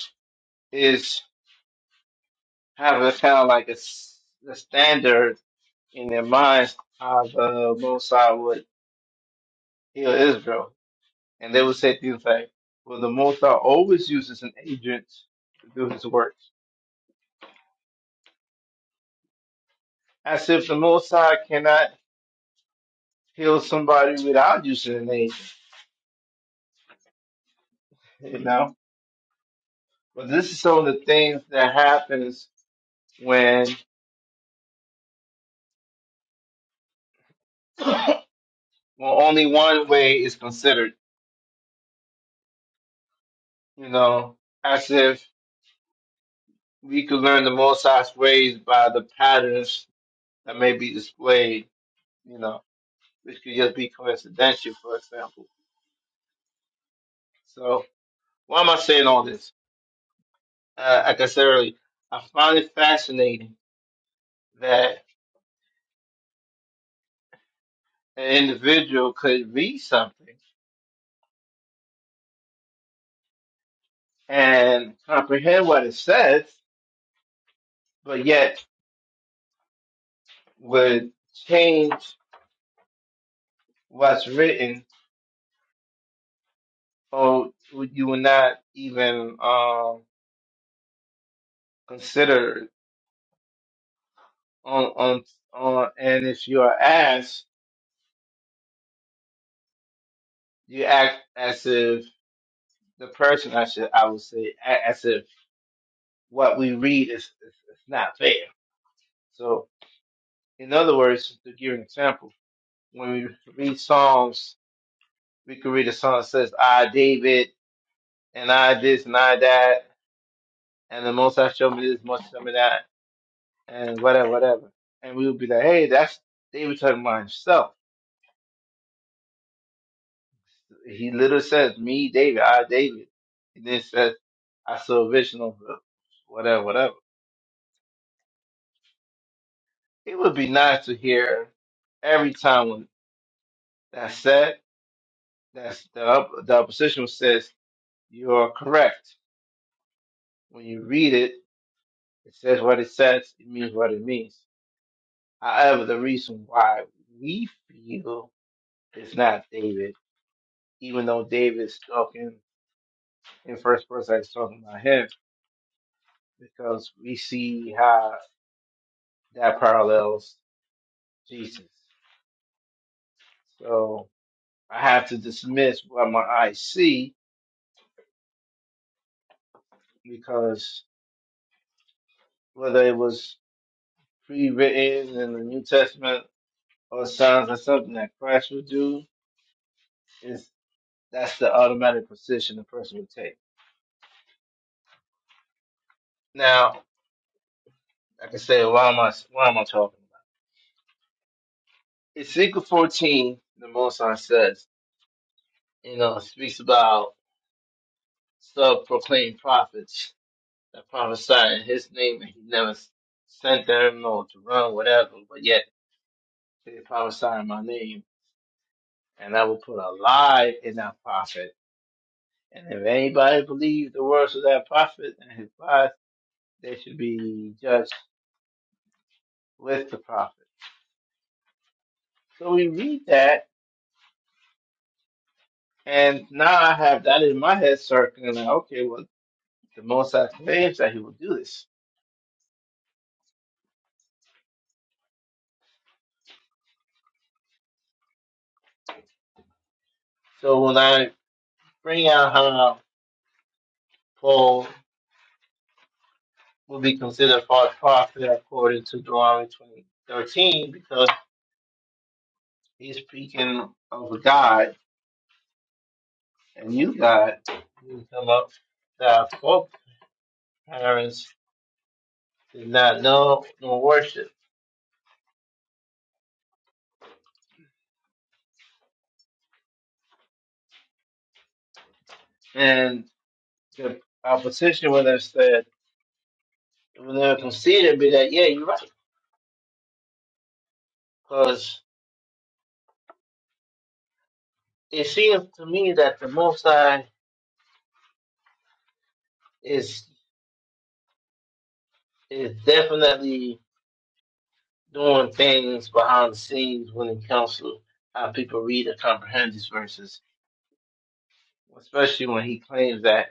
is have a kind of like a, s- a standard in their minds how the Most High would heal Israel. And they would say things like, well, the Most High always uses an agent to do his works. As if the Most High cannot heal somebody without using an agent, you know? But this is some of the things that happens when, when only one way is considered, you know, as if we could learn the Most High's ways by the patterns that may be displayed, you know. which could just be coincidental, for example. So, why am I saying all this? Uh, like I said earlier, I find it fascinating that an individual could read something and comprehend what it says, but yet would change what's written, or would- you would not even um, consider it on on on. And if you are asked, you act as if the person I should I would say a- as if what we read is, is, is not there. So, in other words, to give an example, when we read Psalms, we could read a song that says, I, David, and I this, and I that, and the Most High showed me this, most High showed me that, and whatever, whatever. And we would be like, hey, that's David talking about himself. He literally says, me, David, I, David. And then it says, I saw a vision of whatever, whatever. It would be nice to hear every time when that's said That's the op- the opposition says you are correct. When you read it, it says what it says. It means what it means. However, the reason why we feel it's not David, even though David's talking in first person, he's talking about him because we see how that parallels Jesus. So I have to dismiss what my eyes see because whether it was pre-written in the New Testament or signs of something that Christ would do is that's the automatic position the person would take. Now, I can say, why am I why am I talking about? it? Ezekiel fourteen, the Most High says, you know, speaks about self-proclaimed prophets that prophesy in His name, and He never sent them or to run whatever, but yet they prophesy in My name, and I will put a lie in that prophet. And if anybody believes the words of that prophet and his lies, they should be judged with the prophet. So we read that, and now I have that in my head circling, like, okay, well, the Most High claims that he will do this. So when I bring out how Paul will be considered false prophet according to Deuteronomy 2013, because he's speaking of a God, a new God, who come up that our folk parents did not know nor worship. And the opposition would have said, it will never concede and be that, yeah, you're right Because it seems to me that the Most High is is definitely doing things behind the scenes when it comes to how people read and comprehend these verses, especially when he claims that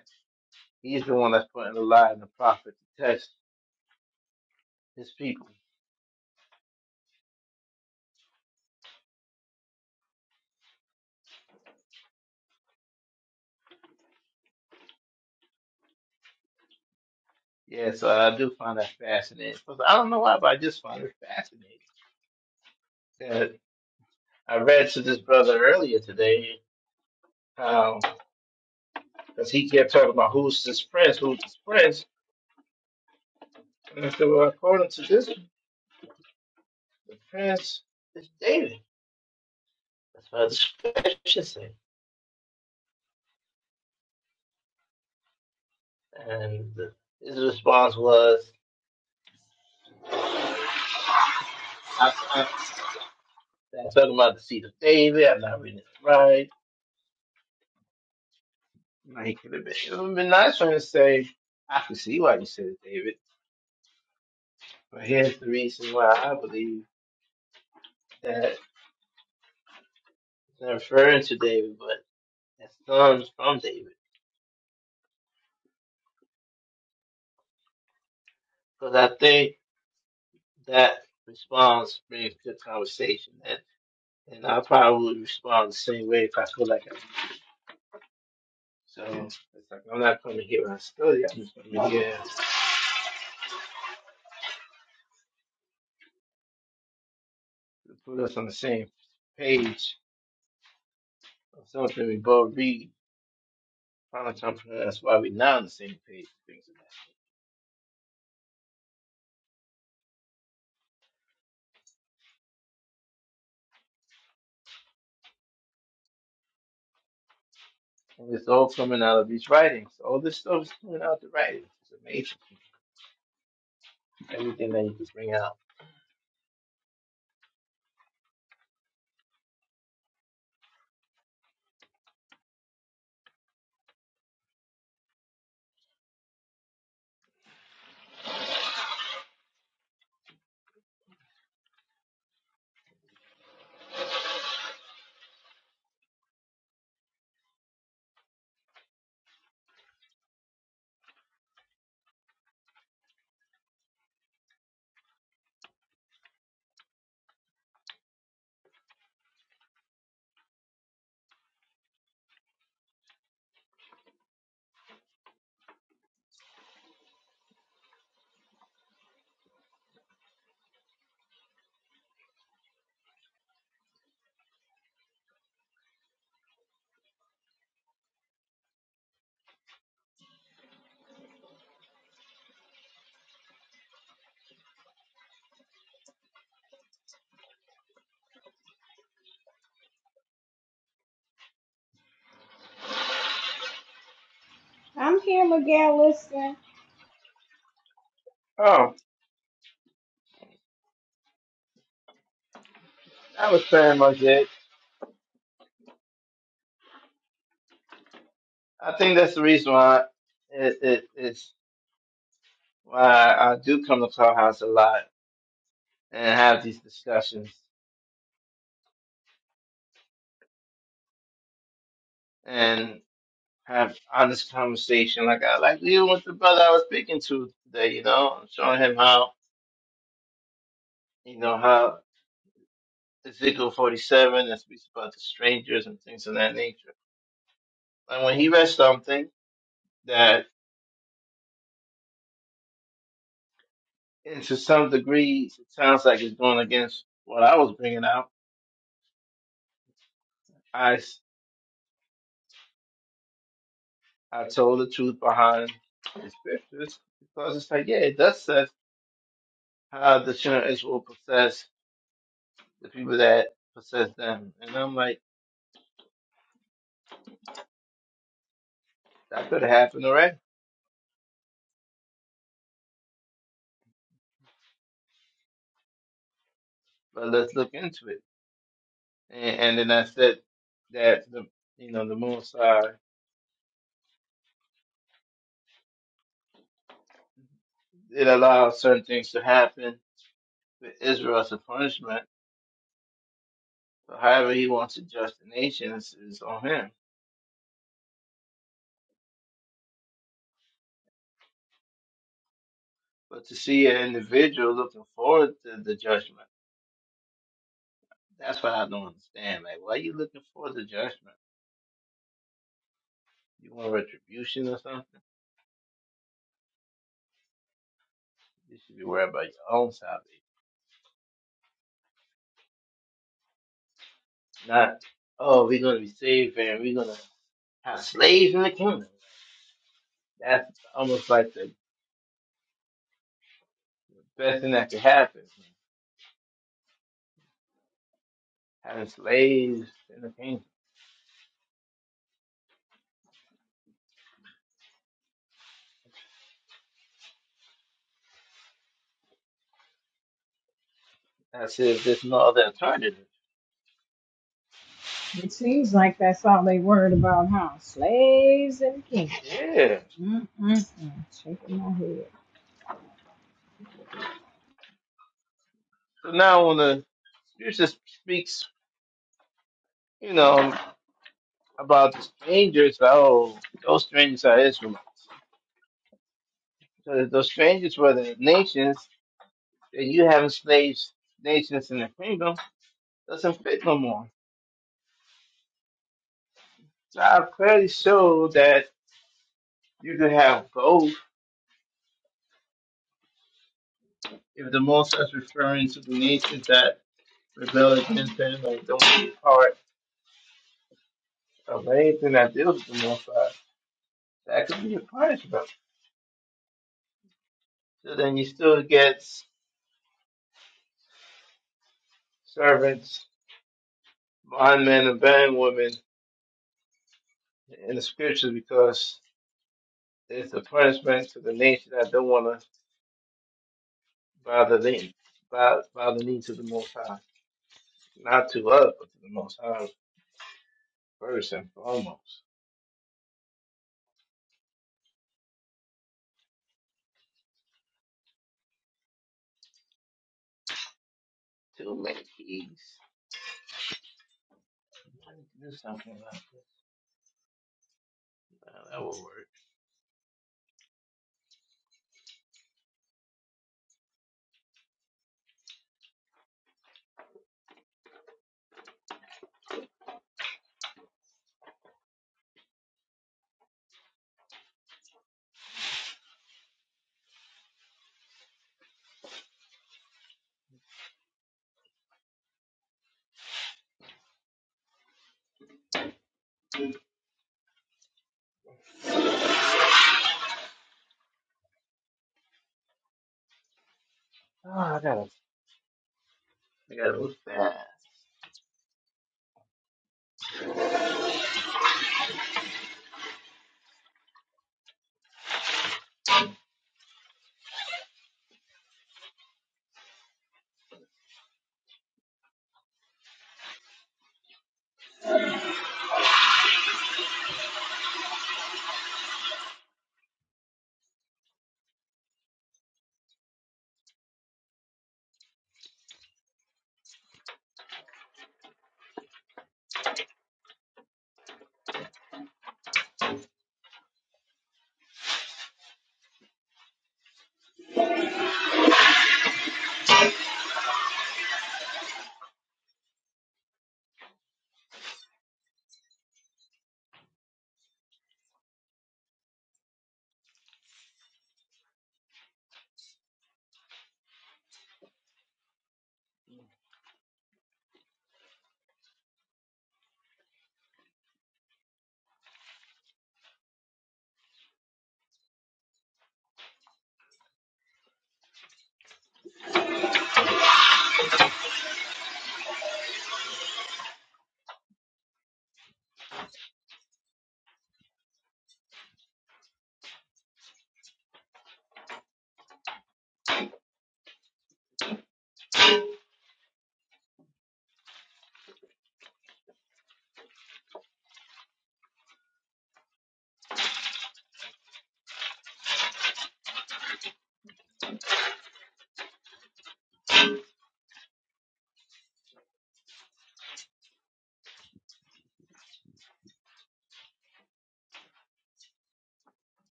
he's the one that's putting the lie in the prophet to test his people. Yeah, so I do find that fascinating. 'Cause I don't know why, but I just find it fascinating. That I read to this brother earlier today how because he kept talking about who's this prince, who's this prince, and I said, well, according to this the prince is David. That's what the scripture say. And his response was, I, I, I'm talking about the seed of David. I'm not reading it right. Like, it would have been, it would've been nice for him to say, I can see why you said it, David. But here's the reason why I believe that it's not referring to David, but it's sons from David. Because I think that response brings good conversation. And, and I probably would respond the same way if I feel like I So it's like I'm not coming here and study. I'm just coming here to put us on the same page of something we both read. Final to comprehend. That's why we're not on the same page. Things like that. And it's all coming out of these writings. All this stuff is coming out of the writings. It's amazing. Everything that you can bring out.
I'm here, Miguel, listen.
Oh, that was pretty much it. I think that's the reason why it, it, it's why I do come to Clubhouse a lot and have these discussions. and. have honest conversation like I like even with the brother I was speaking to today, you know, I'm showing him how you know how Ezekiel forty seven that speaks about the strangers and things of that nature. And when he read something that and to some degree it sounds like it's going against what I was bringing out, I s- I told the truth behind the scriptures because it's like yeah, it does say how the children of Israel possess the people that possess them, and I'm like that could have happened already but let's look into it. and, and then I said that the you know the Moonsar it allows certain things to happen to Israel as a punishment. So however he wants to judge the nation is, is on him. But to see an individual looking forward to the judgment, that's what I don't understand. Like, why are you looking forward to judgment? You want retribution or something? You should be worried about your own salvation, not oh we're gonna be saved and we're gonna have slaves in the kingdom. That's almost like the best thing that could happen. having slaves in the kingdom. I said, there's no other alternative.
It seems like that's all they worried about, huh? Slaves and kings.
Yeah.
Mm-mm-mm. Shaking my head.
So now when the scripture speaks, you know, about the strangers, oh, those strangers are Israelites. So those strangers were the nations that you have enslaved nations in the kingdom doesn't fit no more. So I clearly show that you could have both if the most is referring to the nations that rebel against him and don't be part of anything that deals with the most That could be a punishment. So then you still get servants, bondmen, and bondwomen in the scriptures because it's a punishment to the nation that don't want to bow the knee, bow, bow the knee to the Most High, not to us, but to the Most High first and foremost. Too many keys. I need to do something about this. Uh, that will work. Oh, I gotta, I gotta move fast.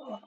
Oh,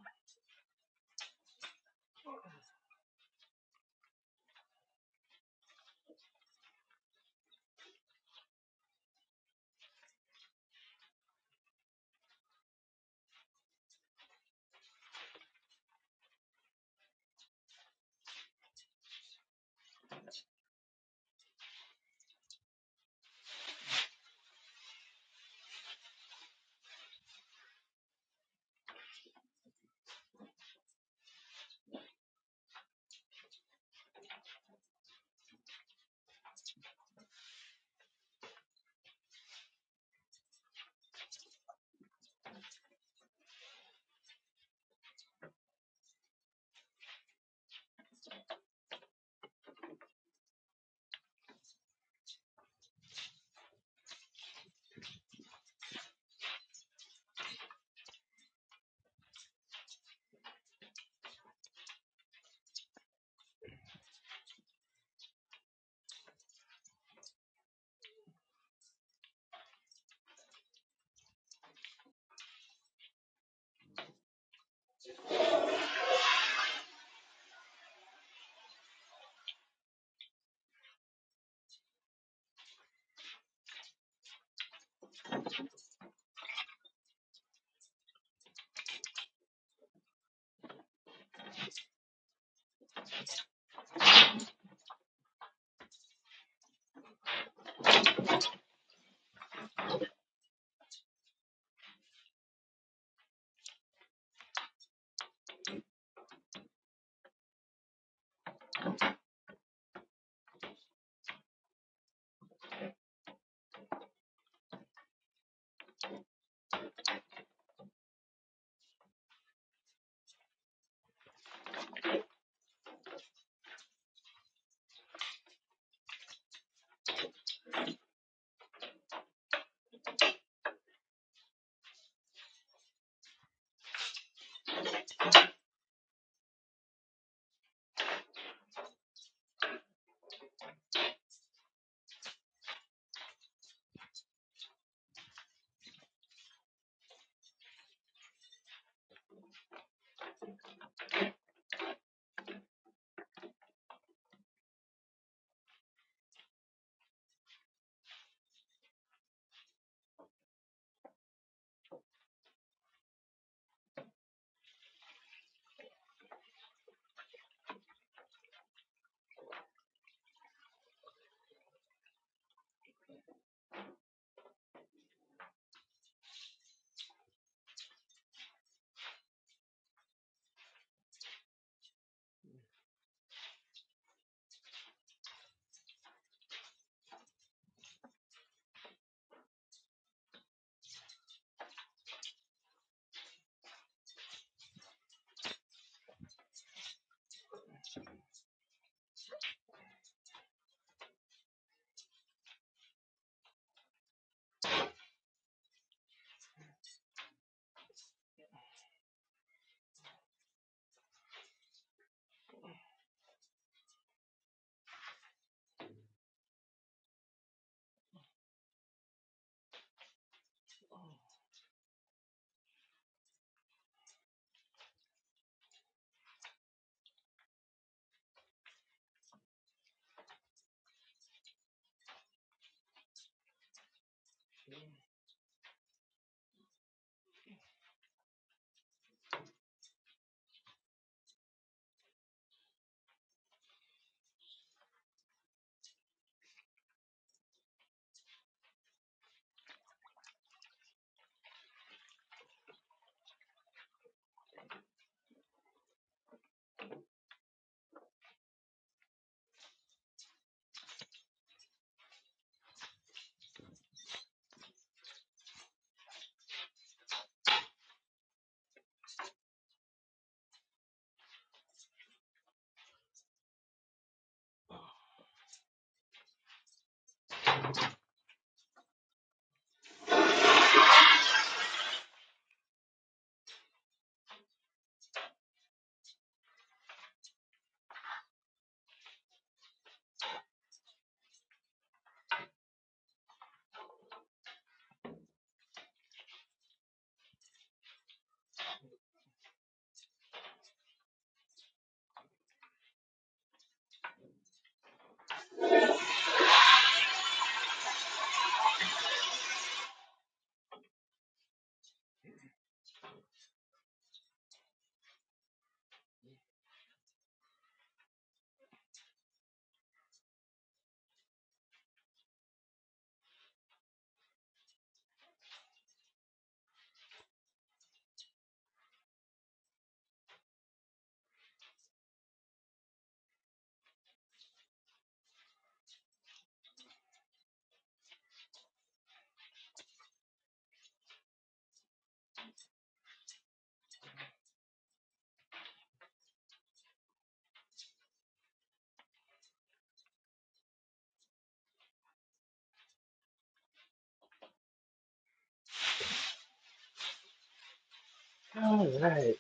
All right.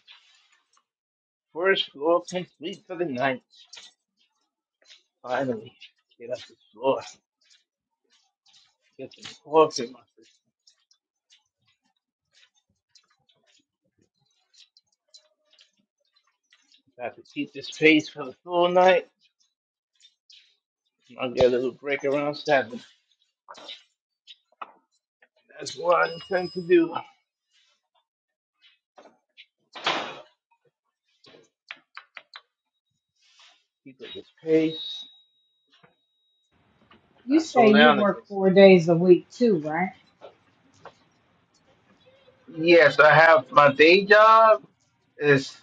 First floor complete for the night. Finally, get up the floor. Get the dogs in my I have to keep this pace for the full night. I'll get a little break around seven. That's what I intend to do. Keep up this pace. If
You
I
say
slow
you
down, I get
work four
sleepy.
days a week too, right?
Yes, I have my day job. Is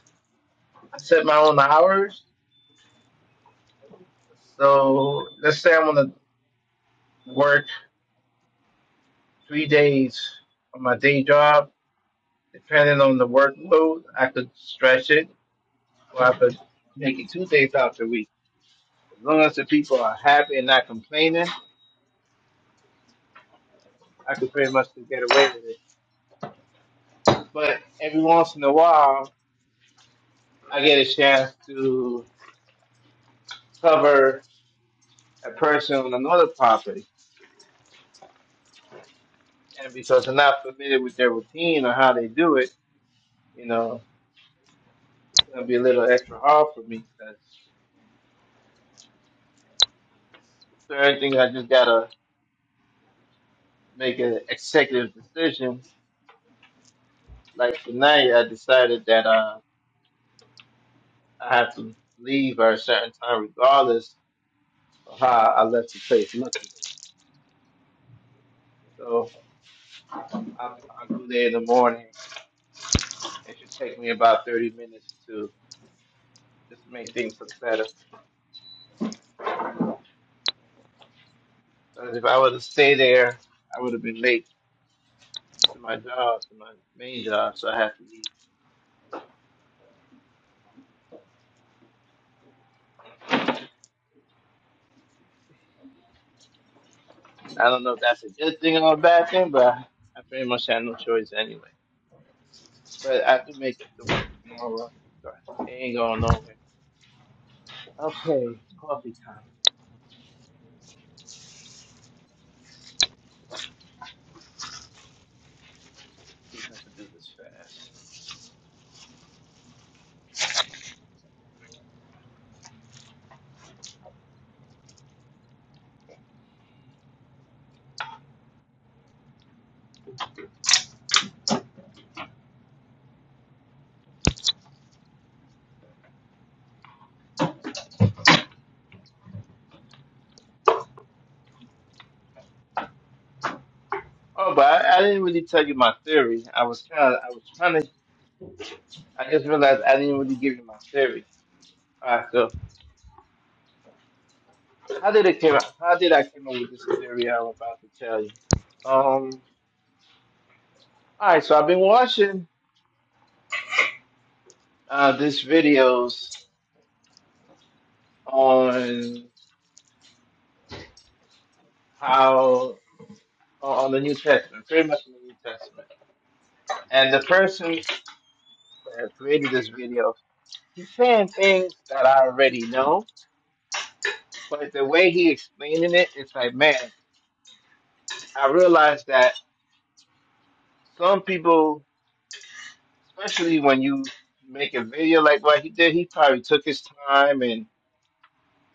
I set my own hours. So let's say I'm gonna work three days on my day job. Depending on the workload, I could stretch it, or I could make it two days out the week. As long as the people are happy and not complaining. I could pretty much just get away with it. But every once in a while, I get a chance to cover a person on another property, and because I'm not familiar with their routine or how they do it, you know, it's gonna be a little extra hard for me because certain things I just gotta make an executive decision. Like tonight, I decided that uh, I have to leave at a certain time, regardless of how I left the place looking. So I, I go there in the morning It should take me about 30 minutes to just make things look better. Because if I were to stay there, I would have been late to my job, to my main job, so I have to leave. I don't know if that's a good thing or a bad thing, but I I pretty much had no choice anyway. But I have to make up the work tomorrow. so It ain't going nowhere. Okay, it's coffee time. See if I can do this fast. Oh, but I, I didn't really tell you my theory. I was kind of, I was trying to, I just realized I didn't really give you my theory. All right, so How did it came out? How did I came up with this theory I'm about to tell you? Um, all right, so I've been watching uh, these videos on how on the New Testament, pretty much in the New Testament, and the person that created this video, he's saying things that I already know, but the way he explaining it, it's like, man, I realized that some people, especially when you make a video like what he did, he probably took his time and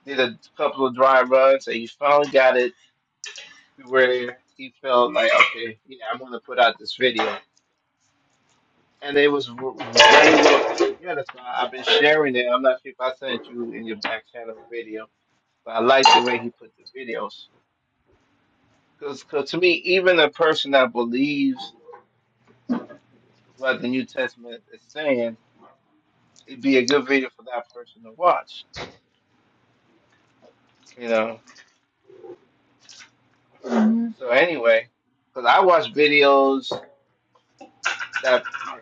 did a couple of dry runs, and he finally got it to where he felt like, okay, yeah, I'm gonna put out this video. And it was v- very well put together. So I- I've been sharing it. I'm not sure if I sent you in your back channel video, but I like the way he put the videos. Because to me, even a person that believes what the New Testament is saying, it'd be a good video for that person to watch. You know.
hmm
So anyway, because I watch videos that uh,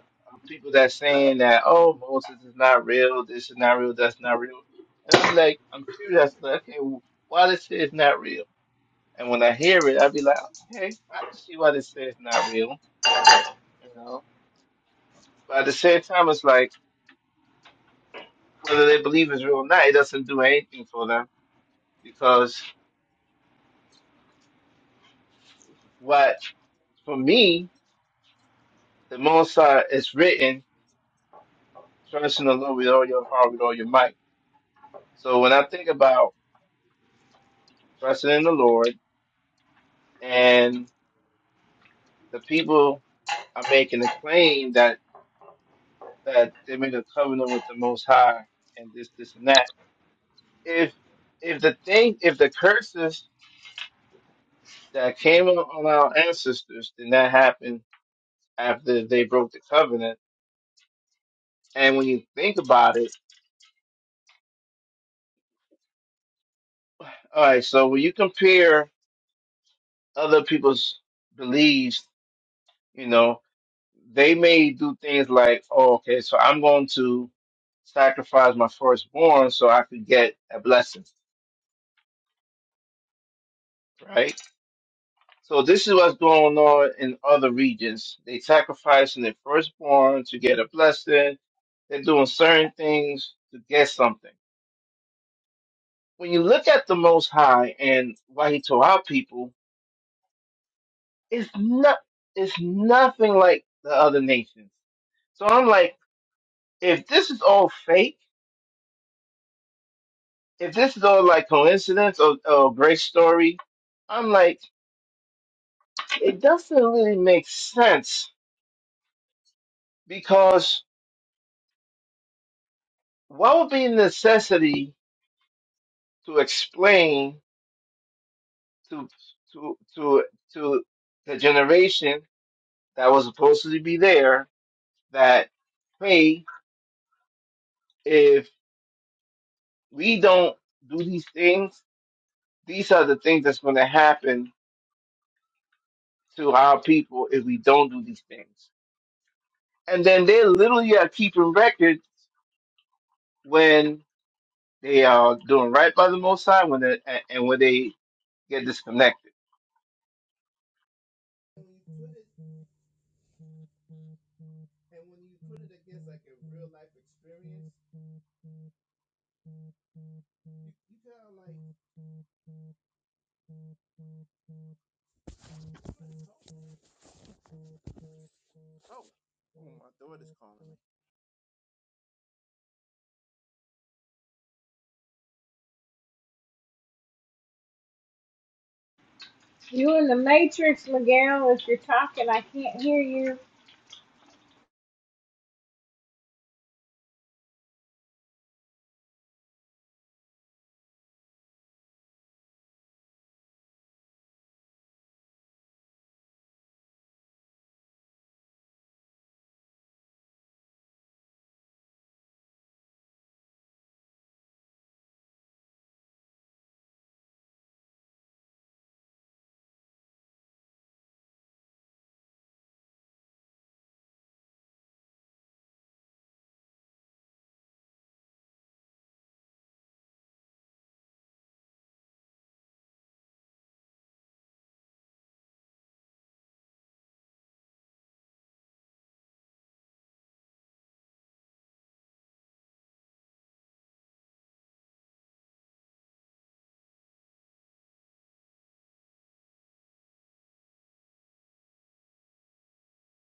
people that saying that oh Moses is not real, this is not real, that's not real, and I'd be like, I'm curious, like, okay, why this is not real? And when I hear it, I'd be like, okay, I can see why this says not real, you know. But at the same time, it's like whether they believe it's real or not, it doesn't do anything for them because what for me the Mosai is written, trust in the Lord with all your heart, with all your might. So when I think about trusting in the Lord. and the people are making a claim that that they made a covenant with the Most High and this, this, and that. If if the thing, if the curses that came on on our ancestors did not happen after they broke the covenant, and when you think about it, all right, so when you compare other people's beliefs, you know, they may do things like, oh, okay, so I'm going to sacrifice my firstborn so I could get a blessing, right? So this is what's going on in other regions. They sacrificing their firstborn to get a blessing. They're doing certain things to get something. When you look at the Most High and why He told our people, it's not, it's nothing like the other nations. So I'm like, if this is all fake, if this is all like coincidence or, or a great story, I'm like, it doesn't really make sense because what would be a necessity to explain to to to to the generation that was supposed to be there that hey, if we don't do these things, these are the things that's going to happen to our people if we don't do these things. And then they literally are keeping record when they are doing right by the Most High, when they, and and when they get disconnected. Oh, oh, my daughter's calling.
You in the Matrix, Miguel. If you're talking, I can't hear you.